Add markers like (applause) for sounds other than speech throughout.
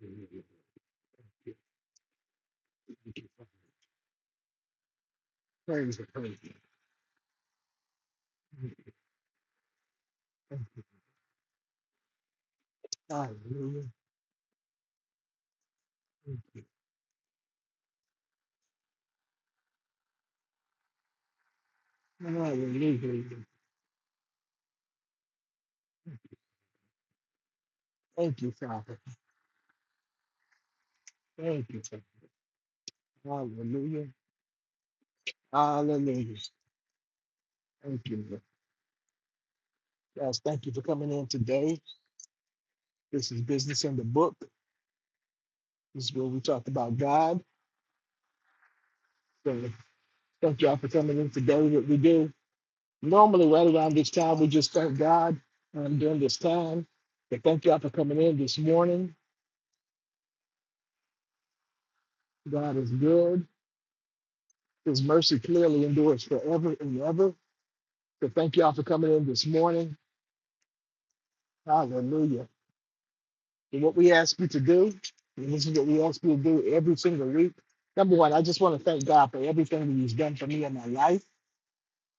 Praise the praise. Hallelujah. Hallelujah. Thank you, Father. Thank you, Father. Hallelujah. Hallelujah. Thank you. Lord. Yes, thank you for coming in today. This is Business in the Book. This is where we talk about God. So thank y'all for coming in today. What we do normally right around this time, we just thank God um, during this time. But thank y'all for coming in this morning. God is good. His mercy clearly endures forever and ever. So thank y'all for coming in this morning. Hallelujah. And what we ask you to do, and this is what we ask you to do every single week. Number one, I just want to thank God for everything that He's done for me in my life.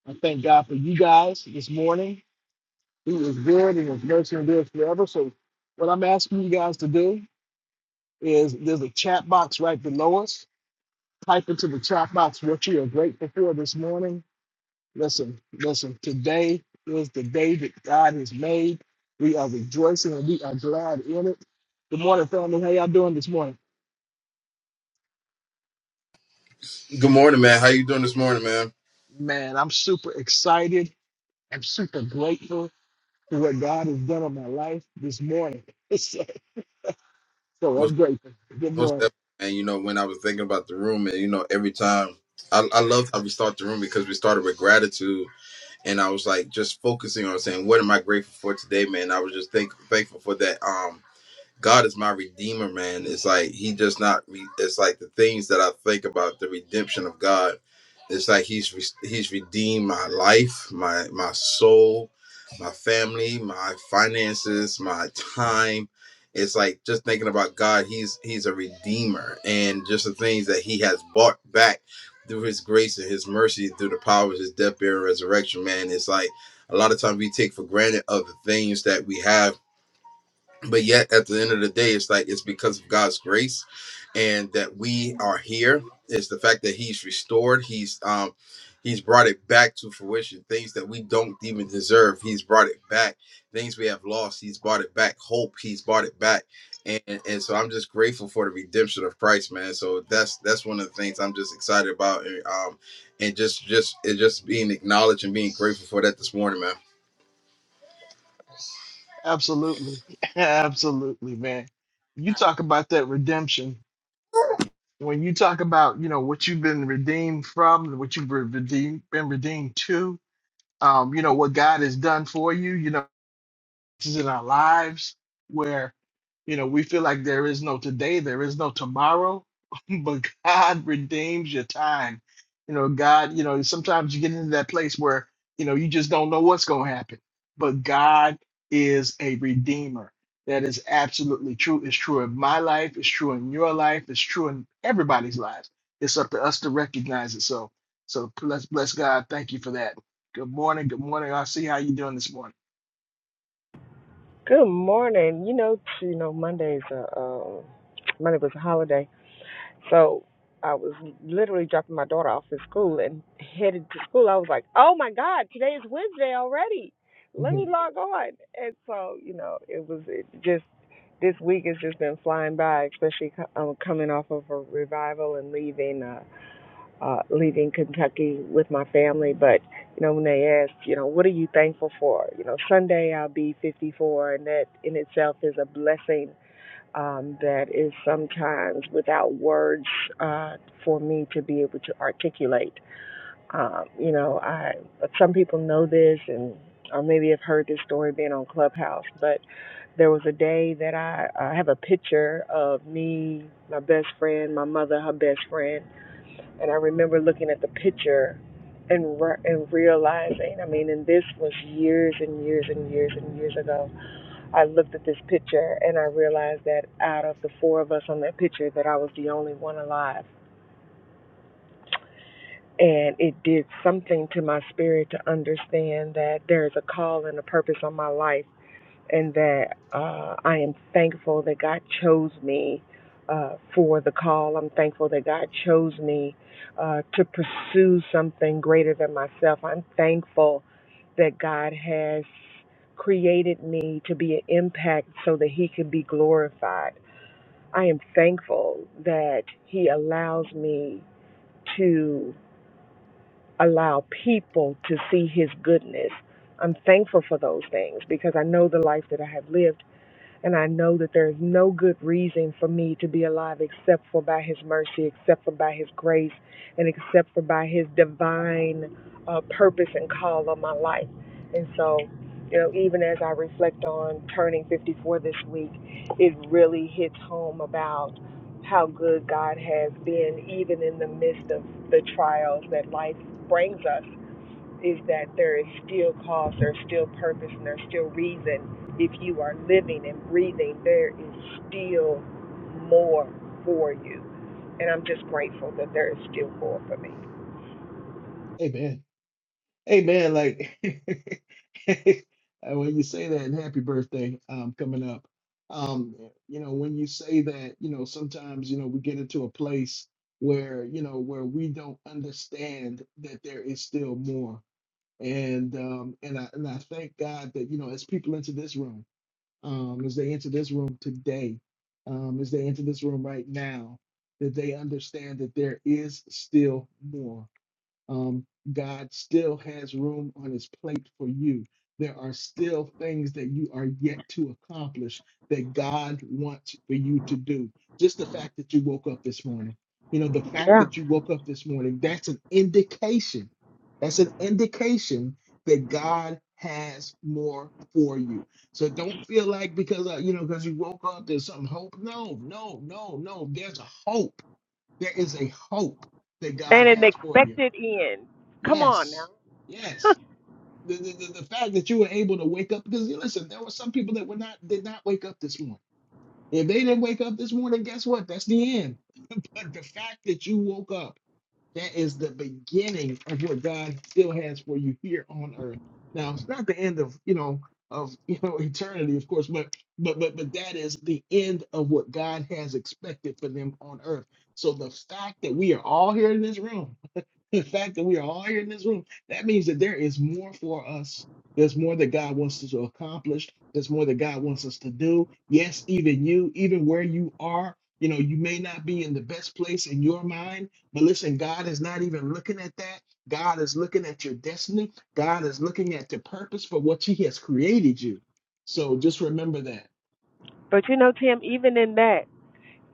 I thank God for you guys this morning. He was good and His mercy endures forever. So, what I'm asking you guys to do is there's a chat box right below us. Type into the chat box what you are grateful for this morning Listen, listen, today is the day that God has made. We are rejoicing and we are glad in it. Good morning, family. How y'all doing this morning? Good morning, man. How you doing this morning, man? Man, I'm super excited. I'm super grateful for what God has done in my life this morning. (laughs) so, so Most I'm grateful. Good most morning. definitely, man. You know, when I was thinking about the room, and you know, every time I, I love how we start the room because we started with gratitude, and I was like just focusing on saying, "What am I grateful for today, man?" I was just think, thankful for that. Um, God is my redeemer, man. It's like he just not. Re- it's like the things that I think about the redemption of God. It's like he's re- he's redeemed my life, my my soul, my family, my finances, my time. It's like just thinking about God. He's he's a redeemer, and just the things that he has bought back through his grace and his mercy, through the power of his death, burial, and resurrection. Man, it's like a lot of times we take for granted other things that we have but yet at the end of the day it's like it's because of god's grace and that we are here it's the fact that he's restored he's um he's brought it back to fruition things that we don't even deserve he's brought it back things we have lost he's brought it back hope he's brought it back and and so i'm just grateful for the redemption of christ man so that's that's one of the things i'm just excited about and um and just just it just being acknowledged and being grateful for that this morning Absolutely. (laughs) Absolutely, man. You talk about that redemption. When you talk about, you know, what you've been redeemed from, what you've been redeemed, been redeemed to, um, you know, what God has done for you, you know in our lives where you know we feel like there is no today there is no tomorrow (laughs) but god redeems your time you know god you know sometimes you get into that place where you know you just don't know what's going to happen but god is a redeemer that is absolutely true it's true in my life it's true in your life it's true in everybody's lives it's up to us to recognize it so so bless bless god thank you for that good morning good morning i see how you doing this morning Good morning. You know, you know, Monday's a um, Monday was a holiday, so I was literally dropping my daughter off at school and headed to school. I was like, "Oh my God, today is Wednesday already. Let me Mhm. log on." And so, you know, it was it just this week has just been flying by, especially co- um, coming off of a revival and leaving. uh, uh, leaving Kentucky with my family. But you know, when they ask, you know, what are you thankful for? You know, Sunday I'll be 54, and that in itself is a blessing um, that is sometimes without words uh, for me to be able to articulate. Um, you know, I some people know this and. Or maybe have heard this story being on Clubhouse, but there was a day that I, I have a picture of me, my best friend, my mother, her best friend, and I remember looking at the picture and re- and realizing, I mean, and this was years and years and years and years ago. I looked at this picture and I realized that out of the four of us on that picture, that I was the only one alive. And it did something to my spirit to understand that there is a call and a purpose on my life and that uh, I am thankful that God chose me uh, for the call. I'm thankful that God chose me uh, to pursue something greater than myself. I'm thankful that God has created me to be an impact so that He can be glorified. I am thankful that He allows me to allow people to see His goodness. I'm thankful for those things because I know the life that I have lived and I know that there is no good reason for me to be alive except for by His mercy, except for by His grace, and except for by His divine uh, purpose and call on my life. And so, you know, even as I reflect on turning 54 this week, it really hits home about how good God has been, even in the midst of the trials that life brings us is that there is still cause, there's still purpose, and there's still reason. If you are living and breathing, there is still more for you. And I'm just grateful that there is still more for me. Amen. Hey man, like (laughs) and when you say that, and happy birthday um, coming up. Um, you know, when you say that, you know, sometimes you know we get into a place where you know where we don't understand that there is still more. And um, and I and I thank God that you know as people enter this room, um, as they enter this room today, um, as they enter this room right now, that they understand that there is still more um, God still has room on his plate for you. There are still things that you are yet to accomplish that God wants for you to do. Just the fact that you woke up this morning, you know, the fact Yeah. that you woke up this morning, that's an indication. That's an indication that God has more for you. So don't feel like because, uh, you know, because you woke up, there's some hope. No, no, no, no. There's a hope. There is a hope that God And an has for you expected end. Come on now. Yes, yes. The, the, the, the fact that you were able to wake up, because you listen, there were some people that were not did not wake up this morning. If they didn't wake up this morning, guess what? That's the end. (laughs) But the fact that you woke up, that is the beginning of what God still has for you here on earth. Now it's not the end of you know of (laughs) you know eternity, of course, but but but but that is the end of what God has expected for them on earth. So the fact that we are all here in this room the fact that we are all here in this room, that means that there is more for us. There's more that God wants us to accomplish. There's more that God wants us to do. Yes, even you, even where you are, you know, you may not be in the best place in your mind, but listen, God is not even looking at that. God is looking at your destiny. God is looking at the purpose for what He has created you. So just remember that. But you know, Tim, even in that.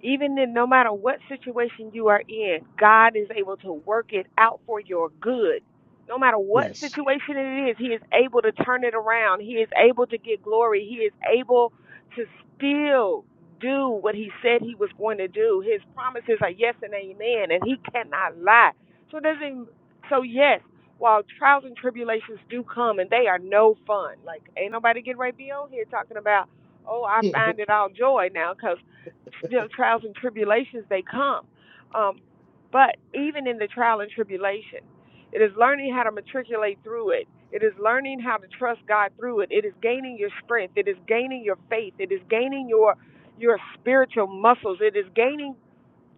Even in no matter what situation you are in, God is able to work it out for your good. No matter what Yes. situation it is, He is able to turn it around. He is able to get glory. He is able to still do what He said He was going to do. His promises are yes and amen, and He cannot lie. So it doesn't. So yes, while trials and tribulations do come, and they are no fun. Like ain't nobody getting right be on here talking about oh, I (laughs) find it all joy now because you know, trials and tribulations they come. Um, but even in the trial and tribulation, it is learning how to matriculate through it. It is learning how to trust God through it. It is gaining your strength. It is gaining your faith. It is gaining your your spiritual muscles. It is gaining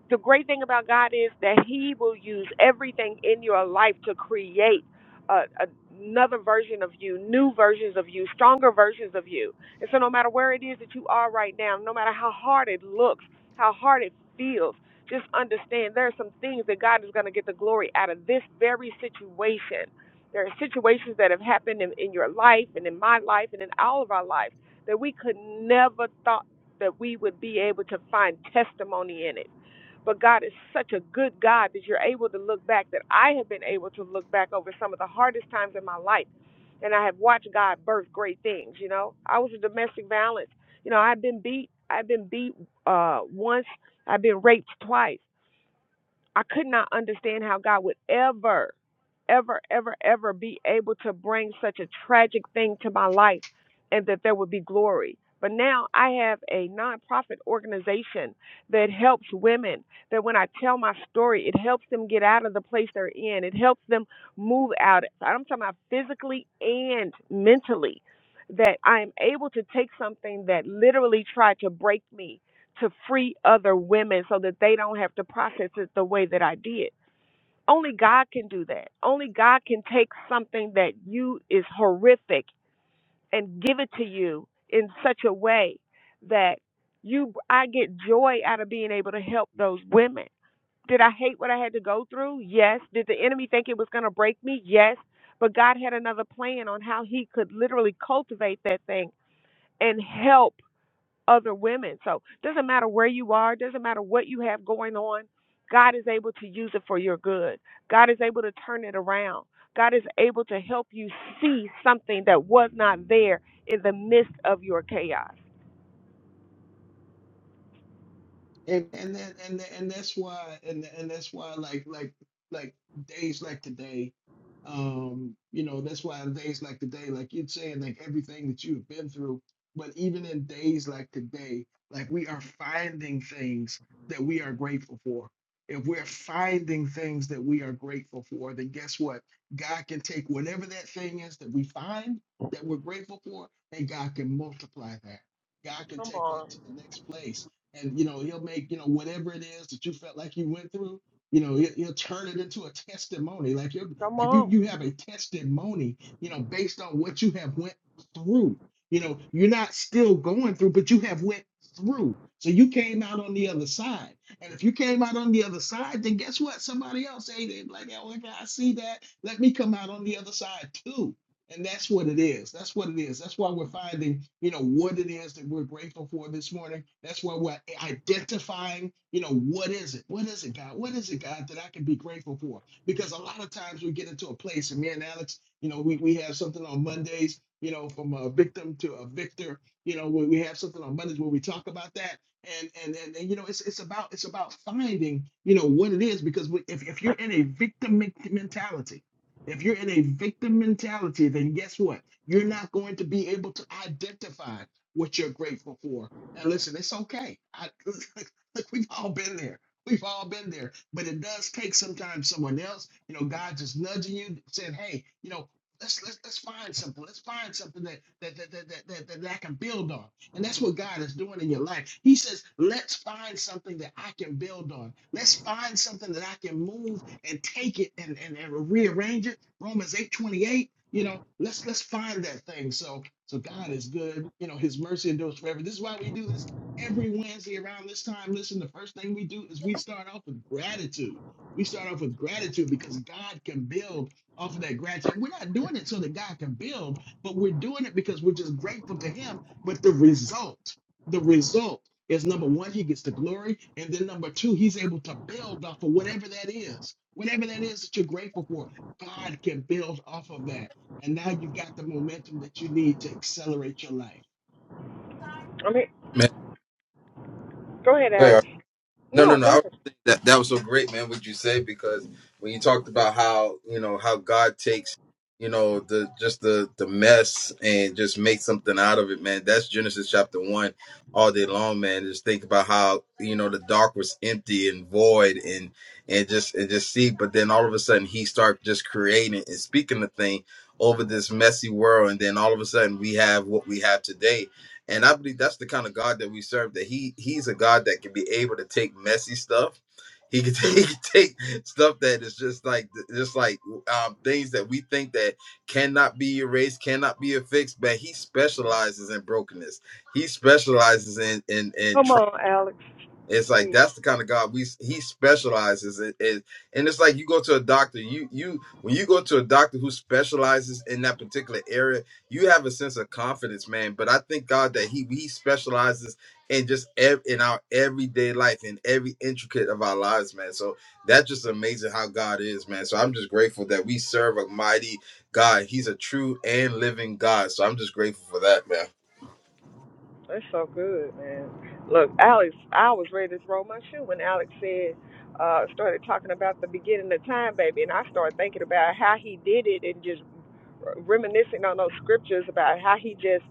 the great thing about God is that He will use everything in your life to create a, a, another version of you, new versions of you, stronger versions of you. And so, no matter where it is that you are right now, no matter how hard it looks, how hard it feels, just understand there are some things that God is going to get the glory out of this very situation. There are situations that have happened in, in your life and in my life and in all of our lives that we could never thought that we would be able to find testimony in it but God is such a good God that you're able to look back, that I have been able to look back over some of the hardest times in my life. And I have watched God birth great things, you know. I was a domestic violence. You know, I've been beat. I've been beat uh, once. I've been raped twice. I could not understand how God would ever, ever, ever, ever be able to bring such a tragic thing to my life and that there would be glory. But now I have a nonprofit organization that helps women, that when I tell my story, it helps them get out of the place they're in. It helps them move out. I'm talking about physically and mentally. That I am able to take something that literally tried to break me to free other women so that they don't have to process it the way that I did. Only God can do that. Only God can take something that you is horrific and give it to you in such a way that you I get joy out of being able to help those women. Did I hate what I had to go through? Yes. Did the enemy think it was going to break me? Yes. But God had another plan on how he could literally cultivate that thing and help other women. So it doesn't matter where you are, doesn't matter what you have going on, God is able to use it for your good. God is able to turn it around. God is able to help you see something that was not there in the midst of your chaos. and and that, and that- and that's why and and that's why like like like days like today um you know that's why on days like today like you're saying like everything that you've been through but even in days like today like we are finding things that we are grateful for if we're finding things that we are grateful for then guess what god can take whatever that thing is that we find that we're grateful for and god can multiply that god can Come take that on. to the next place and you know he'll make you know whatever it is that you felt like you went through you know he'll, he'll turn it into a testimony like you Come like you on. you have a testimony you know based on what you have went through you know you're not still going through but you have went through so you came out on the other side and if you came out on the other side then guess what somebody else ate it like oh okay, i see that let me come out on the other side too and that's what it is. That's what it is. That's why we're finding, you know, what it is that we're grateful for this morning. That's why we're identifying, you know, what is it? What is it, God? What is it, God, that I can be grateful for? Because a lot of times we get into a place, and me and Alex, you know, we, we have something on Mondays, you know, from a victim to a victor, you know, we, we have something on Mondays where we talk about that. And, and and and you know it's it's about it's about finding you know what it is because we- if, if you're in a victim men- mentality if you're in a victim mentality, then guess what? You're not going to be able to identify what you're grateful for. And listen, it's okay. I, (laughs) look, we've all been there. We've all been there. But it does take sometimes someone else, you know, God just nudging you, saying, "Hey, you know." Let's, let's, let's find something. Let's find something that that, that, that, that, that that I can build on. And that's what God is doing in your life. He says, let's find something that I can build on. Let's find something that I can move and take it and, and, and rearrange it. Romans 8 28. you know, let's let's find that thing. So so God is good, you know, his mercy endures forever. This is why we do this every Wednesday around this time. Listen, the first thing we do is we start off with gratitude. We start off with gratitude because God can build off of that gratitude. And we're not doing it so that God can build, but we're doing it because we're just grateful to him. But the result, the result is number one, he gets the glory. And then number two, he's able to build off of whatever that is. Whatever that is that you're grateful for, God can build off of that. And now you've got the momentum that you need to accelerate your life. I mean, man go ahead, man Alex. No, no, No, no. I go was ahead. thinking that that was so great, man. What you say because when you talked about how you know how God takes you know the just the the mess and just make something out of it, man. That's Genesis chapter one all day long, man. Just think about how you know the dark was empty and void and and just and just see, but then all of a sudden he start just creating and speaking the thing over this messy world, and then all of a sudden we have what we have today and I believe that's the kind of God that we serve. That he he's a God that can be able to take messy stuff. He can (laughs) take, he can take stuff that is just like just like um, things that we think that cannot be erased, cannot be affixed. But he specializes in brokenness. He specializes in in in Come on, Alex. it's Say. it. like that's the kind of God we he specializes in, in- and it's like you go to a doctor, you you when you go to a doctor who specializes in that particular area, you have a sense of confidence, man. But I thank God that he he specializes in just ev- in our everyday life in every intricate of our lives, man. So that's just amazing how God is, man. So I'm just grateful that we serve a mighty God. He's a true and living God. So I'm just grateful for that, man. That's so good, man. Look, Alex, I was ready to throw my shoe when Alex said, uh, started talking about the beginning of time, baby, and I started thinking about how he did it and just reminiscing on those scriptures about how he just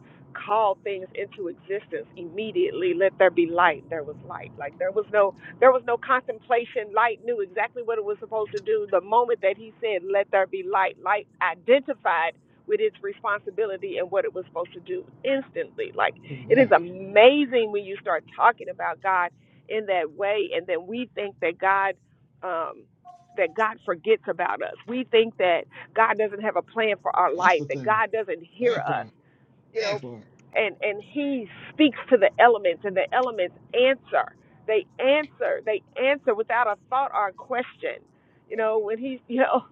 called things into existence immediately let there be light there was light like there was no there was no contemplation light knew exactly what it was supposed to do the moment that he said let there be light light identified with its responsibility and what it was supposed to do instantly like it is Wow. amazing when you start talking about god in that way and then we think that god um that god forgets about us we think that God doesn't have a plan for our That's life, the that thing. God doesn't hear That us, part. you know, That part. and and he speaks to the elements and the elements answer. They answer, they answer without a thought or a question. You know, when he you know,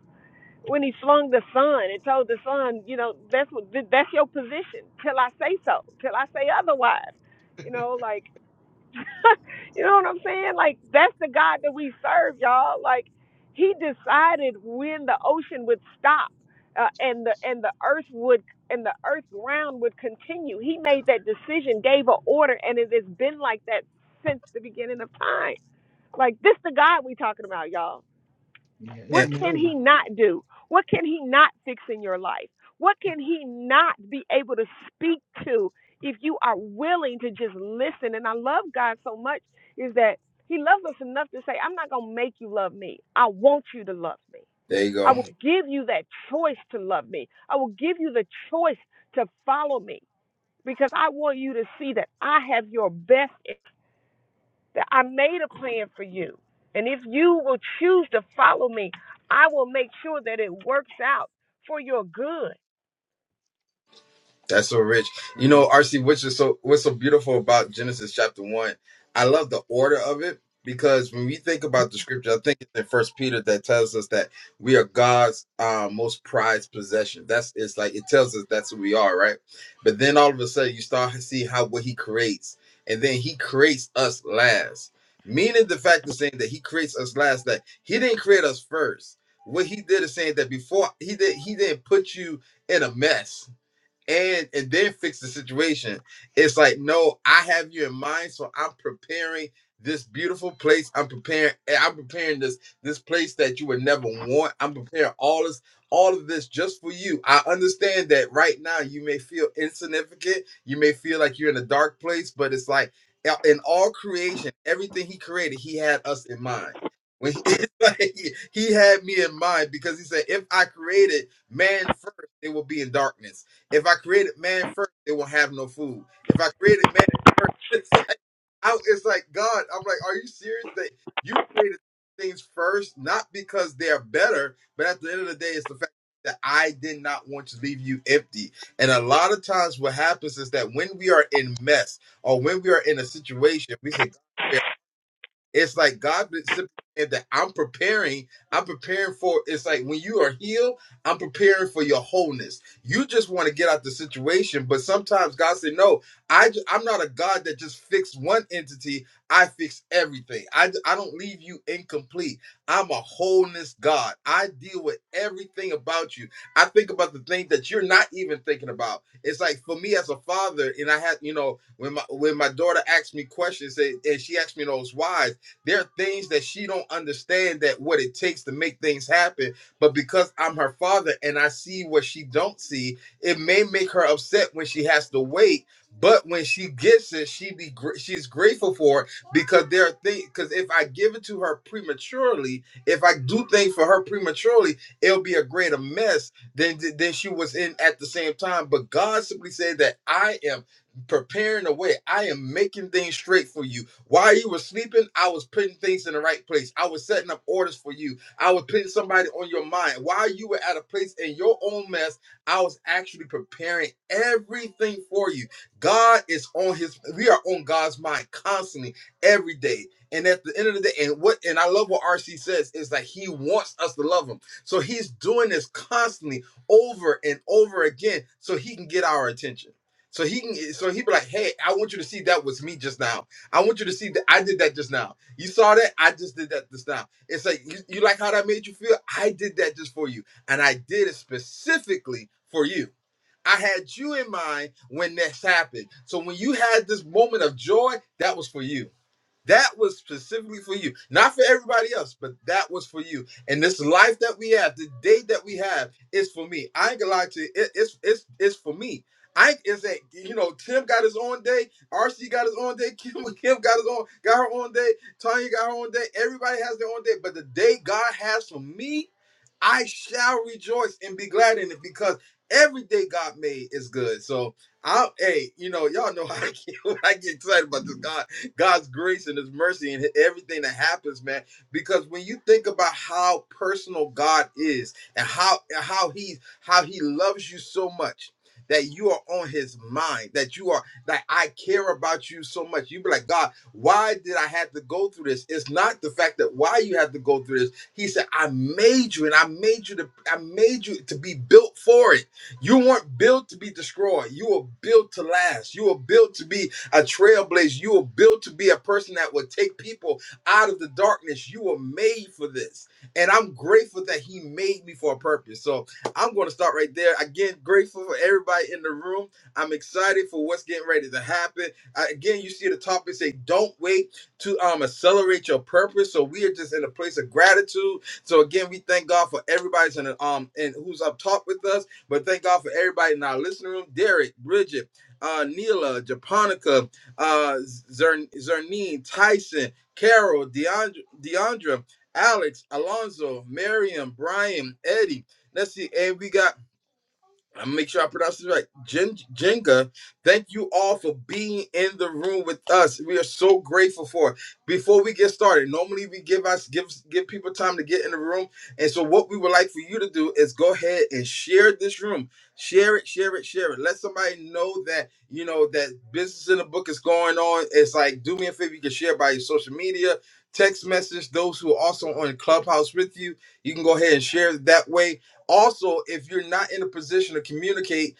when he flung the sun and told the sun, you know, that's what that's your position till I say so, till I say otherwise. You know, like (laughs) you know what I'm saying? Like that's the God that we serve, y'all. Like He decided when the ocean would stop, uh, and the and the earth would and the earth ground would continue. He made that decision, gave an order, and it has been like that since the beginning of time. Like this, the God we talking about, y'all. Yeah, it's What And can he amazing. not do? What can he not fix in your life? What can he not be able to speak to if you are willing to just listen? And I love God so much is that he loves us enough to say, I'm not going to make you love me. I want you to love me. there you go. I will Right. give you that choice to love me. I will give you the choice to follow me because I want you to see that I have your best that I made a plan for you. And if you will choose to follow me, I will make sure that it works out for your good. That's so rich. You know, Wow. RC, which is so what's so beautiful about Genesis chapter one. I love the order of it because when we think about the scripture, I think it's in First Peter that tells us that we are God's uh, most prized possession. That's it's like it tells us that's who we are, right? But then all of a sudden, you start to see how what He creates, and then He creates us last. Meaning the fact of saying that He creates us last, that He didn't create us first. What He did is saying that before He did, He didn't put you in a mess and and then fix the situation. It's like, no, I have you in mind, so I'm preparing this beautiful place. I'm preparing eh, I'm preparing this this place that you would never want. I'm preparing all this all of this just for you. I understand that right now you may feel insignificant. You may feel like you're in a dark place, but it's like uh, in all creation, everything he created, he had us in mind. When he, (laughs) it's like, he he had me in mind because he said, if I created man first, they will be in darkness. If I created man first, they won't have no food. If I created man first, (laughs) it's like, I, it's like God. I'm like, are you serious that you created things first, not because they're better, but at the end of the day, it's the fact that I did not want to leave you empty. And a lot of times, what happens is that when we are in mess or when we are in a situation, we say. It's like God did simply said that I'm preparing. I'm preparing for. It's like when you are healed, I'm preparing for your wholeness. You just want to get out the situation, but sometimes God said, "No, I ju- I'm not a God that just fixed one entity. I fix everything. I d- I don't leave you incomplete. I'm a wholeness God. I deal with everything about you. I think about the things that you're not even thinking about. It's like for me as a father, and I had you know when my when my daughter asked me questions, and and she asked me those whys. There are things that she don't understand that what it takes to make things happen. But because I'm her father and I see what she don't see, it may make her upset when she has to wait. But when she gets it, she be gr- she's grateful for it because there are things. Because if I give it to her prematurely, if I do things for her prematurely, it'll be a greater mess than than she was in at the same time. But God simply said that I am preparing the way. I am making things straight for you. While you were sleeping, I was putting things in the right place. I was setting up orders for you. I was putting somebody on your mind. While you were at a place in your own mess, I was actually preparing everything for you. God is on his we are on God's mind constantly every day. And at the end of the day, and what and I love what RC says is that he wants us to love him. So he's doing this constantly over and over again so he can get our attention. So he can so he'd be like, Hey, I want you to see that was me just now. I want you to see that I did that just now. You saw that? I just did that just now. It's like, you, you like how that made you feel? I did that just for you. And I did it specifically for you. I had you in mind when this happened. So when you had this moment of joy, that was for you. That was specifically for you, not for everybody else, but that was for you. And this life that we have, the day that we have, is for me. I ain't gonna lie to you. It, it's it's it's for me. I is that you know Tim got his own day, RC got his own day, (laughs) Kim Kim got his own got her own day, Tanya got her own day. Everybody has their own day, but the day God has for me I shall rejoice and be glad in it because every day God made is good. So I hey, you know, y'all know (laughs) how I get, (laughs) when I get excited about this God, God's grace and his mercy and everything that happens, man. Because when you think about how personal God is and how and how he how he loves you so much that you are on his mind, that you are that I care about you so much. You be like, God, why did I have to go through this? It's not the fact that why you have to go through this he said, I made you and I made you to I made you to be built for it. You weren't built to be destroyed. You were built to last. You were built to be a trailblazer. You were built to be a person that would take people out of the darkness. You were made for this. And I'm grateful that he made me for a purpose. So I'm gonna start right there. Again, grateful for everybody in the room. I'm excited for what's getting ready to happen. I- again, you see the topic say, don't wait to um accelerate your purpose. So we are just in a place of gratitude. So again, we thank God for everybody's in the, um and who's up top with us. But thank God for everybody in our listening room: Derek, Bridget, uh, Neela, Japonica, uh, Zern, Zernine, Tyson, Carol, Deandra, Deandra, Alex, Alonzo, Miriam, Brian, Eddie. Let's see, and we got I'm gonna make sure I pronounce this right. Jen, Jenga, thank you all for being in the room with us. We are so grateful for. it. Before we get started, normally we give us give give people time to get in the room, and so what we would like for you to do is go ahead and share this room. Share it, share it, share it. Let somebody know that you know that business in the book is going on. It's like do me a favor, you can share by your social media, text message. Those who are also on Clubhouse with you, you can go ahead and share it that way also, if you're not in a position to communicate,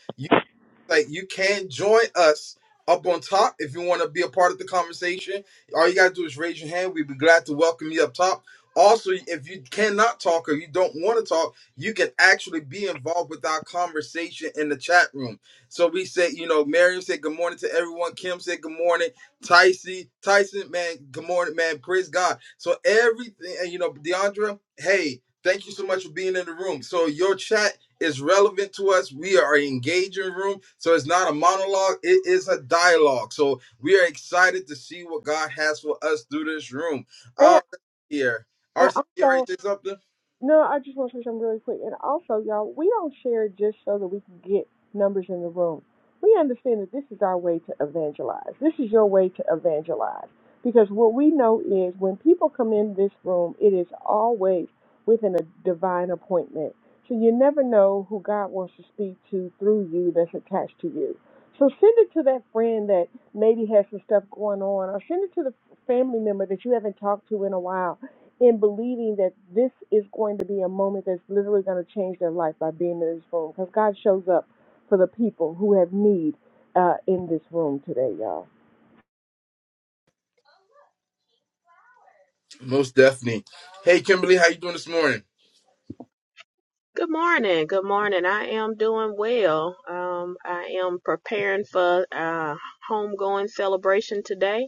like you can join us up on top if you want to be a part of the conversation. All you gotta do is raise your hand. We'd be glad to welcome you up top. Also, if you cannot talk or you don't want to talk, you can actually be involved with our conversation in the chat room. So we say, you know, Miriam said good morning to everyone. Kim said good morning. Tyson, Tyson, man, good morning, man. Praise God. So everything, and you know, Deandra, hey, thank you so much for being in the room. So your chat is relevant to us. We are engaging room. So it's not a monologue, it is a dialogue. So we are excited to see what God has for us through this room. Uh And, here. and RC you also, ready to say something? No, I just want to say something really quick. And also, y'all, we don't share just so that we can get numbers in the room. We understand that this is our way to evangelize. This is your way to evangelize. Because what we know is when people come in this room, it is always within a divine appointment. So you never know who God wants to speak to through you that's attached to you. So send it to that friend that maybe has some stuff going on, or send it to the family member that you haven't talked to in a while in believing that this is going to be a moment that's literally going to change their life by being in this room. Because God shows up for the people who have need uh, in this room today, y'all. Most definitely. Hey Kimberly, how you doing this morning? Good morning. Good morning. I am doing well. Um, I am preparing for uh homegoing celebration today,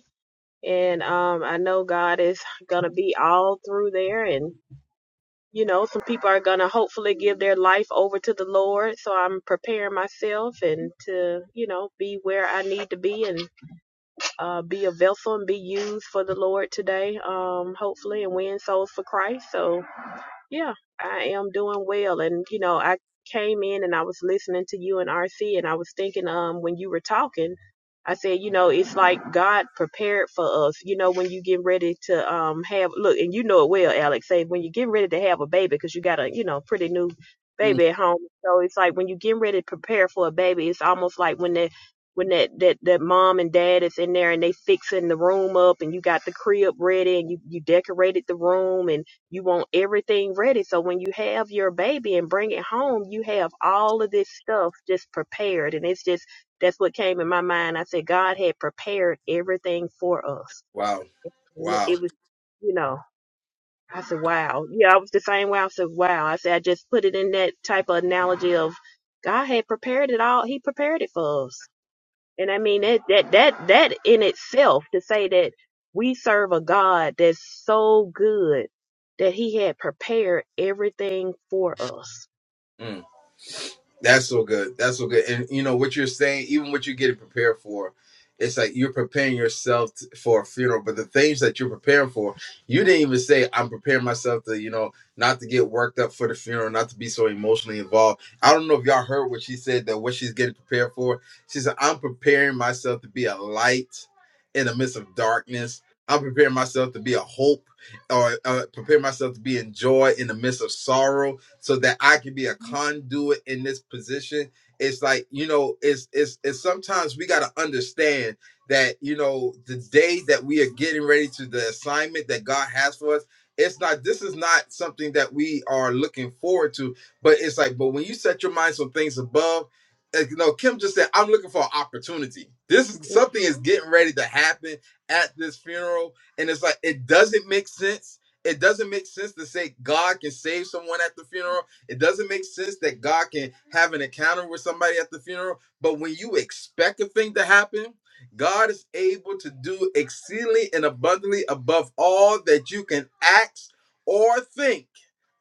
and um, I know God is gonna be all through there, and you know, some people are gonna hopefully give their life over to the Lord. So I'm preparing myself and to you know be where I need to be and uh, be a vessel and be used for the Lord today. Um, hopefully, and win souls for Christ. So yeah, I am doing well. And, you know, I came in and I was listening to you and RC, and I was thinking, um, when you were talking, I said, you know, it's like God prepared for us. You know, when you get ready to um have look, and you know it well, Alex. Say when you get ready to have a baby, because you got a you know pretty new Mm, baby at home. So it's like when you get ready to prepare for a baby, it's almost like when that when that that that mom and dad is in there and they fixing the room up, and you got the crib ready, and you you decorated the room, and you want everything ready. So when you have your baby and bring it home, you have all of this stuff just prepared. And it's just, that's what came in my mind. I said, God had prepared everything for us. Wow. And Wow. it was, you know, I said, wow. Yeah, I was the same way. I said, wow. I said, I just put it in that type of analogy of God had prepared it all. He prepared it for us. And I mean that that that that in itself to say that we serve a God that's so good that he had prepared everything for us. mm. That's so good. That's so good. And you know what you're saying, even what you're getting prepared for, it's like you're preparing yourself t- for a funeral. But the things that you're preparing for, you didn't even say, "I'm preparing myself to," you know, not to get worked up for the funeral, not to be so emotionally involved. I don't know if y'all heard what she said that what she's getting prepared for. She said, "I'm preparing myself to be a light in the midst of darkness. I'm preparing myself to be a hope, or uh, prepare myself to be in joy in the midst of sorrow." so that I can be a conduit in this position. It's like, you know, it's it's it's sometimes we gotta understand that, you know, the day that we are getting ready to the assignment that God has for us, it's not this is not something that we are looking forward to, but it's like, but when you set your minds on things above, like, you know, Kim just said, I'm looking for an opportunity. This is something is getting ready to happen at this funeral. And it's like it doesn't make sense it doesn't make sense to say God can save someone at the funeral. It doesn't make sense that God can have an encounter with somebody at the funeral. But when you expect a thing to happen, God is able to do exceedingly and abundantly above all that you can ask or think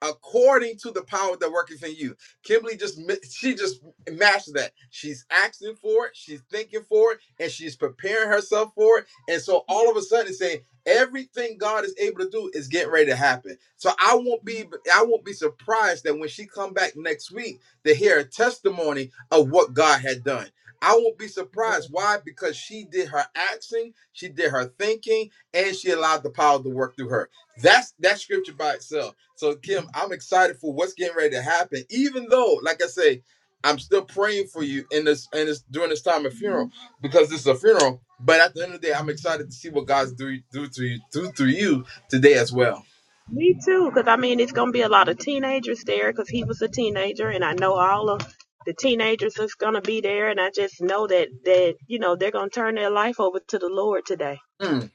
according to the power that worketh in you. Kimberly just she just matches that. She's asking for it, she's thinking for it, and she's preparing herself for it. And so all of a sudden it's saying everything God is able to do is getting ready to happen. So I won't be I won't be surprised that when she come back next week to hear a testimony of what God had done. I won't be surprised. Why? Because she did her asking, she did her thinking, and she allowed the power to work through her. That's that scripture by itself. So Kim, I'm excited for what's getting ready to happen. Even though, like I say, I'm still praying for you in this and this during this time of funeral because this is a funeral. But at the end of the day, I'm excited to see what God's do do through you do through you today as well. Me too, because I mean, it's going to be a lot of teenagers there because he was a teenager, and I know all of the teenagers is going to be there, and I just know that, that you know, they're going to turn their life over to the Lord today. Mm,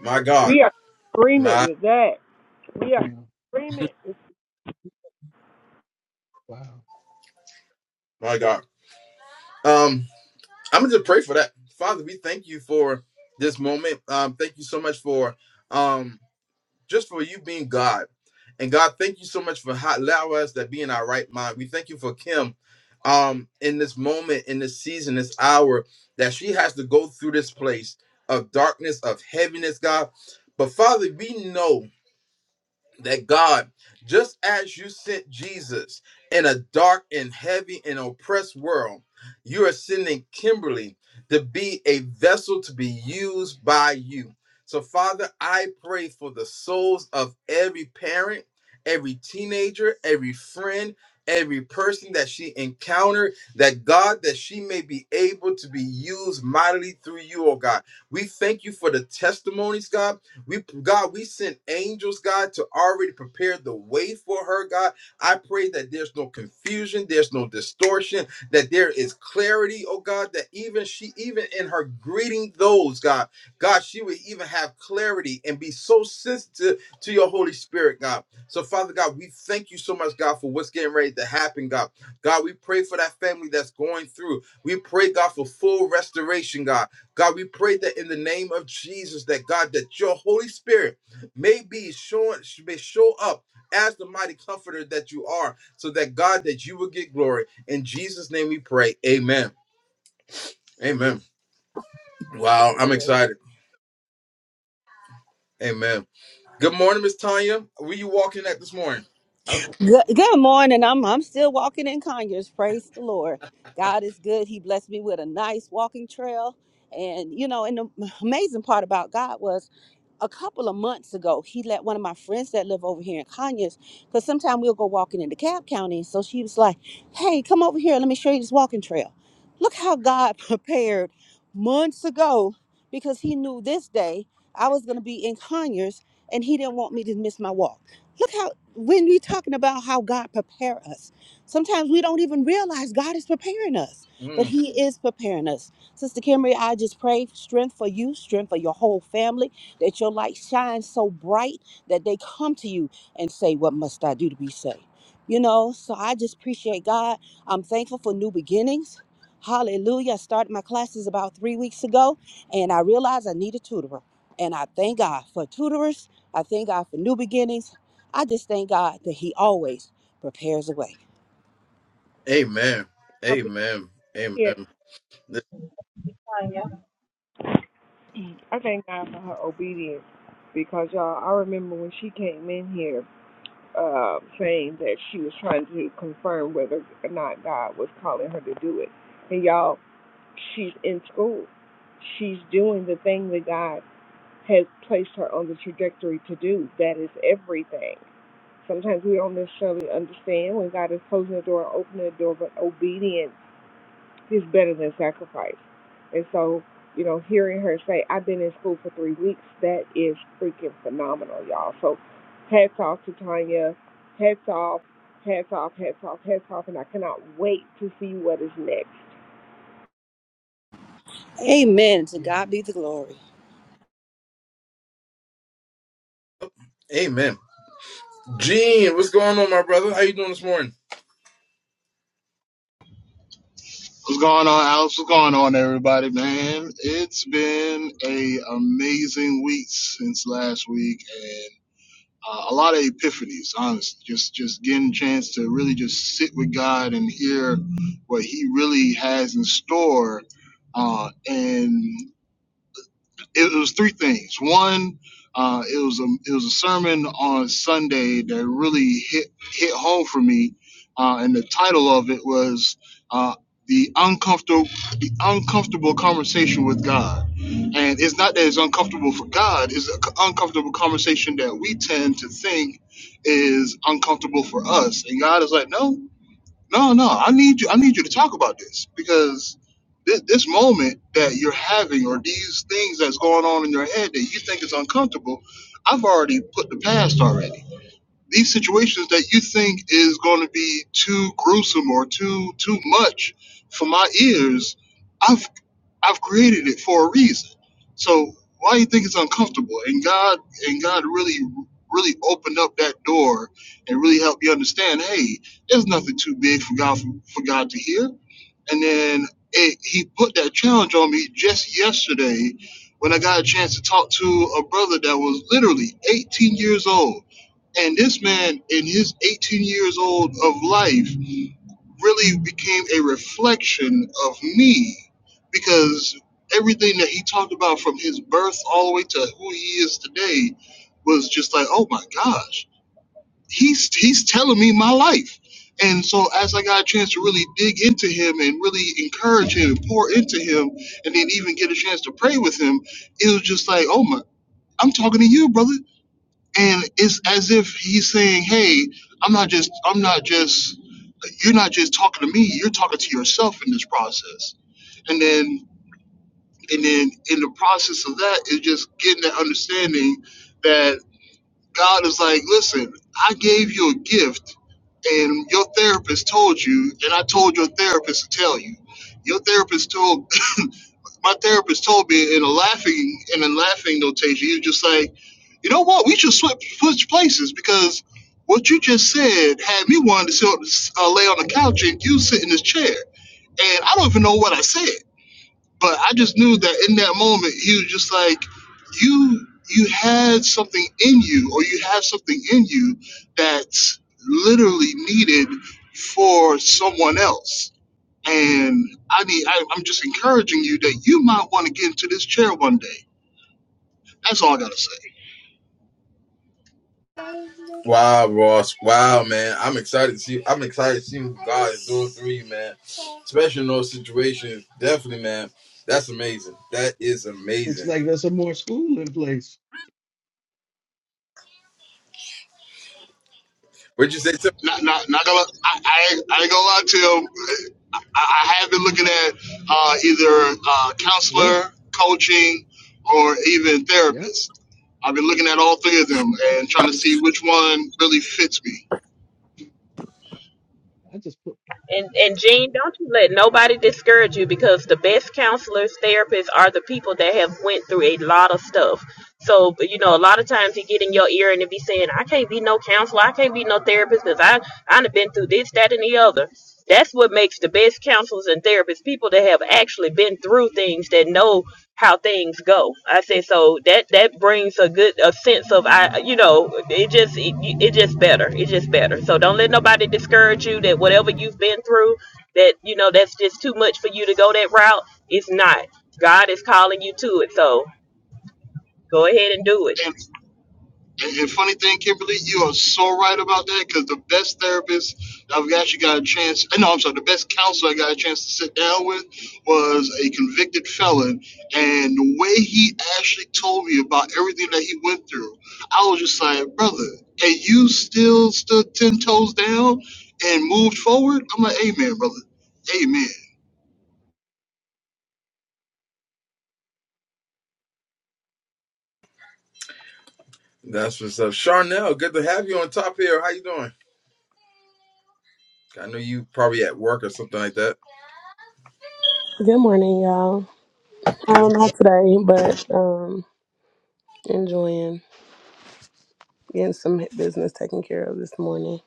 my God, We are in agreement my with that. We Wow. are in agreement. Wow. my God. Um, I'm gonna just pray for that, Father. We thank you for this moment. Um, thank you so much for um just for you being God. And God, thank you so much for ho- allow us to be in our right mind. We thank you for Kim um, in this moment, in this season, this hour, that she has to go through this place of darkness, of heaviness, God. But Father, we know that God, just as you sent Jesus in a dark and heavy and oppressed world, you are sending Kimberly to be a vessel to be used by you. So, Father, I pray for the souls of every parent, every teenager, every friend, every person that she encountered, that God, that she may be able to be used mightily through you, oh God. We thank you for the testimonies, God. We God, we sent angels, God, to already prepare the way for her, God. I pray that there's no confusion, there's no distortion, that there is clarity, oh God, that even she, even in her greeting those, God, God, she would even have clarity and be so sensitive to your Holy Spirit, God. So, Father God, we thank you so much, God, for what's getting ready to happen, God. God, we pray for that family that's going through. We pray, God, for full restoration, God. God, we pray that in the name of Jesus, that God, that your Holy Spirit may be showing, may show up as the mighty comforter that you are, so that God, that you will get glory. In Jesus' name we pray. Amen. Amen. Wow, I'm excited. Amen. Good morning, Miss Tanya. Where you walking at this morning? Oh, Good, good morning. I'm I'm still walking in Conyers. Praise the Lord. God is good. He blessed me with a nice walking trail. And you know, and the amazing part about God was a couple of months ago, he let one of my friends that live over here in Conyers, because sometimes we'll go walking in DeKalb County. So she was like, Hey, come over here, let me show you this walking trail. Look how God (laughs) prepared months ago because he knew this day I was gonna be in Conyers and he didn't want me to miss my walk. Look how when we talking about how God prepare us, sometimes we don't even realize God is preparing us, but mm. He is preparing us. Sister Kimberly, I just pray strength for you, strength for your whole family, that your light shines so bright that they come to you and say, "What must I do to be saved?" You know. So I just appreciate God. I'm thankful for new beginnings. Hallelujah. I started my classes about three weeks ago, and I realized I need a tutorer. And I thank God for tutors. I thank God for new beginnings. I just thank God that He always prepares a way. Amen. I Amen. Amen. thank God for her obedience because y'all, I remember when she came in here uh, saying that she was trying to confirm whether or not God was calling her to do it. And y'all, she's in school. She's doing the thing that God has placed her on the trajectory to do. That is everything. Sometimes we don't necessarily understand when God is closing the door or opening the door, but obedience is better than sacrifice. And so, you know, hearing her say, I've been in school for three weeks, that is freaking phenomenal, y'all. So hats off to Tanya. Hats off, hats off, hats off, hats off, and I cannot wait to see what is next. Amen. To Amen. God be the glory. Amen. Gene, what's going on, my brother? How you doing this morning? What's going on, Alex? What's going on, everybody, man? It's been a amazing week since last week, and uh, a lot of epiphanies. Honestly, just just getting a chance to really just sit with God and hear what He really has in store, uh, and it was three things. One, uh, it was a it was a sermon on Sunday that really hit hit home for me, uh, and the title of it was uh, the uncomfortable the uncomfortable conversation with God. And it's not that it's uncomfortable for God; it's an uncomfortable conversation that we tend to think is uncomfortable for us. And God is like, no, no, no, I need you. I need you to talk about this because this, this moment that you're having, or these things that's going on in your head that you think is uncomfortable, I've already put the past already. These situations that you think is going to be too gruesome or too too much for my ears, I've. I've created it for a reason. So why do you think it's uncomfortable? And God and God really really opened up that door and really helped you understand, hey, there's nothing too big for God for, for God to hear. And then it, he put that challenge on me just yesterday when I got a chance to talk to a brother that was literally 18 years old. And this man, in his 18 years old of life, really became a reflection of me because everything that he talked about from his birth all the way to who he is today was just like, oh my gosh, he's he's telling me my life. And so as I got a chance to really dig into him and really encourage him and pour into him and then even get a chance to pray with him, it was just like, oh my, I'm talking to you, brother and it's as if he's saying, "Hey, I'm not just, I'm not just, you're not just talking to me. You're talking to yourself in this process." And then, and then, in the process of that, is just getting that understanding that God is like, "Listen, I gave you a gift, and your therapist told you, and I told your therapist to tell you." Your therapist told (laughs) my therapist told me in a laughing in a laughing notation. He was just like you know what? We should switch, switch places because what you just said had me wanting to sit, on- uh, lay on the couch and you sit in this chair. And I don't even know what I said, but I just knew that in that moment he was just like, "You, you had something in you, or you have something in you that's literally needed for someone else." And I need, I, I'm just encouraging you that you might want to get into this chair one day. That's all I gotta say. Wow, Ross. Wow, man. I'm excited to see. I'm excited to see what God is doing through you, man. Especially in those situations. Definitely, man. That's amazing. That is Looks amazing. like there's some more school in place. What'd you say? Tim? not, not, not gonna. I, I, ain't- I ain't gonna lie to you. I, I have been looking at uh, either uh, Yeah. counselor, coaching, or even Yep. therapist. I've been looking at all three of them and trying to see which one really fits me. I just put And and Jean, don't you let nobody discourage you because the best counselors, therapists are the people that have went through a lot of stuff. So you know, a lot of times you get in your ear and it be saying, "I can't be no counselor, I can't be no therapist because I I've been through this, that, and the other." That's what makes the best counselors and therapists people that have actually been through things that know how things go. I say so that that brings a good a sense of I you know it just it, it just better it just better. So don't let nobody discourage you that whatever you've been through that you know that's just too much for you to go that route. It's not. God is calling you to it. So go ahead and do it. And And, and funny thing, Kimberly, you are so right about that because the best therapist I've actually got a chance, eh, no, I'm sorry, the best counselor I got a chance to sit down with was a convicted felon. And the way he actually told me about everything that he went through, I was just like, brother, and you still stood 10 toes down and moved forward? I'm like, amen, brother, amen. That's what's up, Charnel. Good to have you on top here. How you doing? I know you probably at work or something like that. Good morning, y'all. Um, Good. not today, but um, enjoying getting some business taken care of this morning.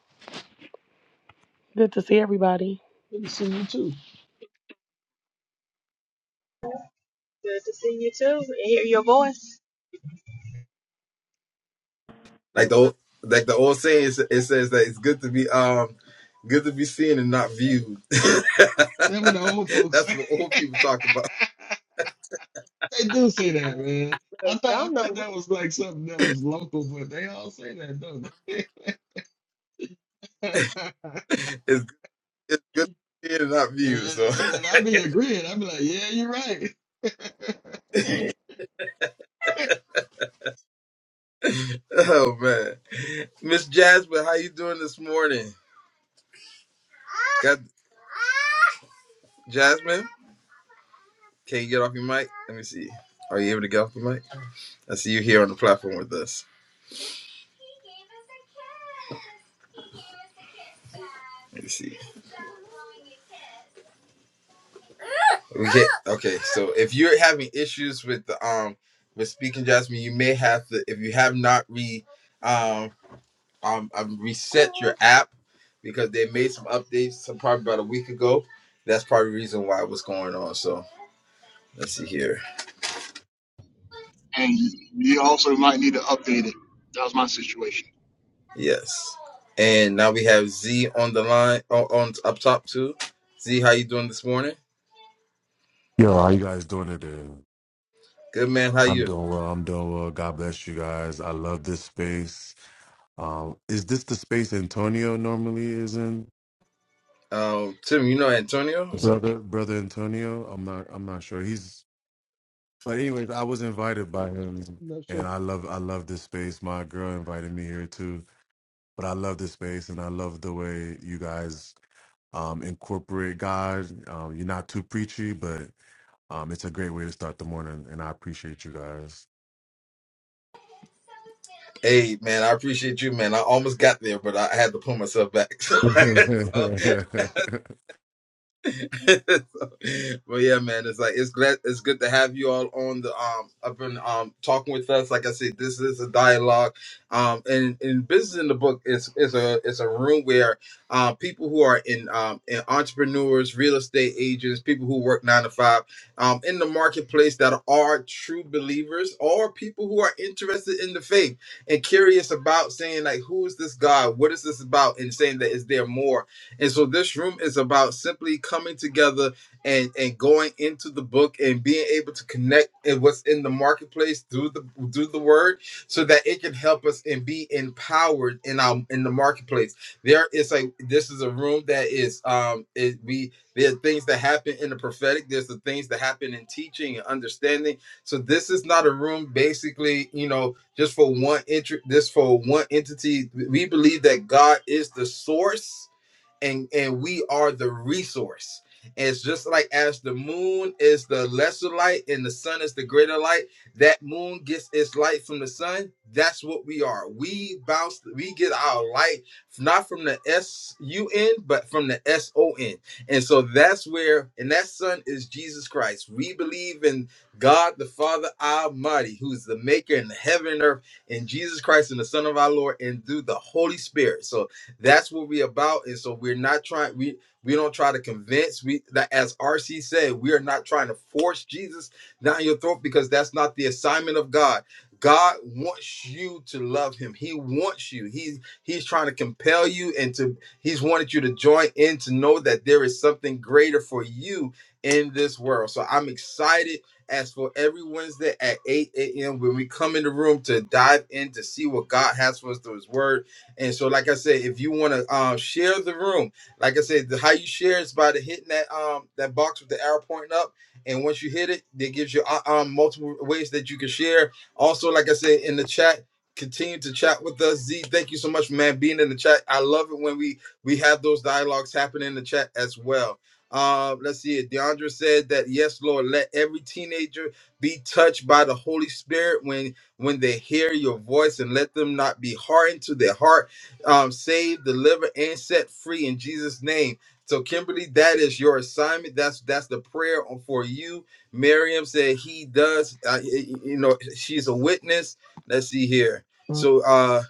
Good to see everybody. good to see you too. Good to see you too and hear your voice. Like the Look, old, like the old saying, it sa- it says that it's good to be um, good to be seen and not viewed. (laughs) That what the old folks That's say. what old people talk about. (laughs) They do say that, man. I look, thought I y'all know thought we that was like something that was local, but they all say that, don't they? (laughs) and, (laughs) It's it's good to be seen and not viewed. So. (laughs) and, and I be agreeing. I be like, yeah, you're right. (laughs) I'm (laughs) Oh man, Miss Jasmine, how you doing this morning? Got Jasmine? Can you get off your mic? Let me see. Are you able to get off your mic? I see you here on the platform with us. Let me see. We can't. Okay, so if you're having issues with the um with speaking, Jasmine, you may have to if you have not re um um, um reset your app because they made some updates some probably about a week ago. That's probably the reason why what's going on. So let's see here. And you also might need to update it. That was my situation. Yes. And now we have Z on the line on, on up top too. Z, how you doing this morning? Yo, how you guys doing today? Good man, how I'm you? doing well. I'm doing well. God bless you guys. I love this space. Um, is this the space Antonio normally is in? Um, Tim, you know Antonio or something? Brother, brother Antonio. I'm not. I'm not sure. He's. But anyways, I was invited by him, not and sure. I love. I love this space. My girl invited me here too. But I love this space, and I love the way you guys um, incorporate God. Um, you're not too preachy, but um, it's a great way to start the morning, and I appreciate you guys. Hey man, I appreciate you, man. I almost got there, but I had to pull myself back. (laughs) (laughs) no, so, (laughs) but yeah, man, it's like it's glad it's good to have you all on the um up and um talking with us. Like I said, this is a dialogue. Um, and in business in the book is is a it's a room where um people who are in um in entrepreneurs, real estate agents, people who work nine to five, um in the marketplace that are true believers or people who are interested in the faith and curious about saying like who is this God, what is this about, and saying that is there more and so this room is about simply coming together and and going into the book and being able to connect and what's in the marketplace through the through the word so that it can help us and be empowered in our in the marketplace. There is a this is a room that is um it, we there are things that happen in the prophetic, there's the things that happen in teaching and understanding. So this is not a room basically, you know, just for one entry this for one entity. We believe that God is the source and and we are the resource. And it's just like as the moon is the lesser light and the sun is the greater light. That moon gets its light from the sun. That's what we are. We bounce. We get our light not from the S U N, but from the S O N. And so that's where. And that sun is Jesus Christ. We believe in God the Father Almighty, who's the Maker in the heaven and earth, and Jesus Christ and the Son of our Lord, and through the Holy Spirit. So that's what we about. And so we're not trying, we we don't try to convince. We that as RC said, we are not trying to force Jesus down your throat because that's not the assignment of God. God wants you to love him. He wants you. He's he's trying to compel you and to he's wanted you to join in to know that there is something greater for you in this world. So I'm excited as for every Wednesday at 8 a.m. when we come in the room to dive in to see what God has for us through his word and so, like I said, if you want to uh, share the room, like I said, the, how you share is by the hitting that um that box with the arrow pointing up. And once you hit it, it gives you uh, um multiple ways that you can share. Also, like I said in the chat, continue to chat with us. Z, thank you so much, man, being in the chat. I love it when we we have those dialogues happen in the chat as well. Um, let's see it. Deandra said that yes, Lord, let every teenager be touched by the Holy Spirit when when they hear your voice and let them not be hardened to their heart um, saved, delivered, and set free in Jesus' name. So, Kimberly, that is your assignment. That's that's the prayer for you. Miriam said he does. Uh, y- y- you know, she's a witness. Let's see here. So, uh,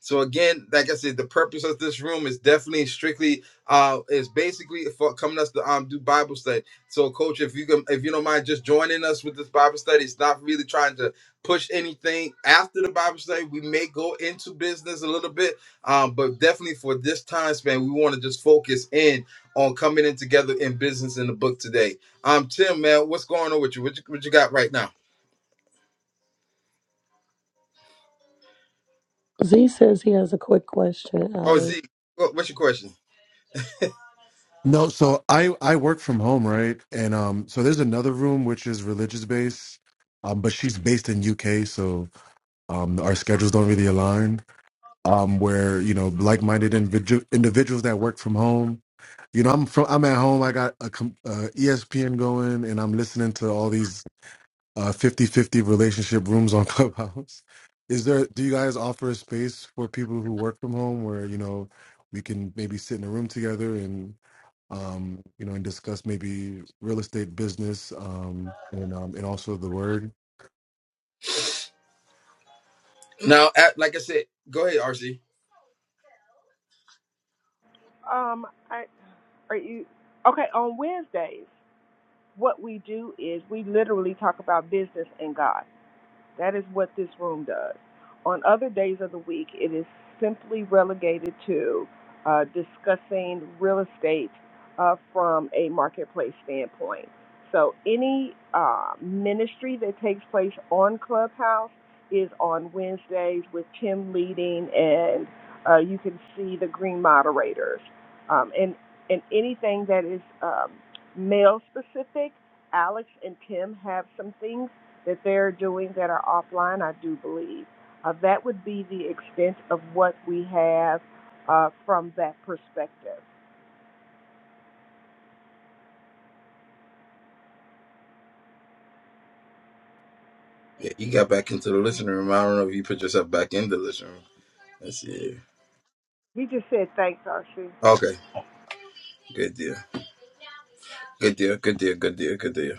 so again, like I said, the purpose of this room is definitely strictly uh is basically for coming us to um do Bible study. So coach, if you can if you don't mind just joining us with this Bible study, it's not really trying to push anything after the Bible study. We may go into business a little bit, um, but definitely for this time span, we want to just focus in on coming in together in business in the book today. Um Tim, man, what's going on with you? What you, what you got right now? Z says he has a quick question, Oh Alex. Z, what- what's your question? so I I work from home, right? And um, so there's another room which is religious based, um, but she's based in UK, so um, our schedules don't really align. Um, where you know like-minded individu- individuals that work from home. You know, I'm from I'm at home. I got a com- uh, ESPN going, and I'm listening to all these uh fifty-fifty relationship rooms on (laughs) Clubhouse. Is there do you guys offer a space for people who work from home where, you know, we can maybe sit in a room together and um, you know, and discuss maybe real estate business, um, and um and also the word. (clears throat) Now, at, like I said, go ahead, RC. um I are you okay on Wednesdays. what we do is we literally talk about business and God. That is what this room does. On other days of the week, it is simply relegated to uh, discussing real estate uh, from a marketplace standpoint. So, any uh, ministry that takes place on Clubhouse is on Wednesdays with Tim leading, and uh, you can see the green moderators. Um, and, and anything that is um, male specific, Alex and Tim have some things that they're doing that are offline, I do believe. Uh, that would be the extent of what we have uh, from that perspective. Yeah, you got back into the listening room. I don't know if you put yourself back in the listening room. Let's see. You just said thanks, Archie. Okay. Good deal. Good deal. Good deal. Good deal. Good deal.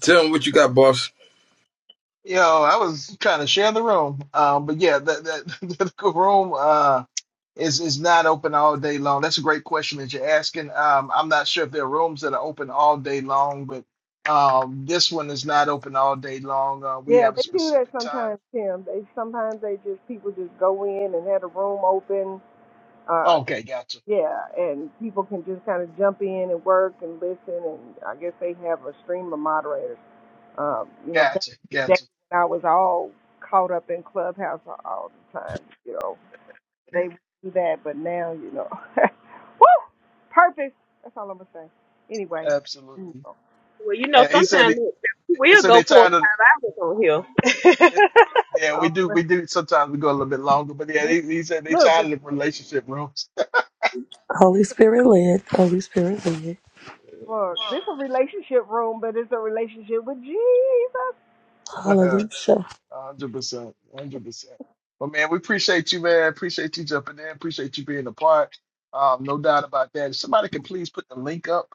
Tell them what you got, boss. Yo, I was trying to share the room, um, but yeah, that that (laughs) the room uh is is not open all day long. That's a great question that you're asking. Um, I'm not sure if there are rooms that are open all day long, but um, this one is not open all day long. Uh, we Yeah, have a they do that specific time. sometimes, Tim. They sometimes they just people just go in and have a room open. Uh, Oh, Okay, gotcha. yeah, and people can just kind of jump in and work and listen, and I guess they have a stream of moderators. Um, you know, back Gotcha, in the day gotcha. when I was all caught up in Clubhouse all the time, you know They would do that, but now you know. (laughs) Woo! Purpose. That's all I'm gonna say. Anyway, you Absolutely. know, Well, you know And he said sometimes he, we he will said go they four or tired of five hours on here. it, yeah, we I'll do rest we do sometimes we go a little bit longer, but yeah, the week. he, he said they Look, tired but of the relationship rooms. Holy Spirit led. Holy Spirit led. look, this is a relationship room, but it's a relationship with Jesus. (laughs) Hallelujah. Hundred percent, hundred percent. But man, we appreciate you, man. Appreciate you jumping in. Appreciate you being a part. Um, no doubt about that. If somebody could please put the link up,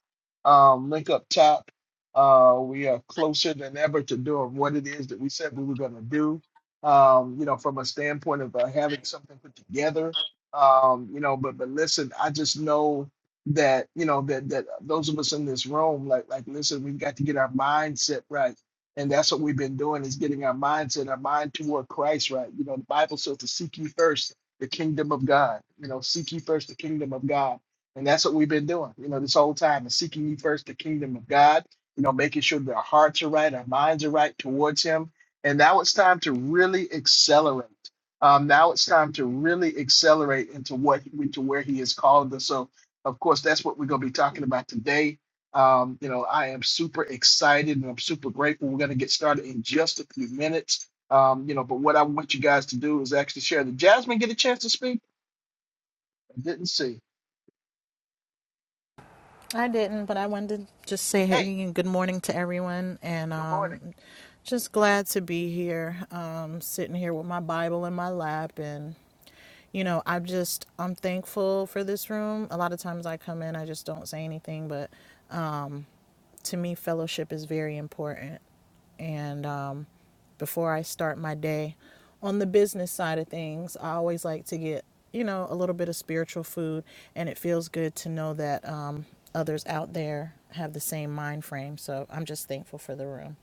um, link up top. Uh, we are closer than ever to doing what it is that we said we were going to do. Um, you know, from a standpoint of uh, having something put together. Um, you know, but but listen, I just know that you know that that those of us in this room, like like, listen, we've got to get our mindset right and that's what we've been doing is getting our mindset our mind toward christ right you know the bible says to seek ye first the kingdom of god you know seek ye first the kingdom of god and that's what we've been doing you know this whole time is seeking ye first the kingdom of god you know making sure that our hearts are right our minds are right towards him and now it's time to really accelerate um, now it's time to really accelerate into what into where he has called us so of course that's what we're going to be talking about today um, you know, I am super excited and I'm super grateful. We're going to get started in just a few minutes. Um, you know, but what I want you guys to do is actually share. Did Jasmine get a chance to speak? I didn't see. I didn't, but I wanted to just say hey Hey, and good morning to everyone, and good morning. um, just glad to be here, um, sitting here with my Bible in my lap, and you know, I'm just I'm thankful for this room. A lot of times I come in, I just don't say anything, but to me, fellowship is very important. And um, before I start my day on the business side of things, I always like to get, you know, a little bit of spiritual food. And it feels good to know that um, others out there have the same mind frame. So I'm just thankful for the room.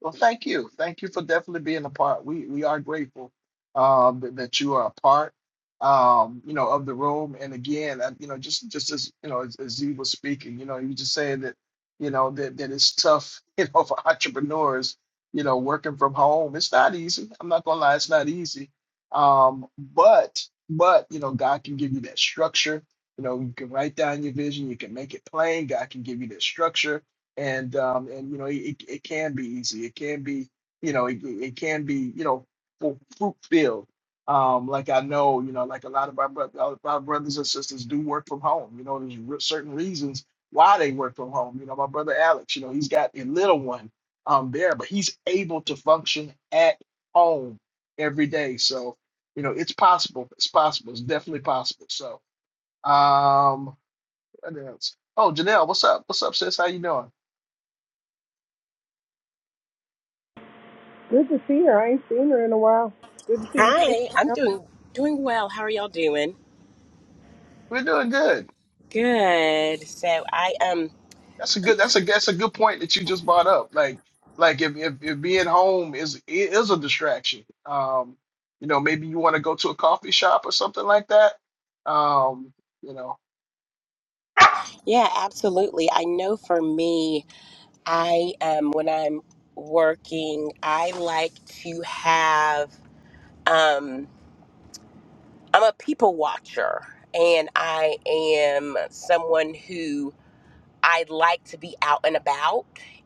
Well, thank you. Thank you for definitely being a part. We we are grateful um, that, that you are a part, um, you know, of the room. And again, uh, you know, just just as you know, as, as you were speaking, you know, you just saying that, you know, that that it's tough, (laughs) you know, for entrepreneurs, you know, working from home. It's not easy. I'm not gonna lie, it's not easy. Um, but but you know, God can give you that structure. You know, you can write down your vision. You can make it plain. God can give you that structure and um, and you know it, it can be easy it can be you know it, it can be you know fu- fruit filled um, like I know you know like a lot of my bro- our our brothers and sisters do work from home you know there's re- certain reasons why they work from home you know my brother Alex you know he's got a little one um there but he's able to function at home every day so you know it's possible it's possible it's definitely possible so um what else oh Janelle what's up what's up sis how you doing Good to see her. I ain't seen her in a while. Good to see Hi, you. I'm doing doing well. How are y'all doing? We're doing good. Good. So I um That's a good. That's a that's a good point that you just brought up. Like like if if, if being home is it is a distraction. Um, you know, maybe you want to go to a coffee shop or something like that. Um, you know, yeah, absolutely. I know for me, I um when I'm working, I like to have um I'm a people watcher and I am someone who I like to be out and about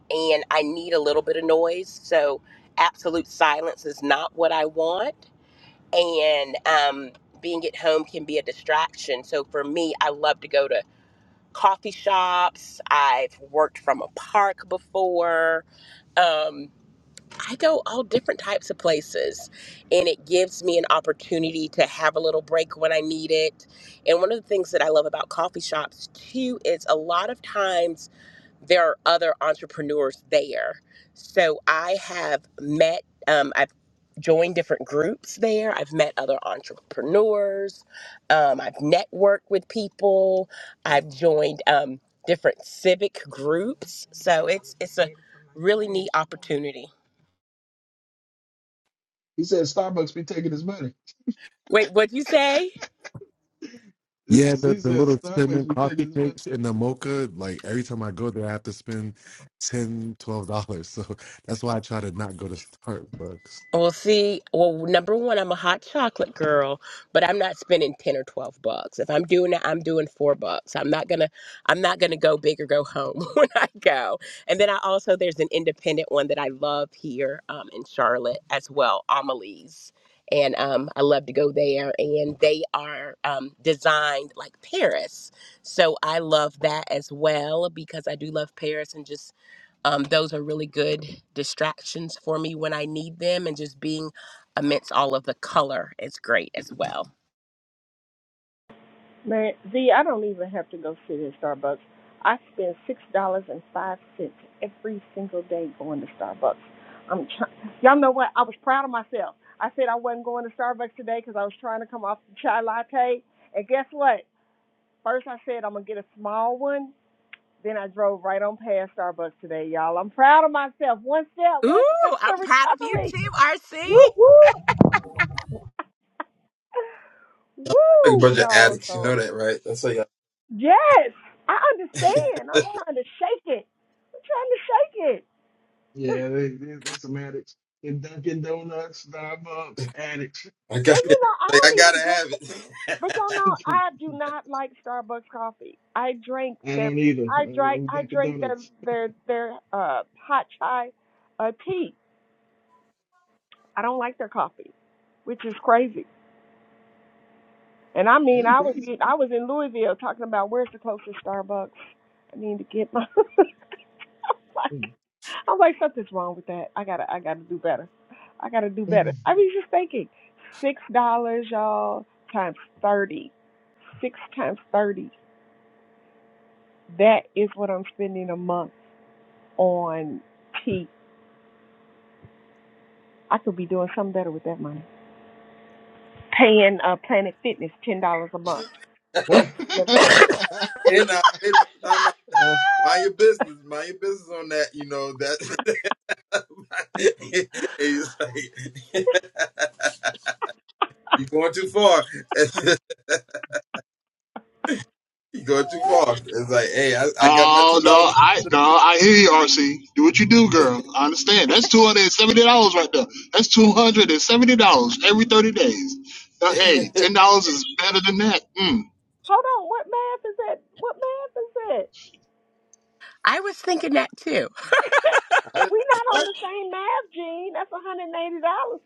and I need a little bit of noise. So absolute silence is not what I want and um, being at home can be a distraction. So for me, I love to go to coffee shops. I've worked from a park before. Um, I go all different types of places, and it gives me an opportunity to have a little break when I need it. And one of the things that I love about coffee shops too is a lot of times there are other entrepreneurs there. So I have met, um, I've joined different groups there. I've met other entrepreneurs. Um, I've networked with people. I've joined um, different civic groups. So it's it's a really neat opportunity. he said Starbucks be taking his money. Wait, what'd you say? (laughs) Yeah, the, He the said little cinnamon Starbucks be taking coffee his money. cakes and the mocha, like every time I go there I have to spend ten, dollars twelve dollars. (laughs) So that's why I try to not go to Starbucks. Well, see, well, number one, I'm a hot chocolate girl, but I'm not spending ten or twelve bucks. If I'm doing it, I'm doing four bucks. I'm not gonna, I'm not gonna go big or go home (laughs) when I go. And then I also there's an independent one that I love here um, in Charlotte as well, Amelie's, and um, I love to go there. And they are um, designed like Paris, so I love that as well because I do love Paris and just um, those are really good distractions for me when I need them, and just being amidst all of the color is great as well. Man, Z, I don't even have to go sit in Starbucks. I spend six dollars and five cents every single day going to Starbucks. I'm trying. Y'all know what? I was proud of myself. I said I wasn't going to Starbucks today because I was trying to come off the chai latte. And guess what? First, I said I'm gonna get a small one. Then I drove right on past Starbucks today, y'all. I'm proud of myself. One step, Ooh, one step to I'm proud of you recovery. too, RC. Woo woo. Like a Woo, bunch of y'all. addicts. You know So that, right? That's how you yes, I understand. I'm trying to shake it. trying to shake it. Yeah, (laughs) they, they, that's some addicts. And Dunkin' Donuts, Starbucks, addicts. all I And got (laughs) it. you know, I Like, I don't gotta even drink have it. it. (laughs) But y'all (laughs) I know I do not like Starbucks coffee. I drink their don't either. I drink I'm I Dunkin' drink their Donuts. their their uh hot chai uh tea. I don't like their coffee, which is crazy. And I That mean, ain't I was crazy. I was in Louisville talking about where's the closest Starbucks. I need to get my. (laughs) (laughs) like, I'm like, something's wrong with that. I gotta, I gotta do better. I gotta do better. I was just thinking, six dollars, y'all, times thirty, six times thirty. That is what I'm spending a month on tea. I could be doing something better with that money. Paying uh, Planet Fitness ten dollars a month for delivery. And now, wait a minute. Time out. (laughs) (laughs) Mind your business. Mind your business on that. You know that. (laughs) And He's like, (laughs) you going too far. (laughs) you going too far. It's like, hey, I, I got my Oh ten no, dollar. I no, I hear you, RC. Do what you do, girl. I understand. That's two hundred and seventy dollars right there. That's two hundred and seventy dollars every thirty days. Now, hey, ten dollars is better than that. Mm. Hold on, what math is that? What math is that? I was thinking that too. (laughs) We're not (laughs) on the same math, Gene. That's one hundred and eighty dollars.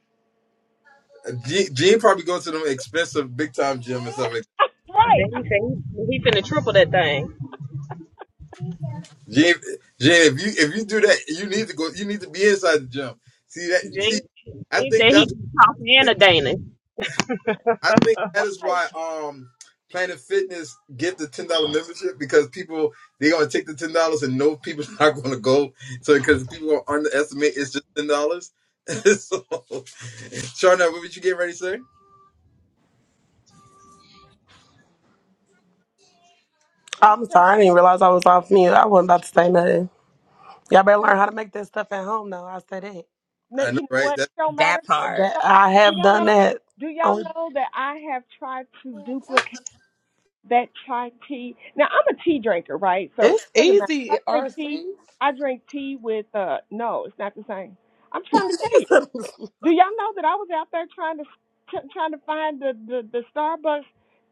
Gene, Gene probably goes to them expensive big time gym or something. Right. Jane said he he finna triple that thing. Gene, Gene, if you if you do that, you need to go. You need to be inside the gym. See that? See, Jane, I Jane think said he that's. can talk and a Dana. I think that is why um Planet Fitness get the ten dollar membership because people they're gonna take the ten dollars and know people's (laughs) not gonna go. So because people gonna underestimate it's just ten (laughs) dollars. so, Shauna, what would you get ready to say? I'm I'm sorry, I didn't realize I was off mute. I wasn't about to say nothing. Y'all I'm better learn how to make that stuff at home now. I said it. No, I know, you know right? what? It That don't matter. That It part. That don't matter. I Do have y'all done know? that. Do y'all Oh, know that I have tried to duplicate that chai tea? Now I'm a tea drinker, right? So it's it doesn't matter. easy, If I drink RC. tea. I drink tea with uh no, it's not the same. I'm trying to tell you. (laughs) Do y'all know that I was out there trying to t- trying to find the, the the Starbucks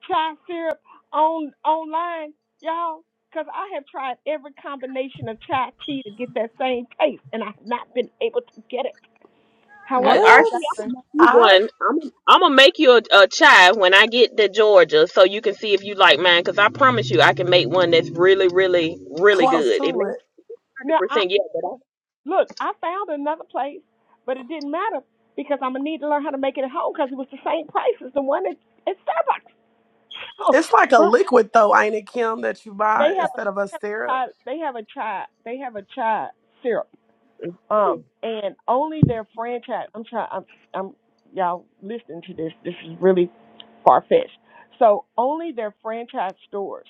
chai syrup on online, y'all? Because I have tried every combination of chai tea to get that same taste, and I have not been able to get it. Uh, However, RC, I I'm what? digress. gonna make you I one. I'm I'm gonna make you a, a chai when I get to Georgia, so you can see if you like mine. Cause I promise you, I can make one that's really, really, really close good. It to may it. not hundred Now, I percent yet, but I look, I found another place, but it didn't matter because I'm gonna need to learn how to make it at home because it was the same price as the one at, at Starbucks. (laughs) So, It's like a but liquid though, ain't it, Kim, that you they buy have a instead of a syrup? they have a chai they have a chai syrup. mm, Um, and only their franchise. I'm trying. I'm I'm y'all listening to this. This is really far fetched. So only their franchise stores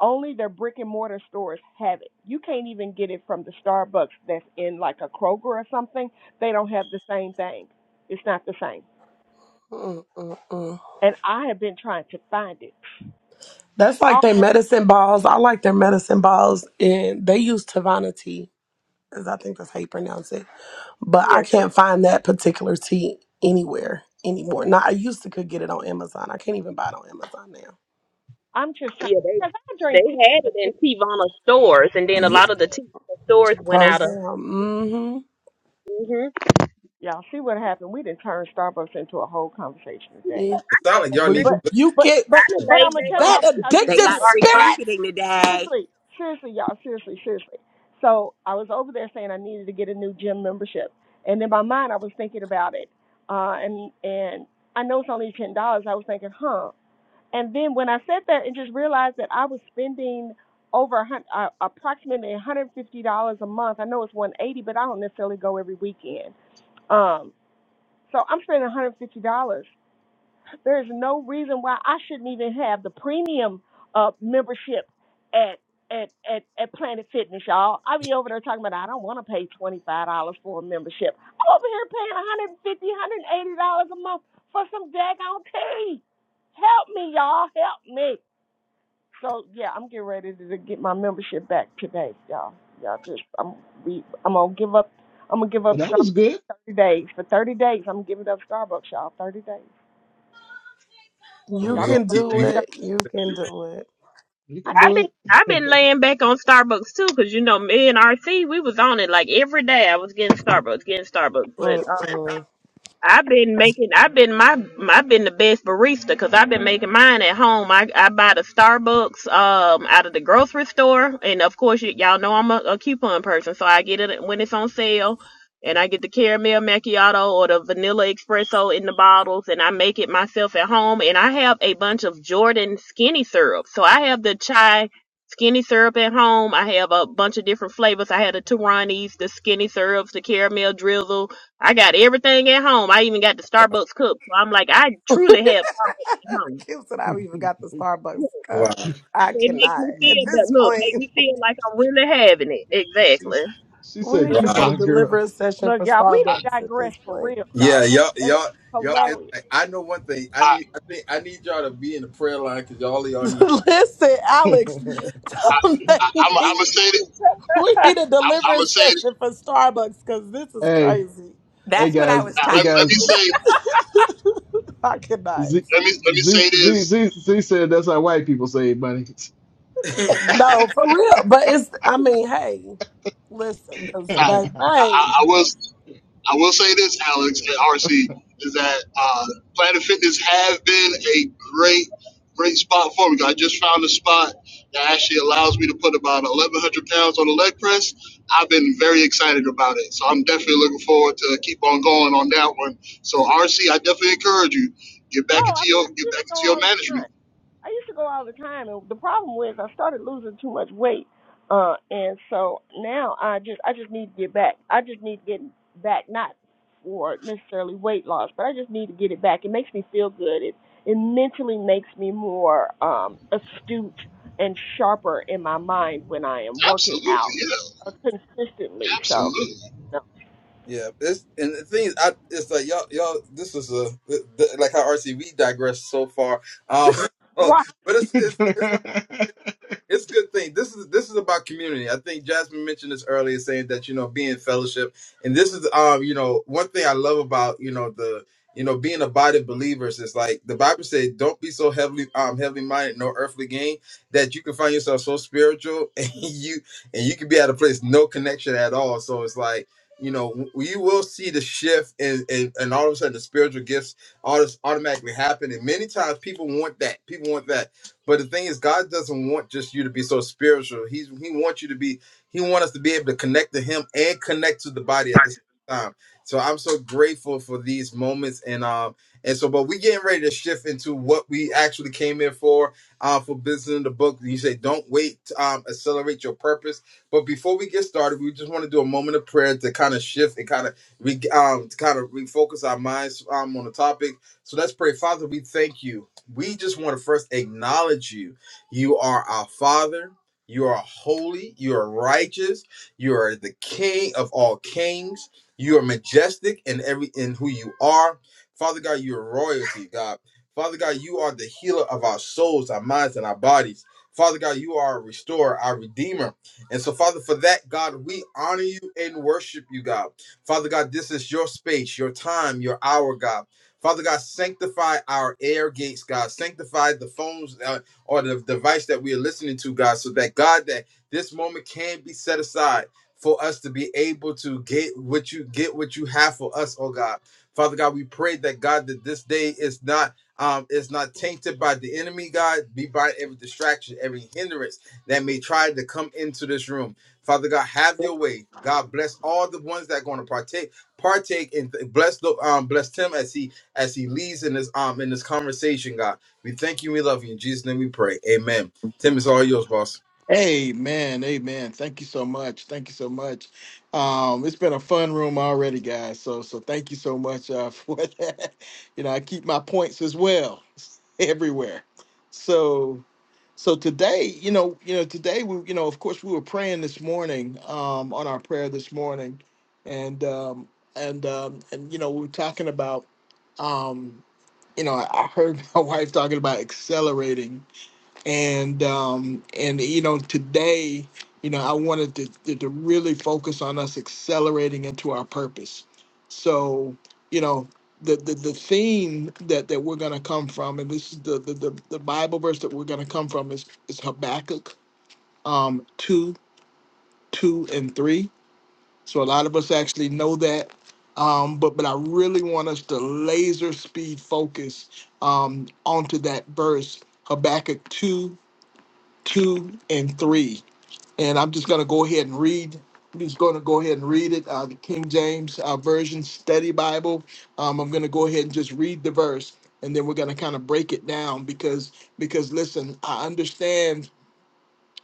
Only their brick and mortar stores have it. You can't even get it from the Starbucks that's in like a Kroger or something. They don't have the same thing. It's not the same. Mm-mm-mm. And I have been trying to find it. That's like their Almost, medicine balls. I like their medicine balls, and they use Tavana tea, because I think that's how you pronounce it. But yeah, I can't find that particular tea anywhere anymore. Now I used to could get it on Amazon. I can't even buy it on Amazon now. I'm just t- trying yeah, they because I drink tea they had and it in milk. Tivana stores, and then a lot of the Tivana stores went Close out down. of. Mm-hmm. hmm Y'all see what happened? We didn't turn Starbucks into a whole conversation today. We it sounds like y'all need. But rebuke but it. I but done but I'm laid gonna back tell on That y'all them what I just They addictive got did. free RC. spirit. marketing today. seriously, seriously, y'all, seriously, seriously. So I was over there saying I needed to get a new gym membership, and in my mind I was thinking about it, uh, and and I know it's only ten dollars. I was thinking, huh? And then when I said that, and just realized that I was spending over a hundred, uh, approximately one hundred fifty dollars a month. I know it's one eighty, but I don't necessarily go every weekend. Um, so I'm spending one hundred fifty dollars there is no reason why I shouldn't even have the premium uh, membership at at at at Planet Fitness, y'all. I be over there talking about I don't want to pay twenty five dollars for a membership. I'm over here paying one hundred and fifty, one hundred and eighty dollars a month for some daggone tea. Help me, y'all. Help me. So yeah, I'm getting ready to, to get my membership back today, y'all. Y'all just I'm we I'm gonna give up. I'm gonna give up But that was Starbucks good. for thirty days. For thirty days, I'm giving up Starbucks, y'all. Thirty days. You We Y'all gonna gonna can go keep- on do we gonna this it. You can do it. You I could I've been do can't I've been it. laying back on Starbucks too, cause you know me and RC we was on it like every day. I was getting Starbucks, getting Starbucks, but Mm-mm. I've been making. I've been my. I've been the best barista because I've been making mine at home. I I buy the Starbucks um out of the grocery store, and of course y- y'all know I'm a, a coupon person, so I get it when it's on sale, and I get the caramel macchiato or the vanilla espresso in the bottles, and I make it myself at home. And I have a bunch of Jordan skinny syrup, so I have the chai skinny syrup at home. I have a bunch of different flavors. I have the Tiranis, the skinny syrups, the caramel drizzle I got everything at home. I even got the Starbucks cup. So I'm like, I truly have Starbucks at (laughs) home. Kim said I've even (laughs) got the Starbucks Yeah, wow cup. Cu- I It makes cannot. me At feel that this look, make point, me feel like I'm really having it. she, Exactly. she we said need to wow do Nah, a coupon deliverance girls. session look, for y'all. We I, did Starbucks at digress this for point. real, y'all. Yeah, That, y'all, that was y'all, y'all. nah, It's hilarious. like, I know one thing. I I, need, I think, I need y'all to be in the prayer line because y'all, y'all need. (laughs) Listen, (laughs) hey, Alex, tell I, them I, that I'm, I'm we gonna say it. we need a I'm, I'm gonna deliverance say it. session for Starbucks because this is hey crazy. That's what I guys, was Now, hey typing. let, let guys. me say, I cannot. Z, let me let me Z, say Z, this. Z, Z said that's how white people save money. (laughs) No, for real. But it's, I mean, hey, listen, because, Nah, babe, I, babe, I, I will. I will say this, Alex (laughs) and RC, is that uh, Planet Fitness has been a great, great spot for me. I just found a spot that actually allows me to put about 1,100 pounds on the leg press. I've been very excited about it. So I'm definitely looking forward to keep on going on that one. So RC, I definitely encourage you, get back Oh, I into mean, your I get used back to go into your all the management. time. I used to go all the time, and the problem was I started losing too much weight, uh, and so now I just I just need to get back. I just need to get back, not for necessarily weight loss, but I just need to get it back. It makes me feel good. It it mentally makes me more um, astute and sharper in my mind when I am working Absolutely, out yeah. uh, consistently. So, Absolutely. no. yeah, it's and the thing is, I it's like y'all, y'all. This is a th- th- like how RC we digress so far. Um, (laughs) but (laughs) it's it's it's not. (laughs) It's a good thing. This is this is about community. I think Jasmine mentioned this earlier, saying that you know being in fellowship, and this is um you know one thing I love about you know the you know being a body of believers is like the Bible says, don't be so heavily um heavily minded, no earthly gain, that you can find yourself so spiritual (laughs) and you and you can be at a place no connection at all. So it's like you know w- you will see the shift and and, and all of a sudden the spiritual gifts all this automatically happen, and many times people want that. People want that but the thing is, God doesn't want just you to be so spiritual. He's He wants you to be. He wants us to be able to connect to Him and connect to the body at the same time. So I'm so grateful for these moments, and um, and so, but we getting ready to shift into what we actually came in for. Uh, for business in the book, you say, don't wait. Um, accelerate your purpose. But before we get started, we just want to do a moment of prayer to kind of shift and kind of we um to kind of refocus our minds um on the topic. So let's pray, Father. We thank you we just want to first acknowledge you. You are our Father. You are holy. You are righteous. You are the King of all kings. You are majestic in every in who you are. Father God, you are royalty, God. Father God, you are the healer of our souls, our minds, and our bodies. Father God, you are our restorer, our redeemer. And so, Father, for that, God, we honor you and worship you, God. Father God, this is your space, your time, your hour, God. Father God, sanctify our air gates, God. Sanctify the phones uh, or the device that we are listening to, God, so that, God, that this moment can be set aside for us to be able to get what you get what you have for us, oh God. Father God, we pray that God that this day is not um, is not tainted by the enemy, God. Be by every distraction, every hindrance that may try to come into this room. Father God, have your way. God bless all the ones that are going to partake, partake, and bless the um, bless Tim as he as he leads in this um in this conversation. God, we thank you, we love you. In Jesus' name, we pray. Amen. Tim, it's all yours, boss. Amen. Amen. Thank you so much. Thank you so much. Um, it's been a fun room already, guys. So so thank you so much uh, (laughs) for that. You know, I keep my points as well (laughs) everywhere. So so today, you know, you know, today we, you know, of course we were praying this morning, um, on our prayer this morning. And um and um and you know, we were talking about um, you know, I I heard (laughs) my wife talking about accelerating and um, and you know today you know i wanted to, to to really focus on us accelerating into our purpose so you know the the, the theme that that we're going to come from and this is the the, the, the bible verse that we're going to come from is is habakkuk um 2 2 and 3 so a lot of us actually know that um, but but I really want us to laser speed focus um, onto that verse Habakkuk 2 2 and 3. And I'm just going to go ahead and read. I'm just going to go ahead and read it. Uh, the King James uh, Version Study Bible. Um, I'm going to go ahead and just read the verse. And then we're going to kind of break it down because because listen, I understand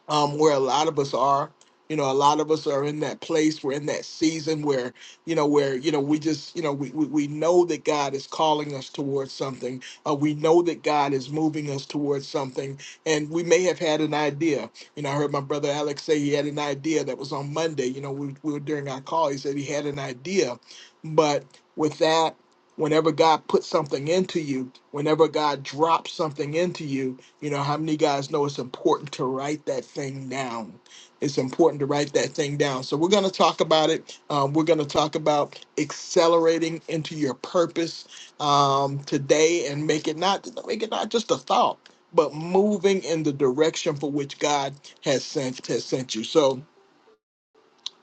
um, where a lot of us are. You know, a lot of us are in that place. We're in that season where, you know, where, you know, we just, you know, we, we, we know that God is calling us towards something. Uh, we know that God is moving us towards something. And we may have had an idea. You know, I heard my brother Alex say he had an idea that was on Monday. You know, we, we were during our call. He said he had an idea. But with that, whenever God puts something into you, whenever God drops something into you, you know, how many guys know it's important to write that thing down? It's important to write that thing down. So we're going to talk about it. Um, we're going to talk about accelerating into your purpose um, today and make it not make it not just a thought, but moving in the direction for which God has sent has sent you. So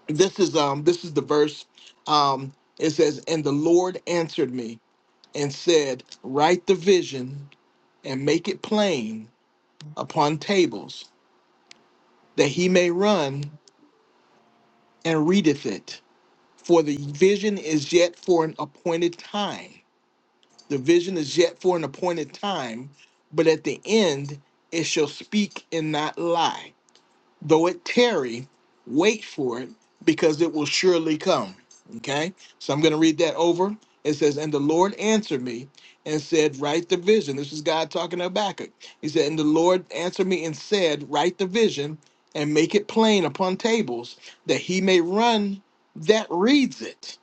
this is um this is the verse. Um, it says, "And the Lord answered me and said, Write the vision and make it plain upon tables." that he may run and readeth it. For the vision is yet for an appointed time. The vision is yet for an appointed time, but at the end it shall speak and not lie. Though it tarry, wait for it, because it will surely come. Okay? So I'm going to read that over. It says, And the Lord answered me and said, Write the vision. This is God talking to Habakkuk. He said, And the Lord answered me and said, Write the vision and make it plain upon tables, that he may run that reads it.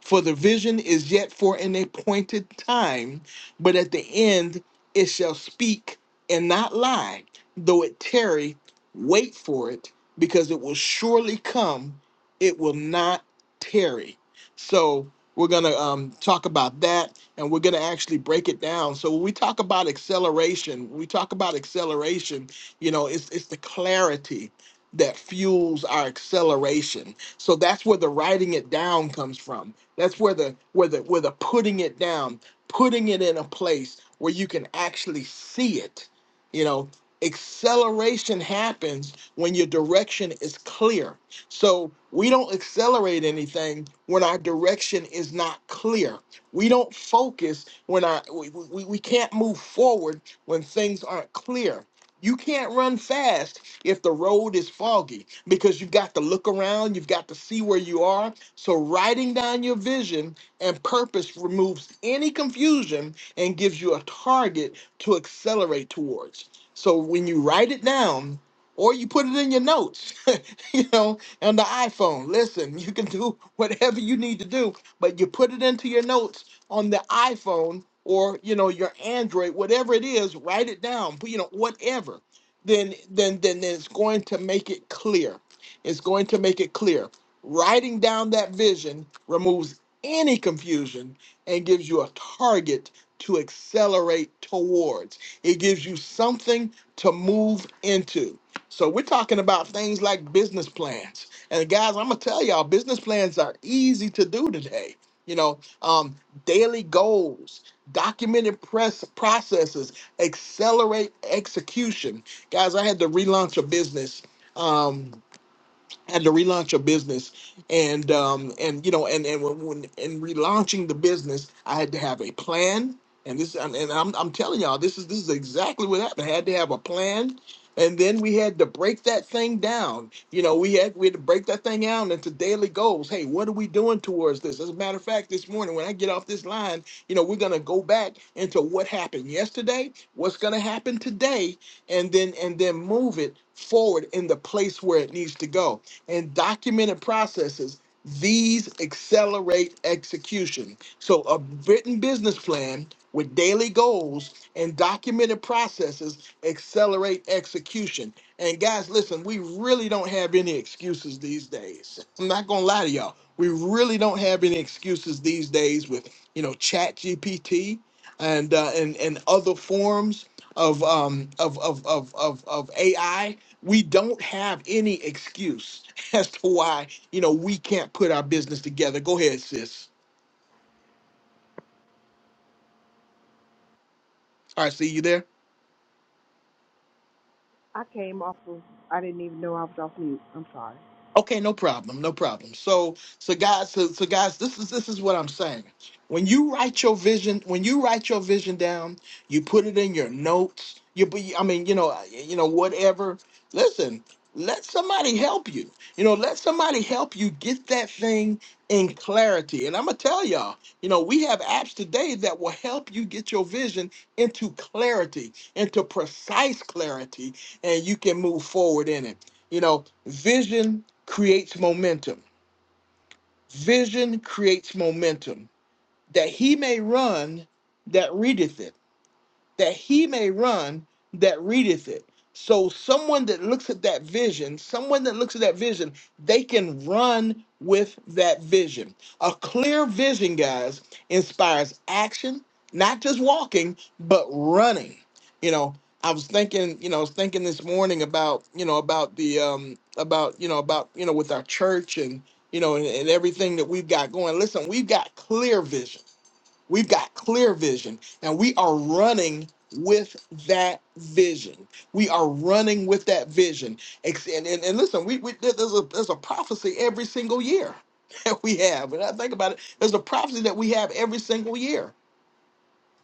For the vision is yet for an appointed time, but at the end it shall speak and not lie, though it tarry. Wait for it because it will surely come. It will not tarry. So we're going to um, talk about that and we're going to actually break it down. So when we talk about acceleration, when we talk about acceleration, you know, it's, it's the clarity that fuels our acceleration. So that's where the writing it down comes from. That's where the where the where the putting it down, putting it in a place where you can actually see it. You know, acceleration happens when your direction is clear. So we don't accelerate anything when our direction is not clear. We don't focus when our we, we, we can't move forward when things aren't clear. You can't run fast if the road is foggy because you've got to look around, you've got to see where you are. So, writing down your vision and purpose removes any confusion and gives you a target to accelerate towards. So when you write it down or you put it in your notes, (laughs) you know, on the iPhone, listen, you can do (laughs) whatever you need to do, but you put it into your notes on the iPhone or, you know, your Android, whatever it is, write it down, but you know, whatever. Then then then then it's going to make it clear. It's going to make it clear. Writing down that vision removes any confusion and gives you a target to accelerate towards it gives you something to move into. So we're talking about things like business plans. And guys, I'm gonna tell y'all, business plans are easy to do today. You know, um, daily goals, documented press processes, accelerate execution. Guys, I had to relaunch a business. Um, had to relaunch a business and um and you know and and when, when in relaunching the business i had to have a plan and this and, and I'm, I'm telling y'all this is this is exactly what happened i had to have a plan and then we had to break that thing down you know we had we had to break that thing down into daily goals hey what are we doing towards this as a matter of fact this morning when i get off this line you know we're going to go back into what happened yesterday what's going to happen today and then and then move it forward in the place where it needs to go and documented processes, these accelerate execution. So, a written business plan with daily goals and documented processes accelerate execution. And guys, listen, we really don't have any excuses these days. I'm not gonna lie to y'all. We really don't have any excuses these days with you know Chat GPT and uh, and and other forms of um of of of of, of AI we don't have any excuse (laughs) as to why you know we can't put our business together. Go ahead, sis. All right, see you there. I came off of, I didn't even know I was off mute. I'm sorry. Okay, no problem, no problem. So, so guys, so, so guys, this is this is what I'm saying. When you write your vision, when you write your vision down, you put it in your notes. You, be- I mean, you know, uh, you know, whatever. Listen, let somebody help you. You know, let somebody help you get that thing in clarity. And I'm gonna tell y'all, you know, we have apps today that will help you get your vision into clarity, into precise clarity, and you can move forward in it. You know, vision creates momentum. Vision creates momentum that he may run that readeth it that he may run that readeth it. So someone that looks at that vision, someone that looks at that vision, they can run with that vision. A clear vision, guys, inspires action, not just walking, but running. You know, I was thinking, you know, I was thinking this morning about, you know, about the um about, you know, about, you know, with our church and you know and, and everything that we've got going. Listen, we've got clear vision We've got clear vision and we are running with that vision. We are running with that vision. Ex- And, and, and listen, we, we there- there's a there's a prophecy every single year (laughs) that we have. When I think about it, there's a prophecy that we have every single year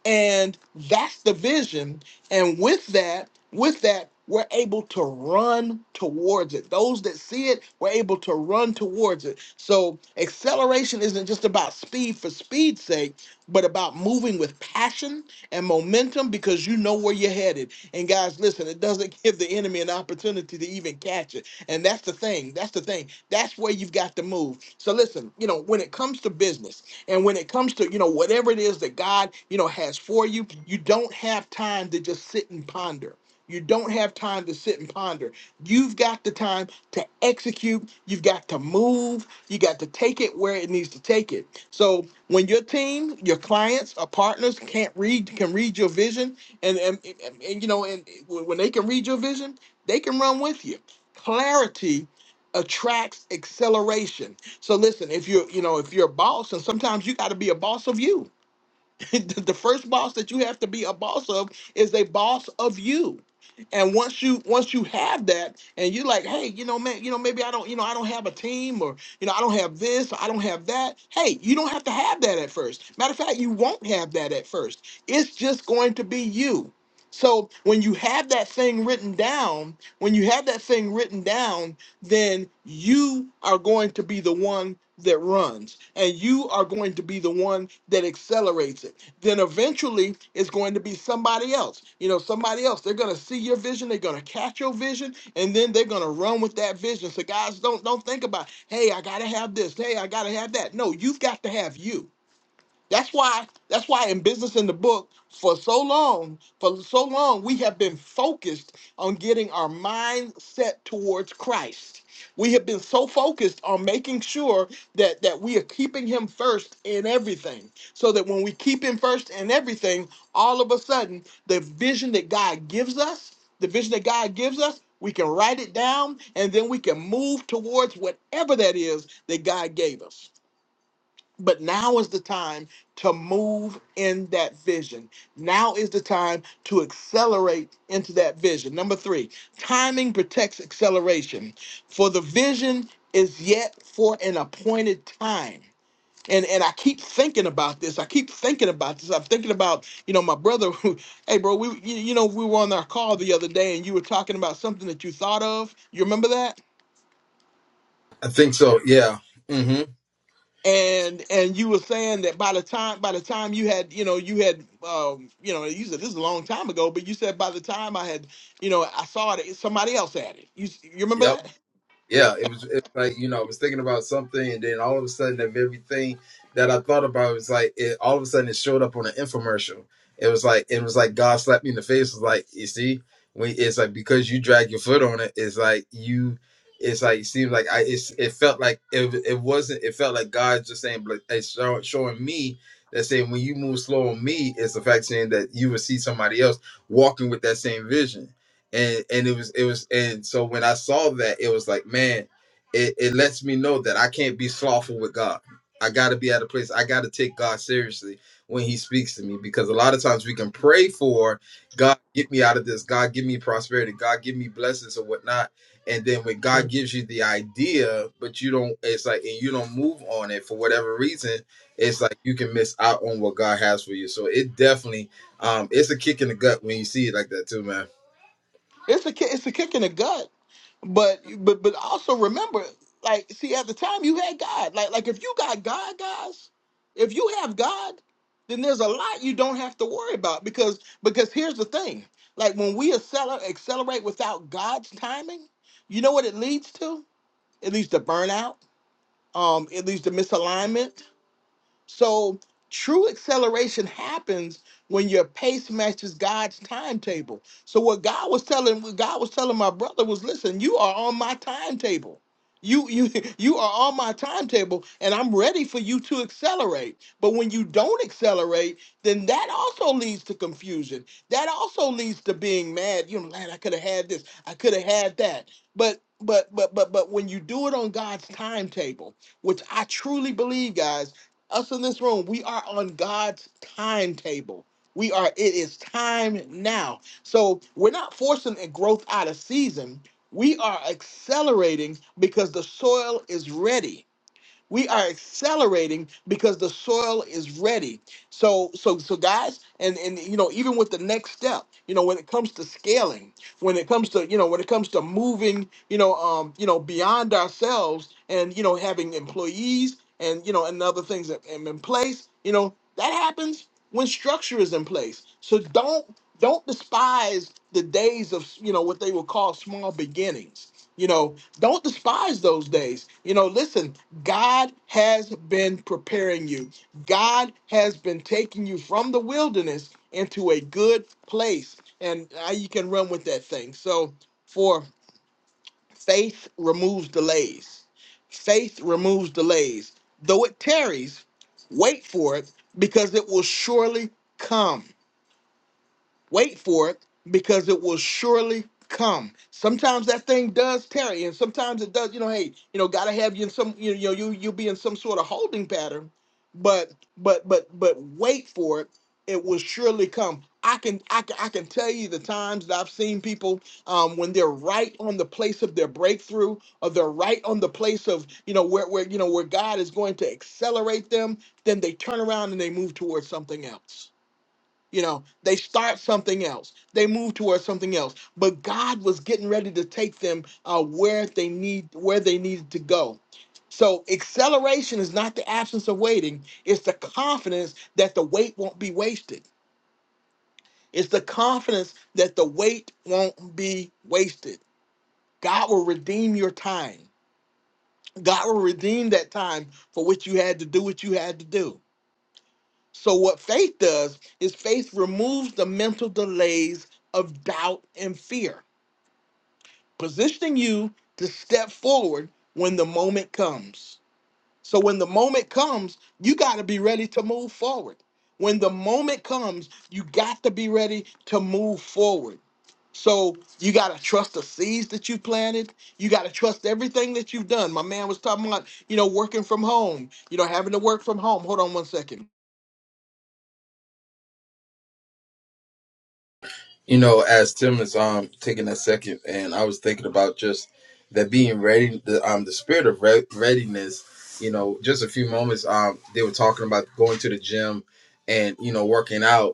and that's the vision and with that with that we're able to run towards it those that see it we're able to run towards it so acceleration isn't just about speed for speed's sake but about moving with passion and momentum because you know where you're headed and guys listen it doesn't (laughs) give the enemy an opportunity to even catch it and that's the thing that's the thing that's where you've got to move so listen you know when it comes to business and when it comes to, you know, whatever it is that God, you know, has for you, you don't have time to just sit and ponder. You don't have time to sit and ponder. You've got the time to execute. You've got to move. You got to take it where it needs to take it. So when your team, your clients, or partners can't read, can read your vision, and and, and, and, you know, and when when they can read your vision, they can run with you. Clarity attracts acceleration so listen, if you're, you know, if you're a boss, and sometimes you got to be a boss of you. (laughs) the the first boss that you have to be a boss of is a boss of you. And once you once you have that, and you're like, hey, you know, man, you know, maybe I don't, you know, I don't have a team, or you know, I don't have this, or I don't have that. Hey, you don't have to have that at first. Matter of fact, you won't have that at first. It's just going to be you. So when you have that thing written down, when you have that thing written down, then you are going to be the one that runs and you are going to be the one that accelerates it. Then eventually it's going to be somebody else. You know, somebody else. They're going to see your vision, they're going to catch your vision, and then they're going to run with that vision. So guys, don't don't think about, "Hey, I got to have this. Hey, I got to have that." No, you've got to have you. That's why. That's why in business in the book for so long, for so long, we have been focused on getting our mind set towards Christ. We have been so focused on making sure that that we are keeping Him first in everything, so that when we keep Him first in everything, all of a sudden, the vision that God gives us, the vision that God gives us. We can write it down and then we can move towards whatever that is that God gave us. But now is the time to move in that vision. Now is the time to accelerate into that vision. Number three, timing protects acceleration. For the vision is yet for an appointed time. And, and I keep thinking about this. I keep thinking about this. I'm thinking about, you know, my brother who, (laughs) hey, bro, we, you, you know, we were on our call the other day and you were talking about something that you thought of. You remember that? I think so. Yeah. Mm-hmm. and and you were saying that by the time by the time you had you know you had um you know you said this is a long time ago but you said by the time i had you know i saw it somebody else had it you you remember Yep. that Yeah, it was it's like, you know, I was thinking about something and then all of a sudden of everything that I thought about it was like it all of a sudden it showed up on an infomercial. It was like it was like God slapped me in the face. It was like, you see, when it's like because you drag your foot on it, it's like you it's like it seems like I it's it felt like it it wasn't it felt like God just saying like it's show, showing me that saying when you move slow on me, it's the fact saying that you would see somebody else walking with that same vision and and it was it was and so when I saw that it was like man it, it lets me know that I can't be slothful with God I gotta be at a place I gotta take God seriously when he speaks to me because a lot of times we can pray for God get me out of this God give me prosperity God give me blessings or whatnot and then when God gives you the idea but you don't it's like and you don't move on it for whatever reason it's like you can miss out on what God has for you so it definitely um it's a kick in the gut when you see it like that too man it's a ki- it's a kick in the gut but but but also remember like see at the time you had god like like if you got god guys if you have god then there's a lot you don't have to worry about because because here's the thing like when we acceler- accelerate without god's timing you know what it leads to It leads to burnout. Um, it leads to misalignment. So true acceleration happens when your pace matches God's timetable. So what God was telling what God was telling my brother was listen, you are on my timetable. You you (laughs) you are on my timetable and I'm ready for you to accelerate. But when you don't accelerate, then that also leads to confusion. That also leads to being mad. You know, man, I could have had this, I could have had that. But but but but but when you do it on God's timetable, which I truly believe, guys us in this room, we are on God's timetable. We are, it is time now. So we're not forcing a growth out of season. We are accelerating because the soil is ready we are accelerating because the soil is ready so so so guys and and you know even with the next step you know when it comes to scaling when it comes to you know when it comes to moving you know um you know beyond ourselves and you know having employees and you know and other things that am in place you know that happens when structure is in place so don't don't despise the days of you know what they will call small beginnings you know don't despise those days you know listen God has been preparing you. God has been taking you from the wilderness into a good place. And now you can run with that thing. So, for faith removes delays. Faith removes delays. Though it tarries, wait for it because it will surely come. Wait for it because it will surely come. Sometimes that thing does tarry, and sometimes it does. You know, hey, you know, gotta have you in some. You know, you you'll be in some sort of holding pattern, but but but but wait for it. It will surely come. I can I can I can tell you the times that I've seen people um, when they're right on the place of their breakthrough, or they're right on the place of you know where where you know where God is going to accelerate them. Then they turn around and they move towards something else you know, they start something else, they move towards something else. But God was getting ready to take them uh, where they need where they needed to go. So acceleration is not the absence of waiting; it's the confidence that the wait won't be wasted. It's the confidence that the wait won't be wasted. God will redeem your time. God will redeem that time for which you had to do what you had to do. So, what faith does is faith removes the mental delays of doubt and fear, positioning you to step forward when the moment comes. So, when the moment comes, you got to be ready to move forward. When the moment comes, you got to be ready to move forward. So you gotta trust the seeds that you planted. You gotta trust everything that you've done. My man was talking about, you know, working from home, you know, having to work from home. Hold on one second. You know, as Tim is um taking a second, and I was thinking about just that being ready, the um the spirit of re- readiness. You know, just a few moments um they were talking about going to the gym and you know working out,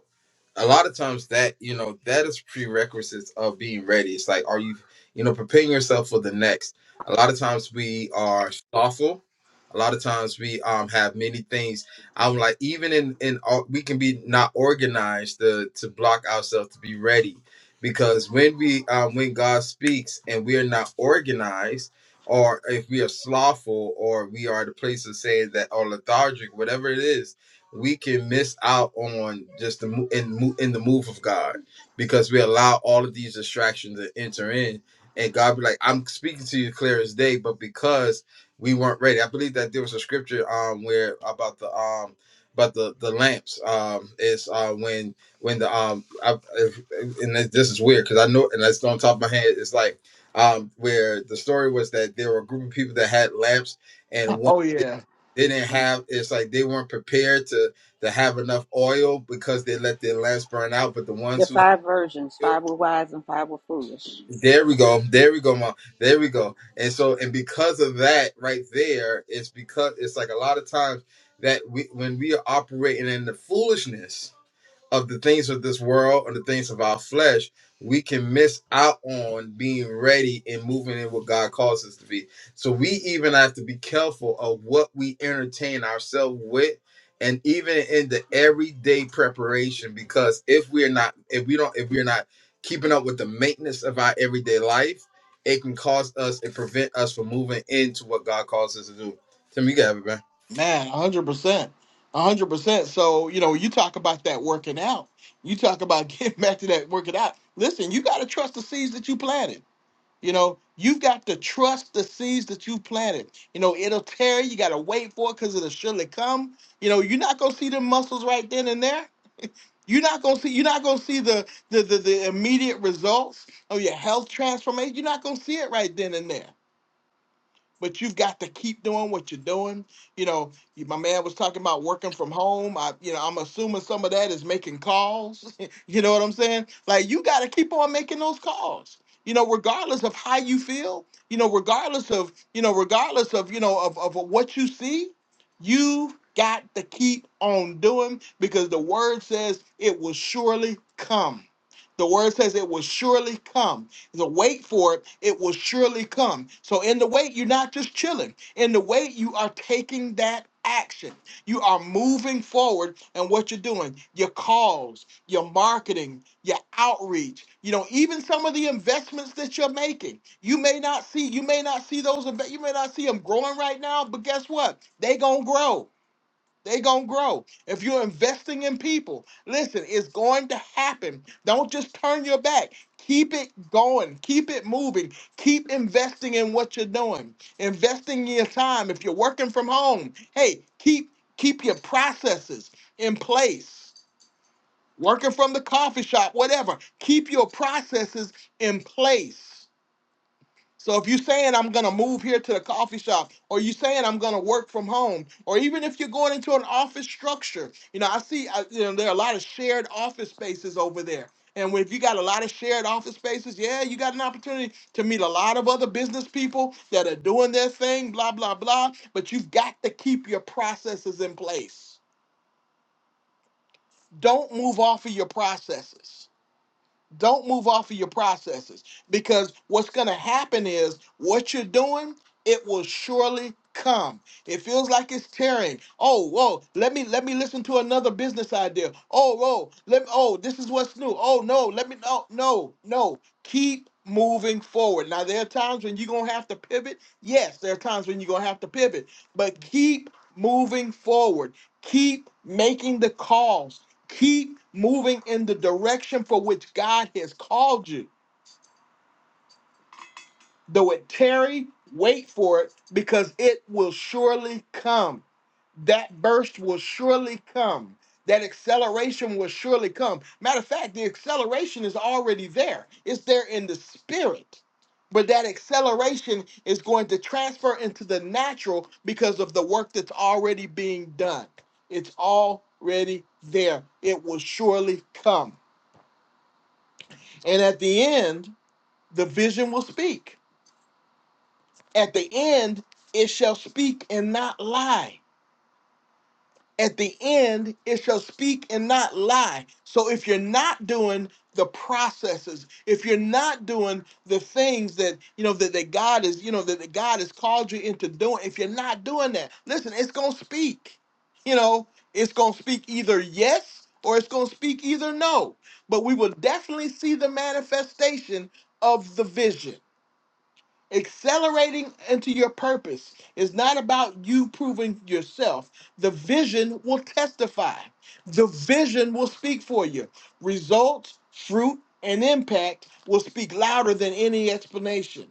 a lot of times that you know that is prerequisites of being ready it's like are you you know preparing yourself for the next a lot of times we are thoughtful a lot of times we um have many things i'm like even in in all, we can be not organized to to block ourselves to be ready because when we um when god speaks and we are not organized or if we are slothful or we are the place of saying that or lethargic whatever it is we can miss out on just the mo- in mo- in the move of God because we allow all of these distractions to enter in, and God be like, "I'm speaking to you clear as day," but because we weren't ready, I believe that there was a scripture um where about the um about the the lamps um is uh when when the um I, if, and this this is weird because I know and that's on top of my head it's like um where the story was that there were a group of people that had lamps and one. Oh yeah. They didn't have. It's like they weren't prepared to to have enough oil because they let their lamps burn out. But the The ones who five virgins, had five oil, were wise and five were foolish. there we go, there we go, mom, there we go. And so, and because of that, right there, it's because it's like a lot of times that we when we are operating in the foolishness of the things of this world and the things of our flesh, we can miss out on being ready and moving in what God calls us to be. So we even have to be careful of what we entertain ourselves with and even in the everyday preparation because if we're not if we don't if we're not keeping up with the maintenance of our everyday life, it can cause us and prevent us from moving into what God calls us to do. Tim, you got it, man. Man, 100%. 100%. So, you know, you talk about that working out. You talk about (laughs) getting back to that working out. Listen, you got to trust the seeds that you planted. You know, you've got to trust the seeds that you planted. You know, it'll tear. You got to wait for it because it'll surely come. You know, you're not going to see the muscles right then and there. You're not gonna see. You're not gonna see the the, the, the immediate results of your health transformation. You're not gonna see it right then and there but you've got to keep doing what you're doing. You know, you- my man was talking about working from home. I, you know, I'm assuming some of that is making calls. (laughs) you know what I'm saying? Like you got to keep on making those calls. You know, regardless of how you feel. You know, regardless of you know, regardless of you know of of what you see, you got to keep on doing because the word says it will surely come. The word says it will surely come. The wait for it, it will surely come. So in the wait, you're not just chilling. In the wait, you are taking that action. You are moving forward and what you're doing, your calls, your marketing, your outreach, you know, even some of the investments that you're making. You may not see, you may not see those, inve- you may not see them growing right now, but guess what? They gonna grow they gonna grow. If you're investing in people, listen, it's going to happen. Don't just turn your back. Keep it going. Keep it moving. Keep investing in what you're doing. Investing your time. If you're working from home, hey, keep keep your processes in place. Working from the coffee shop, whatever. Keep your processes in place. So if you're saying I'm gonna move here to the coffee shop, or you saying I'm gonna work from home, or even if you're going into an office structure, you know I see I, you know there are a lot of shared office spaces over there. And if you got a lot of shared office spaces, yeah, you got an opportunity to meet a lot of other business people that are doing their thing, blah blah blah. But you've got to keep your processes in place. Don't move off of your processes don't move off of your processes because what's going to happen is what you're doing it will surely come it feels like it's tearing oh whoa let me let me listen to another business idea oh whoa let oh this is what's new oh no let me no no no keep moving forward now there are times when you're going to have to pivot yes there are times when you're going to have to pivot but keep moving forward keep making the calls Keep moving in the direction for which God has called you. Though it tarry, wait for it because it will surely come. That burst will surely come. That acceleration will surely come. Matter of fact, the acceleration is already there, it's there in the spirit. But that acceleration is going to transfer into the natural because of the work that's already being done. It's already there. It will surely come And at the end, the vision will speak. At the end, it shall speak and not lie. At the end, it shall speak and not lie. So if you're not doing the processes, if you're not doing the things that you know that, that God is, you know, that, that God has called you into doing, if you're not doing that, listen, it's gonna speak. You know, it's gonna speak either yes or it's gonna speak either no. But we will definitely see the manifestation of the vision Accelerating into your purpose is not about you proving yourself. The vision will testify, the vision will speak for you. Results, fruit, and impact will speak louder than any explanation.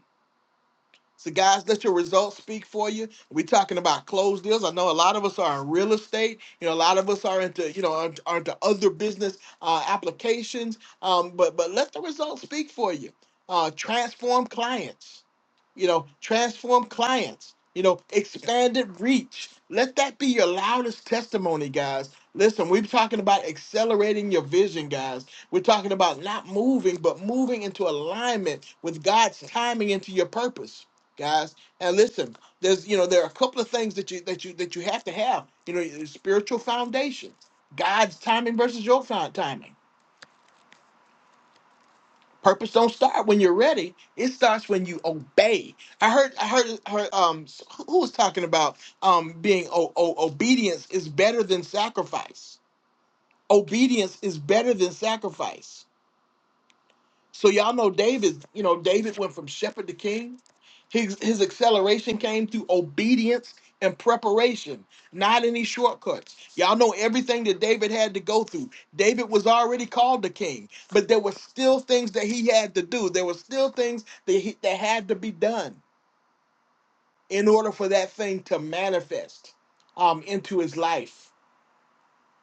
So, guys, let your results speak for you. We're talking about closed deals. I know a lot of us are in real estate. You know, a lot of us are into you know are, are into other business uh, applications. Um, but but let the results speak for you. Uh, transform clients. You know, transform clients. You know, expanded reach. Let that be your loudest testimony, guys. Listen, we're talking about accelerating your vision, guys. We're talking about not moving, but moving into alignment with God's timing into your purpose guys. And listen, there's you know there are a couple of things that you that you that you have to have. You know, your spiritual foundation, God's timing versus your fi- timing. Purpose don't start when you're ready. It starts when you obey. I heard I heard heard um s- who was talking about um being o- o- obedience is better than sacrifice. Obedience is better than sacrifice So y'all know David, you know, David went from shepherd to king. His his acceleration came through obedience and preparation, not any shortcuts. Y'all know everything that David had to go through. David was already called the king, but there were still things that he had to do. There were still things that he, that had to be done in order for that thing to manifest um into his life.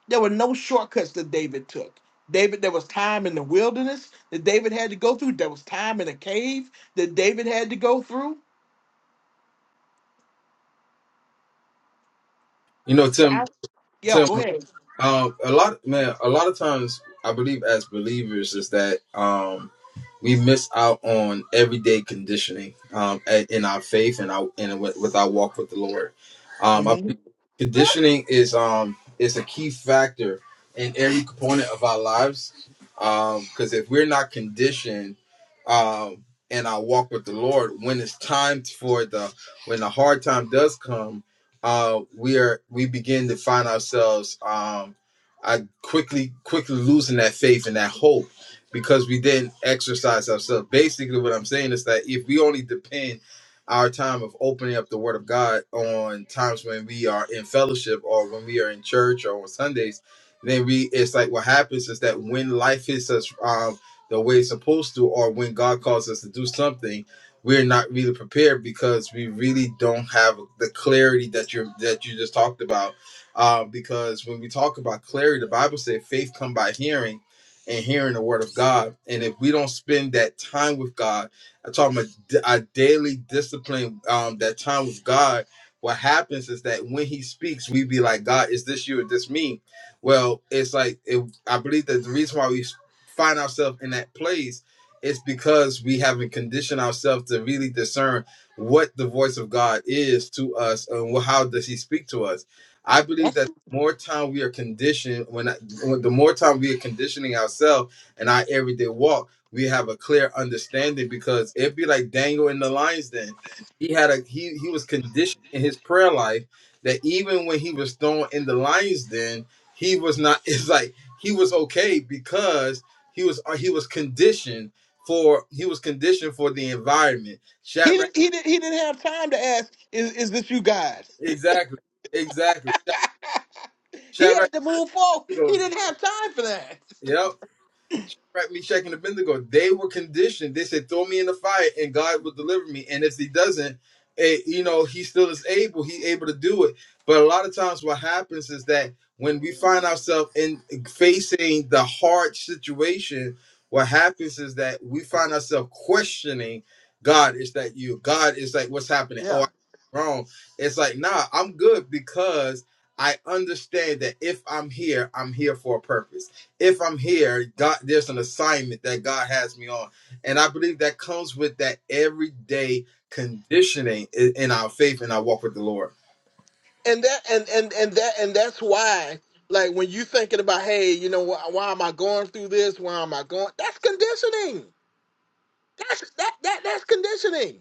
There were no shortcuts that David took. David, there was time in the wilderness that David had to go through. There was time in a cave that David had to go through. You know, Tim. I, yo, Tim. go ahead. Um, a lot, man. A lot of times, I believe as believers is that um, we miss out on everyday conditioning um, a- in our faith and our and with, with our walk with the Lord. Um, I hmm believe conditioning is um is a key factor in every component of our lives. Because if we're not conditioned um, in our walk with the Lord, when it's time for the when the hard time does come, uh, we are we begin to find ourselves um, I quickly quickly losing that faith and that hope because we didn't exercise ourselves. Basically, what I'm saying is that if we only depend our time of opening up the Word of God on times when we are in fellowship or when we are in church or on Sundays, then we it's like what happens is that when life hits us um, the way it's supposed to, or when God calls us to do something, we're not really prepared because we really don't have the clarity that you that you just talked about. Uh, because when we talk about clarity, the Bible said faith come by hearing and hearing the word of God. And if we don't spend that time with God, I'm talking about our daily discipline, um, that time with God, what happens is that when He speaks, we be like, God, is this you or this me? Well, it's like, it, I believe that the reason why we find ourselves in that place is because we haven't conditioned ourselves to really discern what the voice of God is to us and wh- how does He speak to us. I believe that That's more time we are conditioned when, I, when the more time we are conditioning ourselves in our everyday walk we have a clear understanding because it'd be like daniel in the lions den he had a he he was conditioned in his prayer life that even when he was thrown in the lions den he was not (laughs) it's like he was okay because he was uh, he was conditioned for he was conditioned for the environment he. Shadrach, didn't- He didn't. He didn't have time to ask. Is is this you guys? exactly exactly He Shadrach, had to move forward. He (laughs) didn't have time for that. yep Shadrach, Meshach, and Abednego, they were conditioned. They said, "Throw me in the fire, and God will deliver me." And if He doesn't, eh, you know, He still is able. He able to do it. But a lot of times, what happens is that when we find ourselves in facing the hard situation, what happens is that we find ourselves questioning, "God, is that you? God is like, what's happening?" Yeah. Or wrong. It's like, nah, I'm good because I understand that if I'm here, I'm here for a purpose if I'm here, God, there's an assignment that God has me on. And I believe that comes with that everyday conditioning in, in our faith and our walk with the Lord. And that and and and that and that's why. Like when you thinking about, hey, you know, why, why am I going through this? Why am I going? That's conditioning. That's that that that's conditioning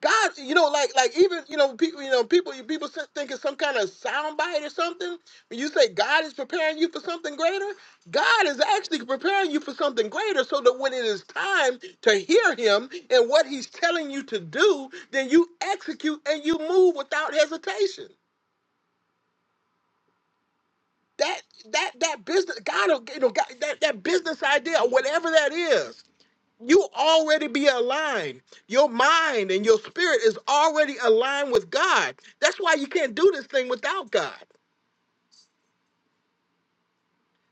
God, you know, like like even you know people, you know people, you people sit- think it's some kind of soundbite or something. When you say God is preparing you for something greater, God is actually preparing you for something greater, so that when it is time to hear Him and what He's telling you to do, then you execute and you move without hesitation. That that that business, God, you know, God, that that business idea, whatever that is. you already be aligned. Your mind and your spirit is already aligned with God. That's why you can't do this thing without God.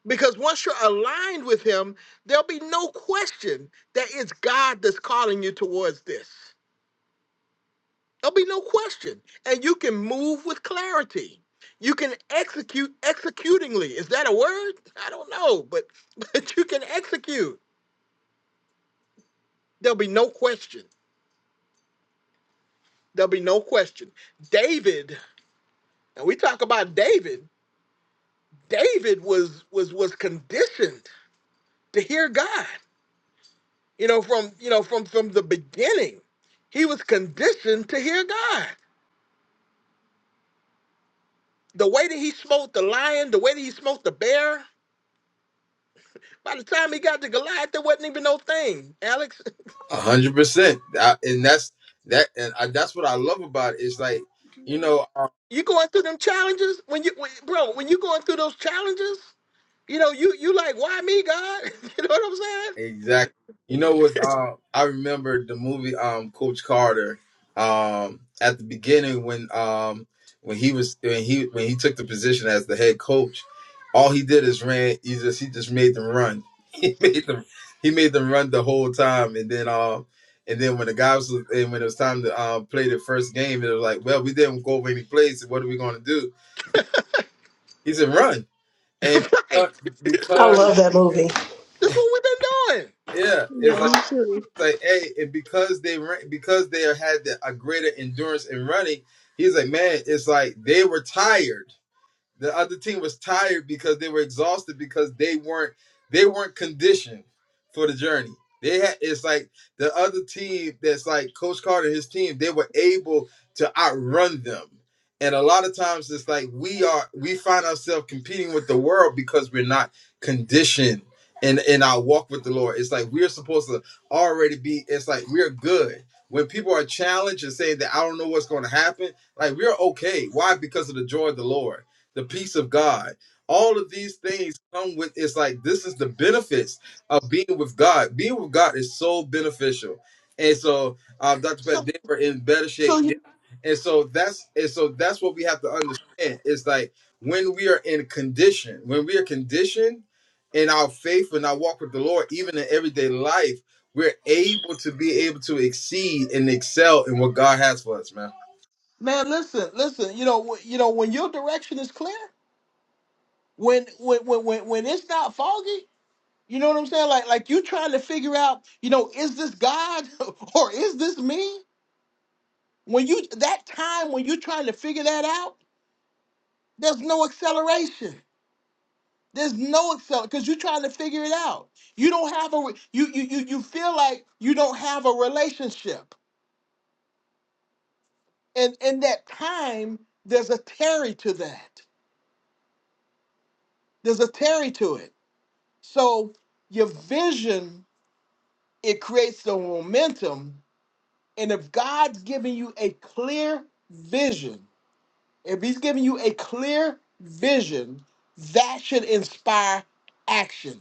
Because once you're aligned with Him, there'll be no question that it's God that's calling you towards this. There'll be no question. And you can move with clarity. You can execute executingly. Is that a word? I don't know, but (laughs) but you can execute. There'll be no question. There'll be no question. David, and we talk about David. David was was was conditioned to hear God. You know, from you know, from from the beginning, he was conditioned to hear God. The way that he smote the lion, the way that he smote the bear. By the time he got to Goliath, there wasn't even no thing. Alex, A hundred percent. That- And that's that and I, that's what I love about it. It's like, you know, (laughs) you going through them challenges when you, when, bro? When you going through those challenges, you know you you like why me, God? (laughs) You know what I'm Exactly. You know what's um I remember the movie um Coach Carter um at the beginning when um when he was when he when he took the position as the head coach, all he did is ran he just he just made them run. (laughs) He made them he made them run the whole time and then um and then when the guys was and when it was time to um play the first game it was like, Well we didn't go over any plays, so what are we gonna do? He said run. And saying? (laughs) right. because (laughs) I because, love that movie. That's what we've been doing. yeah, Yeah, it's like me too. like, hey, and because they ran, because they had the, a greater endurance in running, he's like, man, it's like they were tired. The other team was tired because they were exhausted because they weren't they weren't conditioned for the journey. They had it's like the other team that's like Coach Carter and his team, they were able to outrun them. And a lot of times it's like we are we find ourselves competing with the world because we're not conditioned in in our walk with the Lord. It's like we're supposed to already be it's like we're good. When people are challenged and saying that I don't know what's going to happen, like we're okay. Why? Because of the joy of the Lord the peace of God. All of these things come with it's like this is the benefits of being with God. Being with God is so beneficial. And so um Dr. Pat So, they were in better shape. so, Yeah. And so that's and so that's what we have to understand. It's like when we are in condition, when we are conditioned in our faith and our walk with the Lord, even in everyday life, we're able to be able to exceed and excel in what God has for us, man. Man, listen, listen. You know, wh- you know when your direction is clear, when when when when, when it's not foggy. You know what I'm saying? Like like you trying to figure out, you know, is this God (laughs) or is this me? When you that time when you're trying to figure that out, there's no acceleration. There's no acceleration because you're trying to figure it out. You don't have a re- you you you you feel like you don't have a relationship, and in that time, there's a tarry to that. There's a tarry to it So your vision, it creates the momentum. And if God's giving you a clear vision, if he's giving you a clear vision, that should inspire action.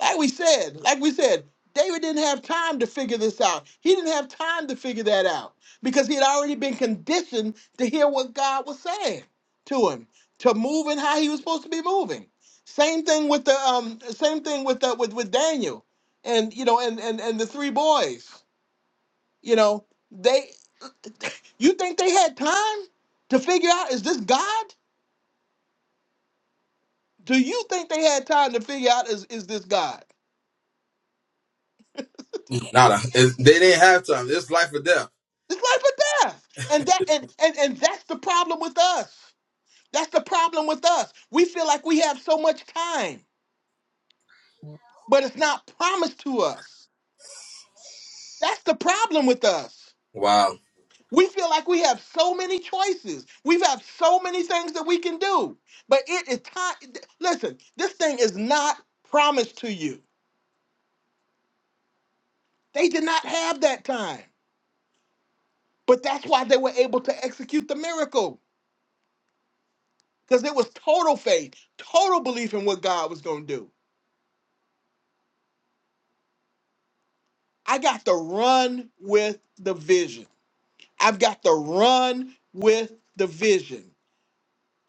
Like we said, like we said, David didn't have time to figure this out. He didn't have time to figure that out because he had already been conditioned to hear what God was saying to him, to move in how he was supposed to be moving. Same thing with the um, same thing with the with with Daniel, and you know, and and and the three boys. You know, they. (laughs) You think they had time to figure out is this God? Do you think they had time to figure out is is this God? Nada. It's- They didn't have time. It's life or death. It's life or death. And that and, and and that's the problem with us. That's the problem with us. We feel like we have so much time, but it's not promised to us. That's the problem with us. Wow. We feel like we have so many choices. We have so many things that we can do. But it is time. Listen, this thing is not promised to you. They did not have that time. But that's why they were able to execute the miracle because it was total faith, total belief in what God was going to do. I got to run with the vision. I've got to run with the vision.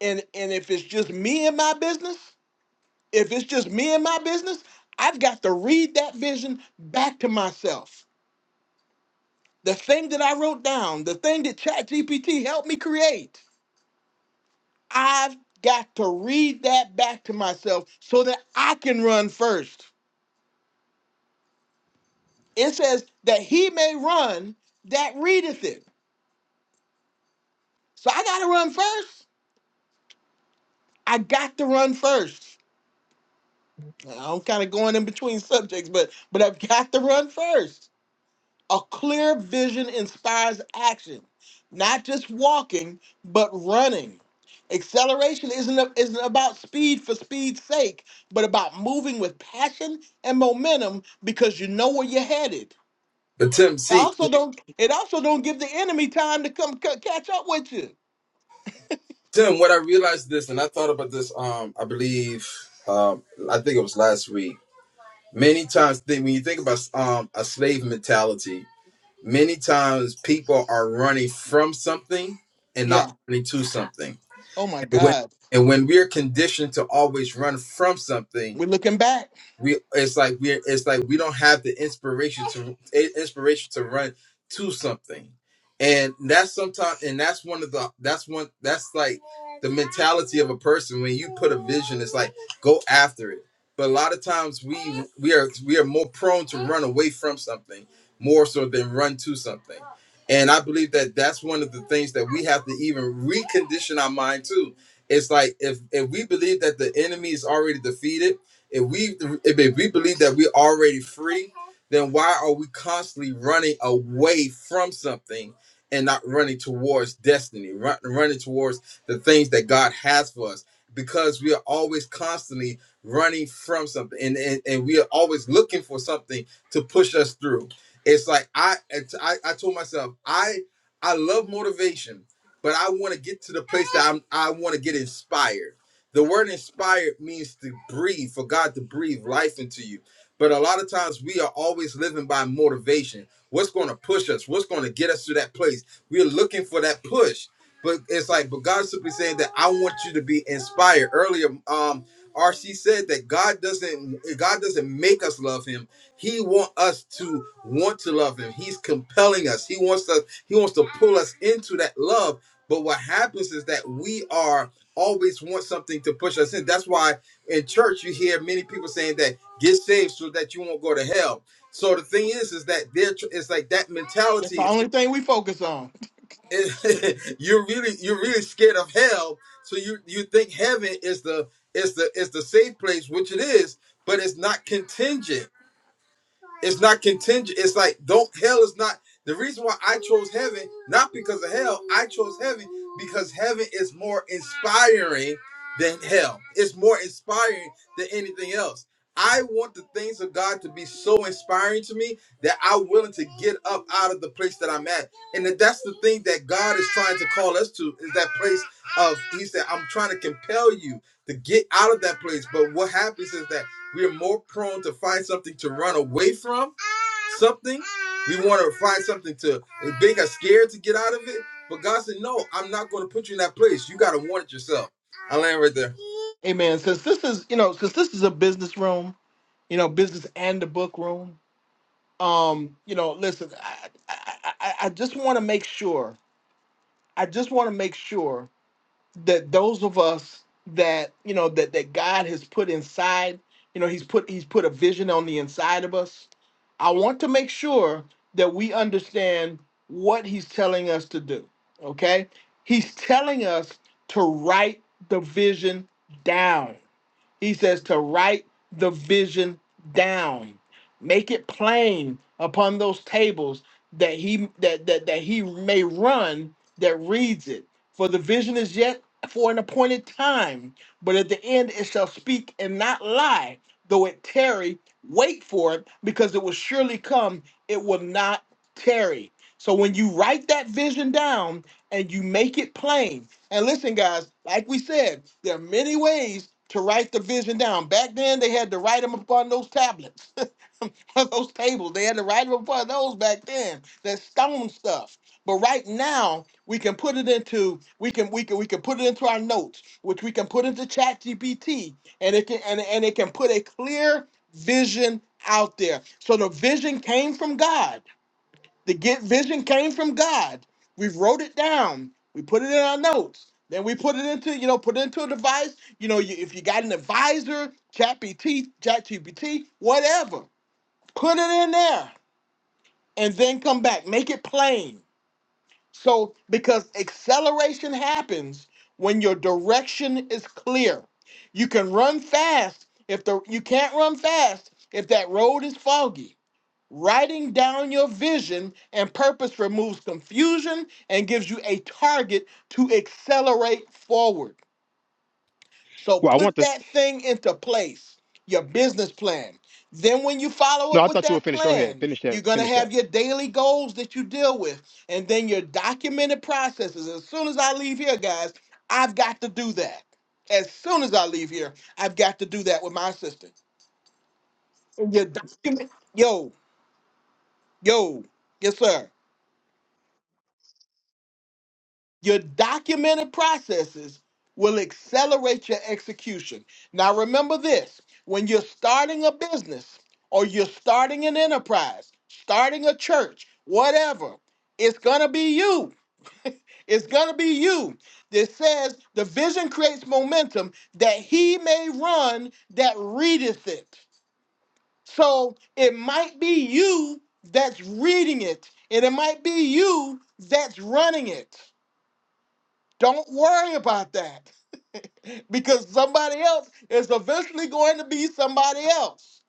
And and if it's just me and my business, if it's just me and my business, I've got to read that vision back to myself. The thing that I wrote down, the thing that ChatGPT helped me create, I've got to read that back to myself so that I can run first. It says that he may run that readeth it. So I got to run first. I got to run first. I'm kind of going in between subjects, but but I've got to run first. A clear vision inspires action, not just walking, but running. Acceleration isn't a- isn't about speed for speed's sake, but about moving with passion and momentum because you know where you're headed. But Tim, It see, also don't it also don't give the enemy time to come c- catch up with you. Tim, what I realized this, and I thought about this. Um, I believe, um, I think it was last week. Many times, th- when you think about um a slave mentality, many times people are running from something and Yeah. not running to something. Oh my And when, God. and when we're conditioned to always run from something, We're looking back. we it's like we're it's like we don't have the inspiration to i- inspiration to run to something and that's sometimes and that's one of the that's one that's like the mentality of a person when you put a vision it's like go after it but a lot of times we we are we are more prone to run away from something more so than run to something and i believe that that's one of the things that we have to even recondition our mind to it's like if if we believe that the enemy is already defeated if we if, if we believe that we're already free, then why are we constantly running away from something and not running towards destiny, run, running towards the things that God has for us? Because we are always constantly running from something and, and, and we are always looking for something to push us through. It's like I it's- I, I told myself, I I love motivation, but I want to get to the place that I'm I want to get inspired. The word inspired means to breathe, for God to breathe life into you. But a lot of times we are always living by motivation. What's going to push us? What's going to get us to that place? We're looking for that push. But it's like, but God's simply saying that I want you to be inspired. Earlier, um, RC said that God doesn't God doesn't make us love him. He wants us to want to love him. He's compelling us. He wants us, he wants to pull us into that love but what happens is that we are always want something to push us in. That's why in church you hear many people saying that get saved so that you won't go to hell. So the thing is, is that they're tr- it's like that That's the mentality is only thing we focus on. (laughs) you're really you're really scared of hell. So you you think heaven is the is the is the safe place, which it is, but it's not contingent. It's not contingent. It's like don't hell is not the reason why I chose heaven, not because of hell. I chose heaven because heaven is more inspiring than hell. It's more inspiring than anything else. I want the things of God to be so inspiring to me that I'm willing to get up out of the place that I'm at. And that that's the thing that God is trying to call us to is that place of He said, I'm trying to compel you to get out of that place. But what happens is that we are more prone to find something to run away from something we want to find something to make us scared to get out of it but god said no i'm not going to put you in that place you got to want it yourself i land right there Hey man, since this is you know, since this is a business room, you know, business and the book room. Um, you know, listen, I I, I I I just want to make sure. I just want to make sure that those of us that you know that that God has put inside, you know, He's put He's put a vision on the inside of us. I want to make sure that we understand what He's telling us to do. Okay, He's telling us to write the vision down he says to write the vision down, make it plain upon those tables that he that that, that he may run that reads it. For the vision is yet for an appointed time, but at the end it shall speak and not lie. Though it tarry, wait for it, because it will surely come. It will not tarry. So when you write that vision down and you make it plain, and listen, guys, like we said, there are many ways to write the vision down. Back then, they had to write them upon those tablets, (laughs) on those tables. They had to write them upon those back then. That stone stuff. But right now, we can put it into we can we can we can put it into our notes, which we can put into ChatGPT, and it can and, and it can put a clear vision out there. So the vision came from God. The get vision came from God. We wrote it down. We put it in our notes. Then we put it into, you know, put it into a device. You know, you, if you got an advisor, ChatGPT, ChatGPT, whatever, put it in there, and then come back. Make it plain so, because acceleration happens when your direction is clear, you can run fast. If the you can't run fast if that road is foggy. Writing down your vision and purpose removes confusion and gives you a target to accelerate forward. So Well, I want put to. that thing into place, your business plan. Then, when you follow No, up I with thought you were that finished. Go ahead. plan, Finish you're that. going to Finish that. have your daily goals that you deal with, and then your documented processes. As soon as I leave here, guys, I've got to do that. As soon as I leave here, I've got to do that with my assistant. And your document, yo, yo, yes, sir. Your documented processes will accelerate your execution. Now, remember this when you're starting a business or you're starting an enterprise, starting a church, whatever, it's going to be you. It's going to be you. This says the vision creates momentum that he may run that readeth it. So it might be you that's reading it, and it might be you that's running it. Don't worry about that (laughs) because somebody else is eventually going to be somebody else.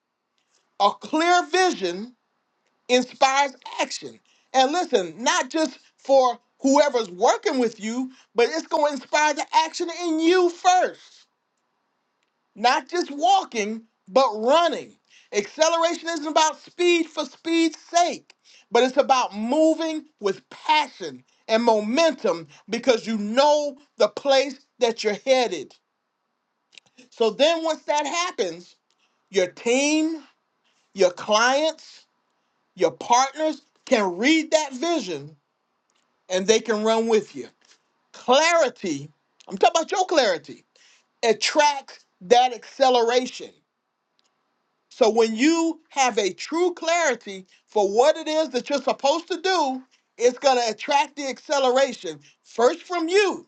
A clear vision inspires action. And listen, not just for whoever's working with you, but it's going to inspire the action in you first not just walking, but running. Acceleration isn't about speed for speed's sake, but it's about moving with passion and momentum because you know the place that you're headed. So then, once that happens, your team, your clients, your partners can read that vision and they can run with you. Clarity, I'm talking about your clarity, attracts that acceleration. So when you have a true clarity for what it is that you're supposed to do, it's going to attract the acceleration first from you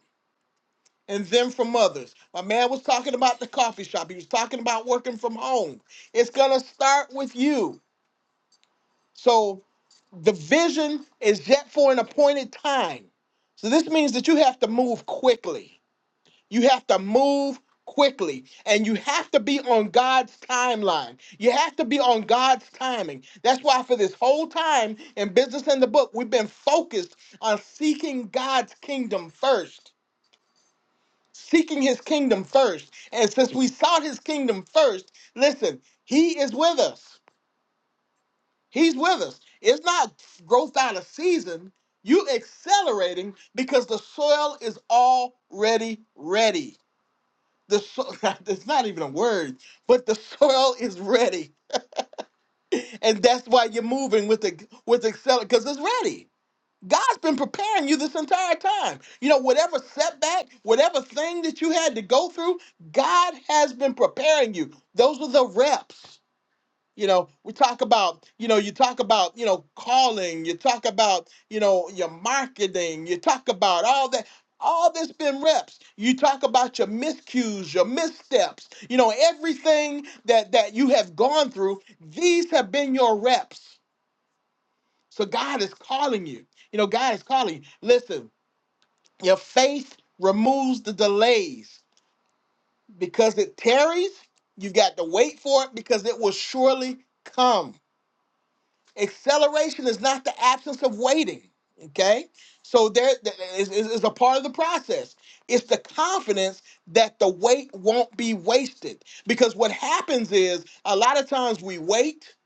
and then from others. My man was talking about the coffee shop. He was talking about working from home. It's going to start with you. So the vision is yet for an appointed time. So this means that you have to move quickly. You have to move quickly and you have to be on God's timeline. You have to be on God's timing. That's why, for this whole time in Business in the Book, we've been focused on seeking God's kingdom first, seeking his kingdom first. And since we sought his kingdom first, listen, he is with us. He's with us. It's not growth out of season. You accelerating because the soil is already ready. The soil, (laughs) it's not even a word, but the soil is ready. And that's why you're moving with the with Excel because it's ready. God's been preparing you this entire time. You know, whatever setback, whatever thing that you had to go through, God has been preparing you. Those are the reps. You know, we talk about, you know, you talk about, you know, calling, you talk about, you know, your marketing, you talk about all that. All this been reps. You talk about your miscues, your missteps, you know, everything that that you have gone through, these have been your reps. So God is calling you. You know, God is calling you. Listen, your faith removes the delays because it tarries. You've got to wait for it because it will surely come Acceleration is not the absence of waiting. Okay, so there th- is is- is a part of the process. It's the confidence that the wait won't be wasted. Because what happens is a lot of times we wait,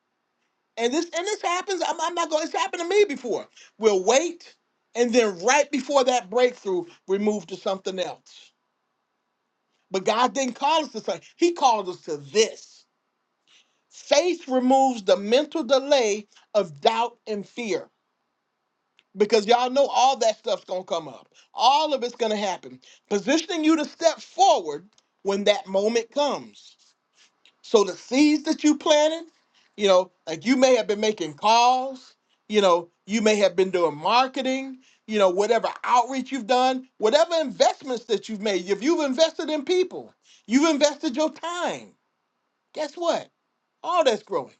and this and this happens. I'm, I'm not going. It's happened to me before. We'll wait, and then right before that breakthrough, we move to something else. But God didn't call us to something. He called us to this. Faith removes the mental delay of doubt and fear. because y'all know all that stuff's gonna come up. All of it's gonna happen, positioning you to step forward when that moment comes. So the seeds that you planted, you know, like you may have been making calls, you know, you may have been doing marketing, you know, whatever outreach you've done, whatever investments that you've made. If you've invested in people, you've invested your time. Guess what? All that's growing.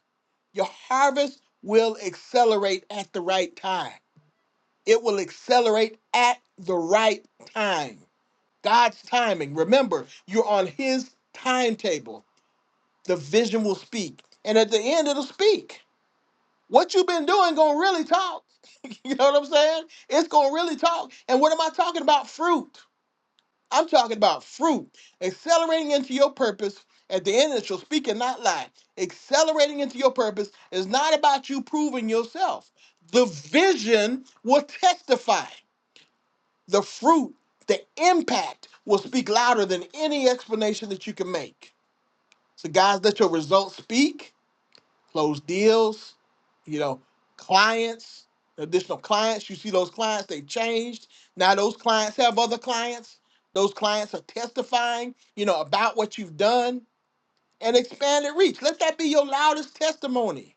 Your harvest will accelerate at the right time it will accelerate at the right time. God's timing. Remember, you're on His timetable. The vision will speak. And at the end, it'll speak. What you've been doing going to really talk. (laughs) you know what I'm saying? It's going to really talk. And what am I talking about? Fruit. I'm talking about fruit. Accelerating into your purpose. At the end, it shall speak and not lie. Accelerating into your purpose is not about you proving yourself. The vision will testify the fruit, the impact will speak louder than any explanation that you can make. So, guys, let your results speak, close deals, you know, clients, additional clients. You see those clients, they changed. Now, those clients have other clients. Those clients are testifying, you know, about what you've done and expanded reach. Let that be your loudest testimony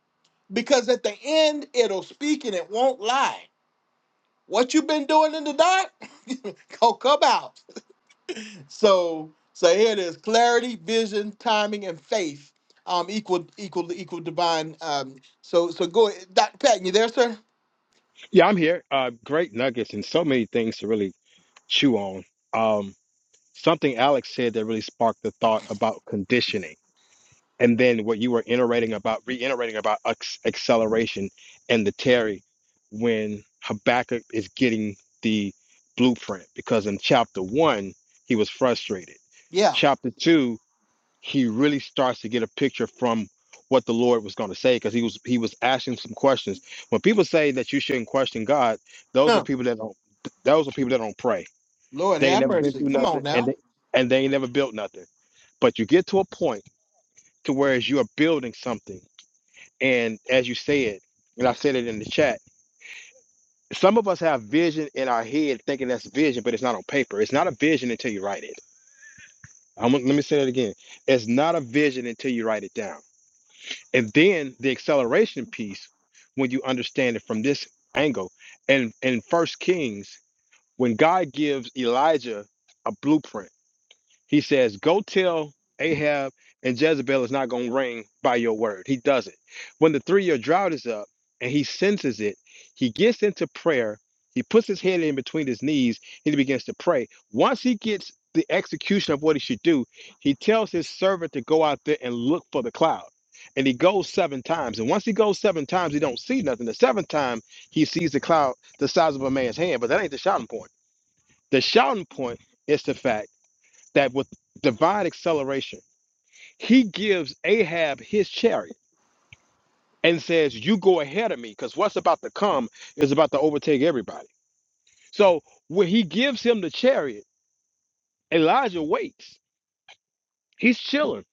because at the end, it'll speak and it won't lie. What you've been doing in the dark, (laughs) go come out So so here it is: clarity, vision, timing, and faith. Um, equal equal equal divine. Um, so so go, ahead. Dr. Patton, you there, sir? Yeah, I'm here. Uh, great nuggets and so many things to really chew on. Um, something Alex said that really sparked the thought about conditioning, and then what you were iterating about, reiterating about acc- acceleration and the Terry when Habakkuk is getting the blueprint because in chapter one he was frustrated. Yeah. Chapter two he really starts to get a picture from what the Lord was going to say because he was he was asking some questions. When people say that you shouldn't question God, those are Huh. people that don't those are people that don't pray. Lord They ain't have never been mercy. through Come on nothing and now. they and they ain't never built nothing. But you get to a point to where as you are building something and as you said, and I said it in the chat, some of us have vision in our head thinking that's vision, but it's not on paper. It's not a vision until you write it. I'm, let me say that again. It's not a vision until you write it down and then the acceleration piece when you understand it from this angle and in first kings when god gives elijah a blueprint he says, Go tell Ahab and Jezebel is not going to reign by your word. He does it. When the three year drought is up and he senses it, he gets into prayer. He puts his head in between his knees and he begins to pray. Once he gets the execution of what he should do, he tells his servant to go out there and look for the cloud. And he goes seven times. And once he goes seven times, he don't see nothing. The seventh time, he sees the cloud the size of a man's hand. But that ain't the shouting point. The shouting point is the fact that with divine acceleration, he gives Ahab his chariot and says, You go ahead of me, because what's about to come is about to overtake everybody. So when he gives him the chariot, Elijah waits. He's chilling.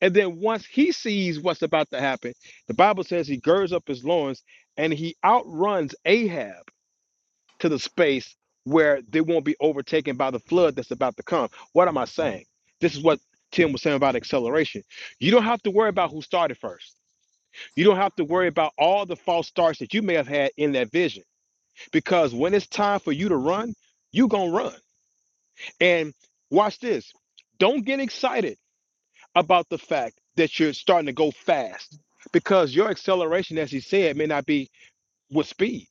And then once he sees what's about to happen, the Bible says he girds up his loins and he outruns Ahab to the space where they won't be overtaken by the flood that's about to come. What am I saying? This is what Tim was saying about acceleration. You don't have to worry about who started first. You don't have to worry about all the false starts that you may have had in that vision because when it's time for you to run, you're going to run. And watch this. Don't get excited about the fact that you're starting to go fast because your acceleration, as he said, may not be with speed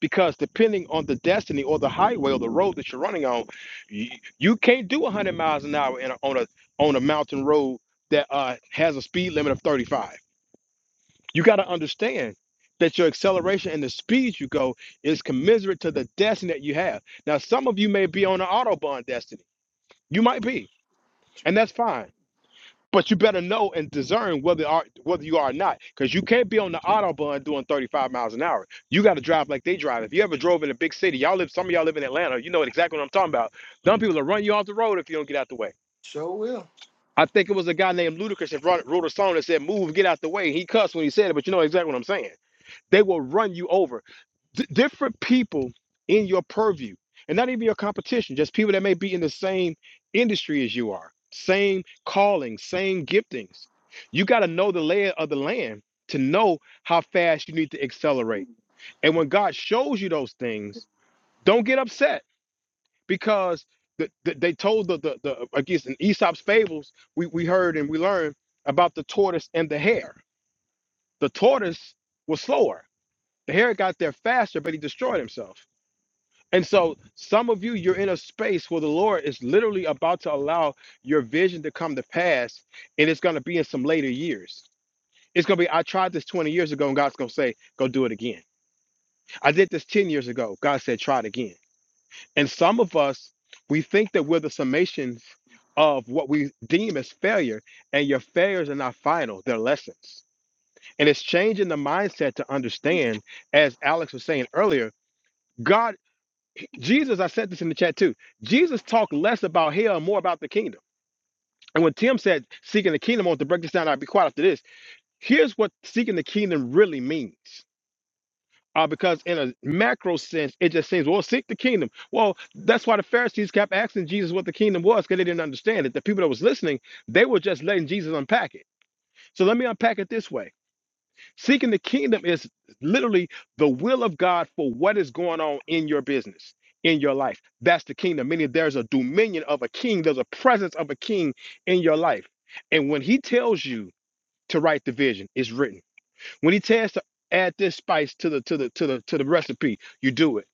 because depending on the destiny or the highway or the road that you're running on you, you can't do 100 miles an hour in a, on a on a mountain road that uh, has a speed limit of 35 you got to understand that your acceleration and the speed you go is commensurate to the destiny that you have now some of you may be on an autobahn destiny you might be and that's fine but you better know and discern whether are whether you are or not, because you can't be on the autobahn doing 35 miles an hour. You got to drive like they drive. If you ever drove in a big city, y'all live. Some of y'all live in Atlanta. You know exactly what I'm talking about. Dumb people will run you off the road if you don't get out the way. Sure will. I think it was a guy named Ludacris that wrote, wrote a song that said "Move, get out the way." He cussed when he said it, but you know exactly what I'm saying. They will run you over. D- different people in your purview, and not even your competition, just people that may be in the same industry as you are, same calling, same giftings. You got to know the layer of the land to know how fast you need to accelerate. And when God shows you those things, don't get upset because the, the, they told the, the, the, I guess in Aesop's fables, we, we heard and we learned about the tortoise and the hare. The tortoise was slower. The hare got there faster, but he destroyed himself and so, some of you, you're in a space where the Lord is literally about to allow your vision to come to pass, and it's going to be in some later years. It's going to be, I tried this 20 years ago, and God's going to say, go do it again. I did this 10 years ago. God said, try it again. And some of us, we think that we're the summations of what we deem as failure, and your failures are not final, they're lessons. And it's changing the mindset to understand, as Alex was saying earlier. God. Jesus, I said this in the chat too. Jesus talked less about hell and more about the kingdom. And when Tim said seeking the kingdom, I want to break this down. I'll be quiet after this. Here's what seeking the kingdom really means. Uh, because in a macro sense, it just seems, well, seek the kingdom. Well, that's why the Pharisees kept asking Jesus what the kingdom was, because they didn't understand it. The people that was listening, they were just letting Jesus unpack it. So let me unpack it this way. Seeking the kingdom is literally the will of God for what is going on in your business, in your life. That's the kingdom. Meaning there's a dominion of a king, there's a presence of a king in your life. And when he tells you to write the vision, it's written. When he tells to add this spice to the to the to the to the recipe, you do it.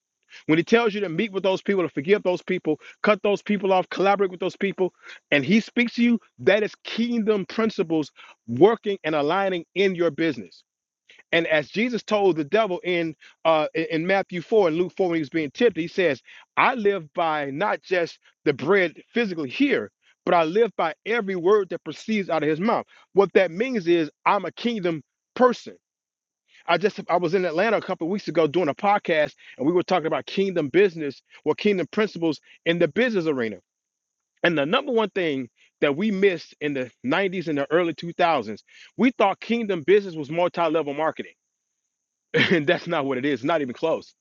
When he tells you to meet with those people, to forgive those people, cut those people off, collaborate with those people, and he speaks to you, that is kingdom principles working and aligning in your business. And as Jesus told the devil in uh, in in Matthew 4 and Luke 4 when he was being tempted, he says, I live by not just the bread physically here, but I live by every word that proceeds out of his mouth. What that means is I'm a kingdom person. I just I was in Atlanta a couple of weeks ago doing a podcast and we were talking about kingdom business or kingdom principles in the business arena. And the number one thing that we missed in the 90s and the early 2000s, we thought kingdom business was multi-level marketing (laughs) and that's not what it is. Not even close.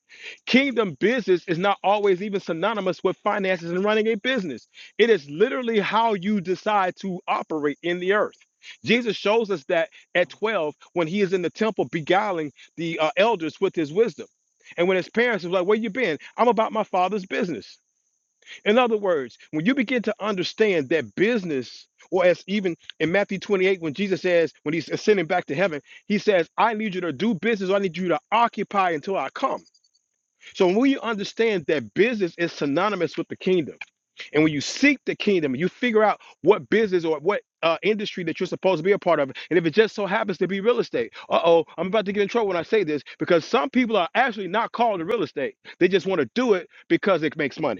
Kingdom business is not always even synonymous with finances and running a business. It is literally how you decide to operate in the earth. Jesus shows us that at 12 when he is in the temple beguiling the uh, elders with his wisdom. And when his parents was like, Where you been? I'm about my father's business. In other words, when you begin to understand that business, or as even in Matthew 28, when Jesus says, when he's ascending back to heaven, he says, I need you to do business, or I need you to occupy until I come. So when you understand that business is synonymous with the kingdom, and when you seek the kingdom, you figure out what business or what uh, industry that you're supposed to be a part of, and if it just so happens to be real estate, uh oh, I'm about to get in trouble when I say this because some people are actually not called to real estate. They just want to do it because it makes money.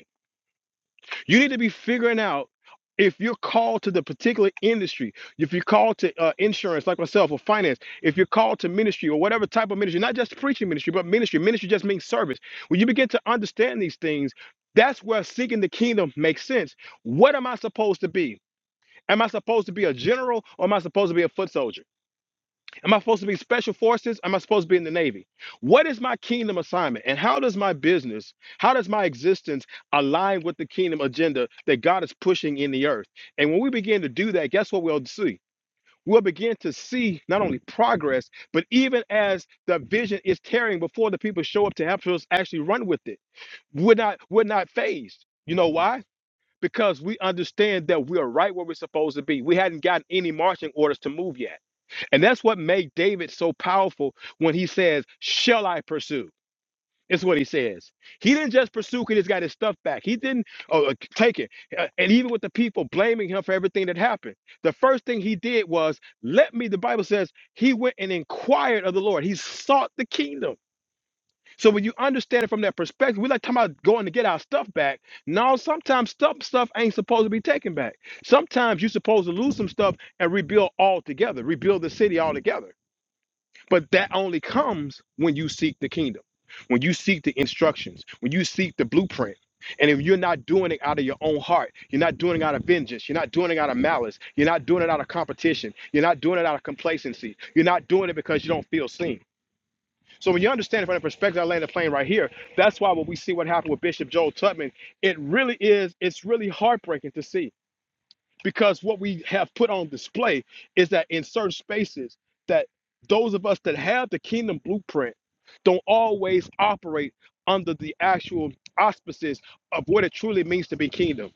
You need to be figuring out if you're called to the particular industry, if you're called to uh, insurance, like myself, or finance, if you're called to ministry or whatever type of ministry, not just preaching ministry, but ministry. Ministry just means service. When you begin to understand these things, that's where seeking the kingdom makes sense. What am I supposed to be? Am I supposed to be a general or am I supposed to be a foot soldier? Am I supposed to be special forces? Am I supposed to be in the Navy? What is my kingdom assignment? And how does my business, how does my existence align with the kingdom agenda that God is pushing in the earth? And when we begin to do that, guess what we'll see? We'll begin to see not only progress, but even as the vision is tearing before the people show up to help us actually run with it. We're not, we're not phased. You know why? Because we understand that we are right where we're supposed to be. We hadn't gotten any marching orders to move yet. And that's what made David so powerful when he says, Shall I pursue? It's what he says. He didn't just pursue because he's got his stuff back. He didn't oh, uh, take it. Uh, And even with the people blaming him for everything that happened, the first thing he did was, Let me, the Bible says, he went and inquired of the Lord. He sought the kingdom. So when you understand it from that perspective, we're not talking about going to get our stuff back. No, sometimes stuff, stuff ain't supposed to be taken back. Sometimes you're supposed to lose some stuff and rebuild altogether, rebuild the city altogether. But that only comes when you seek the kingdom, when you seek the instructions, when you seek the blueprint. And if you're not doing it out of your own heart, you're not doing it out of vengeance, you're not doing it out of malice, you're not doing it out of competition, you're not doing it out of complacency, you're not doing it because you don't feel seen. So when you understand it from the perspective I land the plane right here, that's why when we see what happened with Bishop Joel Tubman, it really is, it's really heartbreaking to see because what we have put on display is that in certain spaces that those of us that have the kingdom blueprint don't always operate under the actual auspices of what it truly means to be kingdom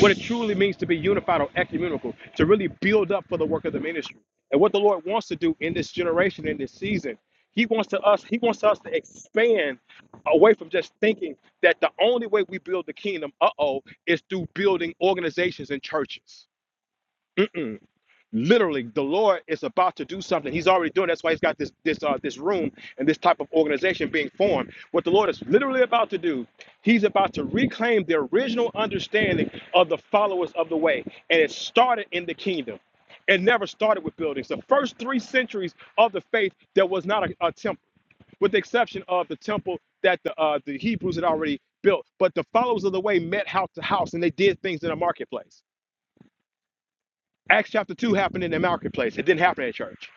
what it truly means to be unified or ecumenical to really build up for the work of the ministry and what the lord wants to do in this generation in this season he wants to us he wants us to expand away from just thinking that the only way we build the kingdom uh-oh is through building organizations and churches Mm. Literally, the Lord is about to do something. He's already doing. That's why He's got this this uh, this room and this type of organization being formed. What the Lord is literally about to do, He's about to reclaim the original understanding of the followers of the way, and it started in the kingdom. It never started with buildings. The first three centuries of the faith, there was not a, a temple with the exception of the temple that the uh, the Hebrews had already built. But the followers of the way met house to house, and they did things in a marketplace. Acts chapter 2 happened in the marketplace. It didn't happen at church.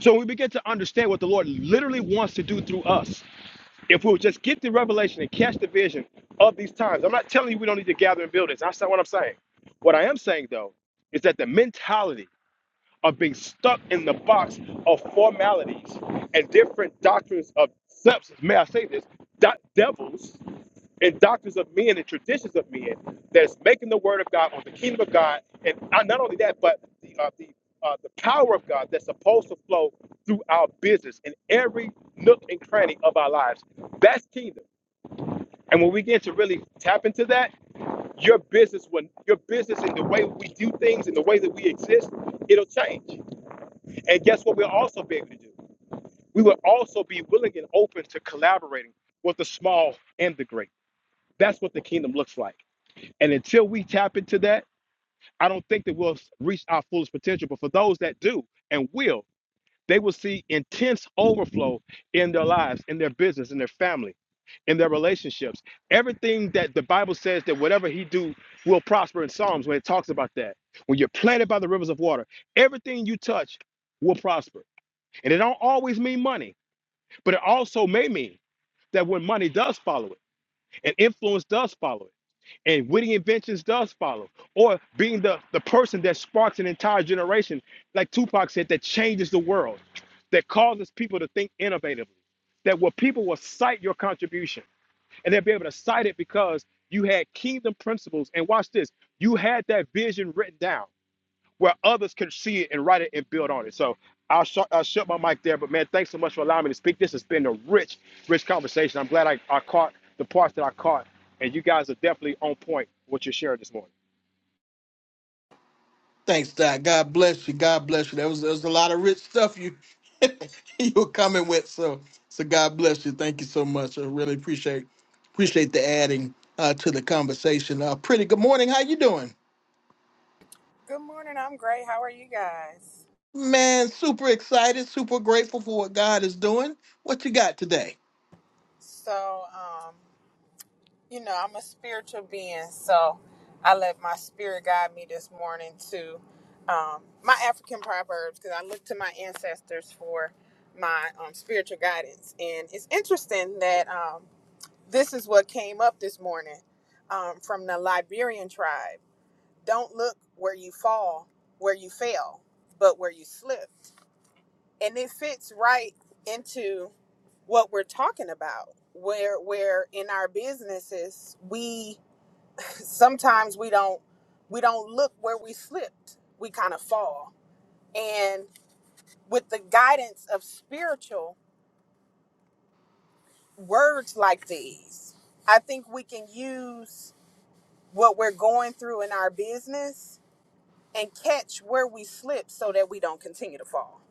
So when we begin to understand what the Lord literally wants to do through us, if we'll just get the revelation and catch the vision of these times, I'm not telling you we don't need to gather in buildings. That's not what I'm saying. What I am saying, though, is that the mentality of being stuck in the box of formalities and different doctrines of substance, may I say this, do- devils and doctrines of men and traditions of men that's making the word of God or the kingdom of God, and uh, not only that, but the uh, the uh, the power of God that's supposed to flow through our business in every nook and cranny of our lives. That's kingdom. And when we get to really tap into that, your business when your business and the way we do things and the way that we exist, it'll change. And guess what? We'll also be able to do. We will also be willing and open to collaborating with the small and the great. That's what the kingdom looks like. And until we tap into that, I don't think that we'll reach our fullest potential. But for those that do and will, they will see intense overflow in their lives, in their business, in their family, in their relationships. Everything that the Bible says that whatever he do will prosper in Psalms when it talks about that. When you're planted by the rivers of water, everything you touch will prosper. And it don't always mean money, but it also may mean that when money does follow it and influence does follow it and witty inventions does follow or being the the person that sparks an entire generation like tupac said that changes the world that causes people to think innovatively that where people will cite your contribution and they'll be able to cite it because you had kingdom principles and watch this you had that vision written down where others can see it and write it and build on it. So I'll, sh- I'll shut my mic there. But man, thanks so much for allowing me to speak. This has been a rich, rich conversation. I'm glad I, I caught the parts that I caught, and you guys are definitely on point with what you're sharing this morning. Thanks, Doc. God bless you. God bless you. There was there was a lot of rich stuff you (laughs) you were coming with. So so God bless you. Thank you so much. I really appreciate appreciate the adding uh, to the conversation. Uh, pretty good morning. How you doing? Good morning. I'm great. How are you guys? Man, super excited, super grateful for what God is doing. What you got today? So, um, you know, I'm a spiritual being, so I let my spirit guide me this morning to um, my African proverbs because I look to my ancestors for my um, spiritual guidance. And it's interesting that um, this is what came up this morning um, from the Liberian tribe. Don't look where you fall, where you fail, but where you slipped. And it fits right into what we're talking about where where in our businesses we (laughs) sometimes we don't we don't look where we slipped we kind of fall and with the guidance of spiritual words like these i think we can use what we're going through in our business and catch where we slip so that we don't continue to fall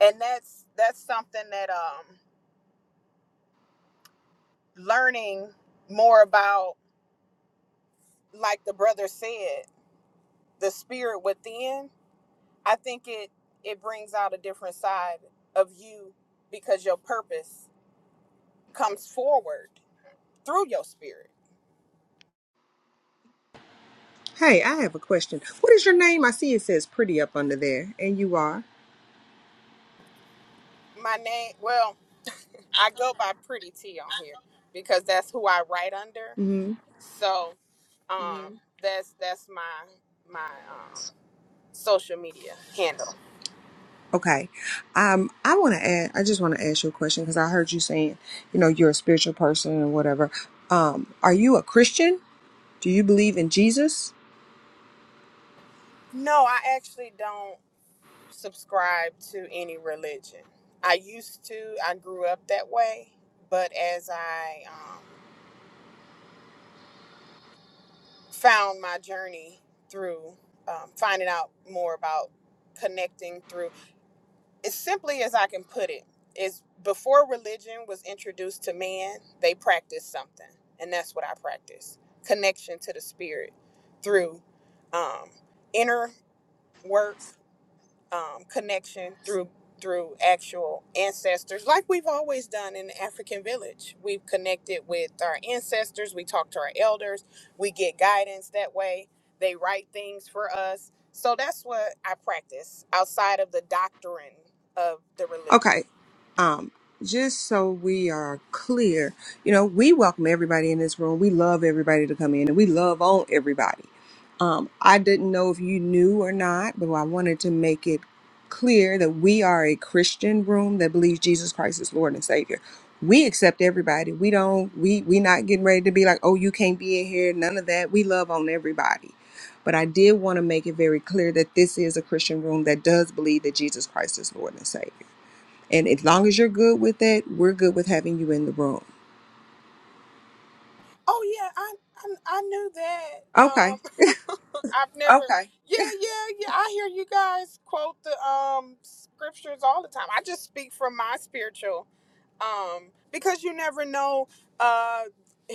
and that's that's something that um learning more about like the brother said the spirit within, I think it it brings out a different side of you because your purpose comes forward through your spirit. My name, well, I go by Pretty T on here because that's who I write under. So, um, Mm. that's that's my my um social media handle. Okay. Um, I want to add, I just want to ask you a question because I heard you saying, you know, you're a spiritual person and whatever. Um, are you a Christian? Do you believe in Jesus? No, I actually don't subscribe to any religion. I used to. I grew up that way, but as I um found my journey through um, finding out more about connecting through as simply as I can put it is before religion was introduced to man, they practiced something, and that's what I practice: connection to the spirit through um, inner work, um, connection through through actual ancestors, like we've always done in the African village. We've connected with our ancestors. We talk to our elders. We get guidance that way. They write things for us. So that's what I practice outside of the doctrine of the religion. Okay. Um, just so we are clear, you know, we welcome everybody in this room. We love everybody to come in and we love on everybody. Um, I didn't know if you knew or not, but I wanted to make it clear that we are a Christian room that believes Jesus Christ is Lord and Savior. We accept everybody. We don't. We we not getting ready to be like, oh, you can't be in here. None of that. We love on everybody. But I did want to make it very clear that this is a Christian room that does believe that Jesus Christ is Lord and Savior. And as long as you're good with that, we're good with having you in the room. Oh yeah, I I, I knew that. Okay. Um, (laughs) I've never. Okay. (laughs) Yeah, yeah, yeah. I hear you guys quote the um scriptures all the time. I just speak from my spiritual um, because you never know uh,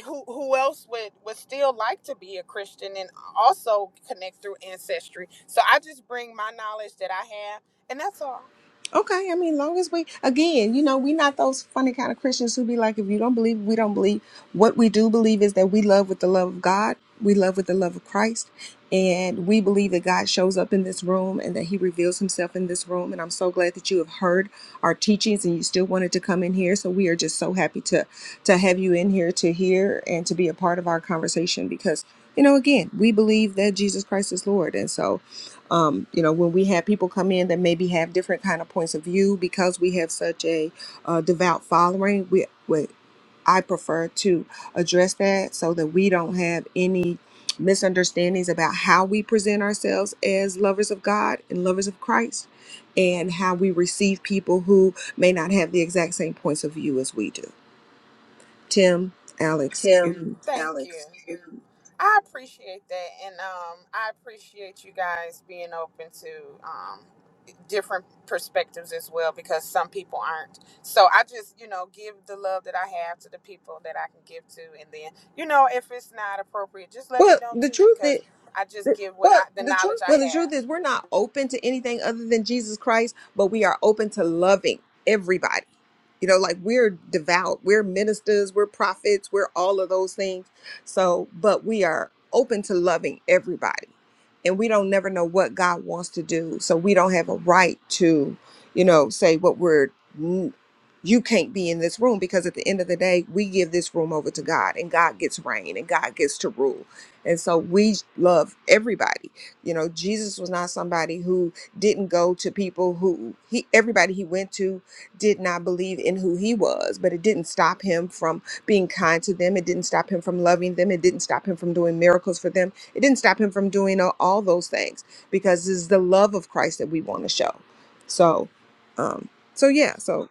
who who else would would still like to be a Christian and also connect through ancestry. So I just bring my knowledge that I have, and that's all. Okay, I mean, long as we, again, you know, we're not those funny kind of Christians who be like, if you don't believe, we don't believe. What we do believe is that we love with the love of God, we love with the love of Christ, and we believe that God shows up in this room and that He reveals Himself in this room. And I'm so glad that you have heard our teachings and you still wanted to come in here. So we are just so happy to to have you in here to hear and to be a part of our conversation because, you know, again, we believe that Jesus Christ is Lord, and so um, you know when we have people come in that maybe have different kind of points of view because we have such a uh, devout following we, we i prefer to address that so that we don't have any misunderstandings about how we present ourselves as lovers of god and lovers of christ and how we receive people who may not have the exact same points of view as we do tim alex Tim, and- Thank Alex. you. Alex, I appreciate that, and um, I appreciate you guys being open to um, different perspectives as well, because some people aren't. So I just, you know, give the love that I have to the people that I can give to, and then, you know, if it's not appropriate, just let me well know the too, truth because is I just give what Well, I, the the knowledge truth I Well, is, the truth have. is, we're not open to anything other than Jesus Christ, but we are open to loving everybody. You know, like we're devout, we're ministers, we're prophets, we're all of those things. So, but we are open to loving everybody. And we don't never know what God wants to do. So we don't have a right to, you know, say what we're, "Mm, you can't be in this room because at the end of the day, we give this room over to God and God gets reign and God gets to rule. And so we love everybody you know, Jesus was not somebody who didn't go to people who he everybody he went to did not believe in who he was, but it didn't stop him from being kind to them. It didn't stop him from loving them. It didn't stop him from doing miracles for them. It didn't stop him from doing all, all those things because it's the love of Christ that we want to show. So, um, so yeah, so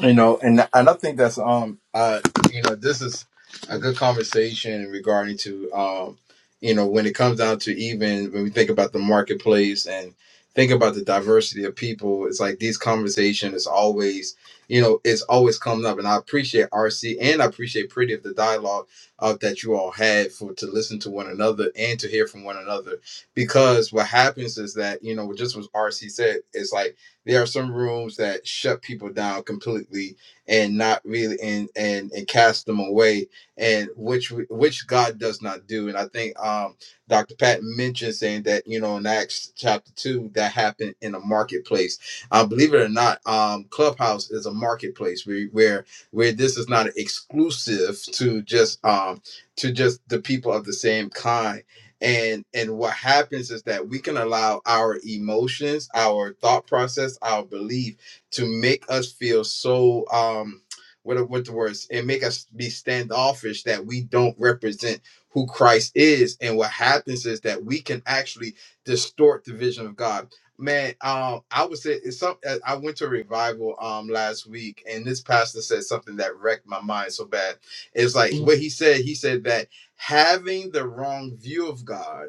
you know and and i think that's um uh you know this is a good conversation regarding to um you know when it comes down to even when we think about the marketplace and think about the diversity of people it's like these conversations is always you know it's always coming up and i appreciate rc and i appreciate pretty of the dialogue of that you all had for to listen to one another and to hear from one another because what happens is that you know just what rc said it's like there are some rooms that shut people down completely and not really and and and cast them away and which which god does not do and i think um dr pat mentioned saying that you know in acts chapter 2 that happened in a marketplace uh, believe it or not um clubhouse is a marketplace where where where this is not exclusive to just um to just the people of the same kind and and what happens is that we can allow our emotions our thought process our belief to make us feel so um what what the words and make us be standoffish that we don't represent who Christ is and what happens is that we can actually distort the vision of God man um I would say it's some uh, I went to a revival um last week and this pastor said something that wrecked my mind so bad it's like Mhm. what he said he said that having the wrong view of God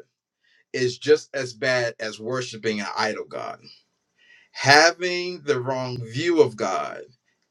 is just as bad as worshiping an idol God having the wrong view of God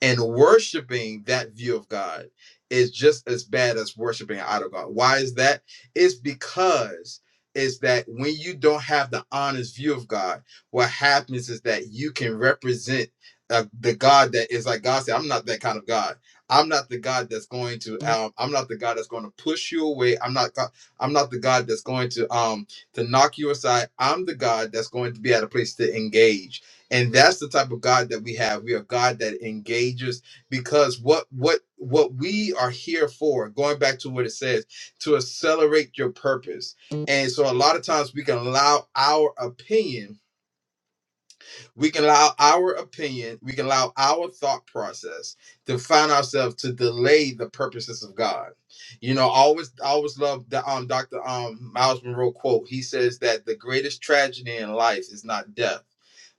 and worshiping that view of God is just as bad as worshiping an idol God. Why is that? It's because is that when you don't have the honest view of God, what happens is that you can represent uh, the God that is like God said, I'm not that kind of God. I'm not the God that's going to um, I'm not the God that's going to push you away. I'm not God, I'm not the God that's going to um to knock you aside. I'm the God that's going to be at a place to engage and that's the type of god that we have we are god that engages because what what what we are here for going back to what it says to accelerate your purpose and so a lot of times we can allow our opinion we can allow our opinion, we can allow our thought process to find ourselves to delay the purposes of God. You know, I always I always love the um Dr. Um Miles Monroe quote. He says that the greatest tragedy in life is not death,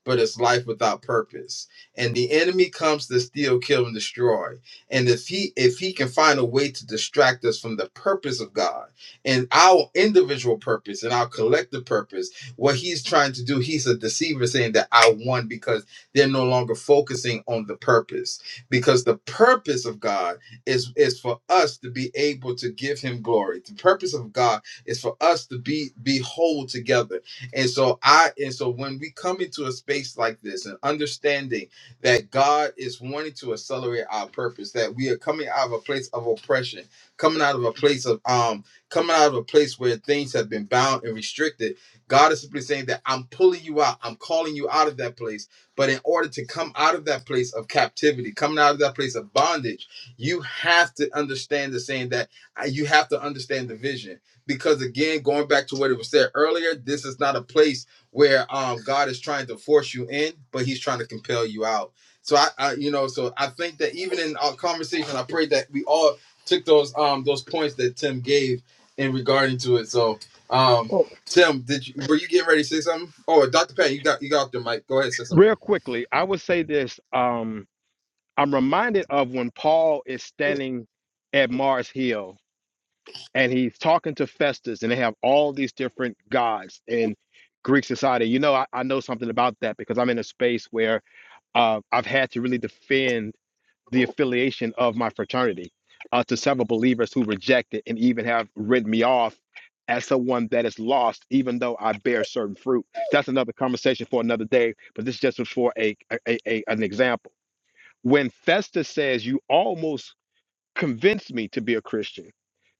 but it's life without purpose. And the enemy comes to steal, kill, and destroy. And if he if he can find a way to distract us from the purpose of God and our individual purpose and our collective purpose what he's trying to do, he's a deceiver saying that I won because they're no longer focusing on the purpose. Because the purpose of God is is for us to be able to give him glory. The purpose of God is for us to be be whole together. And so I and so when we come into a space like this and understanding that God is wanting to accelerate our purpose, that we are coming out of a place of oppression, coming out of a place of um coming out of a place where things have been bound and restricted God is simply saying that I'm pulling you out, I'm calling you out of that place. But in order to come out of that place of captivity, coming out of that place of bondage, you have to understand the saying that uh, you have to understand the vision. Because again, going back to what it was said earlier, this is not a place where um, God is trying to force you in, but He's trying to compel you out. So I, I, you know, so I think that even in our conversation, I pray that we all took those um those points that Tim gave in regarding to it. So. Um, Oh, Tim, did you were you getting ready to say something? Oh, Dr. Pat, you got you got the mic. Go ahead, say something. Real sir. quickly, I would say this. Um, I'm reminded of when Paul is standing at Mars Hill and he's talking to Festus, and they have all these different gods in Greek society. You know, I, I know something about that because I'm in a space where uh, I've had to really defend the affiliation of my fraternity uh, to several believers who reject it and even have written me off as someone that is lost, even though I bear certain fruit. That's another conversation for another day, but this just was for a, a, a a- an example. When Festus says, You almost convinced me to be a Christian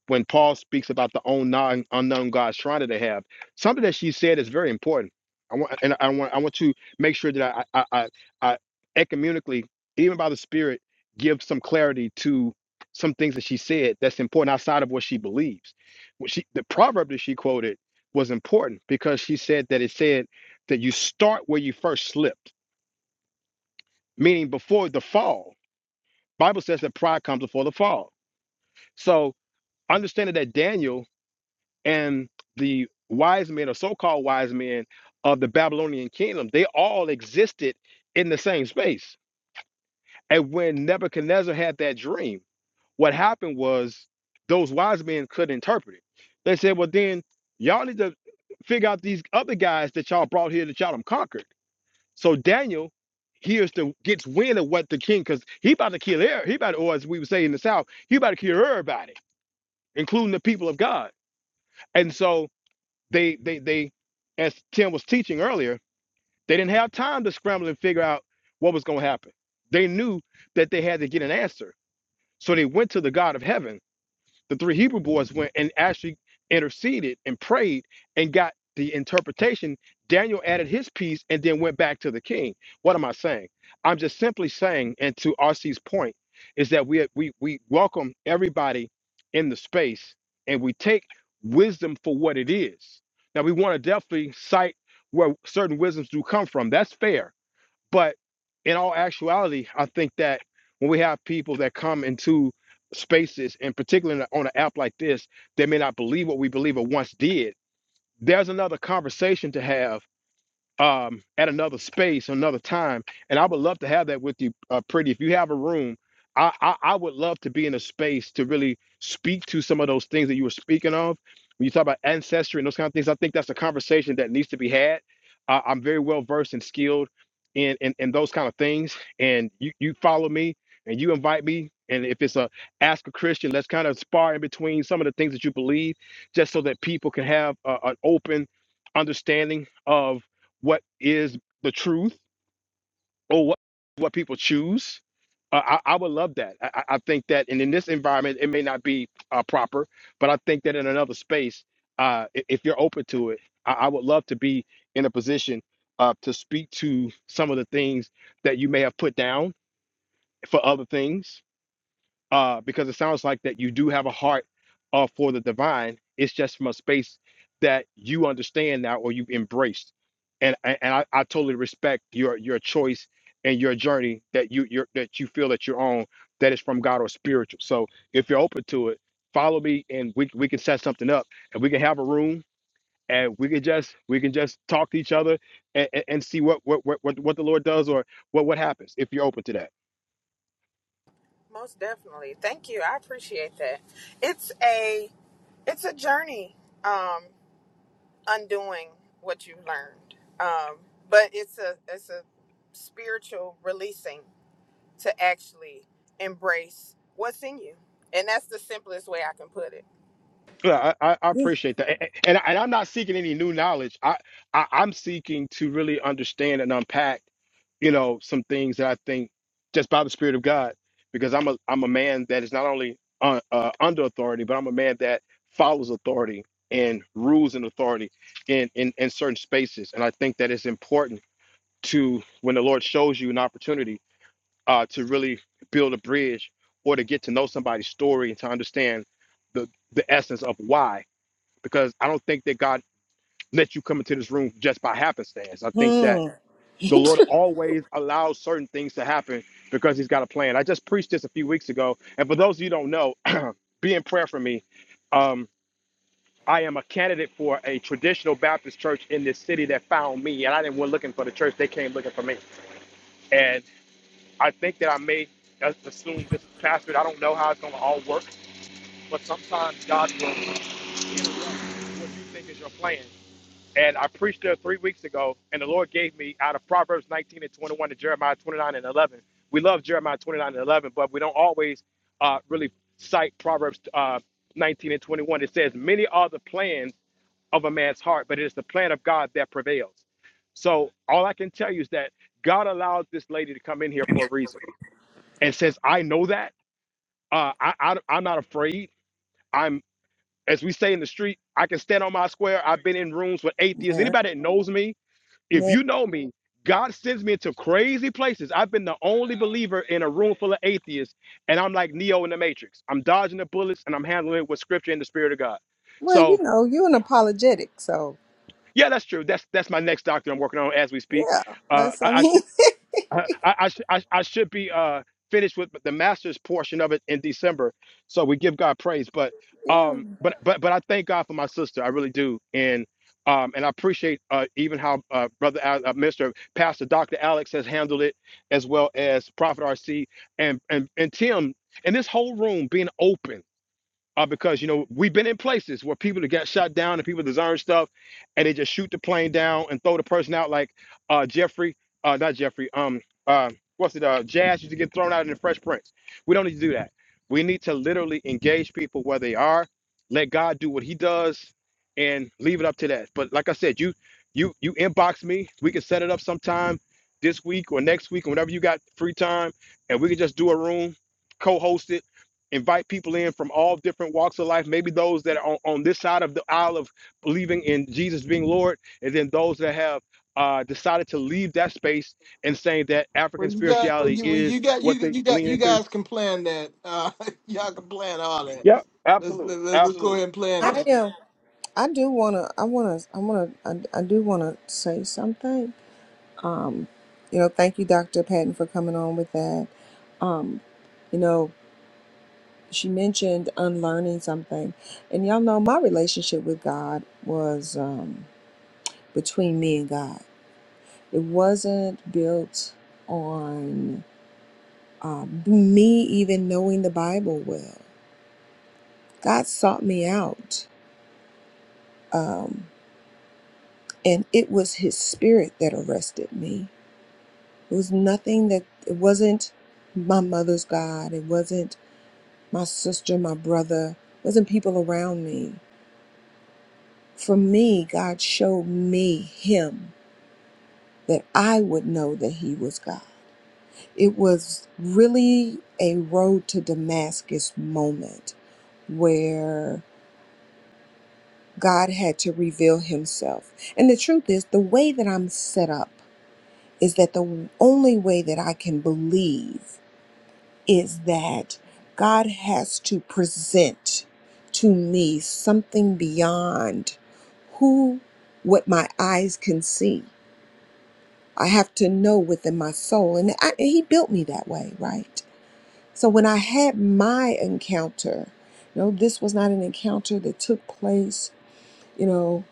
when Paul speaks about the own non, unknown God shrine that they have, something that she said is very important. I want and I want I want to make sure that I I I, I ecumenically, even by the Spirit, give some clarity to some things that she said that's important outside of what she believes. What she the proverb that she quoted was important because she said that it said that you start where you first slipped, meaning before the fall. Bible says that pride comes before the fall. So understanding that Daniel and the wise men or so-called wise men of the Babylonian kingdom, they all existed in the same space. And when Nebuchadnezzar had that dream, what happened was those wise men couldn't interpret it. They said, well, then y'all need to figure out these other guys that y'all brought here that y'all done conquered. So Daniel hears the gets wind of what the king, because he about to kill er, he about to, or as we would say in the South, he about to kill everybody, including the people of God. And so they they they as Tim was teaching earlier, they didn't have time to scramble and figure out what was going to happen. They knew that they had to get an answer. So they went to the God of heaven the three Hebrew boys went and actually interceded and prayed and got the interpretation. Daniel added his piece and then went back to the king. What am I saying? I'm just simply saying, and to RC's point, is that we we we welcome everybody in the space and we take wisdom for what it is. Now we want to definitely cite where certain wisdoms do come from. That's fair but in all actuality, I think that when we have people that come into spaces, and particularly on an app like this, they may not believe what we believe or once did. There's another conversation to have um, at another space, another time. And I would love to have that with you, uh, Pretty. If you have a room, I, I I would love to be in a space to really speak to some of those things that you were speaking of. When you talk about ancestry and those kind of things, I think that's a conversation that needs to be had. Uh, I'm very well versed and skilled in, in in those kind of things. And you you follow me and you invite me. And if it's a ask a Christian, let's kind of spar in between some of the things that you believe, just so that people can have uh, an open understanding of what is the truth or what what people choose. Uh, I, I would love that. I, I I think that, and in this environment, it may not be uh, proper, but I think that in another space, uh, i- if you're open to it, I, I would love to be in a position uh, to speak to some of the things that you may have put down for other things uh, because it sounds like that you do have a heart uh, for the divine. It's just from a space that you understand now or you've embraced. And and and I, I totally respect your your choice and your journey that you your, that you feel that you're on that is from God or spiritual. So if you're open to it, follow me and we we can set something up and we can have a room and we can just we can just talk to each other and, and, and see what, what what what what the Lord does or what what happens if you're open to that. Most definitely, thank you. I appreciate that. It's a, it's a journey. Um, undoing what you've learned. Um, but it's a it's a spiritual releasing to actually embrace what's in you, and that's the simplest way I can put it. Yeah, I, I I yeah. appreciate that, A- a- and and I'm not seeking any new knowledge. I, I I'm seeking to really understand and unpack, you know, some things that I think just by the Spirit of God, because I'm a I'm a man that is not only uh, uh, under authority, but I'm a man that follows authority and rules in authority in, in in certain spaces, and I think that it's important to when the Lord shows you an opportunity uh, to really build a bridge or to get to know somebody's story and to understand the the essence of why because I don't think that God let you come into this room just by happenstance. I think that Hmm. the (laughs) Lord always allows certain things to happen because He's got a plan. I just preached this a few weeks ago, and for those of you who don't know, (clears throat) be in prayer for me. Um, I am a candidate for a traditional Baptist church in this city that found me, and I didn't went looking for the church; they came looking for me. And I think that I may just assume this pastor. I don't know how it's going to all work, but sometimes God will interrupt what you think is your plan And I preached there three weeks ago, and the Lord gave me out of Proverbs 19 and 21 to Jeremiah 29 and 11. We love Jeremiah 29 and 11, but we don't always uh, really cite Proverbs uh, 19 and 21. It says, Many are the plans of a man's heart, but it is the plan of God that prevails. So all I can tell you is that God allowed this lady to come in here for a reason. And since I know that, uh, I, I, I'm not afraid. I'm, as we say in the street, I can stand on my square. I've been in rooms with atheists. Yeah, Anybody that knows me, if yeah. you know me, God sends me into crazy places. I've been the only believer in a room full of atheists, and I'm like Neo in the Matrix. I'm dodging the bullets and I'm handling it with scripture and the spirit of God. Well, So you know, you're an apologetic, so yeah, that's true. That's that's my next doctrine I'm working on as we speak. yeah, Uh, that's I, I I should- mean, I, I, I, sh- I I should be uh, finished with the master's portion of it in December. So we give God praise. But (laughs) yeah, um, but but but I thank God for my sister. I really do. And um, and I appreciate uh, even how uh, brother Al- uh, Mr. Pastor Dr. Alex has handled it, as well as Prophet RC and and and Tim and this whole room being open uh, because you know we've been in places where people that got shot down and people deserve stuff, and they just shoot the plane down and throw the person out like uh, Jeffrey, uh, not Jeffrey, um, uh, what's it, uh, Jazz used to get thrown out in the Fresh Prince. We don't need to do that. We need to literally engage people where they are, let God do what He does, and leave it up to that. But like I said, you you you inbox me. We can set it up sometime this week or next week or whenever you got free time, and we can just do a room, co-host it invite people in from all different walks of life maybe those that are on, on this side of the aisle of believing in jesus being lord and then those that have uh, decided to leave that space and saying that Well, african you got, well, spirituality you, well, you is got, you, what they you got, lean you into guys can plan that. Uh, (laughs) y'all can plan all that. yep Let's absolutely let, let's let's go absolutely ahead and plan. I that. am. I do wanna, I wanna, I wanna, I, I do wanna say something. Um, you know, thank you, Dr. Patton, for coming on with that. Um, you know, she mentioned unlearning something, and y'all know my relationship with God was um, between me and God. It wasn't built on um, me even knowing the Bible well. God sought me out, um, and it was His Spirit that arrested me It was nothing that it wasn't my mother's God. It wasn't my sister, my brother. It wasn't people around me. For me, God showed me Him that I would know that He was God. It was really a road to Damascus moment where God had to reveal Himself. And the truth is, the way that I'm set up is that the only way that I can believe is that God has to present to me something beyond who what my eyes can see. I have to know within my soul and I, and he built me that way, right? So when I had my encounter, you know, this was not an encounter that took place, you know,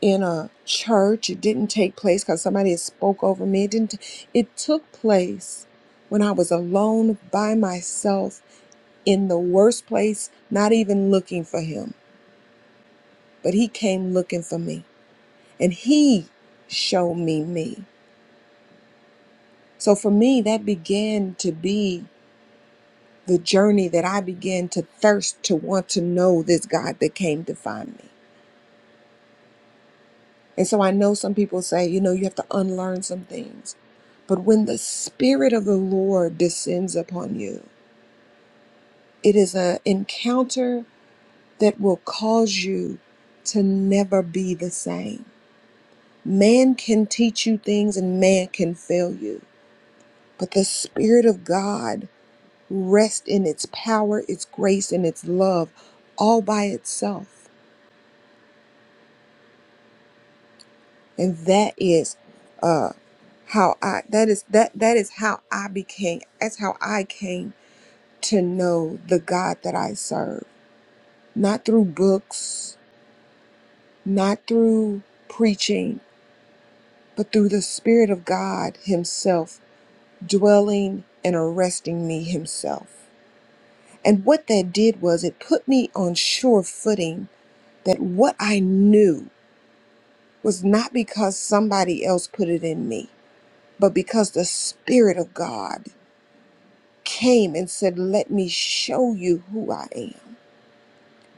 in a church. It didn't take place cuz somebody had spoke over me. It didn't it took place when I was alone by myself in the worst place, not even looking for him, but he came looking for me and he showed me me. So for me, that began to be the journey that I began to thirst to want to know this God that came to find me. And so I know some people say, you know, you have to unlearn some things. But when the Spirit of the Lord descends upon you, it is an encounter that will cause you to never be the same Man can teach you things and man can fail you, but the Spirit of God rests in its power, its grace, and its love all by itself. And that is uh how I that is that that is how I became that's how I came to know the God that I serve. Not through books, not through preaching, but through the Spirit of God Himself dwelling and arresting me Himself. And what that did was it put me on sure footing that what I knew was not because somebody else put it in me, but because the Spirit of God came and said, Let me show you who I am.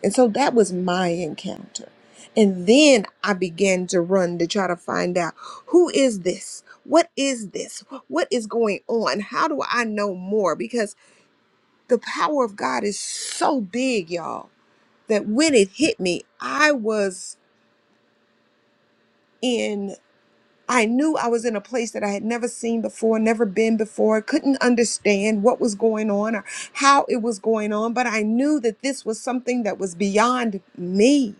And so that was my encounter. And then I began to run to try to find out who is this? What is this? What is going on? How do I know more? Because the power of God is so big, y'all that when it hit me, I was in, I knew I was in a place that I had never seen before, never been before, couldn't understand what was going on or how it was going on, but I knew that this was something that was beyond me.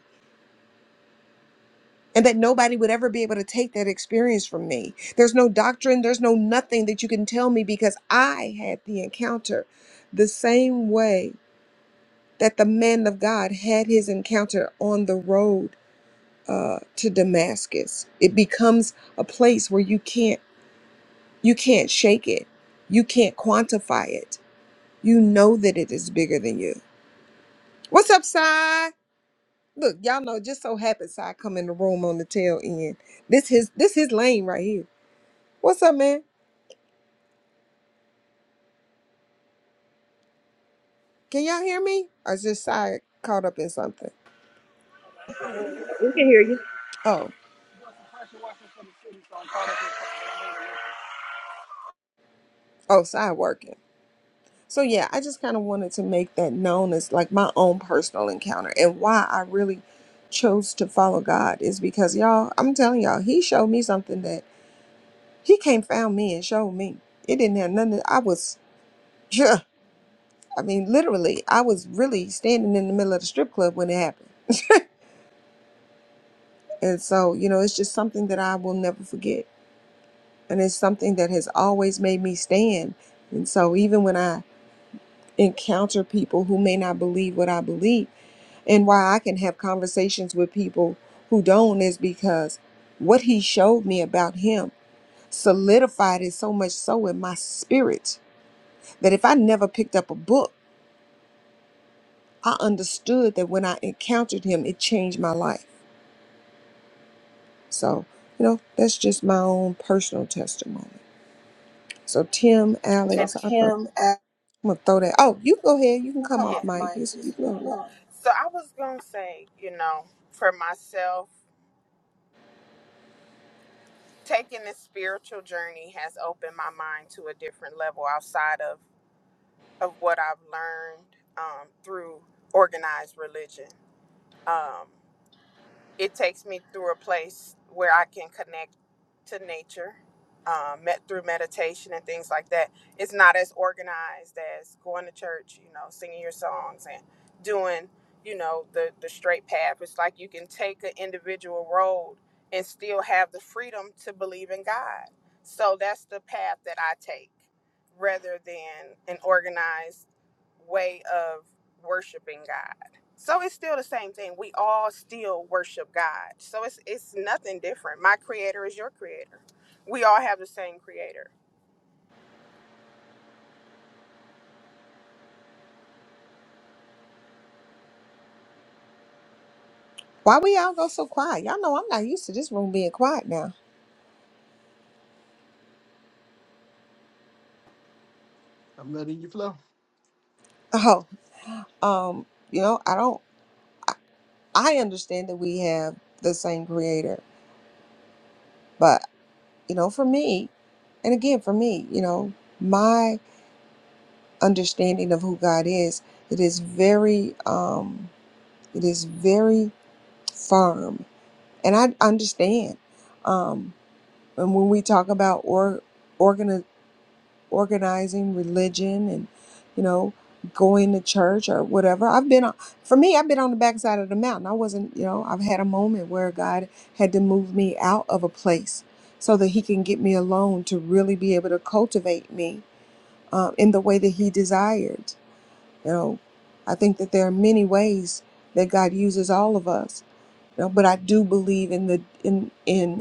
And that nobody would ever be able to take that experience from me. There's no doctrine, there's no nothing that you can tell me because I had the encounter the same way that the man of God had his encounter on the road uh, to Damascus. It becomes a place where you can't you can't shake it. You can't quantify it. You know that it is bigger than you. What's up, Cy? Look, y'all know just so happens Cy come in the room on the tail end. This his this his lane right here. What's up, man? Can y'all hear me? Or is just Cy caught up in something? We can hear you. Oh, oh, Cy working. So yeah, I just kind of wanted to make that known as like my own personal encounter and why I really chose to follow God is because y'all, I'm telling y'all, he showed me something that he came found me and showed me. It didn't have nothing. I was (laughs) yeah, I mean literally, I was really standing in the middle of the strip club when it happened. And so, you know, it's just something that I will never forget. And it's something that has always made me stand. And so even when I encounter people who may not believe what I believe, And why I can have conversations with people who don't is because what he showed me about him solidified it so much so in my spirit that if I never picked up a book, I understood that when I encountered him, it changed my life. So, you know, that's just my own personal testimony. So, Tim, So And Alex, I thought, Kim, uh, I'm gonna throw that. Oh, you go ahead. You you can can come come yeah, off off mic. mic. Yes, you Just keep go. going. so I was gonna say, you know, for myself, taking this spiritual journey has opened my mind to a different level outside of of what I've learned um, through organized religion. Um, it takes me through a place where I can connect to nature um, met through meditation and things like that. It's not as organized as going to church, you know, singing your songs and doing, you know, the, the straight path. It's like you can take an individual road and still have the freedom to believe in God. So that's the path that I take rather than an organized way of worshiping God. So it's still the same thing. We all still worship God. So it's it's nothing different. My creator is your creator. We all have the same creator. Why we all go so quiet? Y'all know I'm not used to this room being quiet now. I'm letting you flow. (laughs) Oh, um, you know, I don't. I understand that we have the same creator, but you know, for me, and again, for me, you know, my understanding of who God is, it is very, um, it is very firm, and I understand. Um, and when we talk about or, organizing religion and you know going to church or whatever i've been on for me i've been on the backside of the mountain i wasn't you know i've had a moment where god had to move me out of a place so that he can get me alone to really be able to cultivate me uh, in the way that he desired you know i think that there are many ways that god uses all of us you know, but i do believe in the in in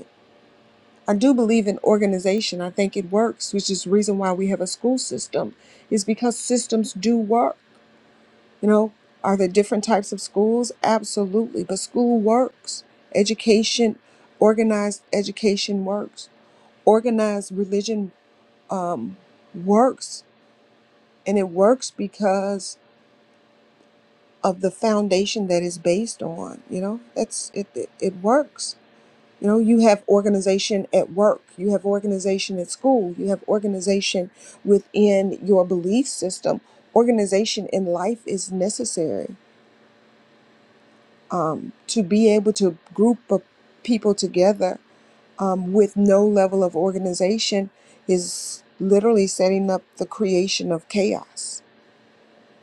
I do believe in organization. I think it works, which is the reason why we have a school system, is because systems do work. You know, are there different types of schools? Absolutely. But school works. Education, organized education works. Organized religion um, works. And it works because of the foundation that is based on. You know, that's it, it, it works. You know, you have organization at work, you have organization at school, you have organization within your belief system. Organization in life is necessary um, to be able to group of people together um, with no level of organization is literally setting up the creation of chaos.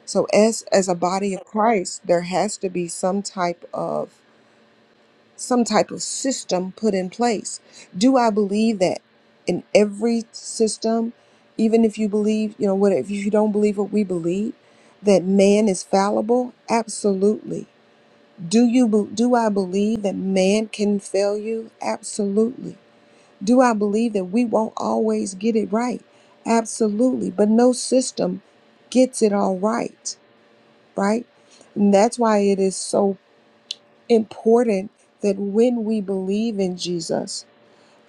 So, as as a body of Christ, there has to be some type of some type of system put in place. Do I believe that in every system, even if you believe, you know, what if you don't believe what we believe, that man is fallible? Absolutely. Do you be- do I believe that man can fail you? Absolutely. Do I believe that we won't always get it right? Absolutely. But no system gets it all right, right? And that's why it is so important that when we believe in Jesus,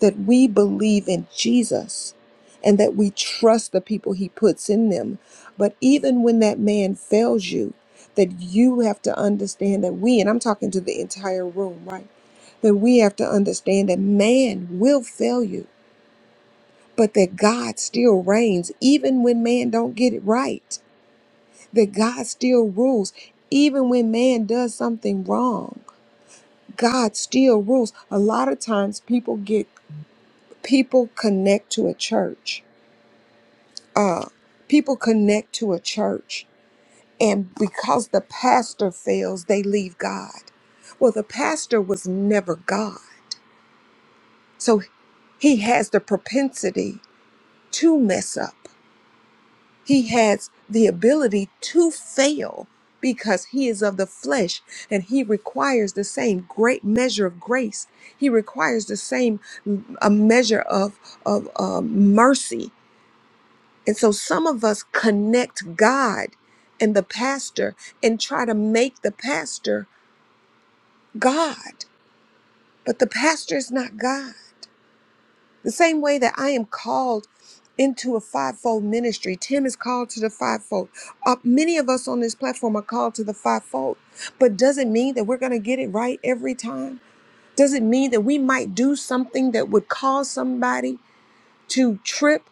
that we believe in Jesus and that we trust the people he puts in them. But even when that man fails you, that you have to understand that we, and I'm talking to the entire room, right? That we have to understand that man will fail you, but that God still reigns even when man don't get it right. That God still rules even when man does something wrong God still rules. A lot of times people get people connect to a church. Uh people connect to a church and because the pastor fails, they leave God. Well, the pastor was never God. So he has the propensity to mess up. He has the ability to fail because he is of the flesh and he requires the same great measure of grace. He requires the same mm, a measure of, of um, mercy. And so some of us connect God and the pastor and try to make the pastor God, but the pastor is not God. The same way that I am called into a fivefold ministry, Tim is called to the fivefold. Uh, many of us on this platform are called to the fivefold, but does it mean that we're going to get it right every time. does it mean that we might do something that would cause somebody to trip,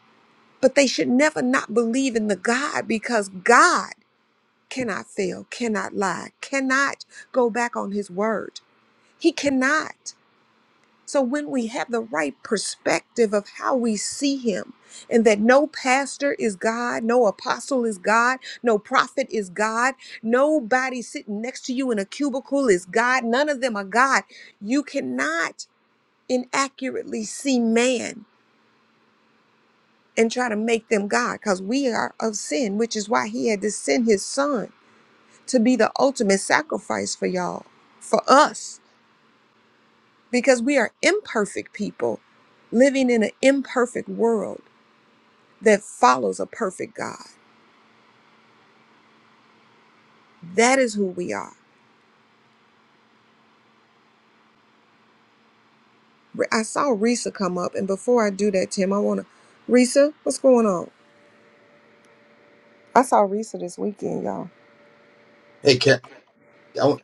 but they should never not believe in the God because God cannot fail, cannot lie, cannot go back on his word. He cannot. So when we have the right perspective of how we see him, and that no pastor is God, no apostle is God, no prophet is God, nobody sitting next to you in a cubicle is God, none of them are God. You cannot inaccurately see man and try to make them God because we are of sin, which is why he had to send his son to be the ultimate sacrifice for y'all, for us because we are imperfect people living in an imperfect world that follows a perfect God. That is who we are. Re- I saw Risa come up, and before I do that, Tim, I want to. Risa, what's going on? I saw Risa this weekend, y'all. Hey, Kat,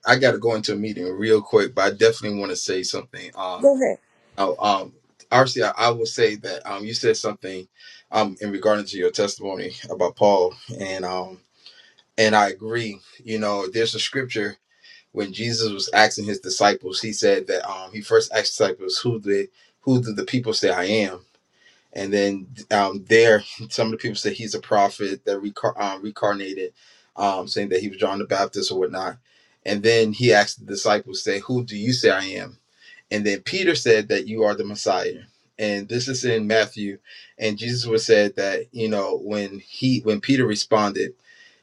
I, got to go into a meeting real quick, but I definitely want to say something. Um, Go ahead. I, um, RC, I I will say that um, you said something um in regard to your testimony about Paul, and um, and I agree. You know, there's a scripture when Jesus was asking his disciples, he said that um, he first asked disciples, "Who did who did the people say I am?" and then um, there (laughs) some of the people say he's a prophet that recar- um, reincarnated um, saying that he was john the baptist or whatnot and then he asked the disciples say who do you say i am and then peter said that you are the messiah and this is in matthew and jesus was said that you know when he when peter responded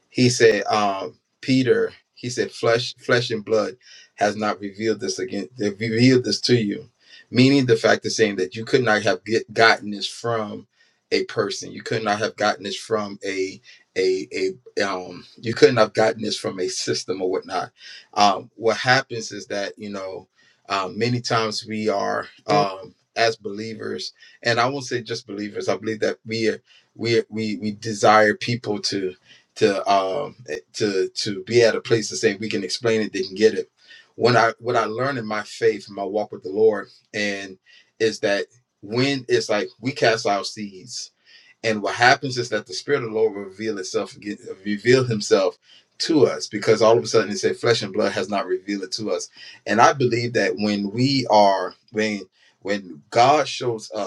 he said, um, Peter, he said, flesh, flesh and blood has not revealed this again, they revealed this to you. Meaning the fact is saying that you could not have get, gotten this from a person. You could not have gotten this from a a a um you couldn't have gotten this from a system or whatnot. Um what happens is that, you know, um many times we are um as believers, and I won't say just believers, I believe that we are we we we desire people to to um eh, to to be at a place to say we can explain it, they can get it. When I what I learned in my faith, my walk with the Lord, and is that when it's like we cast out seeds, and what happens is that the Spirit of the Lord will reveal itself, again- reveal Himself to us, because all of a sudden it said flesh and blood has not revealed it to us, and I believe that when we are when when God shows up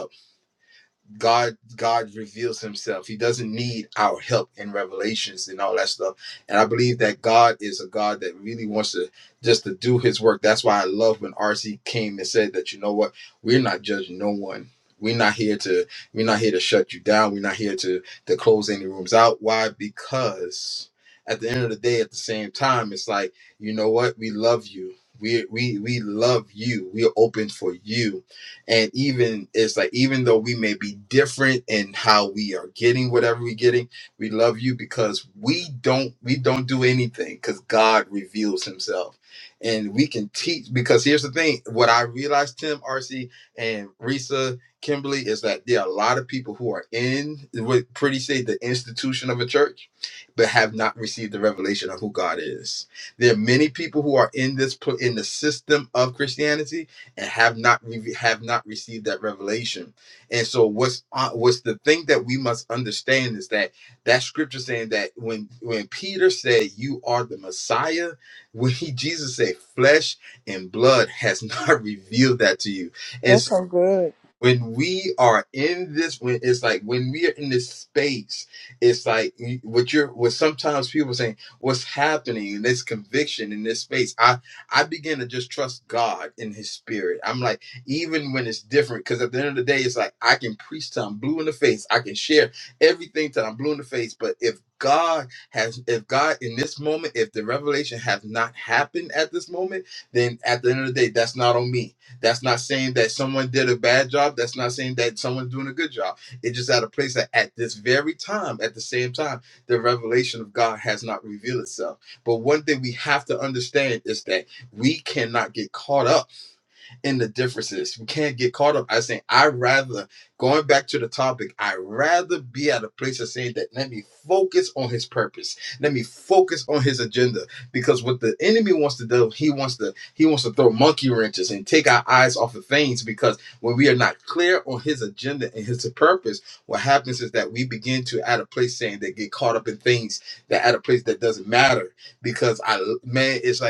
God God reveals himself. He doesn't need our help in revelations and all that stuff. And I believe that God is a God that really wants to just to do his work. That's why I love when RC came and said that you know what, we're not judging no one. We're not here to we're not here to shut you down. We're not here to to close any rooms out. Why? Because at the end of the day, at the same time, it's like, you know what? We love you. We we we love you. We're open for you and even it's like even though we may be different in how we are getting whatever we're getting we love you because we don't we don't do anything because god reveals himself and we can teach because here's the thing what i realized tim rc and risa kimberly is that there are a lot of people who are in what pretty say the institution of a church but have not received the revelation of who god is there are many people who are in this pl- in the system of christianity and have not re- have not received that revelation. And so what's on what's the thing that we must understand is that that scripture saying that when when Peter said you are the Messiah, when he Jesus said flesh and blood has not (laughs) revealed that to you That's so good. when we are in this when it's like when we are in this space it's like what you're what sometimes people saying what's happening in this conviction in this space i i begin to just trust god in his spirit i'm like even when it's different because at the end of the day it's like i can preach till i'm blue in the face i can share everything till i'm blue in the face but if god has if god in this moment if the revelation has not happened at this moment then at the end of the day that's not on me that's not saying that someone did a bad job. That's not saying that someone's doing a good job. It's just at a place that at this very time, at the same time, the revelation of God has not revealed itself. But one thing we have to understand is that we cannot get caught up in the differences. We can't get caught up. I saying I rather going back to the topic. I rather be at a place of saying that let me focus on His purpose. Let me focus on His agenda. Because what the enemy wants to do, he wants to he wants to throw monkey wrenches and take our eyes off of things. Because when we are not clear on His agenda and His purpose, what happens is that we begin to at a place saying that get caught up in things that at a place that doesn't matter. Because I man, it's like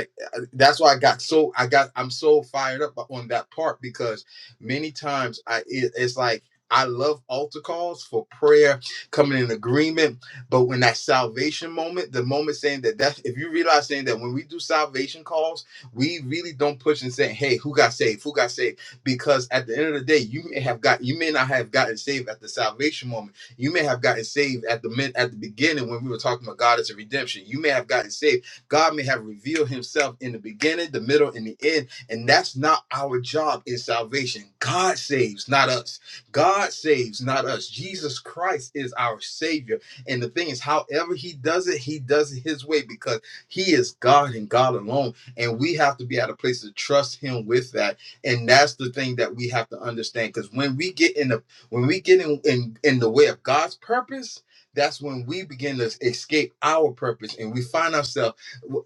that's why I got so I got I'm so fired up on that part because many times I it, it's like I love altar calls for prayer, coming in agreement, but when that salvation moment, the moment saying that that if you realize saying that when we do salvation calls, we really don't push and say, hey, who got saved, who got saved, because at the end of the day, you may have got you may not have gotten saved at the salvation moment. You may have gotten saved at the mid at the beginning when we were talking about God as a redemption. You may have gotten saved God may have revealed himself in the beginning, the middle, and the end. And that's not our job in salvation. God saves, not us. God saves, not us. Jesus Christ is our Savior. And the thing is, however He does it, He does it His way because He is God and God alone. And we have to be at a place to trust Him with that. And that's the thing that we have to understand. Because when we get in the when we get in, in in the way of God's purpose, that's when we begin to escape our purpose and we find ourselves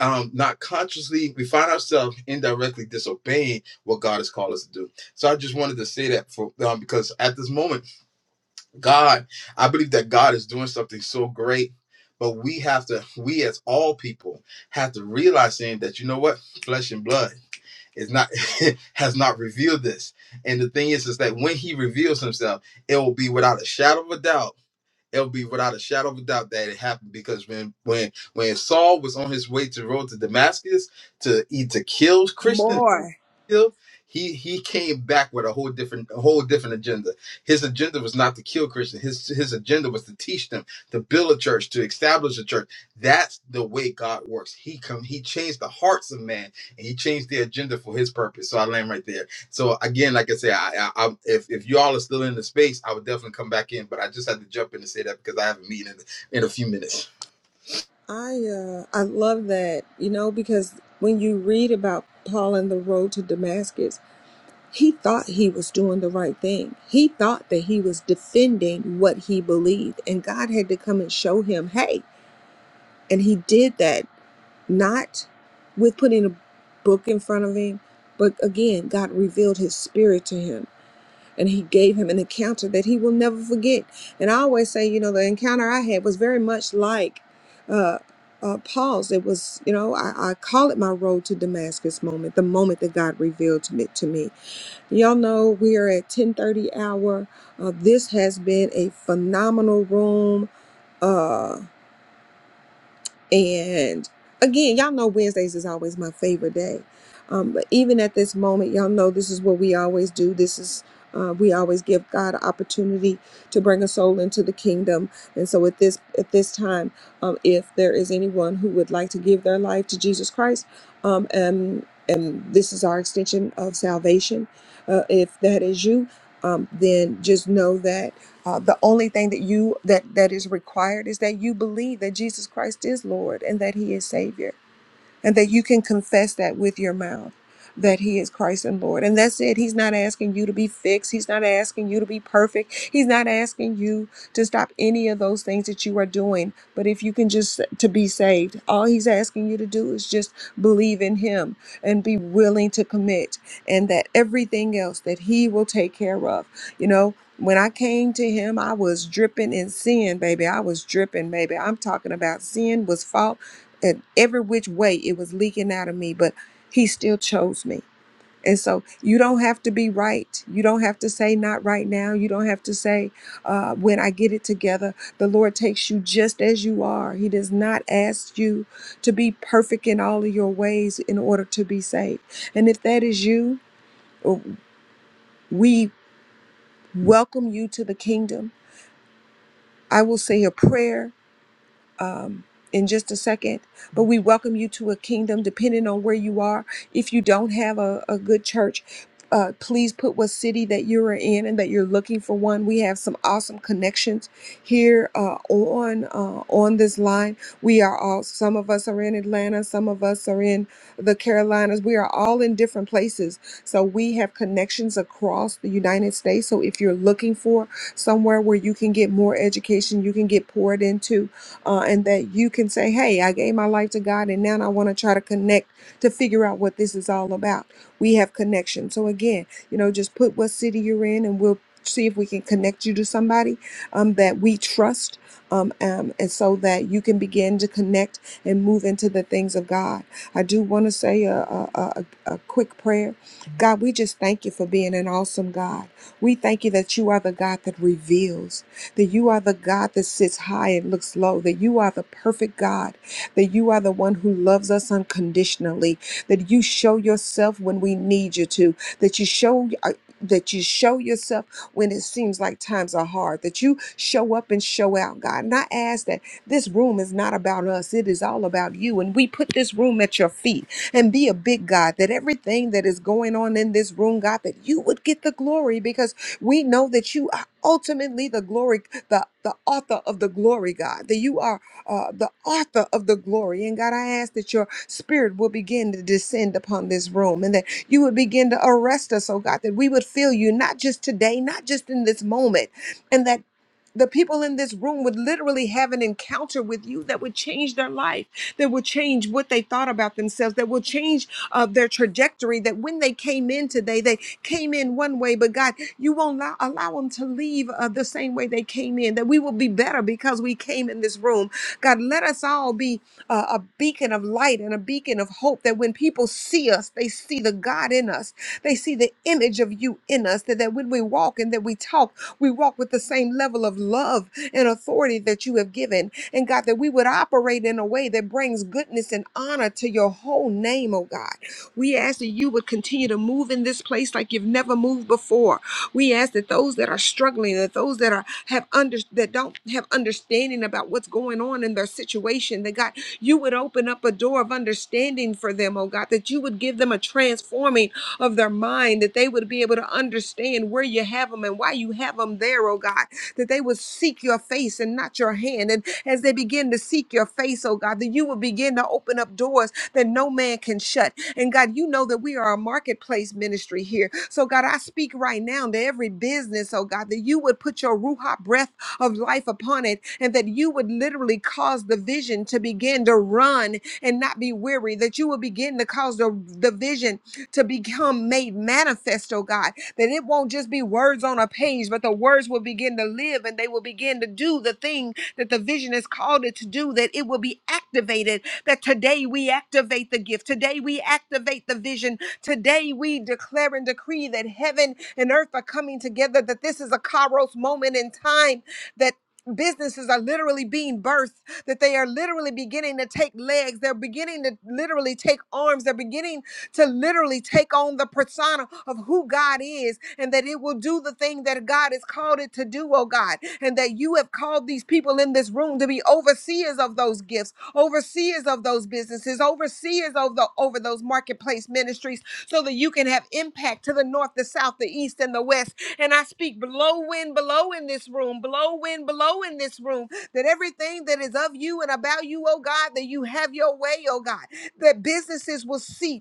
um, not consciously, we find ourselves indirectly disobeying what God has called us to do. So I just wanted to say that for um, because at this moment, God, I believe that God is doing something so great. But we have to, we as all people have to realize saying that you know what, flesh and blood is not (laughs) has not revealed this. And the thing is, is that when He reveals Himself, it will be without a shadow of a doubt it'll be without a shadow of a doubt that it happened because when when when Saul was on his way to the road to Damascus to eat to kill Christians More. kill, he he came back with a whole different a whole different agenda. His agenda was not to kill Christians. His his agenda was to teach them, to build a church, to establish a church. That's the way God works. He come he changed the hearts of man and he changed the agenda for his purpose. So I land right there. So again, like I say, I, I, I if if y'all are still in the space, I would definitely come back in. But I just had to jump in and say that because I have a meeting in, in a few minutes. I uh, I love that, you know, because when you read about Paul and the road to Damascus, He thought he was doing the right thing. He thought that he was defending what he believed, and God had to come and show him, hey. And he did that not with putting a book in front of him, but again, God revealed his spirit to him. And he gave him an encounter that he will never forget. And I always say, you know, the encounter I had was very much like uh, uh, Paul's. It was, you know, I, I call it my road to Damascus moment, the moment that God revealed to me. To me. Y'all know we are at 10:30 hour. Uh, this has been a phenomenal room. Uh, and again, y'all know Wednesdays is always my favorite day. Um, but even at this moment, y'all know this is what we always do. This is uh, we always give God an opportunity to bring a soul into the kingdom. And so at this at this time, um, if there is anyone who would like to give their life to Jesus Christ, um, and and this is our extension of salvation. Uh, if that is you, um, then just know that. Uh, the only thing that you that that is required is that you believe that Jesus Christ is Lord and that He is Savior and that you can confess that with your mouth that he is Christ and Lord. And that's it. He's not asking you to be fixed. He's not asking you to be perfect. He's not asking you to stop any of those things that you are doing. But if you can just to be saved, all he's asking you to do is just believe in him and be willing to commit and that everything else that he will take care of. You know, when I came to him, I was dripping in sin, baby. I was dripping, baby. I'm talking about sin was falling and every which way it was leaking out of me, but he still chose me. And so you don't have to be right. You don't have to say not right now. You don't have to say uh, when I get it together. The Lord takes you just as you are. He does not ask you to be perfect in all of your ways in order to be saved. And if that is you, we welcome you to the kingdom. I will say a prayer um, in just a second. But we welcome you to a kingdom, depending on where you are. If you don't have a, a good church, uh, please put what city that you're in and that you're looking for one. We have some awesome connections here uh, on uh, on this line. We are all some of us are in Atlanta, some of us are in the Carolinas. We are all in different places, so we have connections across the United States. So if you're looking for somewhere where you can get more education, you can get poured into, uh, and that you can say, Hey, I gave my life to God, and now I want to try to connect to figure out what this is all about. We have connection. So, again, you know, just put what city you're in, and we'll see if we can connect you to somebody um, that we trust. Um, um, and so that you can begin to connect and move into the things of God. I do want to say a, a, a, a a quick prayer. God, we just thank you for being an awesome God. We thank you that you are the God that reveals that you are the God that sits high and looks low, that you are the perfect God, that you are the one who loves us unconditionally, that you show yourself when we need you to, that you show uh, that you show yourself when it seems like times are hard, that you show up and show out, God. And I ask that this room is not about us, it is all about you. And we put this room at your feet and be a big God, that everything that is going on in this room, God, that you would get the glory because we know that you ultimately the glory, the, the author of the glory, God, that you are uh, the author of the glory. And God, I ask that your spirit will begin to descend upon this room and that you would begin to arrest us, oh God, that we would feel you not just today, not just in this moment, and that the people in this room would literally have an encounter with you that would change their life, that would change what they thought about themselves, that will change uh, their trajectory. That when they came in today, they came in one way, but God, you won't allow, allow them to leave uh, the same way they came in, that we will be better because we came in this room. God, let us all be uh, a beacon of light and a beacon of hope that when people see us, they see the God in us. They see the image of you in us, that, that when we walk and that we talk, we walk with the same level of love and authority that you have given. And God, that we would operate in a way that brings goodness and honor to your whole name, oh God. We ask that you would continue to move in this place like you've never moved before. We ask that those that are struggling, that those that are have under that don't have understanding about what's going on in their situation, that God, you would open up a door of understanding for them, oh God, that you would give them a transforming of their mind, that they would be able to understand where you have them and why you have them there, oh God, that they would seek your face and not your hand. And as they begin to seek your face, oh God, that you will begin to open up doors that no man can shut. And God, you know that we are a marketplace ministry here. So, God, I speak right now to every business, oh God, that you would put your Ruha breath of life upon it and that you would literally cause the vision to begin to run and not be weary, that you would begin to cause the, the vision to become made manifest, oh God, that it won't just be words on a page, but the words will begin to live and they will begin to do the thing that the vision has called it to do, that it will be activated. That today we activate the gift, today we activate the vision, Today we declare and decree that heaven and earth are coming together, that this is a Kairos moment in time, that Businesses are literally being birthed, that they are literally beginning to take legs. They're beginning to literally take arms. They're beginning to literally take on the persona of who God is and that it will do the thing that God has called it to do, oh God, and that you have called these people in this room to be overseers of those gifts, overseers of those businesses, overseers of the over those marketplace ministries, so that you can have impact to the north, the south, the east, and the west. And I speak blow wind, blow in this room, blow wind, blow in this room, that everything that is of you and about you, oh God, that you have your way, oh God, that businesses will see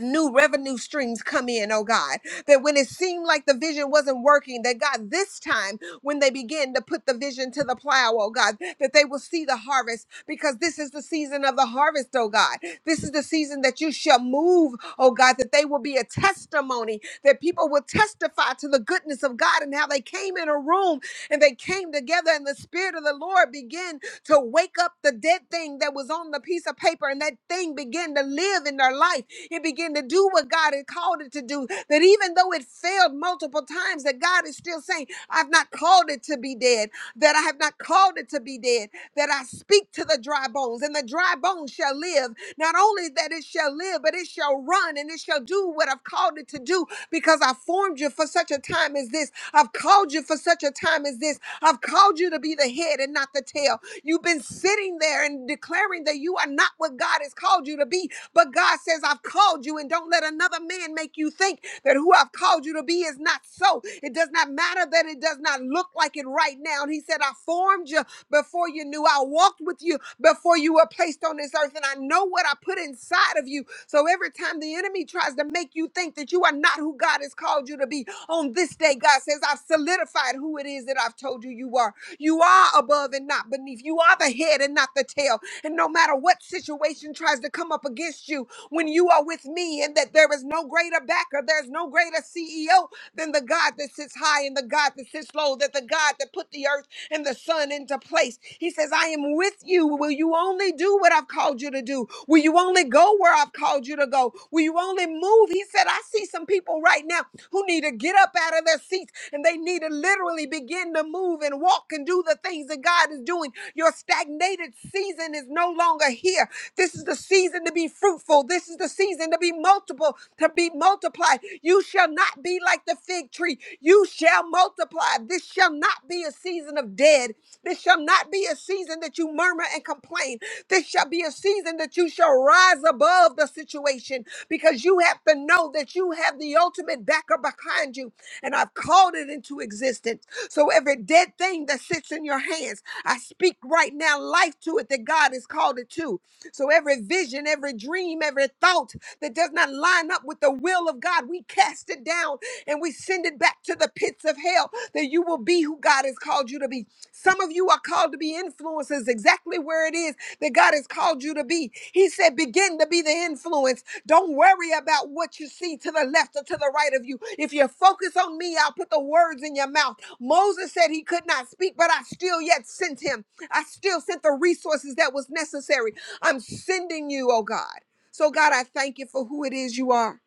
new revenue streams come in, oh God. That when it seemed like the vision wasn't working, that God, this time when they begin to put the vision to the plow, oh God, that they will see the harvest because this is the season of the harvest, oh God. This is the season that you shall move, oh God, that they will be a testimony, that people will testify to the goodness of God and how they came in a room and they came together and the Spirit of the Lord began to wake up the dead thing that was on the piece of paper and that thing began to live in their life it began to do what God had called it to do. That even though it failed multiple times, that God is still saying, I've not called it to be dead, that I have not called it to be dead, that I speak to the dry bones, and the dry bones shall live. Not only that it shall live, but it shall run and it shall do what I've called it to do because I formed you for such a time as this. I've called you for such a time as this. I've called you to be the head and not the tail. You've been sitting there and declaring that you are not what God has called you to be but God says, I've called you, and don't let another man make you think that who I've called you to be is not so. It does not matter that it does not look like it right now. And He said, I formed you before you knew. I walked with you before you were placed on this earth, and I know what I put inside of you. So every time the enemy tries to make you think that you are not who God has called you to be, on this day, God says, I've solidified who it is that I've told you you are. You are above and not beneath. You are the head and not the tail. And no matter what situation tries to come up against you, when you are with me, and that there is no greater backer, there's no greater CEO than the God that sits high and the God that sits low, that the God that put the earth and the Son into place. He says, I am with you. Will you only do what I've called you to do? Will you only go where I've called you to go? Will you only move? He said, I see some people right now who need to get up out of their seats and they need to literally begin to move and walk and do the things that God is doing. Your stagnated season is no longer here. This is the season to be fruitful. This is the season to be multiple, to be multiplied. You shall not be like the fig tree. You shall multiply. This shall not be a season of dead. This shall not be a season that you murmur and complain. This shall be a season that you shall rise above the situation because you have to know that you have the ultimate backer behind you. And I've called it into existence. So every dead thing that sits in your hands, I speak right now life to it that God has called it to. So every vision, every dream, every thought that does not line up with the will of God, we cast it down and we send it back to the pits of hell that you will be who God has called you to be. Some of you are called to be influencers exactly where it is that God has called you to be. He said, begin to be the influence. Don't worry about what you see to the left or to the right of you. If you focus on me, I'll put the words in your mouth. Moses said he could not speak, but I still yet sent him. I still sent the resources that was necessary. I'm sending you, oh God. So, God, I thank you for who it is you are.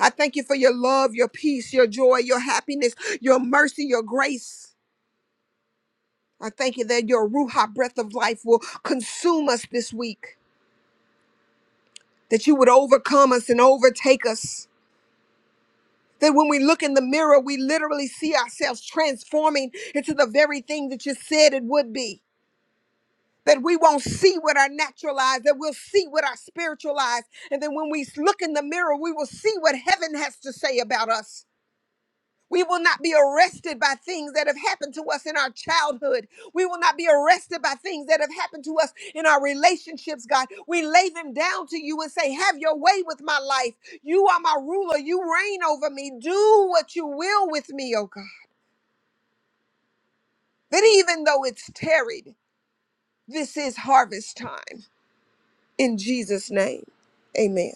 I thank you for your love, your peace, your joy, your happiness, your mercy, your grace. I thank you that your Ruha breath of life will consume us this week. that you would overcome us and overtake us. That when we look in the mirror, we literally see ourselves transforming into the very thing that you said it would be. That we won't see with our natural eyes, that we'll see with our spiritual eyes. And then when we look in the mirror, we will see what heaven has to say about us. We will not be arrested by things that have happened to us in our childhood. We will not be arrested by things that have happened to us in our relationships, God. We lay them down to you and say, Have your way with my life. You are my ruler. You reign over me. Do what you will with me, oh God. But even though it's tarried, this is harvest time. In Jesus' name, amen.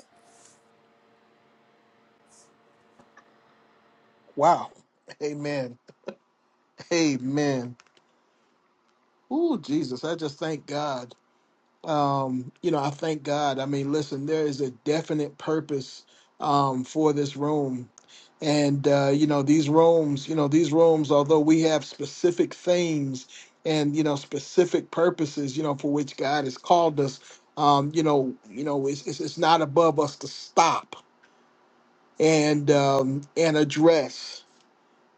Wow. Amen. Amen. Ooh, Jesus! I just thank God. um, you know, I thank God. I mean, listen, there is a definite purpose um, for this room. And, uh, you know, these rooms, you know, these rooms, although we have specific themes and, you know, specific purposes, you know, for which God has called us, um, you know, you know, it's, it's, it's not above us to stop and um, and address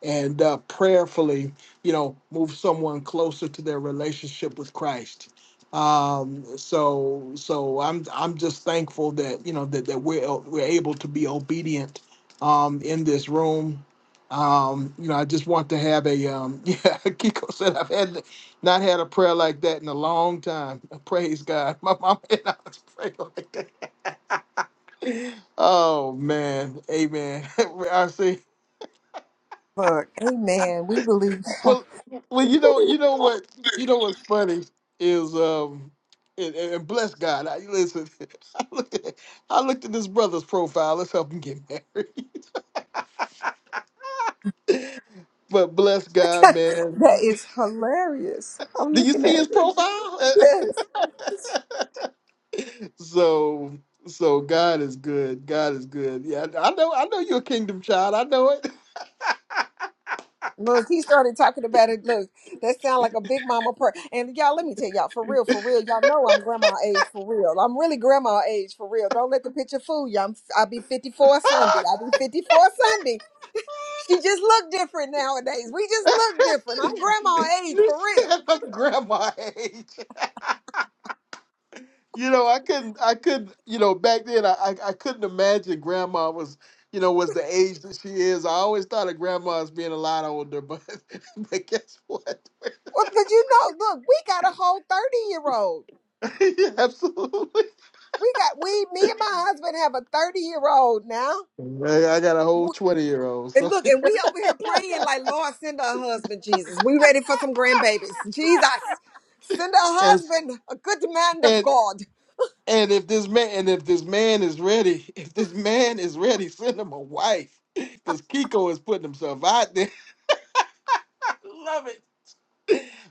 and uh, prayerfully, you know, move someone closer to their relationship with Christ. Um, so, so I'm I'm just thankful that you know that that we're we're able to be obedient um, in this room. Um, you know, I just want to have a um, (laughs) yeah. Kiko said I've had not had a prayer like that in a long time. Praise God. (laughs) My mom and I was praying like that. Oh man, Amen. (laughs) I see. Look, amen. We believe (laughs) Well, well, you know, you know what, you know what's funny is, um, and, and and bless God. I listen. (laughs) I looked, at, I looked at this brother's profile. Let's help him get (laughs) married. But bless God, man. that is hilarious. I'm Do you looking see at his profile? it. (laughs) so, so God is good. God is good. Yeah, I know. I know you're a kingdom child. I know it. (laughs) Look, he started talking about it. Look, that sound like a big mama prayer. And y'all, let me tell y'all, for real, for real, y'all know I'm grandma age for real. I'm really grandma age for real. Don't let the picture fool you. I'm I'll be 54 Sunday. Ah! I'll be 54 Sunday. She just look different nowadays. We just look different. I'm (laughs) grandma age you for real. said I'm grandma age. (laughs) You know, I couldn't, I couldn't, you know, back then I, I, I couldn't imagine grandma was, you know, was the age that she is. I always thought of grandma as being a lot older, but (laughs) but guess what? Well, but you know, look, we got a whole 30 year old. (laughs) Yeah, Absolutely. We got we, me and my husband have a 30 year old now. I, I got a whole 20 year old. And So look, (laughs) and we over here praying like, Lord, send a husband, Jesus. We ready for some grandbabies. Jesus, send a and husband, a good man of and God. and if this man and if this man is ready, (laughs) if this man is ready, send him a wife. Cause Kiko is putting himself out there. (laughs) I love it.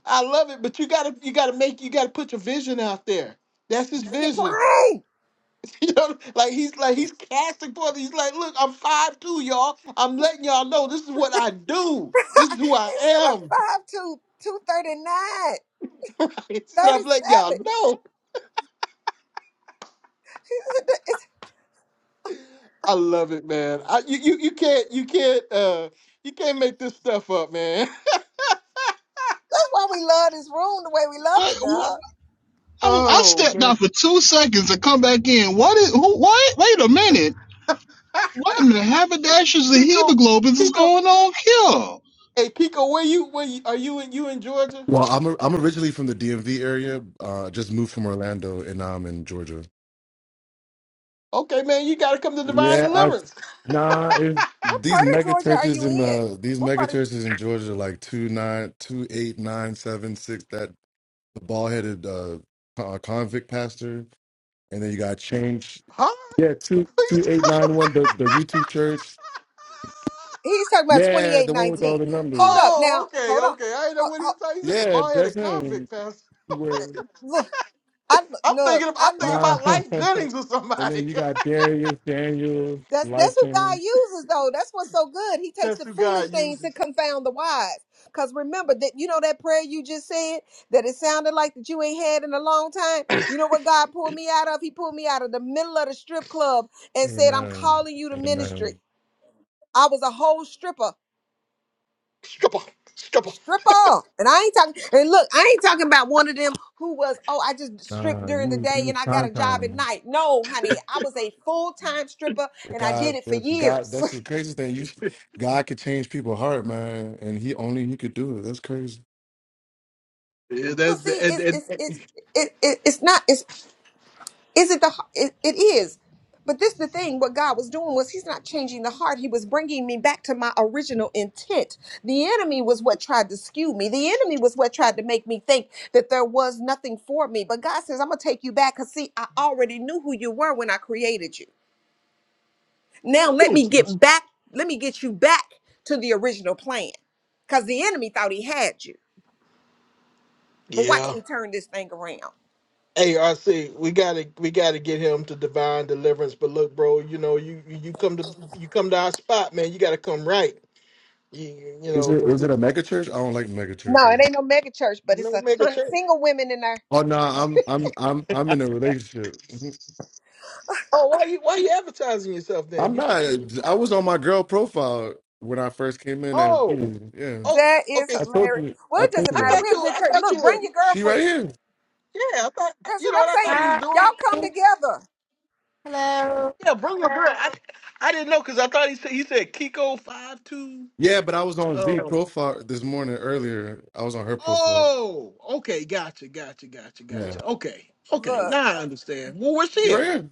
I love it. But you gotta you gotta make you gotta put your vision out there. That's his Make it vision. plain. (laughs) You know, like he's like he's casting forth. He's like, look, I'm five two, y'all. I'm letting y'all know this is what I do. This is who I It's at am. (laughs) a 5 to 239, He said, I'm letting y'all know. (laughs) I love it, man. I, you, you you can't you can't uh you can't make this stuff up, man. (laughs) That's why we love this room the way we love What, it, what now. I, I Oh stepped man, out for two seconds to come back in. What is who what? Wait a minute. (laughs) What in the haberdashers and Kiko, hemoglobins is Kiko, going on here? hey Kiko, where you where you, are you in you in Georgia? Well, I'm i I'm originally from the DMV area. Uh, just moved from Orlando, and now I'm in Georgia. Okay, man, you got to come to Divine Yeah, I Deliverance, nah. It, What these part of mega Georgia are churches you in in? uh these What mega part of churches in Georgia, are like two nine two eight nine seven six. That the ball headed uh, co- convict pastor, and then you got change. (laughs) huh? Yeah, two two Please. eight nine one. The the YouTube church. (laughs) He's talking about Yeah, the one with all 2819. the Hold numbers. up Oh, now. okay, Hold on. okay. I didn't know Ho- what he ho- said. He said the Yeah, boy had a that's him. convict pastor. Where? Look, I look, I'm look, thinking of, I'm I thinking love. Nah. about (laughs) Life and Jennings or somebody. then you got Darius, Daniels, That's life that's who God change. uses though. That's what's so good. He (laughs) takes That's the who foolish God things to uses. confound the wise. Cause remember that you know that prayer you just said that it sounded like that you ain't had in a long time. You know what God pulled me out of? He pulled me out of the middle of the strip club and said, "I'm Amen. calling you to ministry." Amen. I was a whole stripper, Stripper. Stripper. stripper, and I ain't talking. And look, I ain't talking about one of them who was oh I just stripped Nah, during the you day you and I got time a job at time. night. No, honey, I was a full time stripper But and I did God, it for but God, years. that's the craziest thing. You, God could change people's heart, man, and He only He could do it. That's crazy. Yeah, Well, that's the see, and, it's and it's it's it, it, it's not it's is it the it, it is, but this the thing. What God was doing was He's not changing the heart. He was bringing me back to my original intent. The enemy was what tried to skew me. The enemy was what tried to make me think that there was nothing for me. But God says, "I'm gonna take you back." Cause see, I already knew who you were when I created you. Now let Ooh. me get back. Let me get you back to the original plan. Cause the enemy thought he had you, but watch Yeah. me turn this thing around. Hey, RC, we gotta we gotta get him to divine deliverance. But look, bro, you know, you you you come to you come to our spot, man. You gotta come right. You you Is know, it 'cause is we it a mega church? I don't like mega No, it churches. ain't no mega church, but it's no a mega ton of church. single women in there. Oh no, I'm I'm I'm I'm in a relationship. Mhm. Oh, why you why you advertising yourself then? I'm You put not. you, I was on my girl profile when I first came in. As, oh yeah, oh That is okay. I told hilarious. you. Well, I it told doesn't you I matter. that. thought We're a you good I church. thought Look, you were. bring your She right girlfriend. here. Yeah, I thought That's you what know what I I'm thought saying. he was Y'all doing. come together. Hello. Yeah, bring your girl. I, I didn't know because I thought he said he said Kiko five two. Yeah, but I was on Z Oh, profile this morning earlier. I was on her profile. oh, okay, gotcha, gotcha, gotcha, Yeah. gotcha. Okay, okay, Look, now I understand. Well, where's She she right at? here.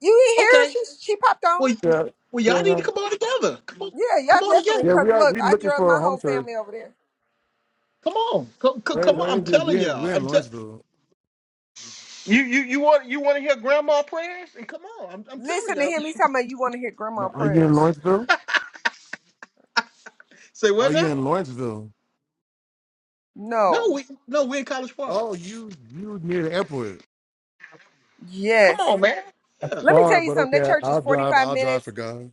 you ain't Okay, here. She she popped on. well, y- Yeah. well, y'all Yeah. need to no. come on together. Come on, Yeah, come y'all on definitely. Yeah, together. Cause we are look, we I looking drug for a my home whole church. family over there. Come on, come, come, Where, come on. where I'm is it? telling We're, y'all. we're in I'm te- Lawrenceville. you, you, you want you want to hear grandma prayers? And come on, I'm, I'm telling Listen to him. y'all. He's talking about you want to hear No, grandma are you in prayers. Lawrenceville? Say what Are you now? in Lawrenceville? No, No. we no, we in College Park. Oh, you you near the airport. Come Yes. on, man. That's Yeah, Let me far, tell you but something. That okay. church is I'll drive. 45 I'll drive minutes. for God.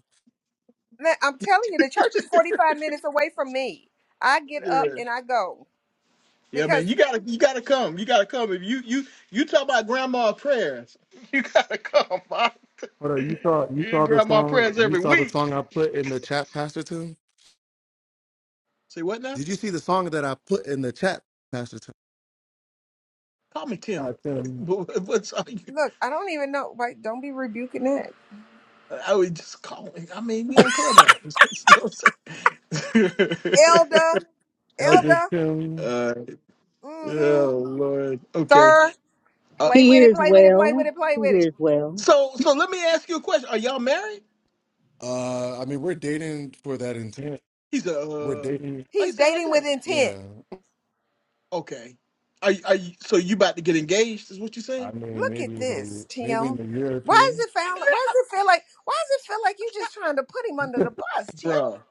Man, I'm telling you, the church is 45 minutes away from me. I get yeah. up and I go Yeah, because man, you gotta you gotta come. You gotta come. If you you you talk about grandma prayers, (laughs) you gotta come, (laughs) man. Hold on. You You saw you get saw the grandma song. prayers You every saw the week. song I put in the chat, Pastor Tim. Say what now? Did you see the song that I put in the chat, Pastor Tim? Call me Uh, Tim. (laughs) Tim. but what- what's all you? Look, I don't even know. Like, don't be rebuking that. I would just call me. I mean, we on Clubhouse. (laughs) You know what I'm saying? Elder, Elder elder, (laughs) Tim. uh, mm-hmm. oh Lord. Okay. Sir, Uh, play He with it, hears play with it, play well. with it, play He with it. hears well. so so let me ask you a question. Are y'all married? Uh, I mean, we're dating for that intent. He's a. We're Uh, dating. why you He's say it like dating with that? intent. Yeah, Okay. Are you- are you, so you about to get engaged? Is what you I saying? mean, Look at maybe this, in a maybe in Tim. a year or Why two. does it found why does it feel like why does it feel like you just trying to put him under (laughs) the bus, Tim? bruh,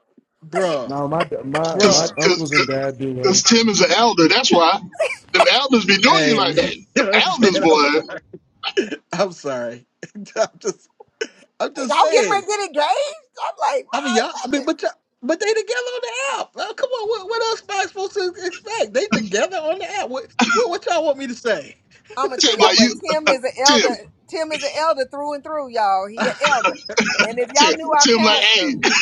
bruh, No, my my my Cause, bruh. cause, uncles and dad do work. cause Tim is an elder. That's why them elders be doing you Hey, (laughs) like you that. know Them what I'm saying? elders, I'm boy. sorry. I'm sorry. (laughs) I'm just, I'm just Y'all getting ready saying. to get engaged? I'm like, I mean, y'all. my I mean, goodness. but y'all, but they together on the app. Uh, come on, what, what else am I supposed to expect? They together on the app. What, what, what y'all want me to say, I'm gonna tell Tim, y'all like what you, Tim is an (laughs) Tim, elder. Tim is an elder through and through, y'all. He an (laughs) elder. And if y'all Tim, knew our Tim, like, pastor, hey, (laughs)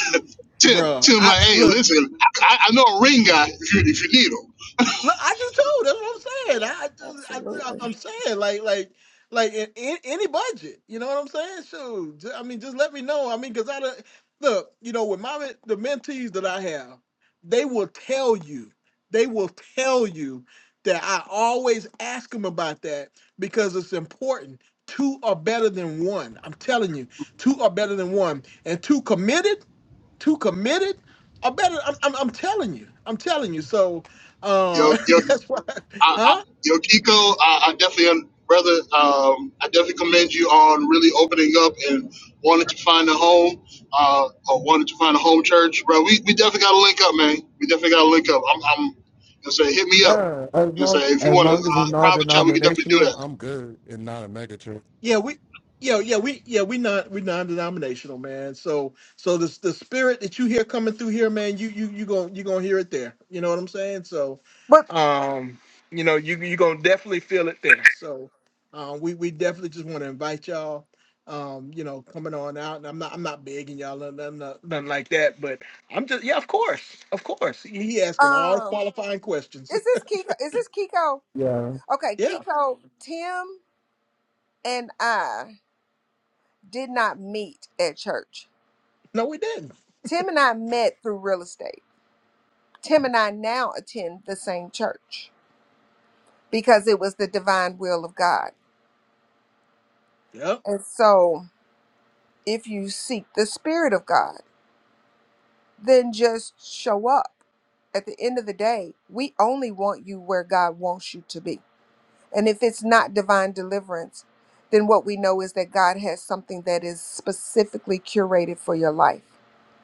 Tim, bruh? Tim, I like, hey, look. listen, I, I know a ring guy if you if you need him. No, I just told. That's what I'm saying. I, I just, I, I'm saying like, like, like in, in any budget. You know what I'm saying? So, ju- I mean, just let me know. I mean, because I don't- look, you know, with my men- the mentees that I have, they will tell you, they will tell you that I always ask them about that because it's important. Two are better than one. I'm telling you, two are better than one, and two committed too committed or better I'm, I'm, I'm telling you i'm telling you so Yo, uh (laughs) yo, that's why I, huh I, you know, Kiko, I, I definitely, um, brother, um, I definitely commend you on really opening up and wanting to find a home, uh, or wanting to find a home church, bro. We, we definitely got to link up, man. We definitely got to link up. I'm, I'm, you know, say hit me up. Yeah, as You know, long say if you as want to long as it's uh, private chat, we can definitely do non-denominational, that. I'm good and not a megachurch. Yeah, we yeah, yeah, we yeah, we not we non-denominational, man. So so the the spirit that you hear coming through here, man, you you you going you going to hear it there. You know what I'm saying? So but um, you know, you you going to definitely feel it there. So um we we definitely just want to invite y'all um, you know, coming on out, and I'm not, I'm not begging y'all, nothing, nothing, nothing like that. But I'm just, yeah, of course, of course. He he asking all the um, qualifying questions. is this Kiko? Is this Kiko? Yeah. (laughs) Okay, yeah, Kiko, Tim and I did not meet at church. no, we didn't. Tim and I met through real estate. Tim and I now attend the same church because it was the divine will of God. Yep. And so, if you seek the Spirit of God, then just show up. At the end of the day, we only want you where God wants you to be. And if it's not divine deliverance, then what we know is that God has something that is specifically curated for your life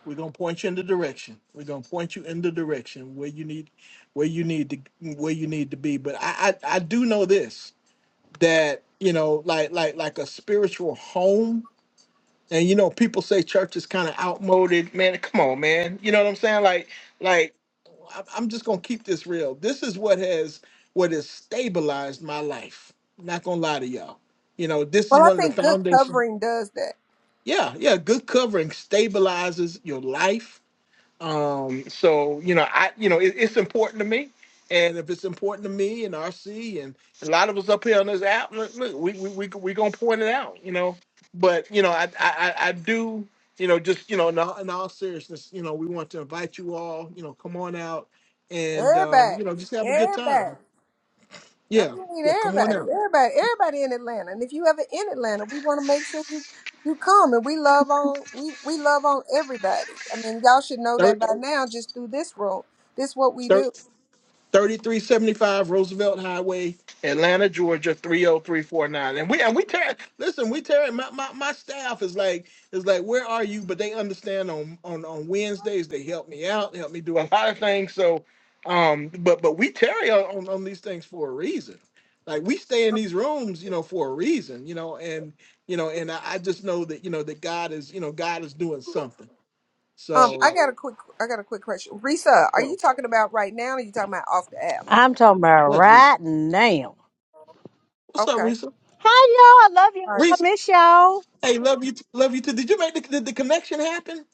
We're gonna point you in the direction. We're gonna point you in the direction where you need, where you need to, where you need to be. But I, I, I do know this that you know, like, like, like a spiritual home. And you know, people say church is kind of outmoded. Man, come on, man. You know what I'm saying? Like, like, I'm I'm just gonna keep this real. This is what has, what has stabilized my life. not gonna lie to y'all. You know, this is Well, I one of the think good foundations. covering does that. Yeah, yeah. Good covering stabilizes your life um, so you know, I you know, it, it's important to me, and if it's important to me and RC and a lot of us up here on this app, look, look we we we we gonna point it out, you know. But you know, I I I I do, you know, just you know, in all, in all seriousness, you know, we want to invite you all, you know, come on out and um, you Everybody, know, just have a good time. everybody. I Yeah, mean, we need yeah, come on everybody, everybody, everybody in Atlanta. And if you ever in Atlanta, we want to make sure you you come. And we love on we we love on everybody. I mean, y'all should know that by out. now, just through this room. This what we do. 3375 Roosevelt Highway, Atlanta, Georgia 30349. And we and we tear listen, we tear my, my my staff is like is like where are you? But they understand on on on Wednesdays they help me out, help me do a lot of things. So um but but we tarry on, on, on these things for a reason. Like we stay in these rooms, you know, for a reason, you know, and you know, and I, I just know that, you know, that God is, you know, God is doing something. Um, I So, got a quick I got a quick question. Risa, are you you know, talking about right now? Or are you talking about off the app? I'm talking about what's Risa? right now. What's up, Okay, Risa? Hi y'all, I love all y'all. right. I Risa. miss y'all. Hey, love you, t- love you too. Did you make the, did the connection happen?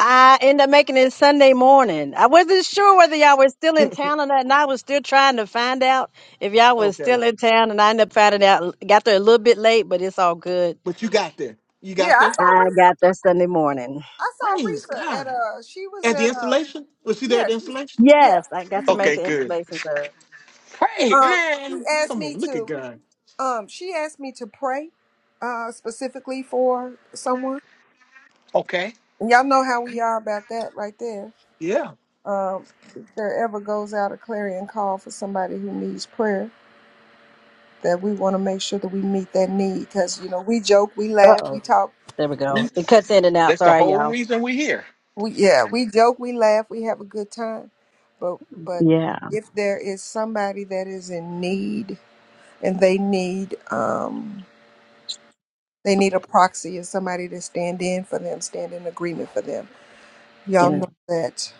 I ended up making it Sunday morning. I wasn't sure whether y'all were still in town or not, and I was still trying to find out if y'all was Okay, still in town. And I ended up finding out, got there a little bit late, but it's all good. but you got there. You Yeah, got I there. saw I Risa. got there Sunday morning. I Praise saw Risa at God. uh she was At the at uh installation, was she there at yeah the she, installation? yeah Yes, I got to make Okay, the good. installation. Praise um she man. asked Come on, me look to. at God. Um, she asked me to pray uh, specifically for someone. Okay, And Y'all know how we are about that right there. yeah, Um, if there ever goes out a clarion call for somebody who needs prayer, that we want to make sure that we meet that need because you know we joke, we Uh laugh, we oh, talk, there we go. we, It cuts in and out. that's the Sorry, whole y'all. reason we're here. we yeah, we joke, we laugh, we have a good time. But but Yeah, if there is somebody that is in need and they need um they need a proxy and somebody to stand in for them, stand in agreement for them Y'all yeah. know that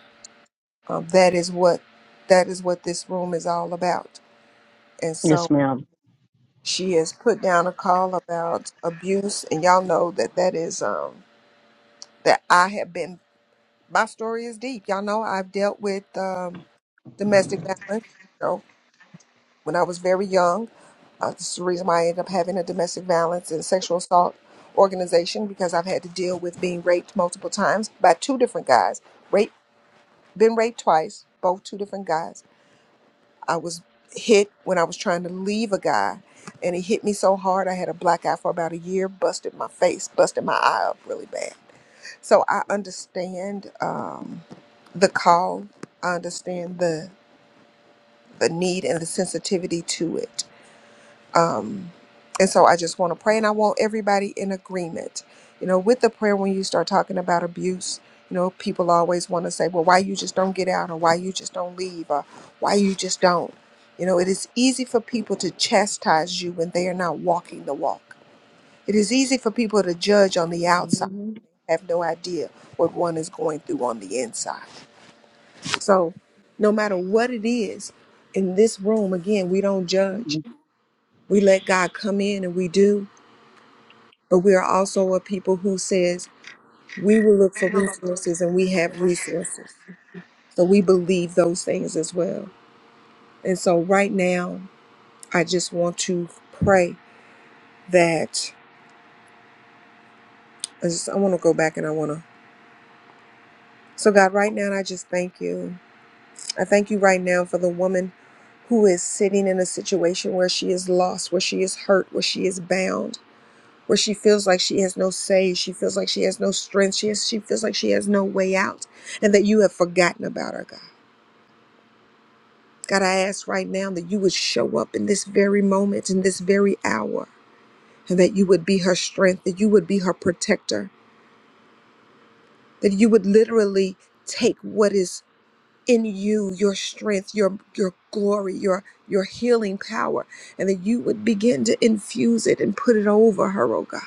um, that is what that is what this room is all about. And Yes, so ma'am. she has put down a call about abuse, and y'all know that that is um, that I have been. My story is deep. Y'all know I've dealt with um, domestic violence. You know, when I was very young, uh, this is the reason why I ended up having a domestic violence and sexual assault organization because I've had to deal with being raped multiple times by two different guys. Rape, been raped twice, both two different guys I was hit when I was trying to leave a guy, and he hit me so hard I had a black eye for about a year, busted my face, busted my eye up really bad. So I understand um, the call. I understand the the need and the sensitivity to it. Um, and so I just want to pray, and I want everybody in agreement. You know, with the prayer, when you start talking about abuse, you know, people always want to say, well, why you just don't get out, or why you just don't leave, or why you just don't. You know, it is easy for people to chastise you when they are not walking the walk. It is easy for people to judge on the outside and have no idea what one is going through on the inside. So, no matter what it is, in this room, again, we don't judge. We let God come in and we do but we are also a people who says we will look for resources and we have resources. So we believe those things as well. And so right now, I just want to pray that I just I want to go back and I want to. So God, right now, I just thank you. I thank you right now for the woman who is sitting in a situation where she is lost, where she is hurt, where she is bound, where she feels like she has no say, she feels like she has no strength, she has, she feels like she has no way out, and that you have forgotten about her, God. God, I ask right now that you would show up in this very moment, in this very hour, and that you would be her strength, that you would be her protector, that you would literally take what is in you, your strength, your your glory, your your healing power, and that you would begin to infuse it and put it over her, oh God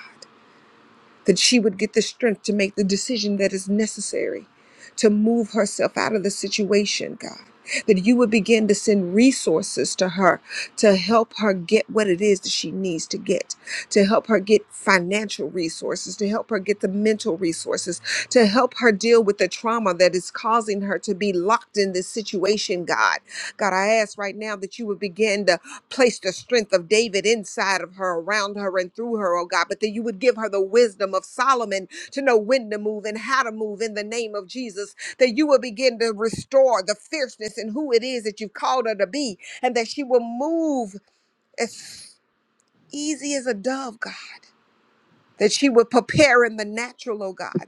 that she would get the strength to make the decision that is necessary to move herself out of the situation, God. That you would begin to send resources to her to help her get what it is that she needs to get, to help her get financial resources, to help her get the mental resources, to help her deal with the trauma that is causing her to be locked in this situation, God. God, I ask right now that you would begin to place the strength of David inside of her, around her, and through her, oh God. But that you would give her the wisdom of Solomon to know when to move and how to move in the name of Jesus. That you will begin to restore the fierceness and who it is that you've called her to be, and that she will move as easy as a dove, God. That she would prepare in the natural, oh God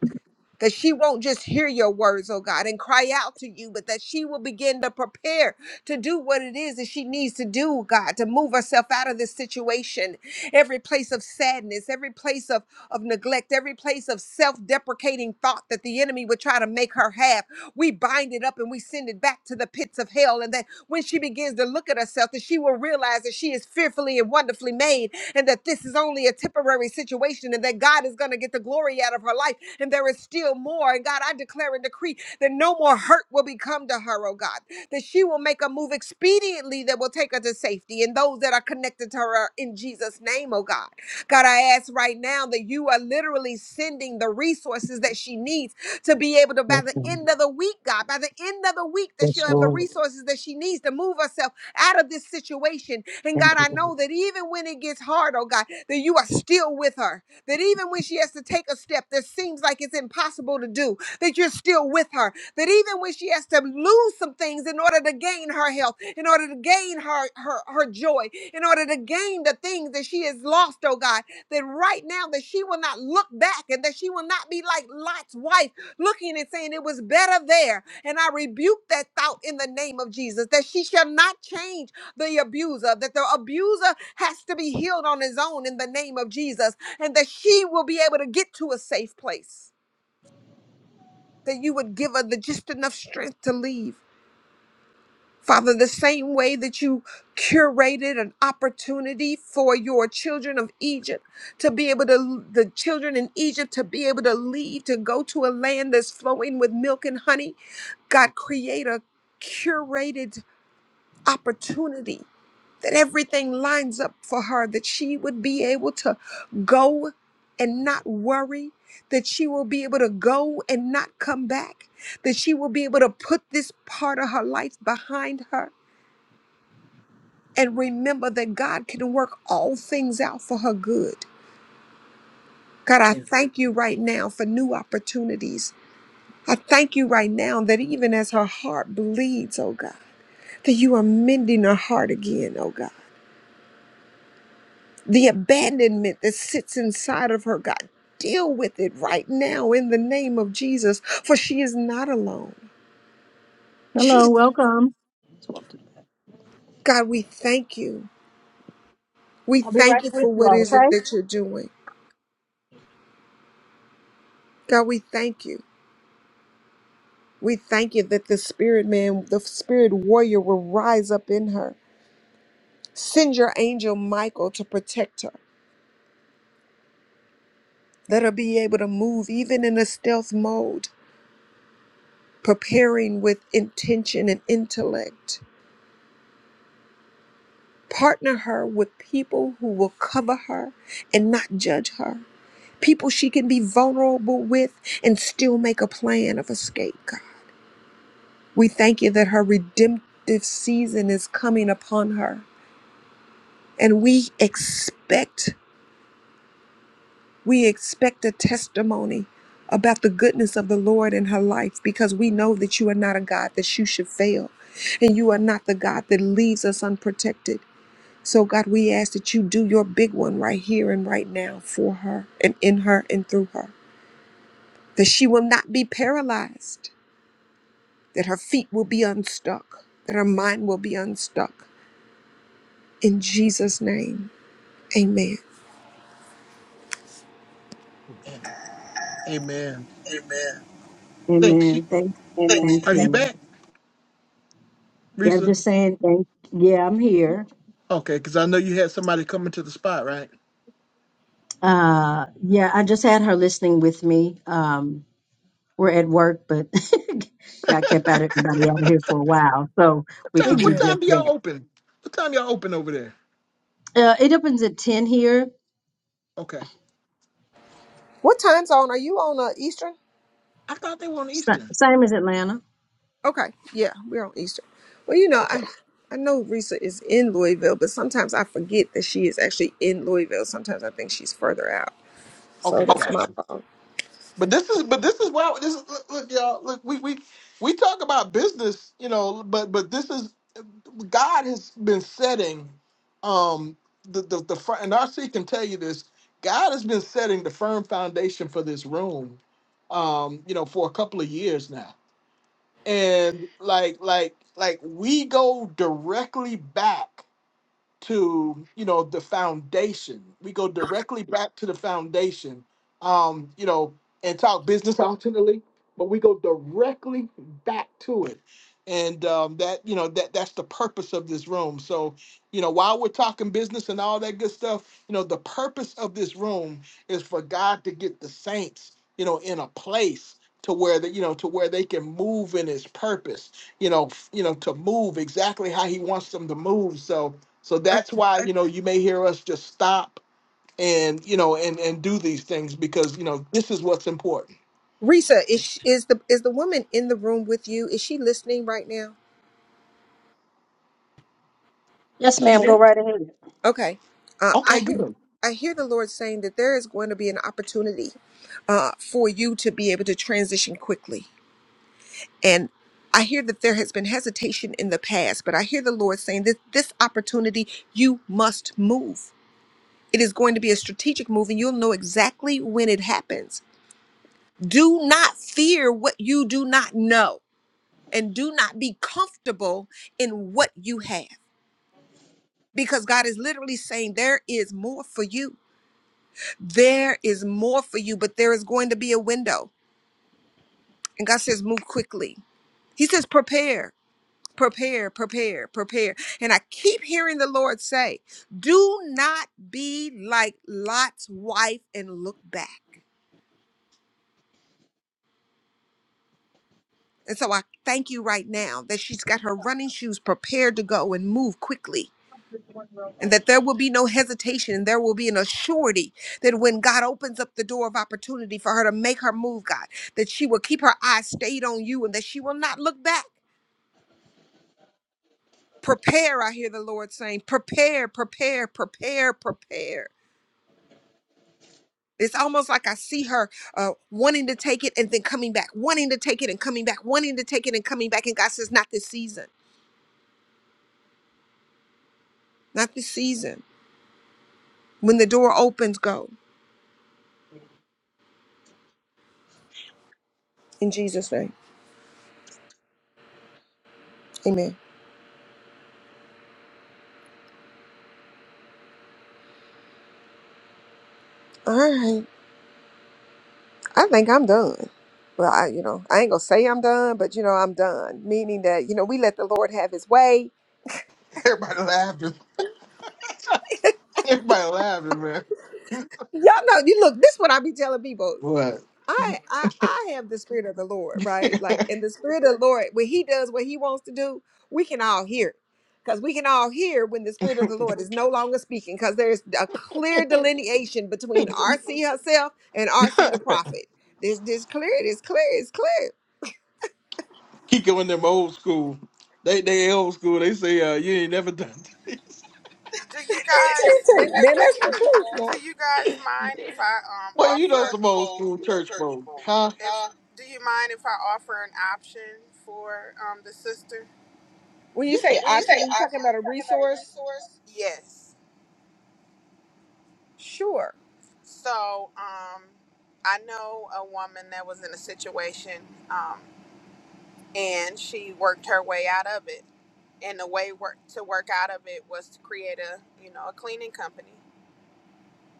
that she won't just hear your words, oh God, and cry out to you, but that she will begin to prepare to do what it is that she needs to do, God, to move herself out of this situation. Every place of sadness, every place of, of neglect, every place of self deprecating thought that the enemy would try to make her have, we bind it up and we send it back to the pits of hell. And that when she begins to look at herself, that she will realize that she is fearfully and wonderfully made and that this is only a temporary situation and that God is going to get the glory out of her life and there is still more. And God, I declare and decree that no more hurt will become to her, oh God, that she will make a move expediently that will take her to safety and those that are connected to her in Jesus' name, oh God. God, I ask right now that you are literally sending the resources that she needs to be able to, by the Mm-hmm. end of the week, God, by the end of the week, that Yes, she'll have the ma'am. resources that she needs to move herself out of this situation. And God, Thank you, I God. know that even when it gets hard, oh God, that you are still with her. That even when she has to take a step that seems like it's impossible to do, that you're still with her. That even when she has to lose some things in order to gain her health, in order to gain her her, her joy, in order to gain the things that she has lost, oh God, that right now that she will not look back and that she will not be like Lot's wife looking and saying it was better there and I rebuke that thought in the name of Jesus that she shall not change the abuser, that the abuser has to be healed on his own in the name of Jesus, and that she will be able to get to a safe place, that you would give her the just enough strength to leave. Father, the same way that you curated an opportunity for your children of Egypt to be able to, the children in Egypt to be able to leave, to go to a land that's flowing with milk and honey, God, create a curated opportunity, that everything lines up for her, that she would be able to go and not worry, that she will be able to go and not come back, that she will be able to put this part of her life behind her and remember that God can work all things out for her good. God, I Yeah. thank you right now for new opportunities. I thank you right now that even as her heart bleeds, oh God, that you are mending her heart again, oh God the abandonment that sits inside of her, God. Deal with it right now in the name of Jesus, for she is not alone. She, Hello, welcome. Just walk to the back. God, we thank you. We I'll be right thank you with for you what all, is okay? it that you're doing. God, we thank you. We thank you that the spirit man, the spirit warrior will rise up in her. Send your angel Michael to protect her. Let her be able to move even in a stealth mode, preparing with intention and intellect Partner her with people who will cover her and not judge her. People she can be vulnerable with and still make a plan of escape, God. We thank you that her redemptive season is coming upon her. And we expect, we expect a testimony about the goodness of the Lord in her life because we know that you are not a God that you should fail. And you are not the God that leaves us unprotected. So, God, we ask that you do your big one right here and right now for her and in her and through her. That she will not be paralyzed, that her feet will be unstuck, that her mind will be unstuck. In Jesus' name, amen. Amen. Amen. Amen. Think she? Amen. Thank, Amen. thank Are you (laughs) you. back, Yeah, I'm Risa? just saying. Thank. Yeah, I'm here. Okay, because I know you had somebody coming to the spot, right? Uh, yeah, I just had her listening with me. Um, we're at work, but (laughs) God kept out everybody out of here for a while, so What we time, could do what Amen. just time do y'all that. open? What time y'all open over there? Uh, it opens at ten here, Okay. What time zone are you on? Uh, Eastern? I thought they were on sa- Eastern. same as Atlanta. Okay, yeah, we're on Eastern. Well, you know, Okay. I I know Risa is in Louisville, but sometimes I forget that she is actually in Louisville. Sometimes I think she's further out. So Okay, that's my gotcha. fault. But this is but this is why this is look, look y'all look we we we talk about business you know but but this is God has been setting um the the, the fir- and RC can tell you this God has been setting the firm foundation for this room um you know for a couple of years now and like like like we go directly back to you know the foundation. We go directly back to the foundation, um, you know, and talk business ultimately, but we go directly back to it, and um, that you know that that's the purpose of this room. So you know while we're talking business and all that good stuff, you know the purpose of this room is for God to get the saints, you know, in a place. To where that you know, to where they can move in His purpose, you know, f- you know, to move exactly how He wants them to move. So, so that's why, you know, you may hear us just stop and, you know, and and do these things because, you know, this is what's important. Risa, is sh is the is the woman in the room with you? Is she listening right now? Yes, Is she ma'am. Go there? right ahead. Okay, uh, I Okay, hear good. I hear the Lord saying that there is going to be an opportunity uh, for you to be able to transition quickly, and I hear that there has been hesitation in the past, but I hear the Lord saying that this opportunity you must move. It is going to be a strategic move, and you'll know exactly when it happens. Do not fear what you do not know, and do not be comfortable in what you have because God is literally saying there is more for you. There is more for you, but there is going to be a window. And God says, move quickly. He says, prepare, prepare, prepare, prepare. And I keep hearing the Lord say, do not be like Lot's wife and look back. And so I thank you right now that she's got her running shoes prepared to go and move quickly and that there will be no hesitation and there will be an assurity that when God opens up the door of opportunity for her to make her move, God, that she will keep her eyes stayed on you and that she will not look back. Prepare, I hear the Lord saying, prepare, prepare, prepare, prepare. It's almost like I see her uh, wanting to take it and then coming back, wanting to take it and coming back, wanting to take it and coming back. And God says, not this season, not this season. When the door opens, go. In Jesus' name, amen. All right. I think I'm done. Well, I, you know, I ain't gonna say I'm done, but you know, I'm done. Meaning that, you know, we let the Lord have his way. Everybody laughing. (laughs) Everybody laughing, man. Y'all know, you look, this what I be telling people. What? I, I I have the spirit of the Lord, right? Like and the spirit of the Lord, when he does what he wants to do, we can all hear. it. Because we can all hear when the spirit of the Lord is no longer speaking, because there's a clear delineation between RC herself and RC the prophet. This this clear, it's clear, it's clear. (laughs) Keep going them old school. They they old school. They say, uh, you ain't never done. (laughs) Do you that's it. guys Man, (laughs) Then that's the that's the truth, truth, man. man. do you guys mind if I um well, Well, you you offer know don't some old supposed school to church church folk. folk, Huh? if huh? do you mind if I offer an option for um the sister? When you Yeah. say When you say option, are you talking option, about you a talking about a resource? resource? Yes. Sure. So um I know a woman that was in a situation. Um and she worked her way out of it. And the way work to work out of it was to create a you know a cleaning company.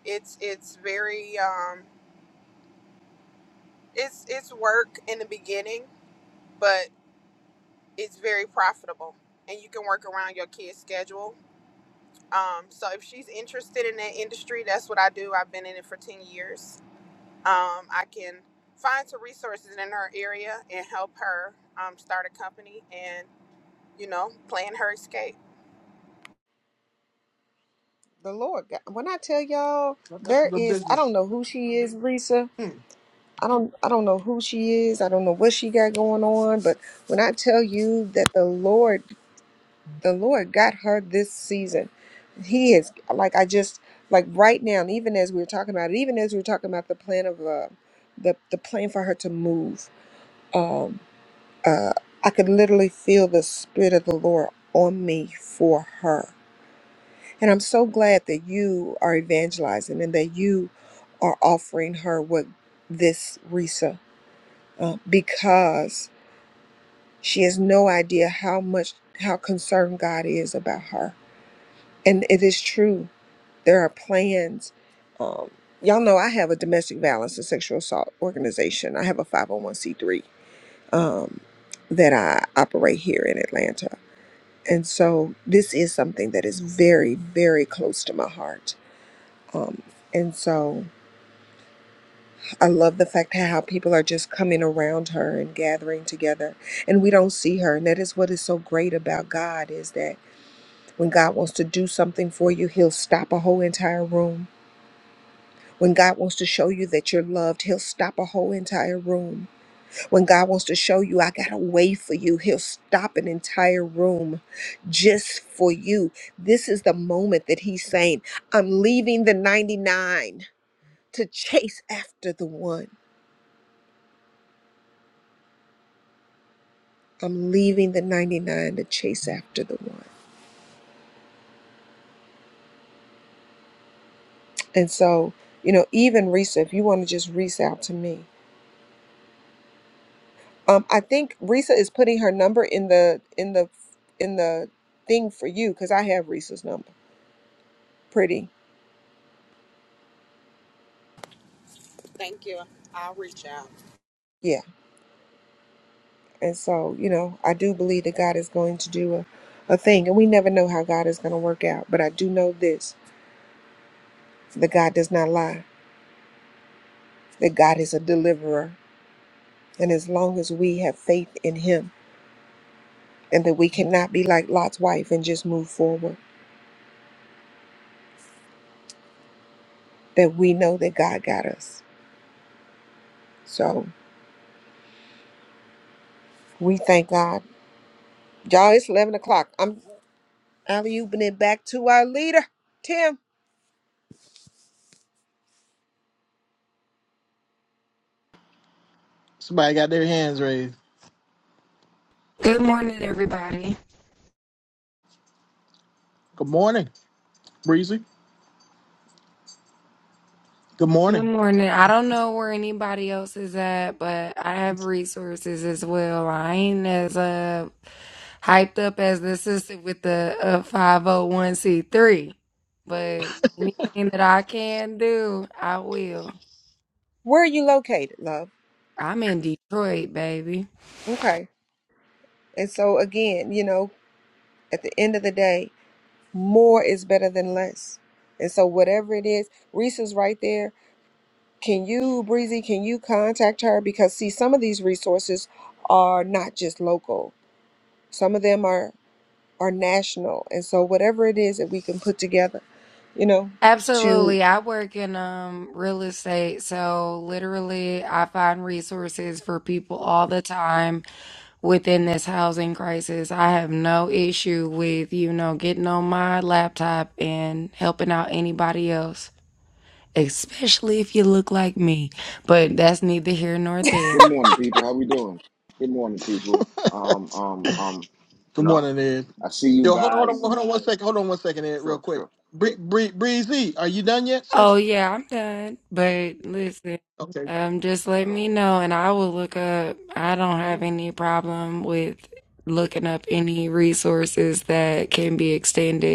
It's it's very um, it's it's work in the beginning, but it's very profitable, and you can work around your kid's schedule. Um, so if she's interested in that industry, that's what I do. I've been in it for ten years. Um, I can find some resources in her area and help her um, start a company and you know plan her escape. The Lord God. When I tell y'all, That- That's there the is I business. don't know who she is, Lisa. Hmm. I don't I don't know who she is. I don't know what she got going on, but when I tell you that the Lord the Lord got her this season. He is like I just like right now, and even as we were talking about it, even as we were talking about the plan of uh the, the plan for her to move, um uh I could literally feel the spirit of the Lord on me for her And I'm so glad that you are evangelizing and that you are offering her what this Risa, uh, because she has no idea how much, how concerned God is about her. And it is true. There are plans. Um, y'all know I have a domestic violence and sexual assault organization. I have a 501c3 um, that I operate here in Atlanta. And so this is something that is very, very close to my heart Um, and so I love the fact how people are just coming around her and gathering together, and we don't see her. And that is what is so great about God is that when God wants to do something for you, He'll stop a whole entire room. When God wants to show you that you're loved, He'll stop a whole entire room. When God wants to show you, I got a way for you, He'll stop an entire room just for you. This is the moment that He's saying, I'm leaving the 99 to chase after the one. I'm leaving the 99 to chase after the one. And so, you know, even Risa, if you want to just reach out to me, um, I think Risa is putting her number in the in the in the thing for you because I have Risa's number. Pretty, Thank you. I'll reach out. yeah. And so, you know, I do believe that God is going to do a, a thing, and we never know how God is going to work out. But I do know this: that God does not lie. That God is a deliverer, and as long as we have faith in Him, and that we cannot be like Lot's wife and just move forward that we know that God got us. So we thank God. Y'all, it's 11 o'clock. I'm alley ooping it back to our leader, Tim. Somebody got their hands raised. Good morning, everybody. Good morning, Breezy. Good Good morning. morning. I don't know where anybody else is at, but I have resources as well. I ain't as uh hyped up as the sister with the uh, 501c3, but anything that I can do, I will. Where are you located, love? I'm in Detroit, baby. Okay. And so, again, you know, at the end of the day, more is better than less. And so, whatever it is, Reese's right there. Can you, Breezy, can you contact her? Because, see, some of these resources are not just local, some of them are. are national. And so whatever it is that we can put together, you know, to Absolutely. I work in um real estate, so literally I find resources for people all the time. within this housing crisis. I have no issue with, you know, getting on my laptop and helping out anybody else, especially if you look like me. But that's neither here nor there. Good morning, people. How we doing? Good morning, people. (laughs) Um, um, um, you Good know, morning, Ed. I see you Yo, hold, hold on, guys. hold on one second. Hold on one second, Ed, real Sure, quick. sure. Bree, Bree, Breezy, are you done yet, Oh, sis? yeah, I'm done. But listen, Okay, um, just let me know and I will look up. I don't have any problem with looking up any resources that can be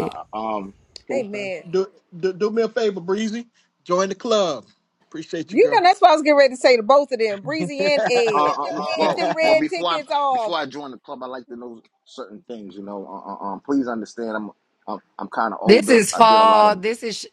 Uh, uh, um, can okay. Amen. Do, do do me a favor, Breezy. Join the club. Appreciate you, You know girl. that's what I was getting ready to say to both of them, Breezy and uh, Ed. Get uh, your (laughs) Get well, them well, red before I tickets off. before I join the club, I like to know certain things. You know, uh, uh, um, please understand, I'm I'm, I'm kind of This older. is I did a lot fall. of This is.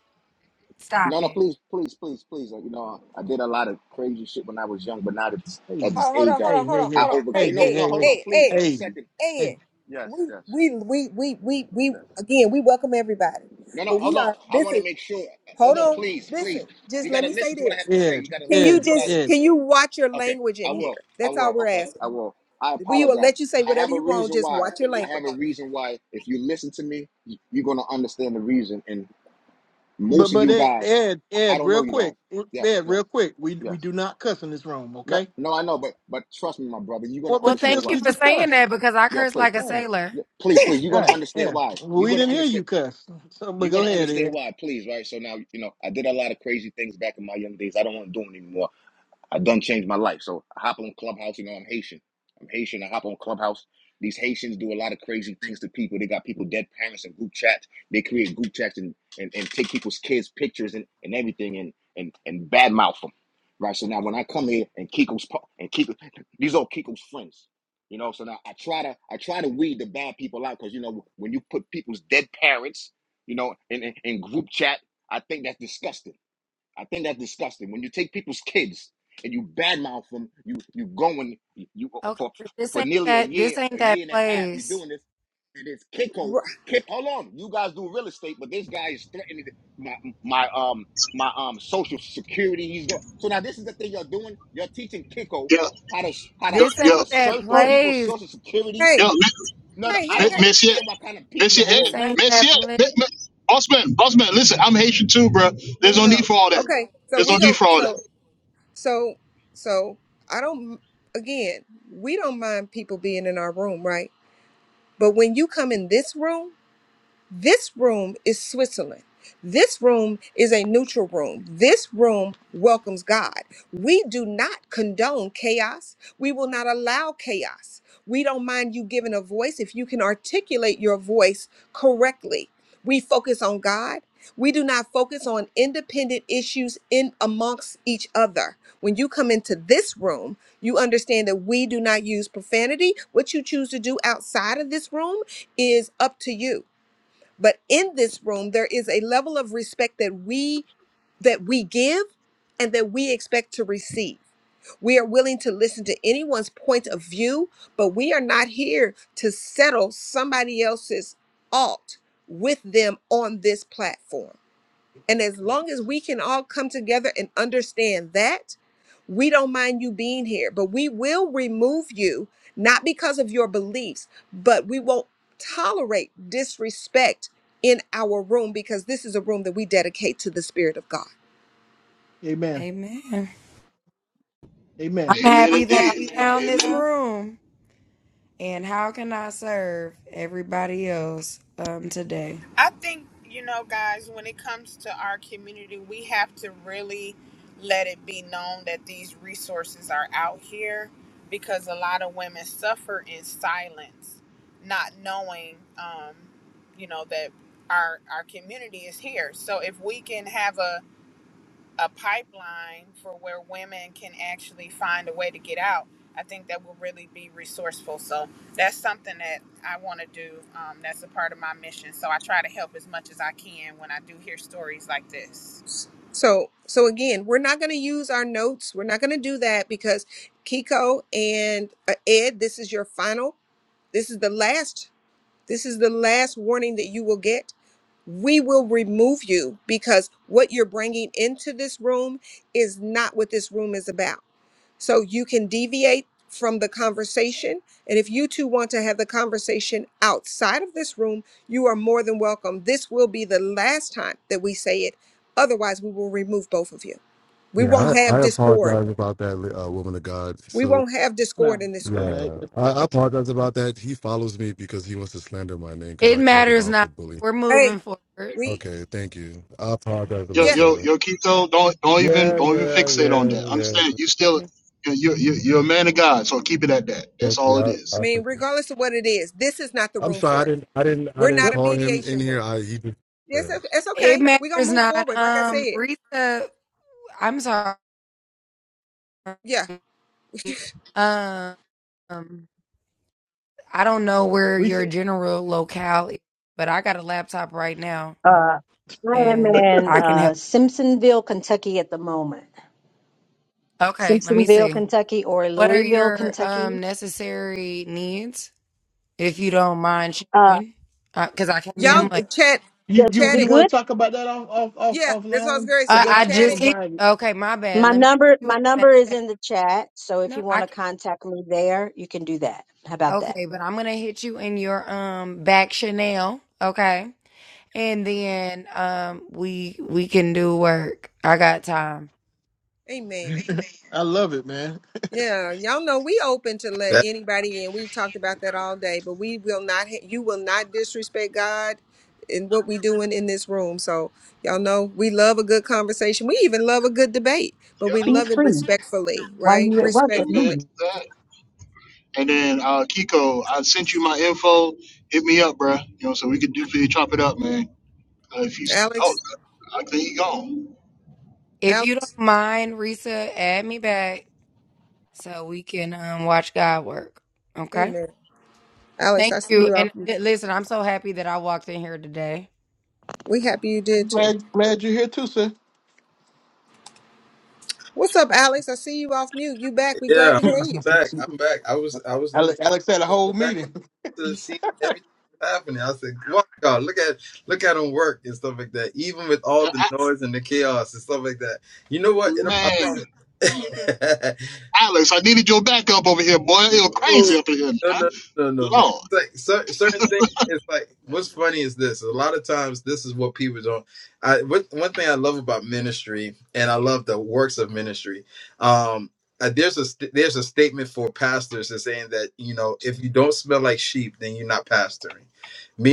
no, Stop no, it. please, please, please, please. Like, you know, I did a lot of crazy shit when I was young, but now at this, Hey, at this Ho- Hold age, on, I hold hey, on, hold hey, on, I hey, hold on. hey, Hey, overcame. No, hey, Ed, no, hey, hold on, Ed, please, Ed, hey, one hey, second. hey. Ed. Yes, We yes, we we we we we yes. again we welcome everybody. No, no, But we hold on. are I this want to is make sure. Hold hold on, on, please, please. listen, You just got let to me say listen to what I this. have to say. Ed, You got to Can listen you to Ed, what just I. Ed. can you watch your Okay, language I in will. here? I That's all will. we're Okay, I asking. will. I We will apologize. let you say I whatever have a you want, reason just why. watch your I language. have a reason why. If you listen to me, y- you're gonna understand the reason. And But most of but you Ed, guys, Ed, I I Ed, don't real know you guys. quick, Yes, Ed, yes, real quick. We we yes. do not cuss in this room, No, okay? no, I know, but but trust me, my brother, you're Well, gonna Well, but you understand thank just why. you you for just saying cuss. that because I Yeah, curse please, like a Right, sailor. Yeah, please, please. You're gonna right, understand yeah. why. You're We gonna didn't hear understand. you cuss. So, but You're go gonna ahead, understand Ed. why, please, right? So now, you know, I did a lot of crazy things back in my young days. I don't want to do them anymore. I done changed my life. So I hop on Clubhouse. You know, I'm Haitian. I'm Haitian. I hop on Clubhouse. These Haitians do a lot of crazy things to people. They got people dead parents in group chats. They create group chats and, and, and take people's kids' pictures and, and everything and, and, and badmouth them. Right. So now when I come here and Kiko's pa- and Kiko, these are Kiko's friends. You know, so now I try to I try to weed the bad people out because you know when you put people's dead parents, you know, in, in, in group chat, I think that's disgusting. I think that's disgusting. When you take people's (laughs) kids and you badmouth them, you you going you Okay, for but this for ain't nearly a that. This year, ain't a that year and a half, you're place. doing this, and it's Kiko. Kick, hold on, you guys do real estate, but this guy is threatening my my um my um social security. He's going. So now this is the thing you're doing. You're teaching Kiko Yeah, how to how to This ain't how yeah, to that search for Oh, people's place. social security. yeah, hey, yeah. No, no, hey, I hey, don't hey. Miss it. understand what kind of people you Monsieur have This Ed, around. ain't that Monsieur, place. M- M- Bossman, Bossman, listen, I'm Haitian too, bro. No, There's no no, need for all no. that. Okay, so There's we no need go. for all So, so, so. I don't. Again, we don't mind people being in our room, right? But when you come in this room. This room is Switzerland. This room is a neutral room. This room welcomes God. We do not condone chaos. We will not allow chaos. We don't mind you giving a voice if you can articulate your voice correctly. We focus on God. We do not focus on independent issues in amongst each other. When you come into this room, you understand that we do not use profanity. What you choose to do outside of this room is up to you but in this room, there is a level of respect that we that we give and that we expect to receive. We are willing to listen to anyone's point of view, but we are not here to settle somebody else's alt with them on this platform. And as long as we can all come together and understand that, we don't mind you being here, but we will remove you, not because of your beliefs, but we won't tolerate disrespect in our room because this is a room that we dedicate to the Spirit of God. Amen. Amen. I'm Amen. that. Amen, happy that red I indeed. ticket. Amen. found this Amen. room. And how can I serve everybody else um, today? I think, you know, guys, when it comes to our community, we have to really let it be known that these resources are out here because a lot of women suffer in silence, not knowing, um, you know, that our our community is here. So if we can have a a pipeline for where women can actually find a way to get out, I think that will really be resourceful. So that's something that I want to do. Um, that's a part of my mission. So I try to help as much as I can when I do hear stories like this. So, so again, we're not going to use our notes. We're not going to do that because Kiko and uh, Ed, this is your final. This is the last this is the last warning that you will get. We will remove you because what you're bringing into this room is not what this room is about. So you can deviate from the conversation. And if you two want to have the conversation outside of this room, you are more than welcome. This will be the last time that we say it. Otherwise, we will remove both of you. We won't Yeah, I, have I discord. apologize about that, uh, woman of God. We So won't have Now, discord in this uh, room. that- yeah, that- I, I apologize about that. He follows me because he wants to slander my name because It I called him matters out for not. bullying. We're Hey, moving forward. we, Okay, thank you. I apologize Yo, yeah. about yo, that. yo, Keto, don't don't even Yeah, don't even yeah, fixate on yeah, that. yeah. Understand? You still you're you you you are you're a man of God, so keep it at that. That's Thank you. all it I, I I, is. mean, appreciate it. regardless of what it is, this is not the I'm room sorry, for I it. didn't, I didn't, I We're didn't not yep. a call him in mediation room. here. I he just, uh, It's, o- it's It okay. We're going matters to move not. forward. Like I Um, said, Rita, I'm sorry. yeah. Um, I don't know where Reese, your general locale is, but I got a laptop right now Uh, I am and in I can uh, help. Simpsonville, Kentucky, at the moment. Okay, let me Simpsonville, see. Kentucky, or What are Louisville, your Kentucky. um necessary needs, if you don't mind Uh, sharing? Because I came in Y'all you uh, like chat, you the you chat the you it. want good. to talk about that off off Yeah, off that's what I was offline? going to Cause uh, say. that's I that's Chat just it. some hit. private. Okay, my bad. My Let me hit number you in my the back. number is in the chat, so if No, you I want to can. contact me there, you can do that. How about that? Okay, but I'm gonna hit you in your um back Chanel. Okay, and then um we we can do work. I got time. (laughs) Amen. I love it, man. Yeah, y'all know we open to let That- anybody in. We've talked about that all day, but we will not, ha- you will not disrespect God in what we doing in this room. So y'all know we love a good conversation. We even love a good debate, but Yeah. we Be love it free respectfully, while right? you at work at Amen Respectfully. me. to that. And then uh Kiko, I sent you my info. Hit me up, bruh. You know, so we could definitely chop it up, man. Uh, if you oh, Alex, I think he gone. If you don't Alex, mind, Risa, add me back so we can um, watch God work. Okay. amen. Alex, I Thank see you. you off. And th- listen, I'm so happy that I walked in here today. We happy you I'm did too. glad glad you're here too, sir. What's up, Alex? I see you off mute. You back. We glad yeah, to (laughs) I'm, hear I'm you. back. I'm back. I was I was in the Alex, Alex had a whole the background meeting. to seeing everything happening. I said, "Wow, God, look at look at him work and stuff like that. Even with all Uh, the I- noise and the chaos and stuff like that. You know what? It, I man, promise. (laughs) Alex, I needed your backup over here, boy. It was No, crazy up in here. no, man. no, no, no, man. Lord. It's like cer- certain things. It's like what's funny is this. A lot of times, this is what people don't. I what, one thing I love about ministry, and I love the works of ministry. Um, uh, there's a st- there's a statement for pastors that's saying that you know if you don't smell like sheep, then you're not pastoring.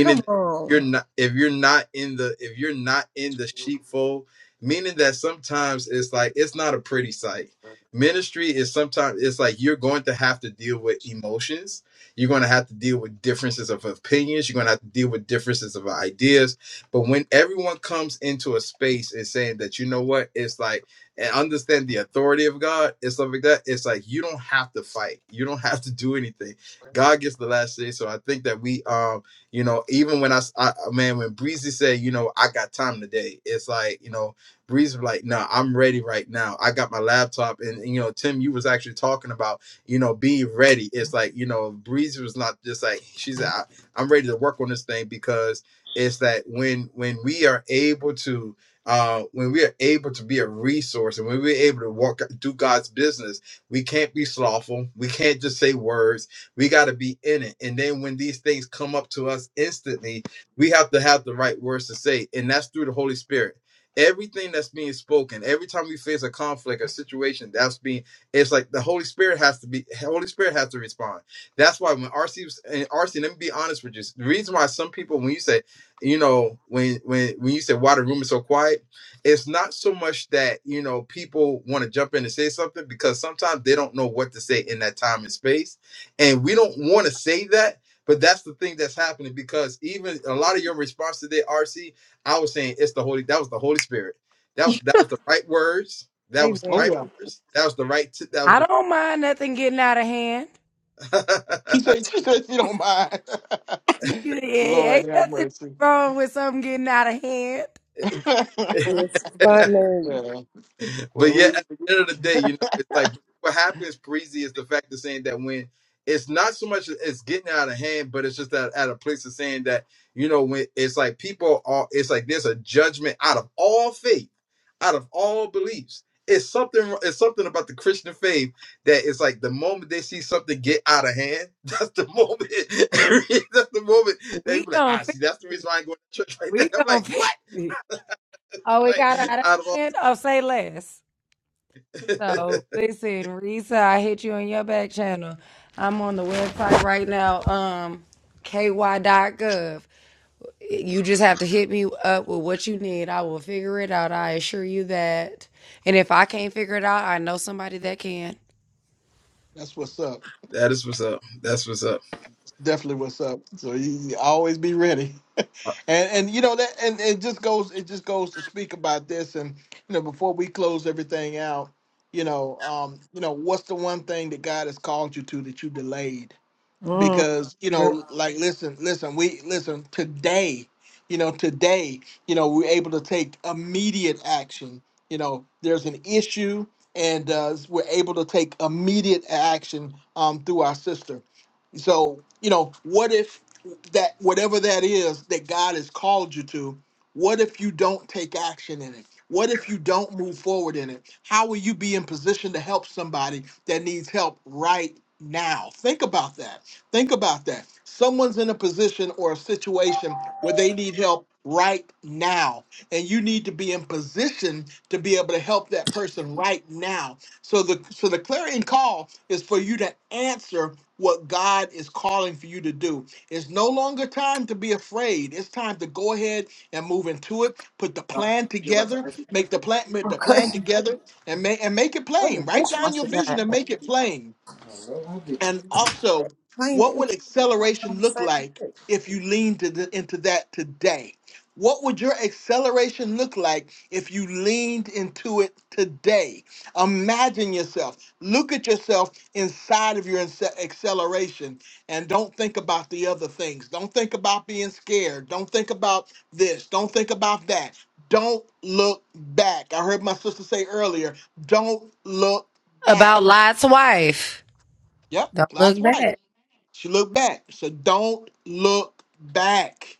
Come you're on. not if you're not in the if you're not in the sheepfold. Meaning that sometimes it's like it's not a pretty sight ministry is sometimes it's like you're going to have to deal with emotions you're going to have to deal with differences of opinions you're going to have to deal with differences of ideas but when everyone comes into a space and saying that you know what it's like and understand the authority of god and stuff like that it's like you don't have to fight you don't (laughs) have to do anything god gets the last say so i think that we um you know even when i, s- I- man when breezy said you know i got time today it's like you know Breeze was like, nah, I'm ready right now. I got my laptop. And, and, you know, Tim, you was actually talking about, you know, being ready. It's like, you know, Breeze was not just like, she's like, I, I'm ready to work on this thing because it's that when when we are able to uh when we are able to be a resource and when we're able to walk do God's business, we can't be slothful. We can't just say words. We got to be in it. And then when these things come up to us instantly, we have to have the right words to say. And that's through the Holy Spirit everything that's being spoken every time we face a conflict a situation that's being it's like the holy spirit has to be holy spirit has to respond that's why when rc was and rc let me be honest with you the reason why some people when you say you know when when when you say why the room is so quiet it's not so much that you know people want to jump in and say something because sometimes they don't know what to say in that time and space and we don't want to say that but that's the thing that's happening because even a lot of your response today rc I was saying it's the Holy. That was the Holy Spirit. That was that was the right words. That was the Oh Amen. right yeah. words. That was the right. T- that was I don't mind nothing getting out of hand. She the. said she said she don't mind. (laughs) (laughs) Lord Ain't have nothing mercy. wrong with something getting out of hand. (laughs) (laughs) yeah. It's funny. Well, but yeah, at we the end of the day, you know, it's like what happens, Parisi, is the fact of saying that when it's not so much it's getting out of hand, but it's just that at a place of saying that, you know, when it's like people are it's like there's a judgment out of all faith, out of all beliefs. It's something it's something about the Christian faith that it's like the moment they see something get out of hand, (laughs) that's the moment (laughs) that's the moment they We be like, gonna ah, fix see, that's the it. reason why I ain't going to church right there. We (laughs) I'm like, gonna (laughs) fix what? it. Oh, it got It's like out of out of hand. Oh, say less. all (laughs) So listen, Risa, I hit you on your back channel. I'm on the website right now, um, ky.gov. You just have to hit me up with what you need. I will figure it out. I assure you that. And if I can't figure it out, I know somebody that can. that's what's up. That is what's up. That's what's up. Definitely what's up. So you you always be ready. Uh, and and you know that and it just goes it just goes to speak about this and you know before we close everything out you know um you know what's the one thing that god has called you to that you delayed because you Girl. know like listen listen we listen today you know today you know we're able to take immediate action you know there's an issue and uh, we're able to take immediate action um, through our sister so you know what if that whatever that is that god has called you to what if you don't take action in it what if you don't move forward in it how will you be in position to help somebody that needs help right now think about that Think about that. Someone's in a position or a situation where they need help right now, and you need to be in position to be able to help that person right now. So the so the clarion call is for you to answer what God is calling for you to do. It's no longer time to be afraid. It's time to go ahead and move into it. Put the plan together. Make the plan. Make the plan Okay. together, and make and make it plain. Write down your vision and make it plain and also, I ain't what even would acceleration look say. like if you leaned to the- into that today? What would your acceleration look like if you leaned into it today? Imagine yourself. Look at yourself inside of your inse- acceleration and don't think about the other things. Don't think about being scared. Don't think about this. Don't think about that. Don't look back. I heard my sister say earlier, don't look back. About Lot's wife. Yep, Don't that's look right. back. She looked back. So don't look back.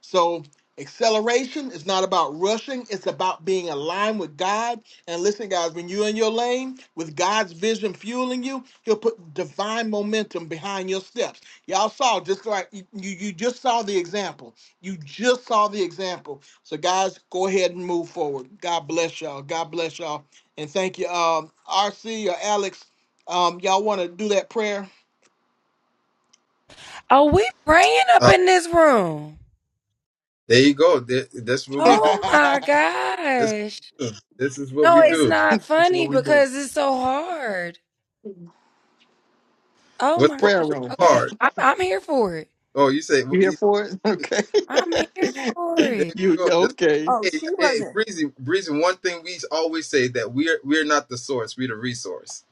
So acceleration is not about rushing. It's about being aligned with God. And listen, guys, when you're in your lane with God's vision fueling you, He'll put divine momentum behind your steps. Y'all saw just like you, you you just saw the example. You just saw the example. So guys, go ahead and move forward. God bless y'all. God bless y'all. And thank you, um, RC or Alex. Um, y'all want to do that prayer? Oh, we praying up uh, in this room. there you go. Th- That's what we do. Oh my (laughs) This, gosh. this is what No, we Uh, it's do. (laughs) not That's what funny we do. because it's so hard. Oh What's, my what's Prayer gosh. room. Okay. hard? I'm, I'm here for it. Oh, you say You here for it? (laughs) Okay. I'm here for (laughs) there it. you you you go. That's, okay? Oh, hey, she hey, wasn't. breezy, breezy. One thing we always say that we're we're not the source. We're the resource.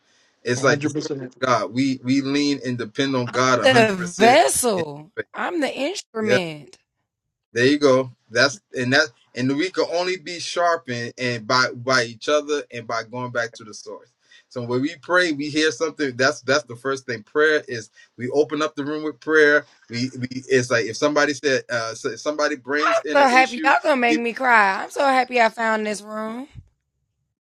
It's One like the hundred source percent. (laughs) of God. We we lean and depend on I'm God the hundred percent. vessel. I'm the instrument. There you go. That's and that and we can only be sharpened and by by each other and by going back to the source. So when we pray, we hear something. That's that's the first thing. Prayer is we open up the room with prayer. We we it's like if somebody said uh so if somebody brings in an so happy issue, y'all gonna make it, me cry. I'm so happy I found this room.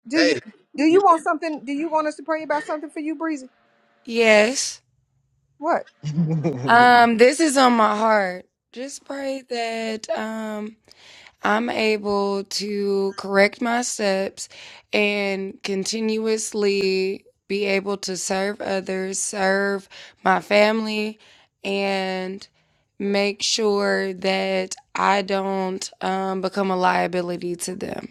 Do you hey, do you you want something? Do you want us to pray about something for you, Breezy? Yes. What? Um, this is on my heart. Just pray that um I'm able to correct my steps and continuously be able to serve others, serve my family, and make sure that I don't um, become a liability to them.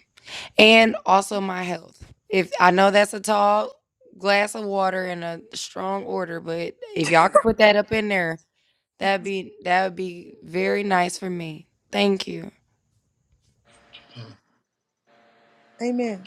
and also my health. If I know that's a tall glass of water and a strong order, but if y'all could put that up in there, that'd be that would be very nice for me. Thank you. know. Amen.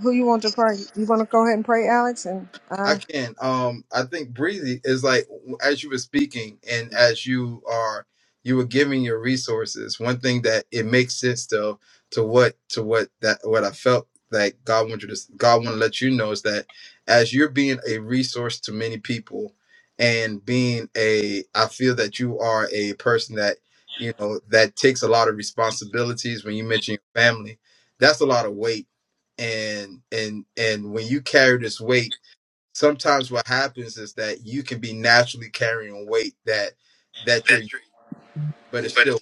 Who you want to pray? You want to go ahead and pray, Alex? And I I, can. Um, I think breezy is like as you were speaking and as you are you were giving your resources. One thing that it makes sense to to what to what that what I felt like God wanted to God want to let you know is that as you're being a resource to many people and being a I feel that you are a person that you know that takes a lot of responsibilities when you mention your family. That's a lot of weight and and and when you carry this weight sometimes what happens is that you can be naturally carrying weight that that you're but it's still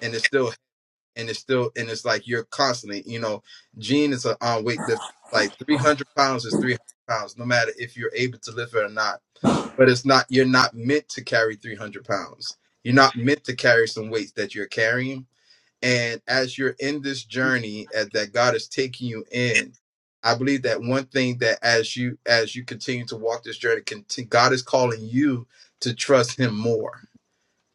and it's still and it's still and it's like you're constantly you know gene is a on weightlift like 300 pounds is 300 pounds no matter if you're able to lift it or not but it's not you're not meant to carry 300 pounds you're not meant to carry some weights that you're carrying And as you're in this journey at, that God is taking you in, I believe that one thing that as you as you continue to walk this journey, conti- God is calling you to trust Him more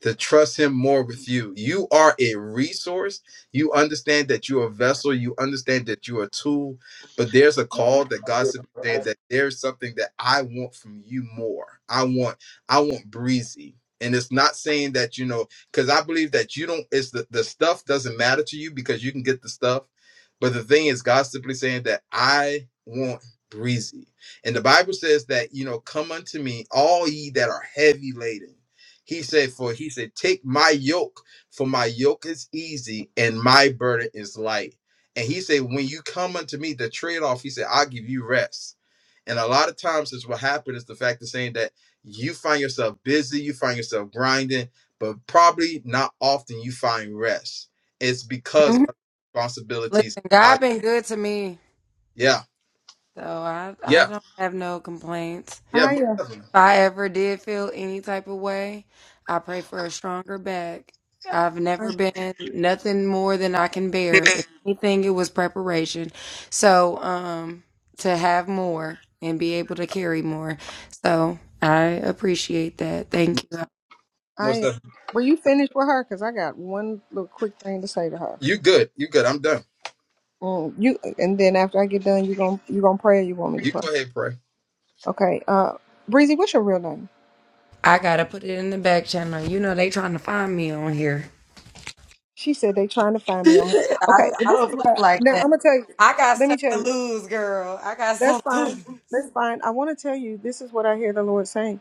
to trust him more with you. You are a resource. You understand that you're a vessel. You understand that you're a tool. But there's a call that God said that there's something that I want from you more. I want, I want breezy. And it's not saying that, you know, because I believe that you don't, it's the, the stuff doesn't matter to you because you can get the stuff. But the thing is, God's simply saying that I want breezy. And the Bible says that, you know, come unto me, all ye that are heavy laden he said, For he said, Take my yoke, for my yoke is easy and my burden is light. And he said, When you come unto me, the trade off, he said, I'll give you rest. And a lot of times, is what happened is the fact of saying that you find yourself busy, you find yourself grinding, but probably not often you find rest. It's because Mhm. of Listen, responsibilities. God Like, been good to me, yeah, so I I yeah, don't have no complaints. yeah, I, most uh, definitely. If I ever did feel any type of way, I pray for a stronger back. I've I, never been nothing more than I can bear. If anything, it was preparation. So, um, to have more and be able to carry more. So I appreciate that. Thank you. I Most am. definitely. Were you finished with her? Cause I got one little quick thing to say to her. You good. You good. I'm done. Mm, you and then after I get done, you gon' you gonna pray. Or you want me to You pray? go ahead, pray. Okay. Uh, Breezy, what's your real name? I gotta put it in the back channel. You know they trying to find me on here. She said they trying to (laughs) find me on her. I, Okay. Well, I this don't is play what I, like now I'm that. gonna tell you. I got Let stuff me tell to you. lose, girl. I got That's stuff to fine. lose. That's fine. I want to tell you. This is what I hear the Lord saying.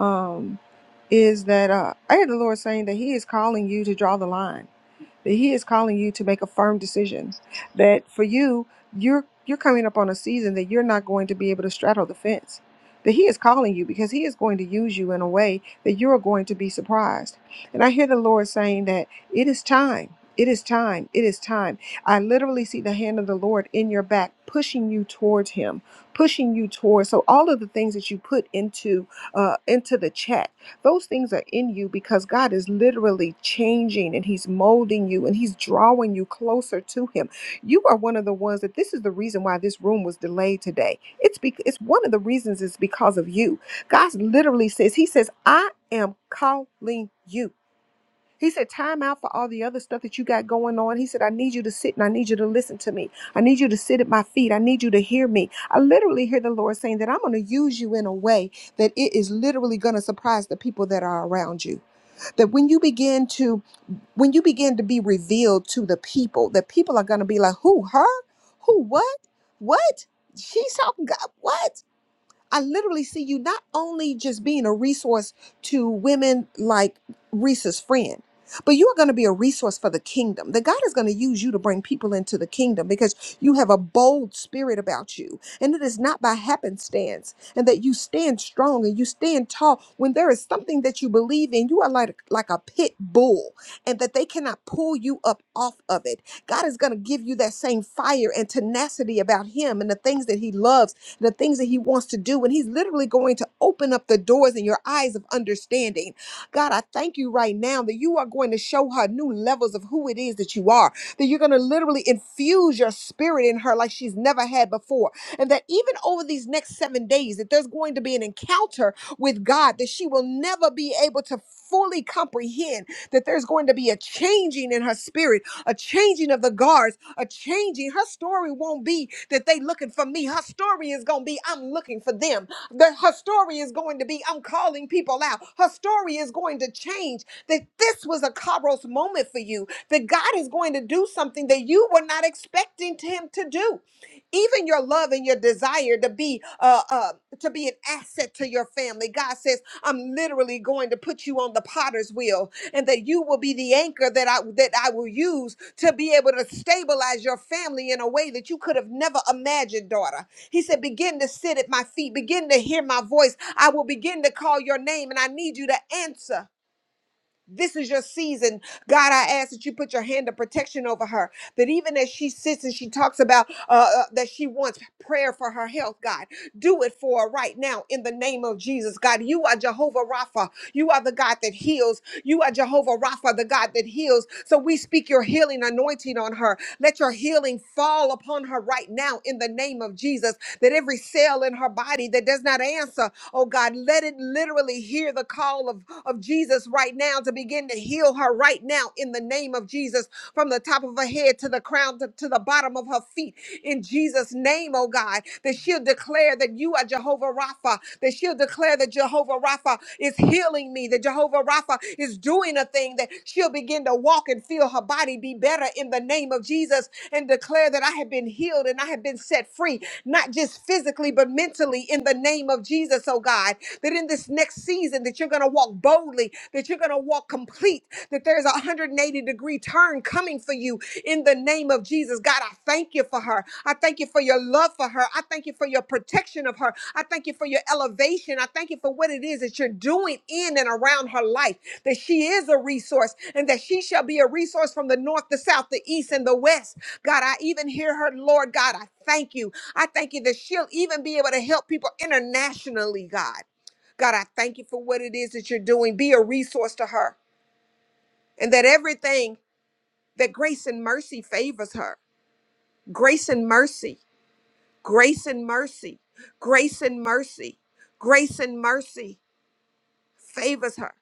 Um, is that uh, I hear the Lord saying that He is calling you to draw the line that he is calling you to make a firm decision that for you you're you're coming up on a season that you're not going to be able to straddle the fence that he is calling you because he is going to use you in a way that you're going to be surprised and i hear the lord saying that it is time it is time it is time i literally see the hand of the lord in your back pushing you towards him pushing you towards so all of the things that you put into uh into the chat those things are in you because God is literally changing and He's molding you and He's drawing you closer to Him. You are one of the ones that this is the reason why this room was delayed today. It's because it's one of the reasons is because of you. God literally says, He says, I am calling you. He said, time out for all the other stuff that you got going on. He said, I need you to sit and I need you to listen to me. I need you to sit at my feet. I need you to hear me. I literally hear the Lord saying that I'm going to use you in a way that it is literally going to surprise the people that are around you. That when you begin to when you begin to be revealed to the people, that people are going to be like, who, her? Who, what? What? She's talking God. What? I literally see you not only just being a resource to women like Reese's friend, but you are going to be a resource for the kingdom. That God is going to use you to bring people into the kingdom because you have a bold spirit about you. And it is not by happenstance, and that you stand strong and you stand tall. When there is something that you believe in, you are like, like a pit bull, and that they cannot pull you up off of it. God is going to give you that same fire and tenacity about Him and the things that He loves the things that He wants to do. And He's literally going to open up the doors in your eyes of understanding. God, I thank you right now that you are going to show her new levels of who it is that you are, that you're going to literally infuse your spirit in her like she's never had before. And that even over these next seven days, that there's going to be an encounter with God that she will never be able to fully comprehend, that there's going to be a changing in her spirit, a changing of the guards are changing. Her story won't be that they looking for me. Her story is going to be I'm looking for them. That her story is going to be I'm calling people out. Her story is going to change. That this was a Kairos moment for you. That God is going to do something that you were not expecting him to do. Even your love and your desire to be uh, uh to be an asset to your family. God says, I'm literally going to put you on the potter's wheel and that you will be the anchor that I that I will use to be able to stabilize your family in a way that you could have never imagined, daughter. He said, Begin to sit at my feet, begin to hear my voice. I will begin to call your name, and I need you to answer. This is your season. God, I ask that you put your hand of protection over her. That even as she sits and she talks about uh, uh, that she wants prayer for her health, God, do it for her right now in the name of Jesus. God, you are Jehovah Rapha. You are the God that heals. You are Jehovah Rapha, the God that heals. So we speak your healing anointing on her. Let your healing fall upon her right now in the name of Jesus. That every cell in her body that does not answer, Oh God, let it literally hear the call of, of Jesus right now to begin to heal her right now in the name of Jesus from the top of her head to the crown to, to the bottom of her feet in Jesus' name, oh God, that she'll declare that you are Jehovah Rapha, that she'll declare that Jehovah Rapha is healing me, that Jehovah Rapha is doing a thing, that she'll begin to walk and feel her body be better in the name of Jesus and declare that I have been healed and I have been set free not just physically, but mentally in the name of Jesus, oh God. That in this next season that you're going to walk boldly, that you're going to walk complete, that there's a 180 degree turn coming for you in the name of Jesus. God, I thank you for her. I thank you for your love for her. I thank you for your protection of her. I thank you for your elevation. I thank you for what it is that you're doing in and around her life, that she is a resource and that she shall be a resource from the north, the south, the east, and the west God, I even hear her, Lord God, I thank you. I thank you that she'll even be able to help people internationally, God. God, I thank you for what it is that you're doing. Be a resource to her, and that everything that grace and mercy favors her. Grace and mercy, grace and mercy, grace and mercy, grace and mercy favors her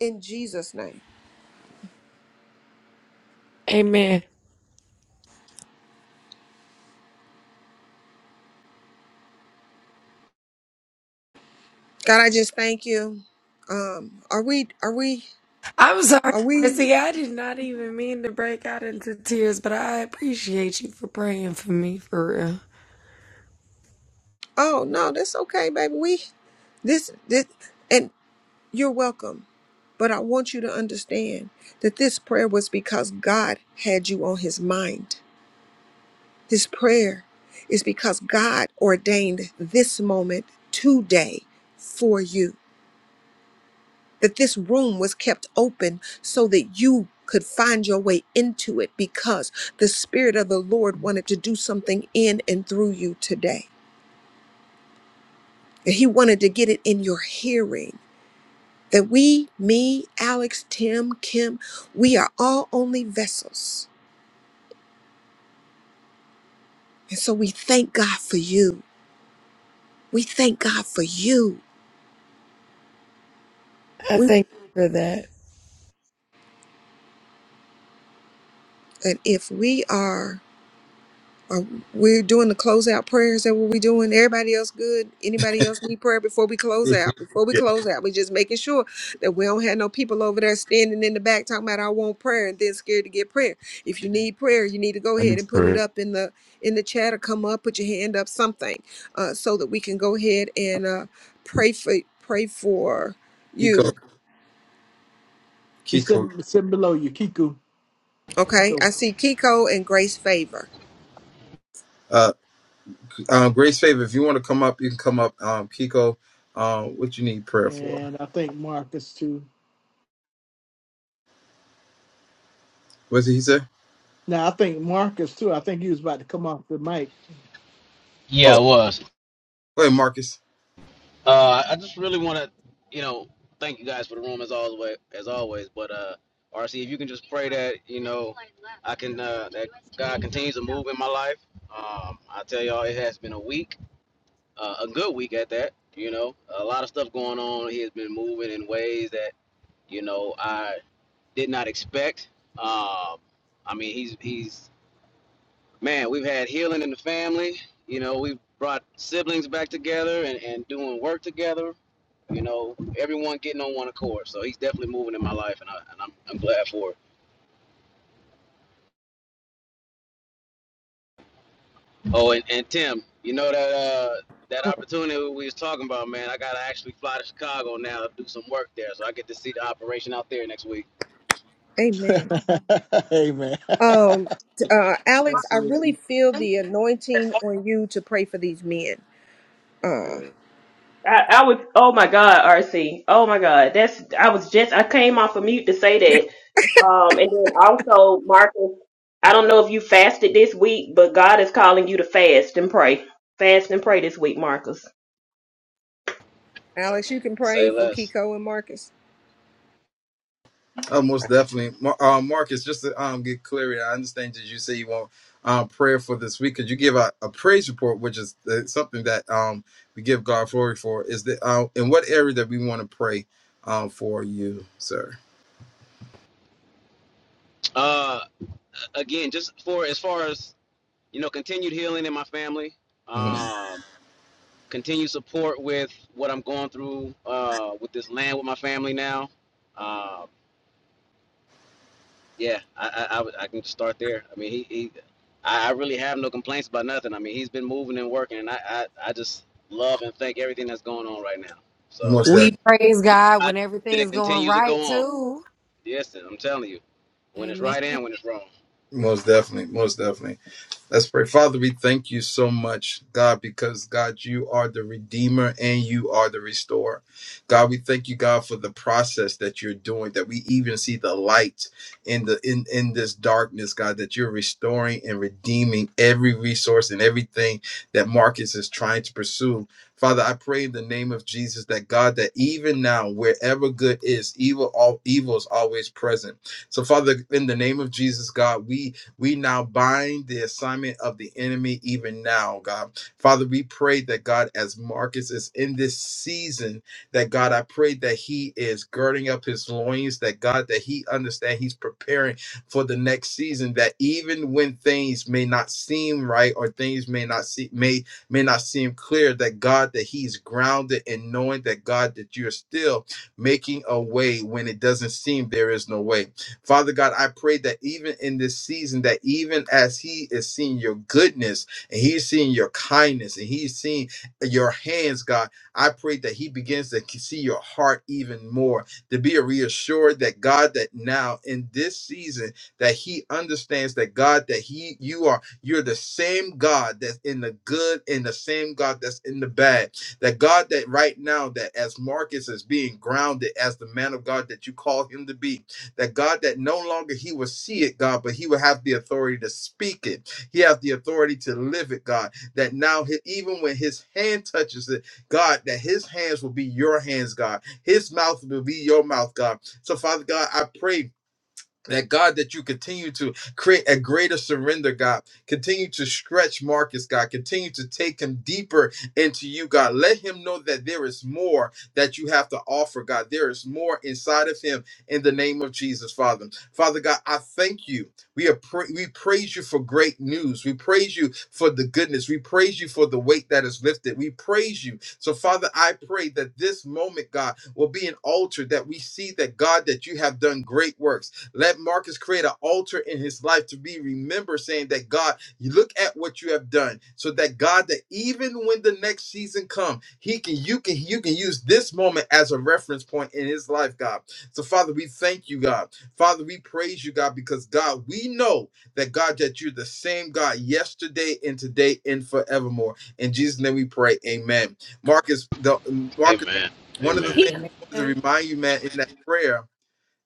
in Jesus' name. Amen. God, I just thank you. Um, are we, are we, I'm sorry, are we? Chrissy. I did not even mean to break out into tears, but I appreciate you for praying for me for real. Oh no, that's okay, baby. We this this and you're welcome. But I want you to understand that this prayer was because God had you on his mind. This prayer is because God ordained this moment today for you. That this room was kept open so that you could find your way into it because the Spirit of the Lord wanted to do something in and through you today. And He wanted to get it in your hearing. That we, me, Alex, Tim, Kim, we are all only vessels. And so we thank God for you. We thank God for you. I We, thank you for that. and if we are Are we doing the closeout prayers? Is that what we doing? Everybody else good? Anybody else need prayer before we close out? Before (laughs) we yeah, close out, we just making sure that we don't have no people over there standing in the back talking about I want prayer and then scared to get prayer. If you need prayer, you need to go I need ahead and put it to. up in the in the chat or come up, put your hand up, something, uh, so that we can go ahead and uh, pray for pray for Kiko, you. He Kiko. sitting sitting below you, Kiku. Okay, Kiko, I see Kiko and Grace Favor. Um, Grace Favor, if you want to come up, you can come up. Um, Kiko, um, what you need prayer for? and I think Marcus too. What did he say? Now I think Marcus too. I think he was about to come off the mic. Yeah, Oh, it was. wait, Marcus. Uh, I just really want to, you know, thank you guys for the room as always. As always, but uh, RC, if you can just pray that, you know, I can uh, that God continues to move in my life. Um, I tell y'all, it has been a week, uh, a good week at that. You know, a lot of stuff going on. He has been moving in ways that you know I did not expect. Um, I mean, he's he's man. We've had healing in the family. You know, we've brought siblings back together and, and doing work together You know, everyone getting on one accord. So he's definitely moving in my life, and, I, and I'm, I'm glad for it. Oh, and, and Tim, you know that uh, that opportunity we was talking about, man. I gotta actually fly to Chicago now to do some work there, so I get to see the operation out there next week. Amen. (laughs) hey man. Um, t- uh, Alex, I really feel the anointing on you to pray for these men. Uh, I, I would. Oh my God, RC. Oh my God. That's. I was just. I came off of mute to say that. Um, and then also, Marcus. I don't know if you fasted this week, but God is calling you to fast and pray. Fast and pray this week, Marcus. Alex, you can pray Say for less. Kiko and Marcus. Uh, most definitely. Mar- uh, Marcus, just to um, get clear, I understand that you say you want um, prayer for this week. Could you give a, a praise report, which is uh, something that um, we give God glory for? Is that uh, in what area that we want to pray um, for you, sir? Uh, again, just for as far as you know, continued healing in my family. hmm Um, continued support with what I'm going through uh, with this land with my family now. Uh, Yeah, I I, I, would- I can start there. I mean, he, he I, I really have no complaints about nothing. I mean, he's been moving and working, and I, I, I just love and thank everything that's going on right now. So Most, de- We praise I just God I, when that everything's it going continues to right go on. too. Yes, I'm telling you, when it's Amen. right and when it's wrong. most definitely. Most definitely. Let's pray. Father, we thank you so much, God, because God, you are the Redeemer and you are the Restorer. God, we thank you, God, for the process that you're doing, that we even see the light in the in, in this darkness, God, that you're restoring and redeeming every resource and everything that Marcus is trying to pursue. Father, I pray in the name of Jesus that God, that even now, wherever good is, evil all evil is always present. So, Father, in the name of Jesus, God, we we now bind the assignment of the enemy even now, God. Father, we pray that God, as Marcus is in this season, that God, I pray that he is girding up his loins, that God, that he understand he's preparing for the next season, that even when things may not seem right or things may not see may may not seem clear, that God, that he's grounded in knowing that God, that you're still making a way when it doesn't seem there is no way. Father God, I pray that even in this season, that even as He is seeing your goodness and He's seeing your kindness and He's seeing your hands, God, I pray that He begins to see your heart even more, to be reassured that God, that now in this season, that He understands that God, that He, you are, you're the same God that's in the good and the same God that's in the bad. That God, that right now, that as Marcus is being grounded as the man of God that you call him to be, that God, that no longer he will see it, God, but he will have the authority to speak it. He has the authority to live it, God. That now, he- even when his hand touches it, God, that his hands will be your hands, God. His mouth will be your mouth, God. So, Father God, I pray. That God, that you continue to create a greater surrender, God. Continue to stretch Marcus, God. Continue to take him deeper into you, God. Let him know that there is more that you have to offer, God. There is more inside of him in the name of Jesus, Father. Father God, I thank you. We are pra- we praise you for great news. We praise you for the goodness. We praise you for the weight that is lifted. We praise you. So, Father, I pray that this moment, God, will be an altar that we see that God, that you have done great works let Marcus create an altar in his life to be remembered, saying that God, you look at what you have done, so that God, that even when the next season comes, He can, you can, you can use this moment as a reference point in His life, God. So, Father, we thank you, God. Father, we praise you, God, because God, we know that God, that you're the same God yesterday and today and forevermore. In Jesus' name, we pray. Amen. Marcus, the Marcus, Amen. one of the Amen. things Kiko, I wanted Amen. to remind you, man, in that prayer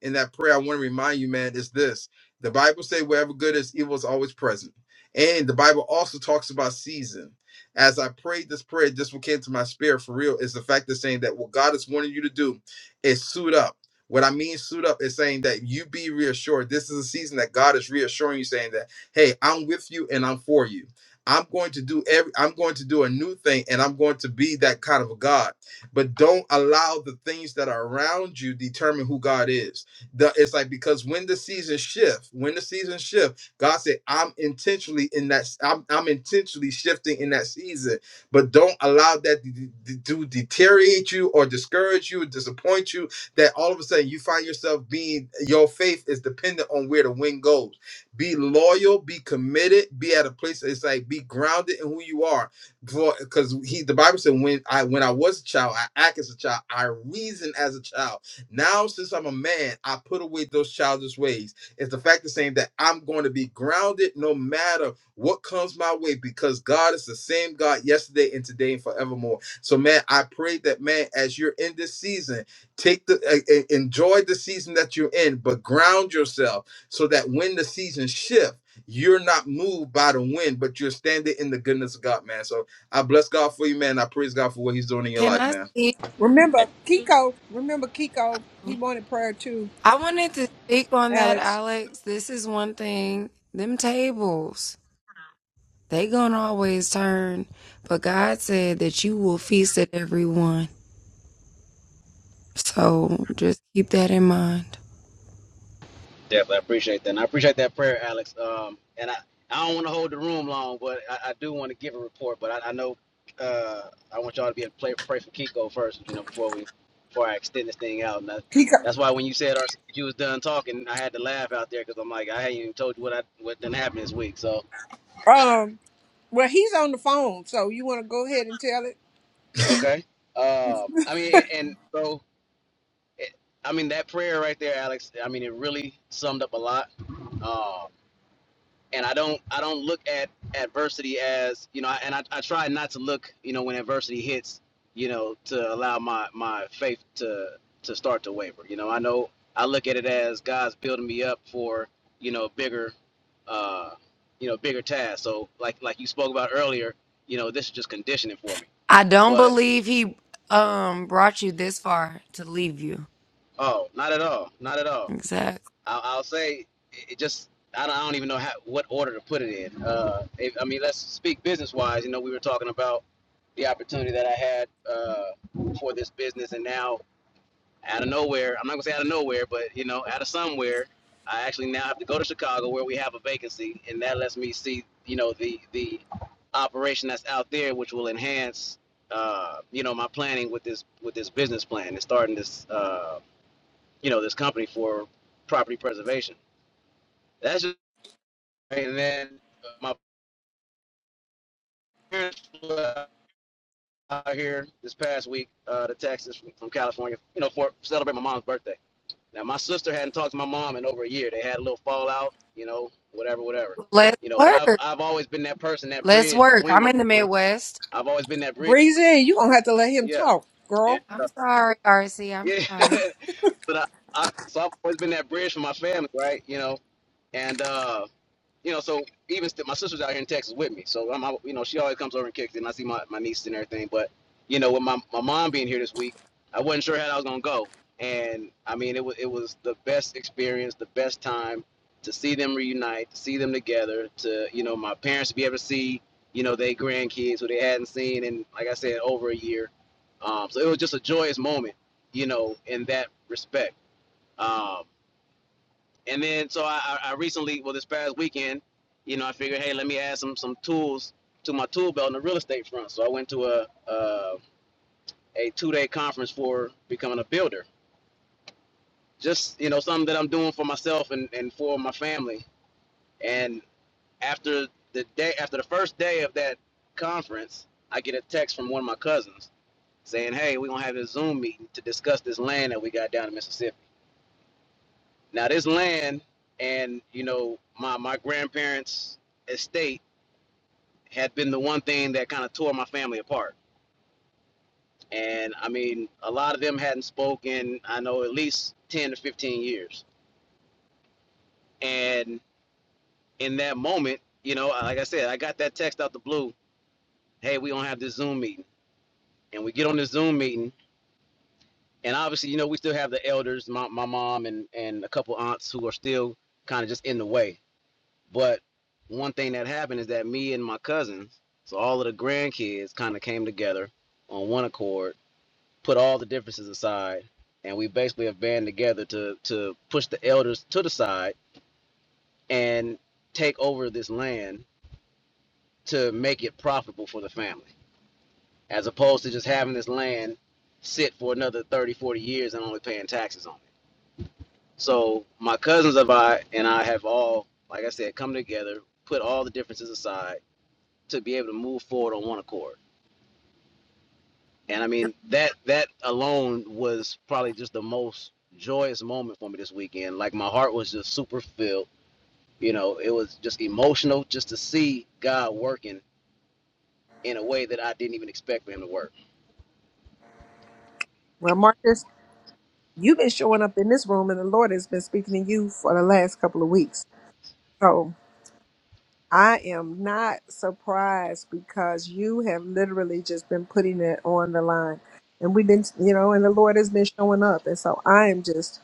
in that prayer, I want to remind you, man, is this. The Bible say wherever good is, evil is always present. And the Bible also talks about season. As I prayed this prayer, this what came to my spirit for real is the fact of saying that what God is wanting you to do is suit up. What I mean suit up is saying that you be reassured. This is a season that God is reassuring you, saying that, hey, I'm with you and I'm for you. I'm going to do every I'm going to do a new thing and I'm going to be that kind of a God. But don't allow the things that are around you determine who God is the, it's like because when the seasons shift, when the seasons shift, God said, "I'm intentionally in that. I'm, I'm intentionally shifting in that season, but don't allow that to, to to deteriorate you or discourage you, disappoint you. That all of a sudden you find yourself being your faith is dependent on where the wind goes. Be loyal, be committed, be at a place. It's like be grounded in who you are for because he the Bible said when I when I was a child, I act as a child, I reason as a child. Now, since I'm a man, I put away those childish ways. It's the fact of saying that I'm going to be grounded no matter what comes my way because God is the same God yesterday and today and forevermore. So, man, I pray that, man, as you're in this season, take the uh, uh, enjoy the season that you're in, but ground yourself so that when the season shift, you're not moved by the wind, but you're standing in the goodness of God, man. So I bless God for you, man. I praise God for what He's doing in your Can life, I man. speak? Remember, Kiko, remember Kiko, he wanted prayer too, I wanted to speak on that, Alex. Alex. This is one thing. Them tables, they gonna always turn, but God said that you will feast at every one. So just keep that in mind. Definitely, I appreciate that. And I appreciate that prayer, Alex. Um, and I, I don't want to hold the room long, but I, I do want to give a report. But I, I know uh, I want y'all to be able to play, pray for Kiko first, you know, before we before I extend this thing out. And that, Kiko, that's why when you said our, you was done talking, I had to laugh out there because I'm like, I hadn't even told you what I what done happened this week. So um, well, he's on the phone, so you want to go ahead and tell it? okay, um, I mean, and so it, I mean that prayer right there, Alex. I mean, it really summed up a lot. Um, and I don't I don't look at adversity as you know, and I, I try not to look you know when adversity hits you know to allow my my faith to to start to waver. You know, I know I look at it as God's building me up for you know bigger uh you know bigger tasks. So like like you spoke about earlier, you know this is just conditioning for me. I don't But believe he um brought you this far to leave you. oh, not at all, not at all Exactly. I'll, I'll say it just I don't, I don't even know how what order to put it in. Uh, if, I mean, let's speak business wise. You know, we were talking about the opportunity that I had uh, for this business, and now out of nowhere, I'm not gonna say out of nowhere, but you know, out of somewhere, I actually now have to go to Chicago where we have a vacancy, and that lets me see you know the the operation that's out there, which will enhance uh, you know my planning with this with this business plan and starting this uh, you know this company for property preservation. That's just right. and then my parents were out here this past week uh, to Texas from, from California, you know, for celebrate my mom's birthday. Now my sister hadn't talked to my mom in over a year. They had a little fallout, you know, whatever, whatever, Let's you know. But I've work. I've always been that person, that Let's bridge work. between I'm my in the family. Midwest. I've always been that bridge, Breezy, you're going to have to let him yeah, talk, and girl. I'm uh, sorry, RC. I'm yeah. sorry. (laughs) but I, I so I've always been that bridge for my family, right? You know, and uh, you know, so even still, my sister's out here in Texas with me. So I'm, you know, she always comes over and kicks it, and I see my, my niece and everything. But you know, with my, my mom being here this week, I wasn't sure how I was gonna go, and I mean, it was it was the best experience, the best time to see them reunite, to see them together, to you know, my parents to be able to see, you know, their grandkids who they hadn't seen in, like I said, over a year. Um, so it was just a joyous moment, you know, in that respect. Um, and then so I, I recently, well, this past weekend, you know, I figured, hey, let me add some some tools to my tool belt in the real estate front. So I went to a uh, a two day conference for becoming a builder. Just you know, something that I'm doing for myself and, and for my family. And after the day, after the first day of that conference, I get a text from one of my cousins saying, hey, we're gonna have a Zoom meeting to discuss this land that we got down in Mississippi. Now this land and you know my my grandparents' estate had been the one thing that kind of tore my family apart. And I mean, a lot of them hadn't spoken, I know, at least 10 to 15 years. And in that moment, you know, like I said, I got that text out the blue hey, we don't have this Zoom meeting. And we get on this Zoom meeting. And obviously, you know, we still have the elders, my, my mom and, and a couple aunts who are still kind of just in the way. But one thing that happened is that me and my cousins, so all of the grandkids kind of came together on one accord put all the differences aside, and we basically have band together to to push the elders to the side and take over this land to make it profitable for the family, as opposed to just having this land sit for another 30, 40 years and only paying taxes on it. So my cousins of I and I have all, like I said, come together, put all the differences aside to be able to move forward on one accord. And I mean that that alone was probably just the most joyous moment for me this weekend. Like my heart was just super filled. You know, it was just emotional just to see God working in a way that I didn't even expect for him to work. Well, Marcus, you've been showing up in this room, and the Lord has been speaking to you for the last couple of weeks. So. I am not surprised because you have literally just been putting it on the line. And we've been, you know, and the Lord has been showing up. And so I am just,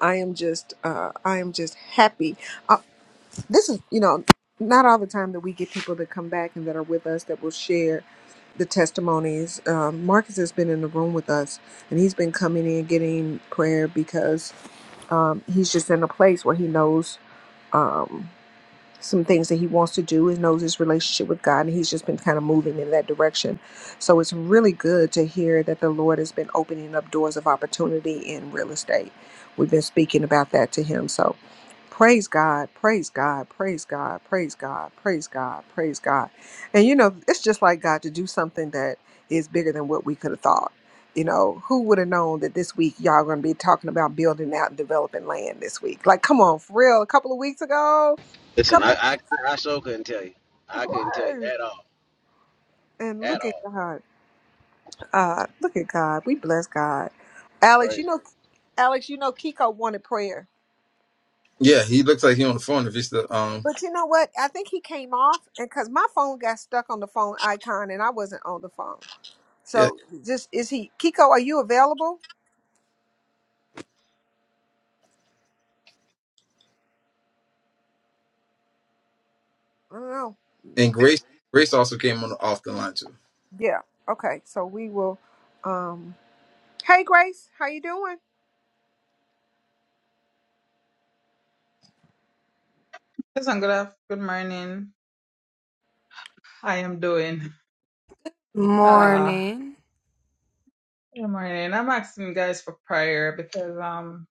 I am just, uh, I am just happy. Uh, this is, you know, not all the time that we get people that come back and that are with us that will share the testimonies. Um, Marcus has been in the room with us and he's been coming in getting prayer because um, he's just in a place where he knows. Um, some things that he wants to do and knows his relationship with God, and he's just been kind of moving in that direction. So it's really good to hear that the Lord has been opening up doors of opportunity in real estate. We've been speaking about that to him. So praise God, praise God, praise God, praise God, praise God, praise God. And you know, it's just like God to do something that is bigger than what we could have thought. You know, who would have known that this week y'all going to be talking about building out and developing land this week? Like, come on, for real. A couple of weeks ago, Listen, couple. I I, I sure couldn't tell you. I couldn't tell you Right. at all. And At look at all. God. Uh, look at God. We bless God. Alex, you Praise. know, Alex, you know, Kiko wanted prayer. Yeah, he looks like he on the phone. If he's the um But you know what? I think he came off, and because my phone got stuck on the phone icon, and I wasn't on the phone. Yeah, So, just is he Kiko? Are you available? I don't know. and Grace Grace also came on the, off the line too. Yeah. Okay. So we will. um Hey, Grace, how you doing? Yes, and good, af- good morning. I am doing. Where, Uh, Morning. good morning. I'm asking you guys for prayer because um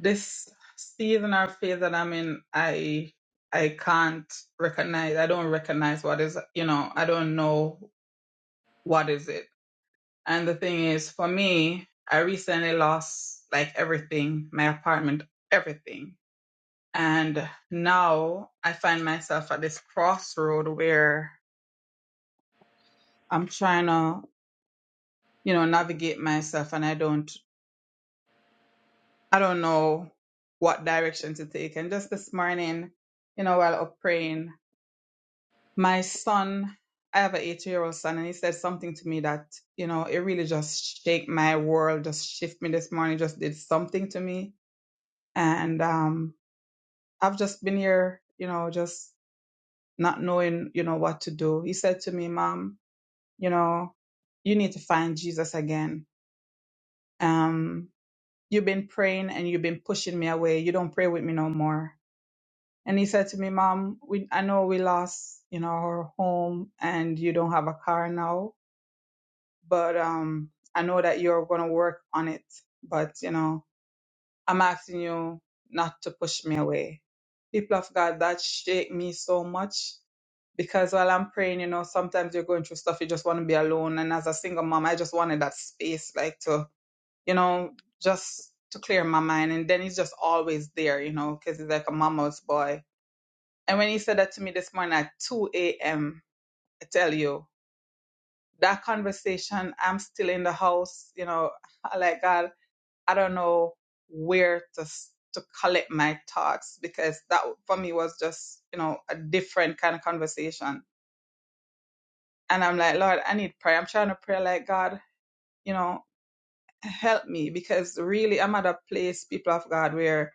this season or phase that I'm in, I I can't recognize. I don't recognize what is. You know, I don't know what is it. And the thing is, for me, I recently lost like everything, my apartment, everything, and now I find myself at this crossroad where I'm trying to you know, navigate myself and I don't I don't know what direction to take. And just this morning, you know, while up praying, my son, I have an eight year old son and he said something to me that, you know, it really just shake my world, just shift me this morning, just did something to me. And um I've just been here, you know, just not knowing, you know, what to do. He said to me, Mom, you know, you need to find Jesus again. Um You've been praying and you've been pushing me away. You don't pray with me no more. And he said to me, Mom, we, I know we lost, you know, our home and you don't have a car now, but um, I know that you're going to work on it. But, you know, I'm asking you not to push me away. People of God, that shake me so much because while I'm praying, you know, sometimes you're going through stuff, you just want to be alone. And as a single mom, I just wanted that space, like to you know, just to clear my mind. And then he's just always there, you know, because he's like a mama's boy. And when he said that to me this morning at 2 a.m., I tell you, that conversation, I'm still in the house, you know, (laughs) like God, I don't know where to s- to collect my thoughts because that for me was just, you know, a different kind of conversation. And I'm like, Lord, I need prayer. I'm trying to pray like God, you know, help me because really I'm at a place, people of God, where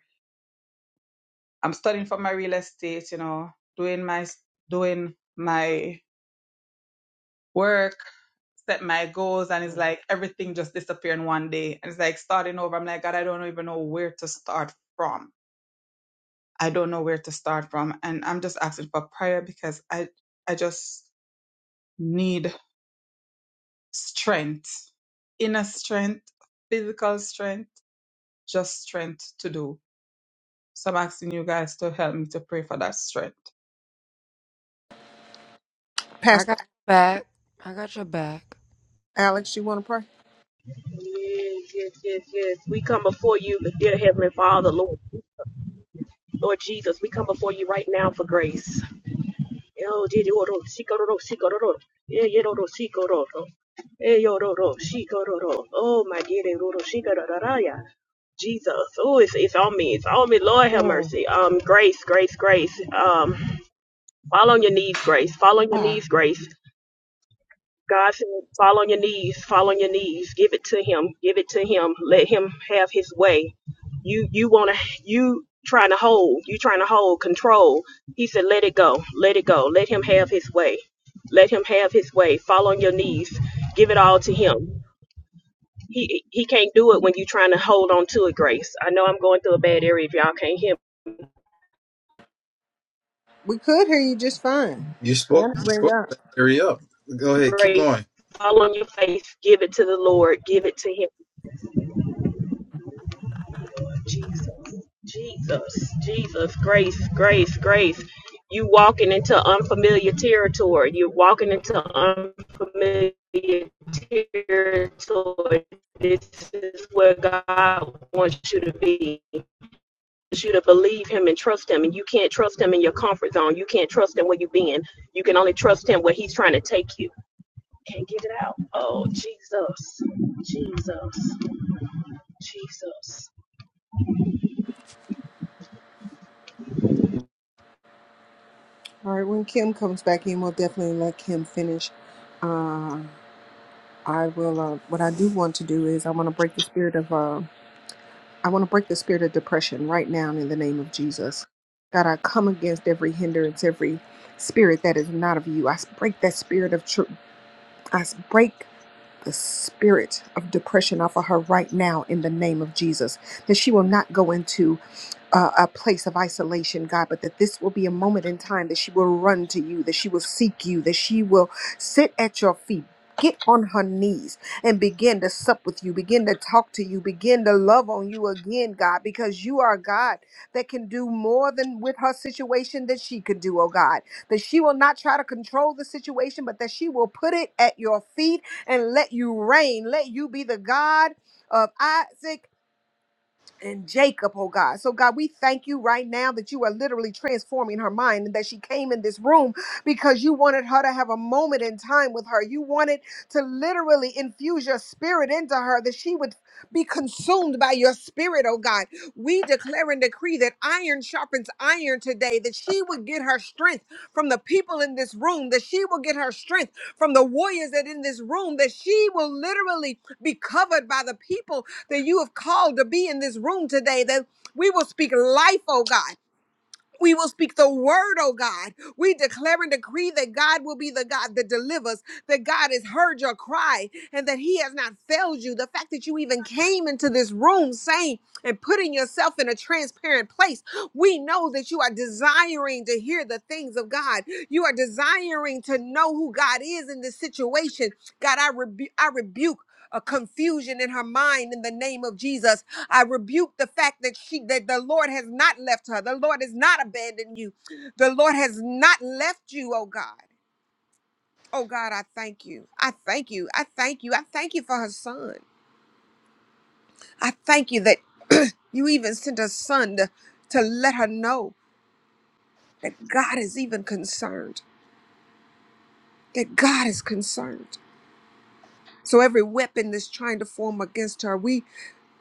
I'm studying for my real estate, you know, doing my doing my work, set my goals, and it's like everything just disappeared in one day. And it's like starting over. I'm like, God, I don't even know where to start from. I don't know where to start from. And I'm just asking for prayer because I I just need strength, inner strength, physical strength, just strength to do. So I'm asking you guys to help me to pray for that strength. I Pastor got your back. I got your back. Alex? You want to pray? Yes, yes, yes, yes. We come before you, dear Heavenly Father, Lord, Lord Jesus. We come before you right now for grace. Oh, did you oro, sikororo, sikororo. Yeah, yeah, oro, sikororo. Eh, yo, oro, sikororo. Oh, my dear, eh, oro, sikorororaya. Jesus. Oh, it's, it's on me. It's on me. Lord have Oh, mercy. Um, grace, grace, grace. Um, fall on your knees, grace. Fall on your ah, knees, grace. God said, fall on your knees, fall on your knees, give it to him, give it to him, let him have his way. You you wanna you trying to hold, you trying to hold control. He said, Let it go, let it go, let him have his way. Let him have his way. Fall on your knees, give it all to him. He he can't do it when you are trying to hold on to it, Grace. I know I'm going through a bad area if y'all can't hear me. We could hear you just fine. You spoke. You spoke. Hurry up. Go ahead. Keep Grace, going. fall on your face, give it to the Lord, give it to him Jesus, Jesus, Jesus, grace, grace, grace. You walking into unfamiliar territory. You're walking into unfamiliar territory. This is where God wants you to be. He wants you to believe Him and trust Him. And you can't trust Him in your comfort zone. You can't trust Him where you've been. You can only trust Him where He's trying to take you. Can't get it out. Oh, Jesus, Jesus, Jesus. All right, when Kim comes back in, we'll definitely let Kim finish. Uh, I will. Uh, what I do want to do is I want to break the spirit of. Uh, I want to break the spirit of depression right now in the name of Jesus. God, I come against every hindrance, every spirit that is not of you. I break that spirit of. Tr- I break the spirit of depression off of her right now in the name of Jesus. That she will not go into uh, a place of isolation, God, but that this will be a moment in time that she will run to you, that she will seek you, that she will sit at your feet. Get on her knees and begin to sup with you, begin to talk to you, begin to love on you again, God, because you are a God that can do more than with her situation that she could do, oh God. That she will not try to control the situation, but that she will put it at your feet and let you reign. Let you be the God of Isaac and Jacob, oh God. So, God, we thank you right now that you are literally transforming her mind and that she came in this room because you wanted her to have a moment in time with her. You wanted to literally infuse your spirit into her that she would be consumed by your spirit, oh God. We declare and decree that iron sharpens iron today, that she would get her strength from the people in this room, that she will get her strength from the warriors that in this room, that she will literally be covered by the people that you have called to be in this room today, that we will speak life, oh God. We will speak the word, oh God. We declare and decree that God will be the God that delivers, that God has heard your cry, and that He has not failed you. The fact that you even came into this room saying and putting yourself in a transparent place, we know that you are desiring to hear the things of God. You are desiring to know who God is in this situation. God, I, rebu- I rebuke. A confusion in her mind in the name of Jesus. I rebuke the fact that she that the Lord has not left her. The Lord has not abandoned you. The Lord has not left you, oh God. Oh God, I thank you. I thank you. I thank you. I thank you for her son. I thank you that (clears throat) you even sent a son to, to let her know that God is even concerned. That God is concerned. So every weapon that's trying to form against her, we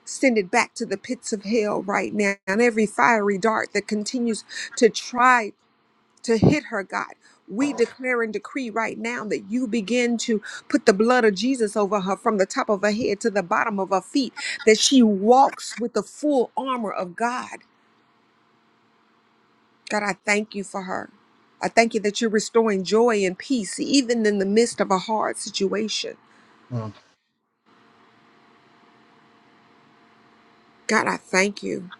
send it back to the pits of hell right now. And every fiery dart that continues to try to hit her, God. We declare and decree right now that you begin to put the blood of Jesus over her from the top of her head to the bottom of her feet, that she walks with the full armor of God. God, I thank you for her. I thank you that you're restoring joy and peace, even in the midst of a hard situation. Mm, God, I thank you.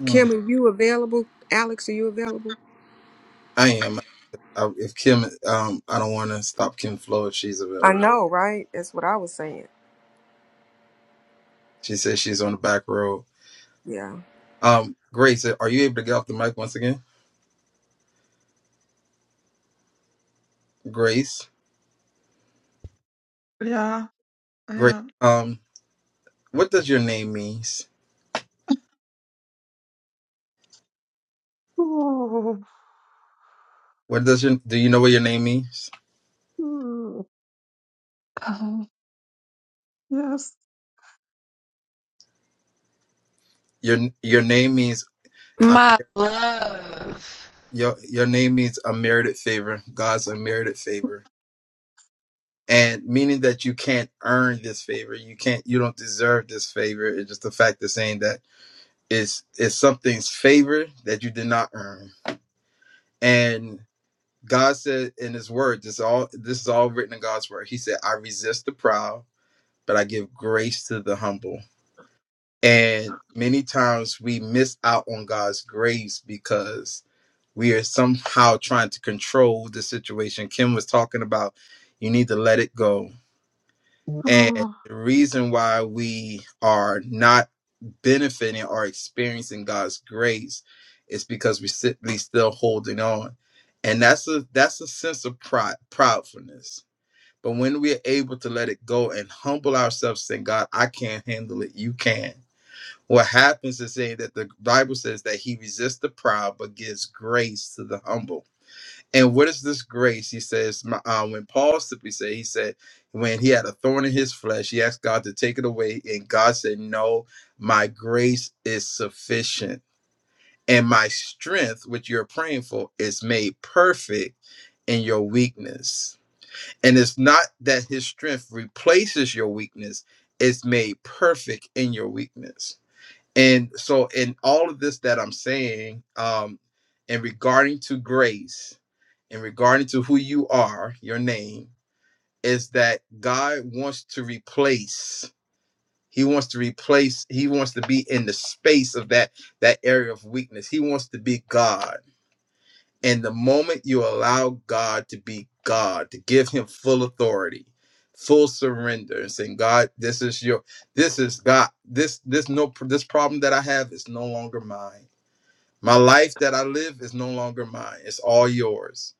mm. Kim, are you available? Alex, are you available? I am. I, if Kim, um, I don't want to stop Kim Flo if she's I available. know, right? That's what I was saying. She says she's on the back road. Yeah. Um, Grace, are you able to get off the mic once again? Grace, yeah, Grace. yeah. Um, what does your name means? Oh, What does your do you know what your name means? oh, yes. Your your name means um, My love. your your name means unmerited favor. God's unmerited favor and meaning that you can't earn this favor you can't you don't deserve this favor it's just the fact of saying that it's it's something's favor that you did not earn and god said in his word this all this is all written in god's word he said i resist the proud but i give grace to the humble and many times we miss out on god's grace because we are somehow trying to control the situation kim was talking about you need to let it go And Oh. the reason why we are not benefiting or experiencing God's grace is because we're simply still holding on. And that's a that's a sense of pride, proudfulness. But when we're able to let it go and humble ourselves, saying, God, I can't handle it, you can. What happens is saying that the Bible says that he resists the proud but gives grace to the humble and what is this grace? He says, my, uh, when Paul simply said, he said, when he had a thorn in his flesh, he asked God to take it away. And God said, No, my grace is sufficient. And my strength, which you're praying for, is made perfect in your weakness. And it's not that his strength replaces your weakness, it's made perfect in your weakness. And so, in all of this that I'm saying, um, and regarding to grace, in regarding to who you are, your name, is that God wants to replace. He wants to replace. He wants to be in the space of that that area of weakness. He wants to be God. And the moment you allow God to be God, to give him full authority, full surrender, and saying, God, this is your this is God. This this no this problem that I have is no longer mine. My life that I live is no longer mine. It's all yours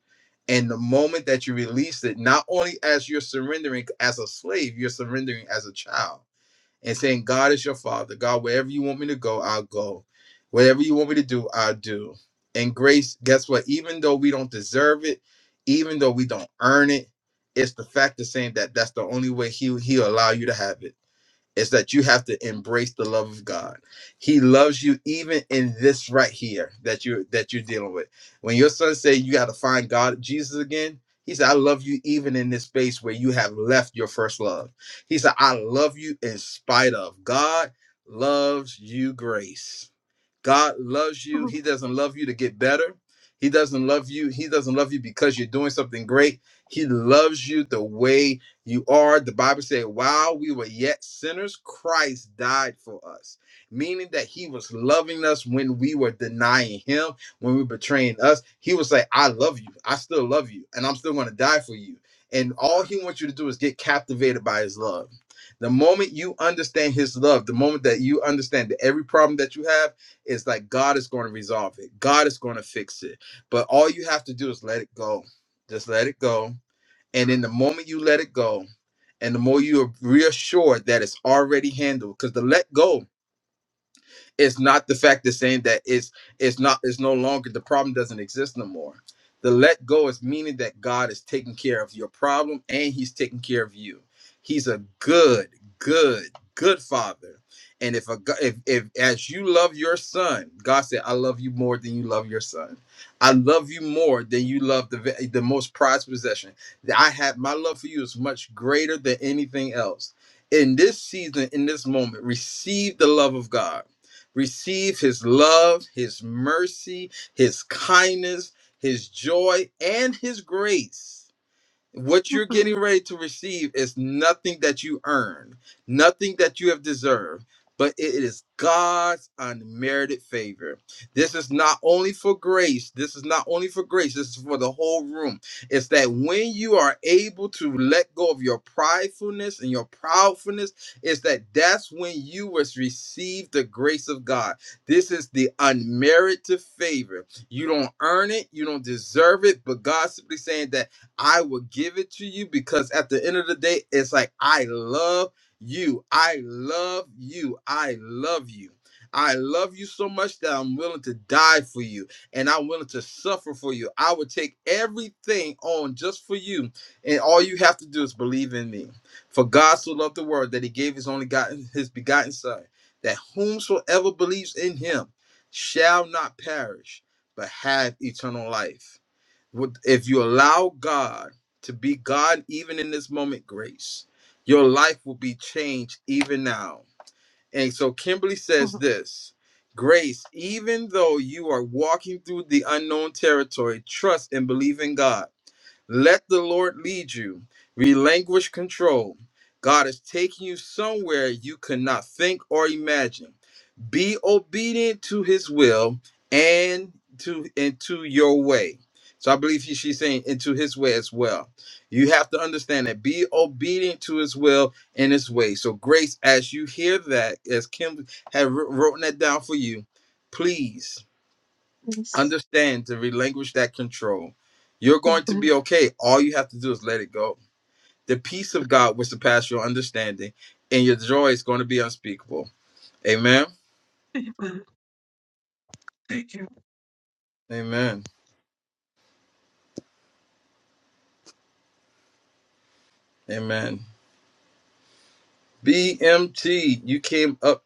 and the moment that you release it, not only as you're surrendering as a slave, you're surrendering as a child and saying, God is your father. God, wherever you want me to go, I'll go. Whatever you want me to do, I'll do. And grace, guess what? Even though we don't deserve it, even though we don't earn it, it's the fact of saying that that's the only way he, he'll allow you to have it is that you have to embrace the love of God. He loves you even in this right here that you that you're dealing with. When your son say you got to find God Jesus again, he said I love you even in this space where you have left your first love. He said I love you in spite of God loves you grace. God loves you. He doesn't love you to get better. He doesn't love you. He doesn't love you because you're doing something great. He loves you the way you are. The Bible says, while we were yet sinners, Christ died for us, meaning that He was loving us when we were denying Him, when we were betraying us. He was like, I love you. I still love you, and I'm still going to die for you. And all He wants you to do is get captivated by His love. The moment you understand His love, the moment that you understand that every problem that you have, it's like God is going to resolve it. God is going to fix it. But all you have to do is let it go. Just let it go. And in the moment you let it go, and the more you are reassured that it's already handled, because the let go it's not the fact of saying that it's it's not it's no longer the problem doesn't exist no more. The let go is meaning that God is taking care of your problem and He's taking care of you. He's a good, good, good father. And if a go- if, if as you love your son, God said, "I love you more than you love your son. I love you more than you love the ve- the most prized possession. That I have my love for you is much greater than anything else." in this season, in this moment, receive the love of God receive his love, his mercy, his kindness, his joy, and his grace what you're getting ready to receive is nothing that you earned, nothing that you have deserved, but it is God's unmerited favor. This is not only for grace, this is not only for grace, this is for the whole room. It's that when you are able to let go of your pridefulness and your proudfulness, it's that that's when you was received the grace of God. This is the unmerited favor. You don't earn it, you don't deserve it, but God's simply saying that I will give it to you because at the end of the day, it's like, I love you. I love you. I love you. I love you so much that I'm willing to die for you and I'm willing to suffer for you. I would take everything on just for you. And all you have to do is believe in me. For God so loved the world that he gave his only gotten his begotten son, that whomsoever believes in him shall not perish, but have eternal life would- if you allow God to be God even in this moment, grace, your life will be changed even now. And so Kimberly says this Grace, even though you are walking through the unknown territory, trust and believe in God. Let the Lord lead you. Relinquish control. God is taking you somewhere you could not think or imagine be obedient to his will and to and to your way so i believe he, she's saying into his way as well you have to understand that be obedient to his will and his way so grace as you hear that as kim had wr- written that down for you please understand to relinquish that control you're going to be okay all you have to do is let it go the peace of god will surpass your understanding and your joy is going to be unspeakable amen amen amen BMT, you came up.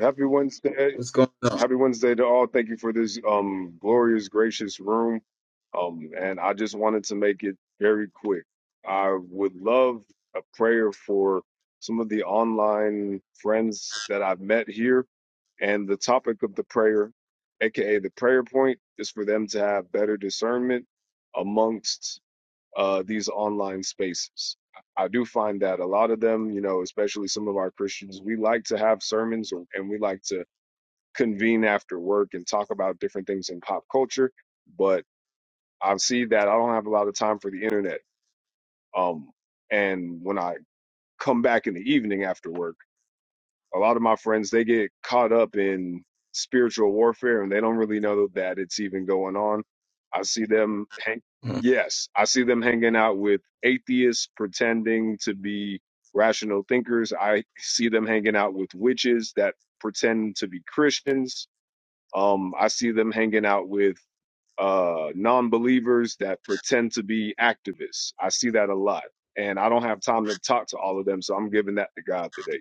Happy Wednesday. What's going Happy Wednesday to all. Thank you for this um glorious, gracious room. Um, and I just wanted to make it very quick. I would love a prayer for some of the online friends that I've met here. And the topic of the prayer, aka the prayer point, is for them to have better discernment amongst uh, these online spaces. I do find that a lot of them, you know, especially some of our Christians, we like to have sermons or- and we like to convene after work and talk about different things in pop culture. But I see that I don't have a lot of time for the internet. Um, and when I come back in the evening after work, a lot of my friends they get caught up in spiritual warfare and they don't really know that it's even going on i see them hang on? yes i see them hanging out with atheists pretending to be rational thinkers i see them hanging out with witches that pretend to be christians um i see them hanging out with uh non-believers that pretend to be activists i see that a lot and i don't have time to talk to all of them so i'm giving that to god today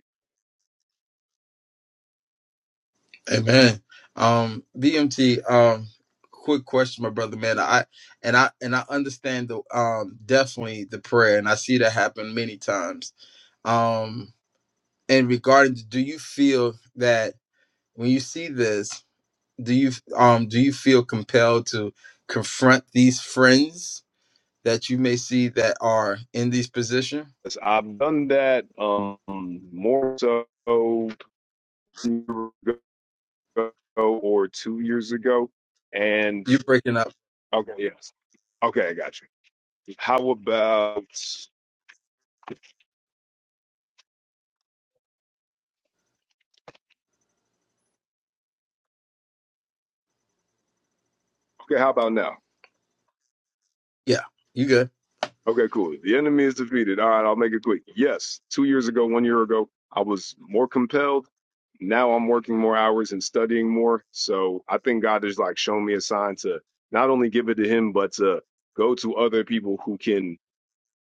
Amen. Um, BMT, um, quick question, my brother, man. I and I and I understand the um definitely the prayer, and I see that happen many times. Um, and regarding do you feel that when you see this, do you um do you feel compelled to confront these friends that you may see that are in these position? Yes, I've done that um, more so a year ago or two years ago. And You breaking up. okay, yes. Okay, I got you. How about okay, how about now? Yeah, you good. Okay, cool. The enemy is defeated. All right, I'll make it quick. Yes, two years ago, one year ago, I was more compelled. Now I'm working more hours and studying more. So I think God has like shown me a sign to not only give it to him, but to go to other people who can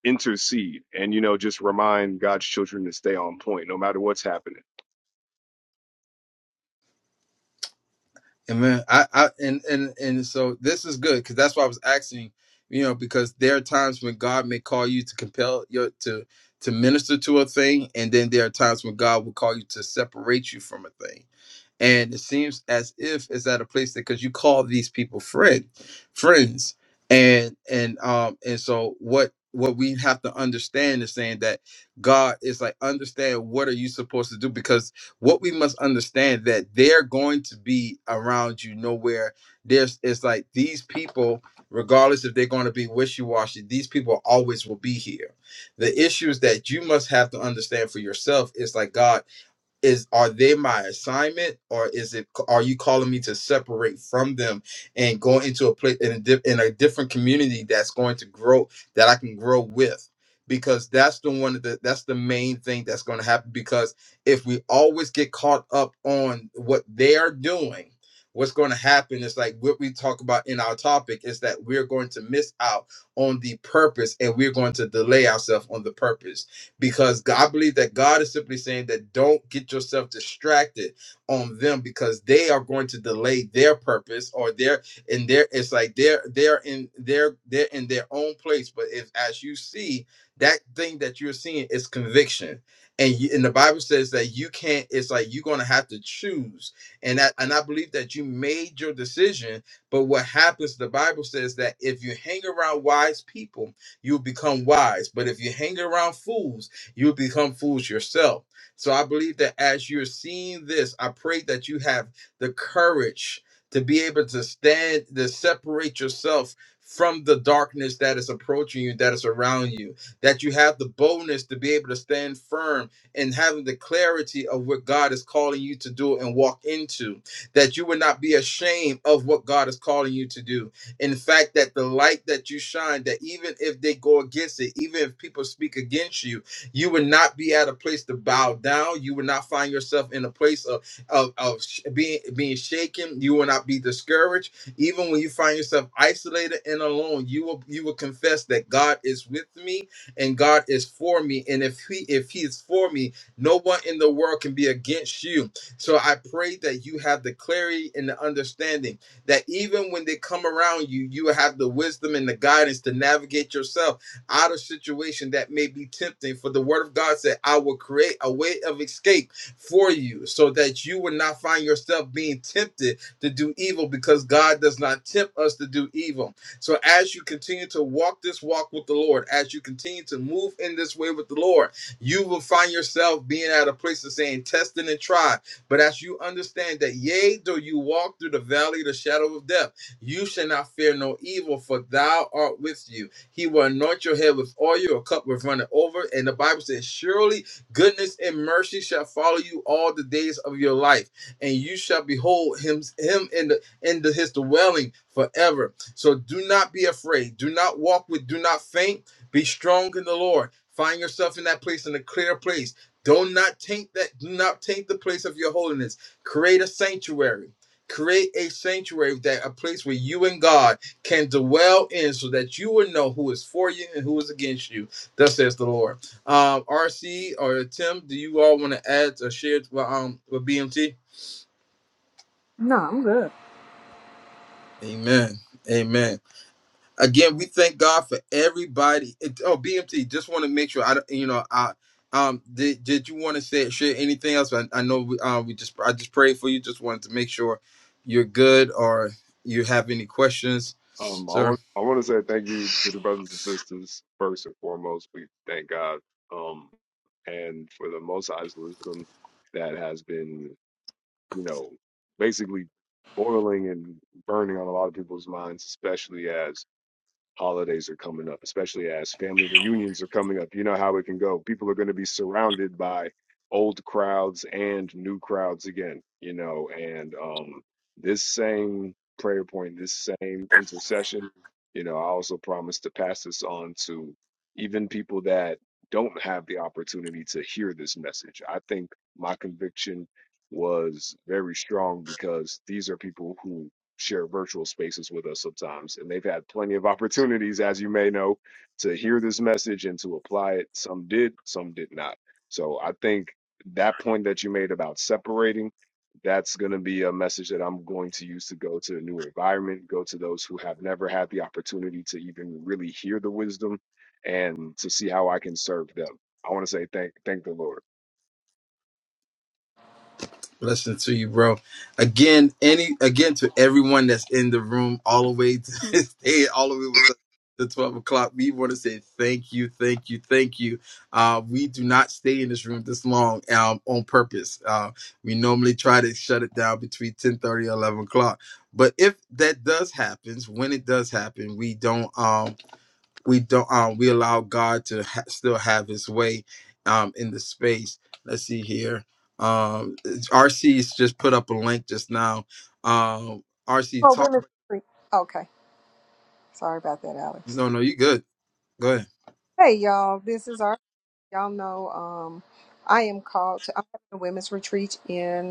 intercede and you know just remind God's children to stay on point no matter what's happening. Amen. I, I and and and so this is good because that's why I was asking, you know, because there are times when God may call you to compel your to to minister to a thing, and then there are times when God will call you to separate you from a thing and it seems as if it's at a place that because you call these people friend friends and and um and so what what we have to understand is saying that god is like understand what are you supposed to do because what we must understand that they're going to be around you nowhere there's it's like these people regardless if they're going to be wishy-washy these people always will be here the issues that you must have to understand for yourself is like god is are they my assignment or is it are you calling me to separate from them and go into a place in a, di- in a different community that's going to grow that i can grow with because that's the one of the that's the main thing that's going to happen because if we always get caught up on what they are doing what's going to happen is like what we talk about in our topic is that we're going to miss out on the purpose and we're going to delay ourselves on the purpose because God I believe that God is simply saying that don't get yourself distracted on them because they are going to delay their purpose or their and their it's like they're they're in their they're in their own place. But if as you see that thing that you're seeing is conviction. And, you, and the Bible says that you can't. It's like you're gonna have to choose, and that, and I believe that you made your decision. But what happens? The Bible says that if you hang around wise people, you'll become wise. But if you hang around fools, you will become fools yourself. So I believe that as you're seeing this, I pray that you have the courage to be able to stand, to separate yourself from the darkness that is approaching you, that is around you, that you have the boldness to be able to stand firm and having the clarity of what God is calling you to do and walk into, that you would not be ashamed of what God is calling you to do. In fact, that the light that you shine, that even if they go against it, even if people speak against you, you would not be at a place to bow down. You would not find yourself in a place of of, of sh- being being shaken. You will not be discouraged, even when you find yourself isolated and alone. You will you will confess that God is with me and God is for me. And if He if He is for me, no one in the world can be against you. So I pray that you have the clarity and the understanding that even when they come around you, you will have the wisdom and the guidance to navigate yourself out of situation that may be tempting. For the word of God said, I will create a way of escape for you so that you will not find yourself being tempted to do evil because God does not tempt us to do evil. So as you continue to walk this walk with the Lord, as you continue to move in this way with the Lord, you will find yourself being at a place of saying, tested and tried. But as you understand that, yea, though you walk through the valley of the shadow of death, you shall not fear no evil, for thou art with you. He will anoint your head with oil, your cup will run over. And the Bible says, Surely goodness and mercy shall follow you all the days of your life, and you shall behold him, him in the in the his dwelling forever. So do not be afraid. Do not walk with, do not faint. Be strong in the Lord. Find yourself in that place in a clear place. Do not taint that, do not taint the place of your holiness. Create a sanctuary. Create a sanctuary that a place where you and God can dwell in so that you will know who is for you and who is against you. Thus says the Lord. Um, RC or Tim, do you all want to add or share with, um, with BMT? No, I'm good. Amen. Amen. Again, we thank God for everybody. It, oh, BMT, just want to make sure I, don't- you know, I, um, did, did you want to say share anything else? I, I know we, uh, we just I just prayed for you. Just wanted to make sure you're good or you have any questions, Um, I sir. want I want to say thank you to the brothers and sisters first and foremost. We thank God, um, and for the Most High's wisdom that has been, you know, basically boiling and burning on a lot of people's minds, especially as holidays are coming up, especially as family reunions are coming up. You know how it can go. People are going to be surrounded by old crowds and new crowds again, you know, and um, this same prayer point, this same intercession, you know, I also promise to pass this on to even people that don't have the opportunity to hear this message. I think my conviction was very strong because these are people who share virtual spaces with us sometimes. And they've had plenty of opportunities, as you may know, to hear this message and to apply it. Some did, some did not. So I think that point that you made about separating, that's going to be a message that I'm going to use to go to a new environment, go to those who have never had the opportunity to even really hear the wisdom and to see how I can serve them. I want to say thank thank the Lord. Blessing to you, bro. Again, any again to everyone that's in the room, all the way to (laughs) stay all the way with the, the twelve o'clock. We want to say thank you, thank you, thank you. Uh, we do not stay in this room this long um, on purpose. Uh, we normally try to shut it down between 10 30 and 11 o'clock. But if that does happen, when it does happen, we don't. Um, we don't um we allow God to ha- still have his way um in the space. Let's see here. Um RC's just put up a link just now. Um RC For talk women's retreat. Okay. Sorry about that, Alex. no no you good. Go ahead. Hey y'all, this is our y'all know um I am called to I'm having a women's retreat in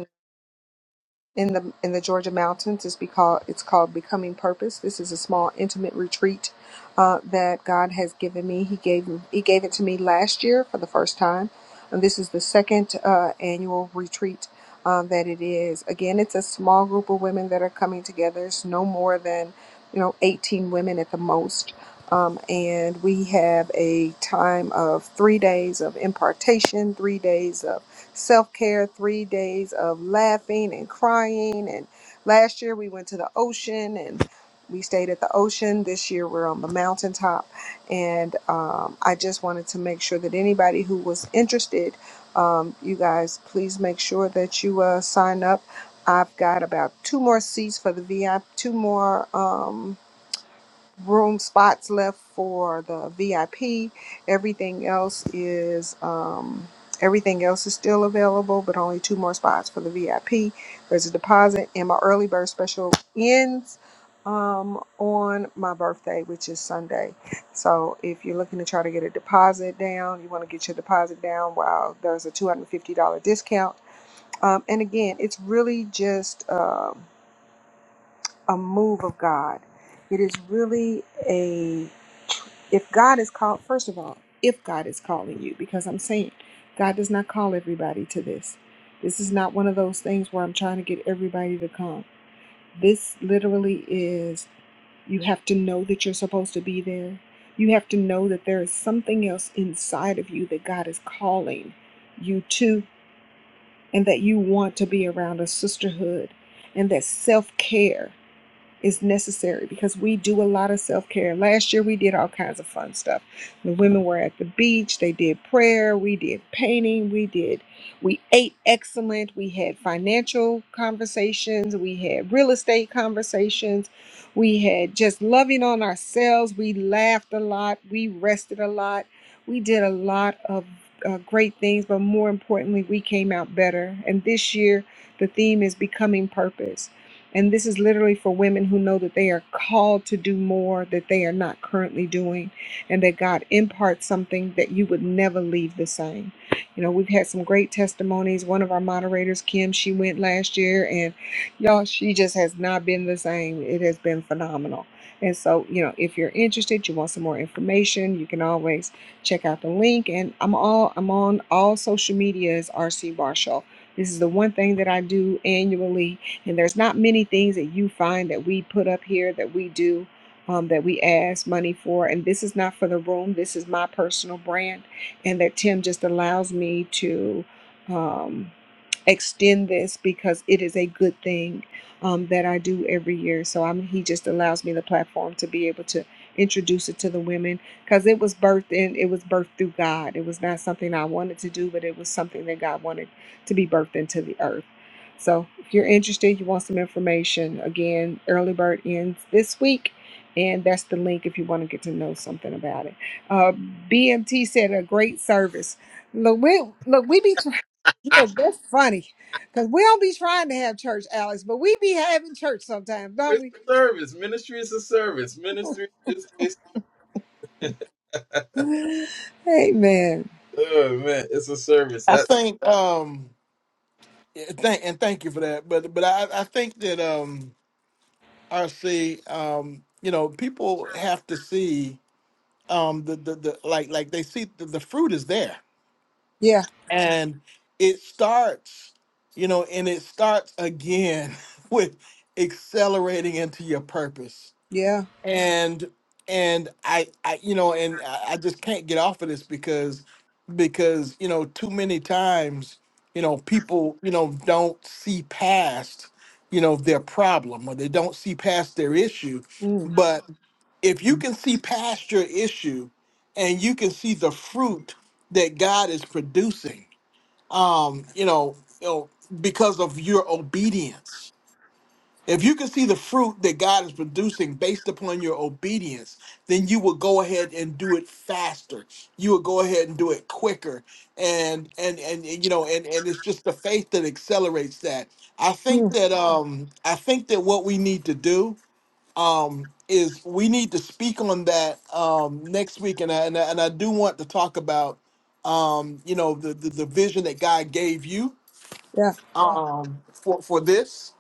in the in the Georgia mountains. It's because it's called Becoming Purpose. This is a small intimate retreat uh, that God has given me. He gave He gave it to me last year for the first time, and this is the second uh, annual retreat um, that it is. Again, it's a small group of women that are coming together. It's no more than you know 18 women at the most. Um, and we have a time of three days of impartation, three days of self care, three days of laughing and crying. And last year we went to the ocean and we stayed at the ocean. This year we're on the mountaintop. And um, I just wanted to make sure that anybody who was interested, um, you guys, please make sure that you uh, sign up. I've got about two more seats for the VIP, two more. Um, room spots left for the VIP. Everything else is um, everything else is still available, but only two more spots for the VIP. There's a deposit, and my early bird special ends um, on my birthday, which is Sunday. So if you're looking to try to get a deposit down, you want to get your deposit down while there's a $250 discount. Um, and again, it's really just um a move of God. It is really a if God is called, first of all, if God is calling you, because I'm saying God does not call everybody to this. This is not one of those things where I'm trying to get everybody to come. This literally is you have to know that you're supposed to be there. You have to know that there is something else inside of you that God is calling you to, and that you want to be around a sisterhood, and that self care is necessary because we do a lot of self care. Last year, we did all kinds of fun stuff. The women were at the beach, they did prayer, we did painting, we did, we ate excellent, we had financial conversations, we had real estate conversations, we had just loving on ourselves, we laughed a lot, we rested a lot, we did a lot of uh, great things, but more importantly, we came out better. And this year, the theme is becoming purpose and this is literally for women who know that they are called to do more that they are not currently doing, and that God imparts something that you would never leave the same. You know, we've had some great testimonies. One of our moderators, Kim, she went last year, and y'all, she just has not been the same. It has been phenomenal. And so, you know, if you're interested, you want some more information, you can always check out the link. And I'm all I'm on all social media as RC Marshall. This is the one thing that I do annually and there's not many things that you find that we put up here that we do. Um, that we ask money for, and this is not for the room. This is my personal brand, and that Tim just allows me to um, extend this because it is a good thing um, that I do every year. So I'm he just allows me the platform to be able to introduce it to the women because it was birthed in it was birthed through God. It was not something I wanted to do, but it was something that God wanted to be birthed into the earth. So if you're interested, you want some information, again, early bird ends this week. And that's the link if you want to get to know something about it. Uh, BMT said a great service. Look, we look, we be Look, that's funny. Because we don't be trying to have church, Alex, but we be having church sometimes, don't It's we? a service. Ministry is a service. Ministry is, is (laughs) (sighs) (laughs) Amen. oh man, it's a (laughs) service. I That think um yeah, thank and thank you for that. But but I I think that um RC um you know people have to see um the the, the like like they see the, the fruit is there Yeah, and it starts you know and it starts again (laughs) with accelerating into your purpose yeah. and and i i you know and i I just can't get off of this because because you know too many times you know people you know don't see past you know their problem or they don't see past their issue Mm, if you can see past your issue and you can see the fruit that God is producing, um, you know, you know, because of your obedience. If you can see the fruit that God is producing based upon your obedience, then you will go ahead and do it faster. You will go ahead and do it quicker. And and and, and, you know, and, and it's just the faith that accelerates that. I think mm, that um I think that what we need to do um, is we need to speak on that um, next week, and I, and I and I do want to talk about um, you know the, the the vision that God gave you yeah. um, for for this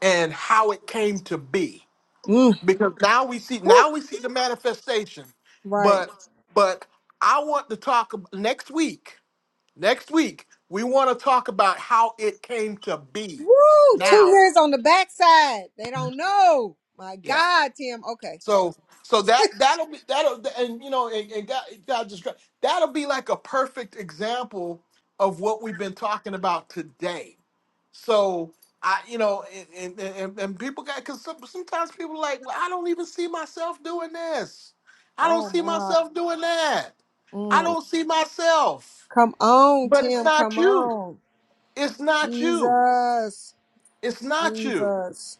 and how it came to be, Mm. because now we see Woo. now we see the manifestation, Right. but but I want to talk ab- next week. Next week we want to talk about how it came to be. Woo! Two Now, years on the backside. They don't know. My God, Tim. Okay. So so that that'll be that'll and you know and, and God, God just that'll be like a perfect example of what we've been talking about today. So I you know and and, and, and people got because some, sometimes people are like well I don't even see myself doing this. I don't Oh, see my. myself doing that. I Mm. don't see myself. Come on, But it's Tim. not Come you. on. It's not you. Jesus. It's not you. Jesus.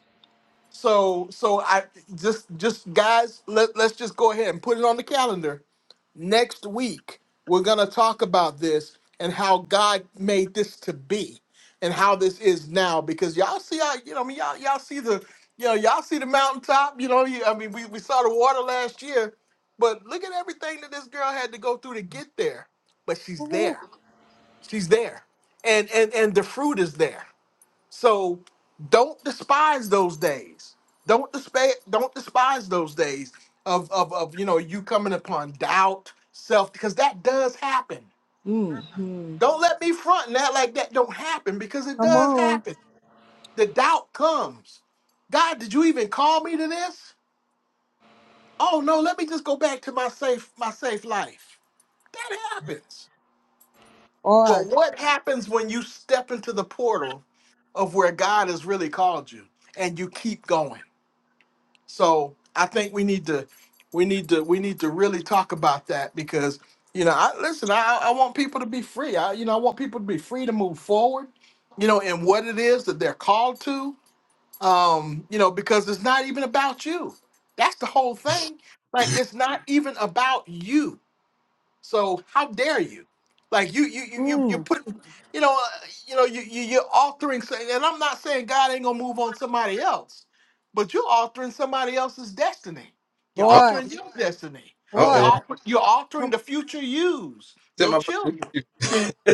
So so I just just guys let let's just go ahead and put it on the calendar next week we're going to talk about this and how god made this to be and how this is now because y'all see how you know i mean y'all, y'all see the you know y'all see the mountaintop you know you, i mean we, we saw the water last year but look at everything that this girl had to go through to get there but she's there she's there and and and the fruit is there so don't despise those days. Don't despise don't despise those days of, of of you know you coming upon doubt, self, because that does happen. Mm-hmm. Don't let me front and act like that don't happen because it Come does on. happen. The doubt comes. God, did you even call me to this? Oh no, let me just go back to my safe my safe life. That happens. Boy. But what happens when you step into the portal of where God has really called you and you keep going? So I think we need to we need to we need to really talk about that because you know I listen I I want people to be free. I you know I want people to be free to move forward, you know, in what it is that they're called to. Um, you know, because it's not even about you. That's the whole thing. Like it's not even about you so how dare you? Like you you you you you Mm. put you know uh, you know you, you you're altering something, and I'm not saying God ain't gonna move on somebody else, but you're altering somebody else's destiny. You're Oh Boy. altering your Yeah. destiny. uh You're Boy. oh. alter, you're altering Come the future yous, Tim, your I'm about to read children. you (laughs)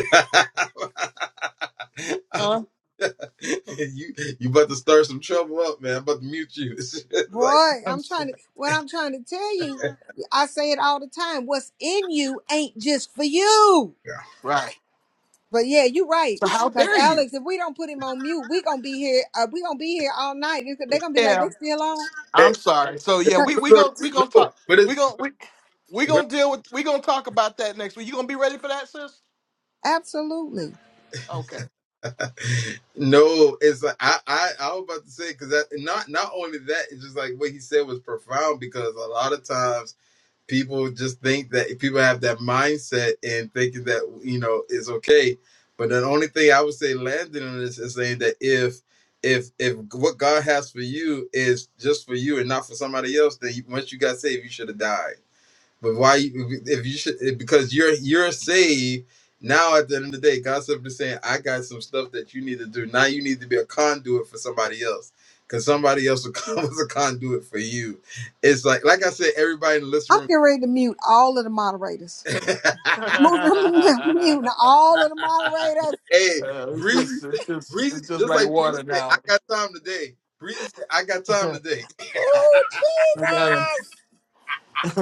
I'm- Huh? (laughs) you you about to start some trouble up, man. I'm about to mute you. (laughs) It's Boy, I'm I'm trying sorry. to what I'm trying to tell you, I say it all the time. What's in you ain't just for you. Right. But yeah, you're right. So how Cause dare you? Alex, if we don't put him on mute, we gonna be here. Uh, we gonna be here all night. It's- they gonna be like Yeah. they still on. like I'm sorry. So No, yeah, we Cause- we no, going we gonna no, talk. but We it's gonna we we but gonna deal with. We gonna talk about that next week. You gonna be ready for that, sis? Absolutely. Okay. (laughs) no, it's like I I, I was about to say because that not not only that, it's just like what he said was profound because a lot of times people just think that people have that mindset and thinking that you know it's okay. But the only thing I would say landing on this is saying that if if if what God has for you is just for you and not for somebody else, then you, once you got saved, you should have died But why you- if you should because you're you're saved now at the end of the day, God's simply saying, I got some stuff that you need to do. Now you need to be a conduit for somebody else. Cause somebody else will come (laughs) as a conduit for you. It's like like I said, everybody in the listening I'm room. getting ready to mute all of the moderators. (laughs) (laughs) Muting (laughs) all of the moderators. hey, Uh, it's Breezy just, said, it's just, Breezy, it's just just like like Breezy water said, I now. got time today. Breezy said, I got (laughs) I time today. Ooh, gotta, Jesus. (laughs)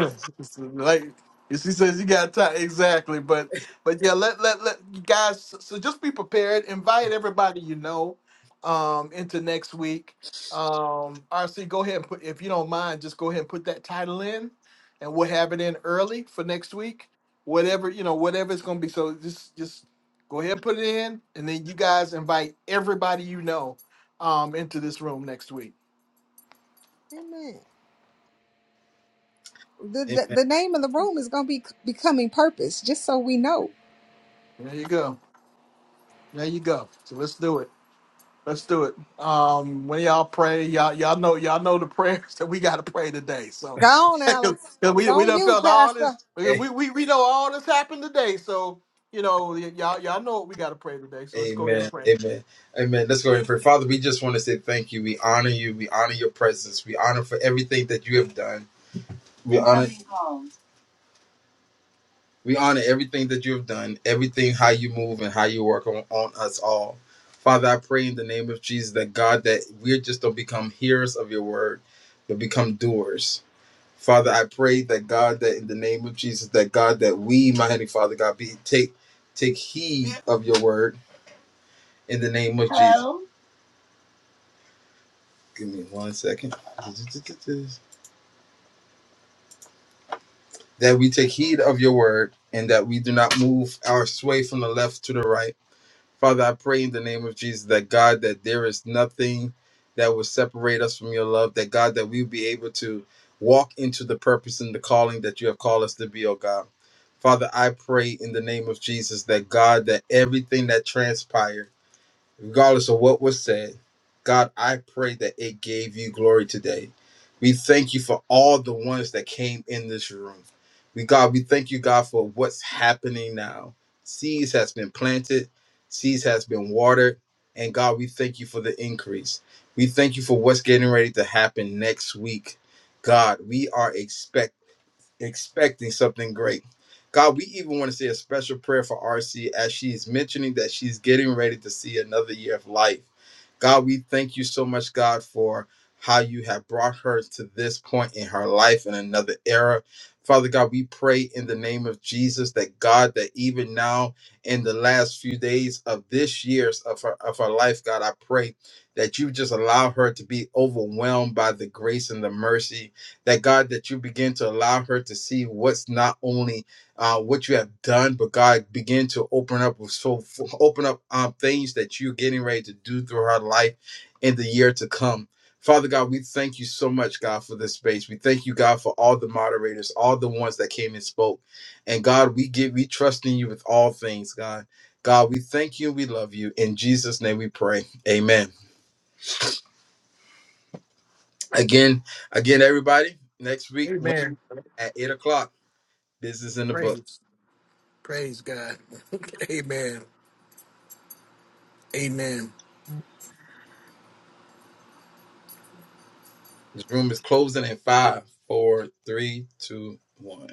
like she says you got time exactly but but yeah let let let you guys so so just be prepared invite everybody you know um into next week um rc go ahead and put if you don't mind just go ahead and put that title in and we'll have it in early for next week whatever you know whatever it's going to be so just just go ahead and put it in and then you guys invite everybody you know um into this room next week Amen. The, the the name of the room is gonna be becoming purpose. Just so we know. there you go there you go so let's do it Let's do it. Um, when y'all pray, y'all y'all know y'all know the (laughs) prayers that we got to pray today. So, Go on, (laughs) Alex. 'Cause It's we we on done you, felt all Pastor. this. We, (laughs) we we know all this happened today. So you know y- y'all y'all know what we got to pray today. So let's go ahead and Amen. pray. Amen. Amen. Let's go ahead and pray. Father, we just want to say thank you. We honor you. We honor your presence. We honor for everything that you have done. We honor we honor everything that you have done, everything how you move and how you work on, on us all. Father, I pray in the name of Jesus that God that we just don't become hearers of your word, but become doers. Father, I pray that God that in the name of Jesus, that God that we, my heavenly Father, God, be take take heed of your word in the name of Jesus. Give me one second. That we take heed of your word and that we do not move our sway from the left to the right. Father, I pray in the name of Jesus that God, that there is nothing that will separate us from your love, that God, that we will be able to walk into the purpose and the calling that you have called us to be, oh God. Father, I pray in the name of Jesus that God, that everything that transpired, regardless of what was said. God, I pray that it gave you glory today. We thank you for all the ones that came in this room. We God, we thank you, God, for what's happening now. Seeds has been planted, seeds has been watered, and God, we thank you for the increase. We thank you for what's getting ready to happen next week. God, we are expecting something great. God, we even want to say a special prayer for RC as she is mentioning that she's getting ready to see another year of life. God, we thank you so much, God, for how you have brought her to this point in her life in another era. Father God, we pray in the name of Jesus that God, that even now in the last few days of this year's of her of her life, God, I pray that you just allow her to be overwhelmed by the grace and the mercy that God, that you begin to allow her to see what's not only uh, what you have done, but God begin to open up with so open up um, things that you're getting ready to do through her life in the year to come. Father God, we thank you so much, God, for this space. We thank you, God, for all the moderators, all the ones that came and spoke. And God, we give, we trust in you with all things, God. God, we thank you. We love you. In Jesus' name we pray. Amen. Again, again, everybody, next week, Wednesday Amen. at 8 o'clock. Business in the book. Praise. Praise God. (laughs) Amen. Amen. This room is closing in five, four, three, two, one.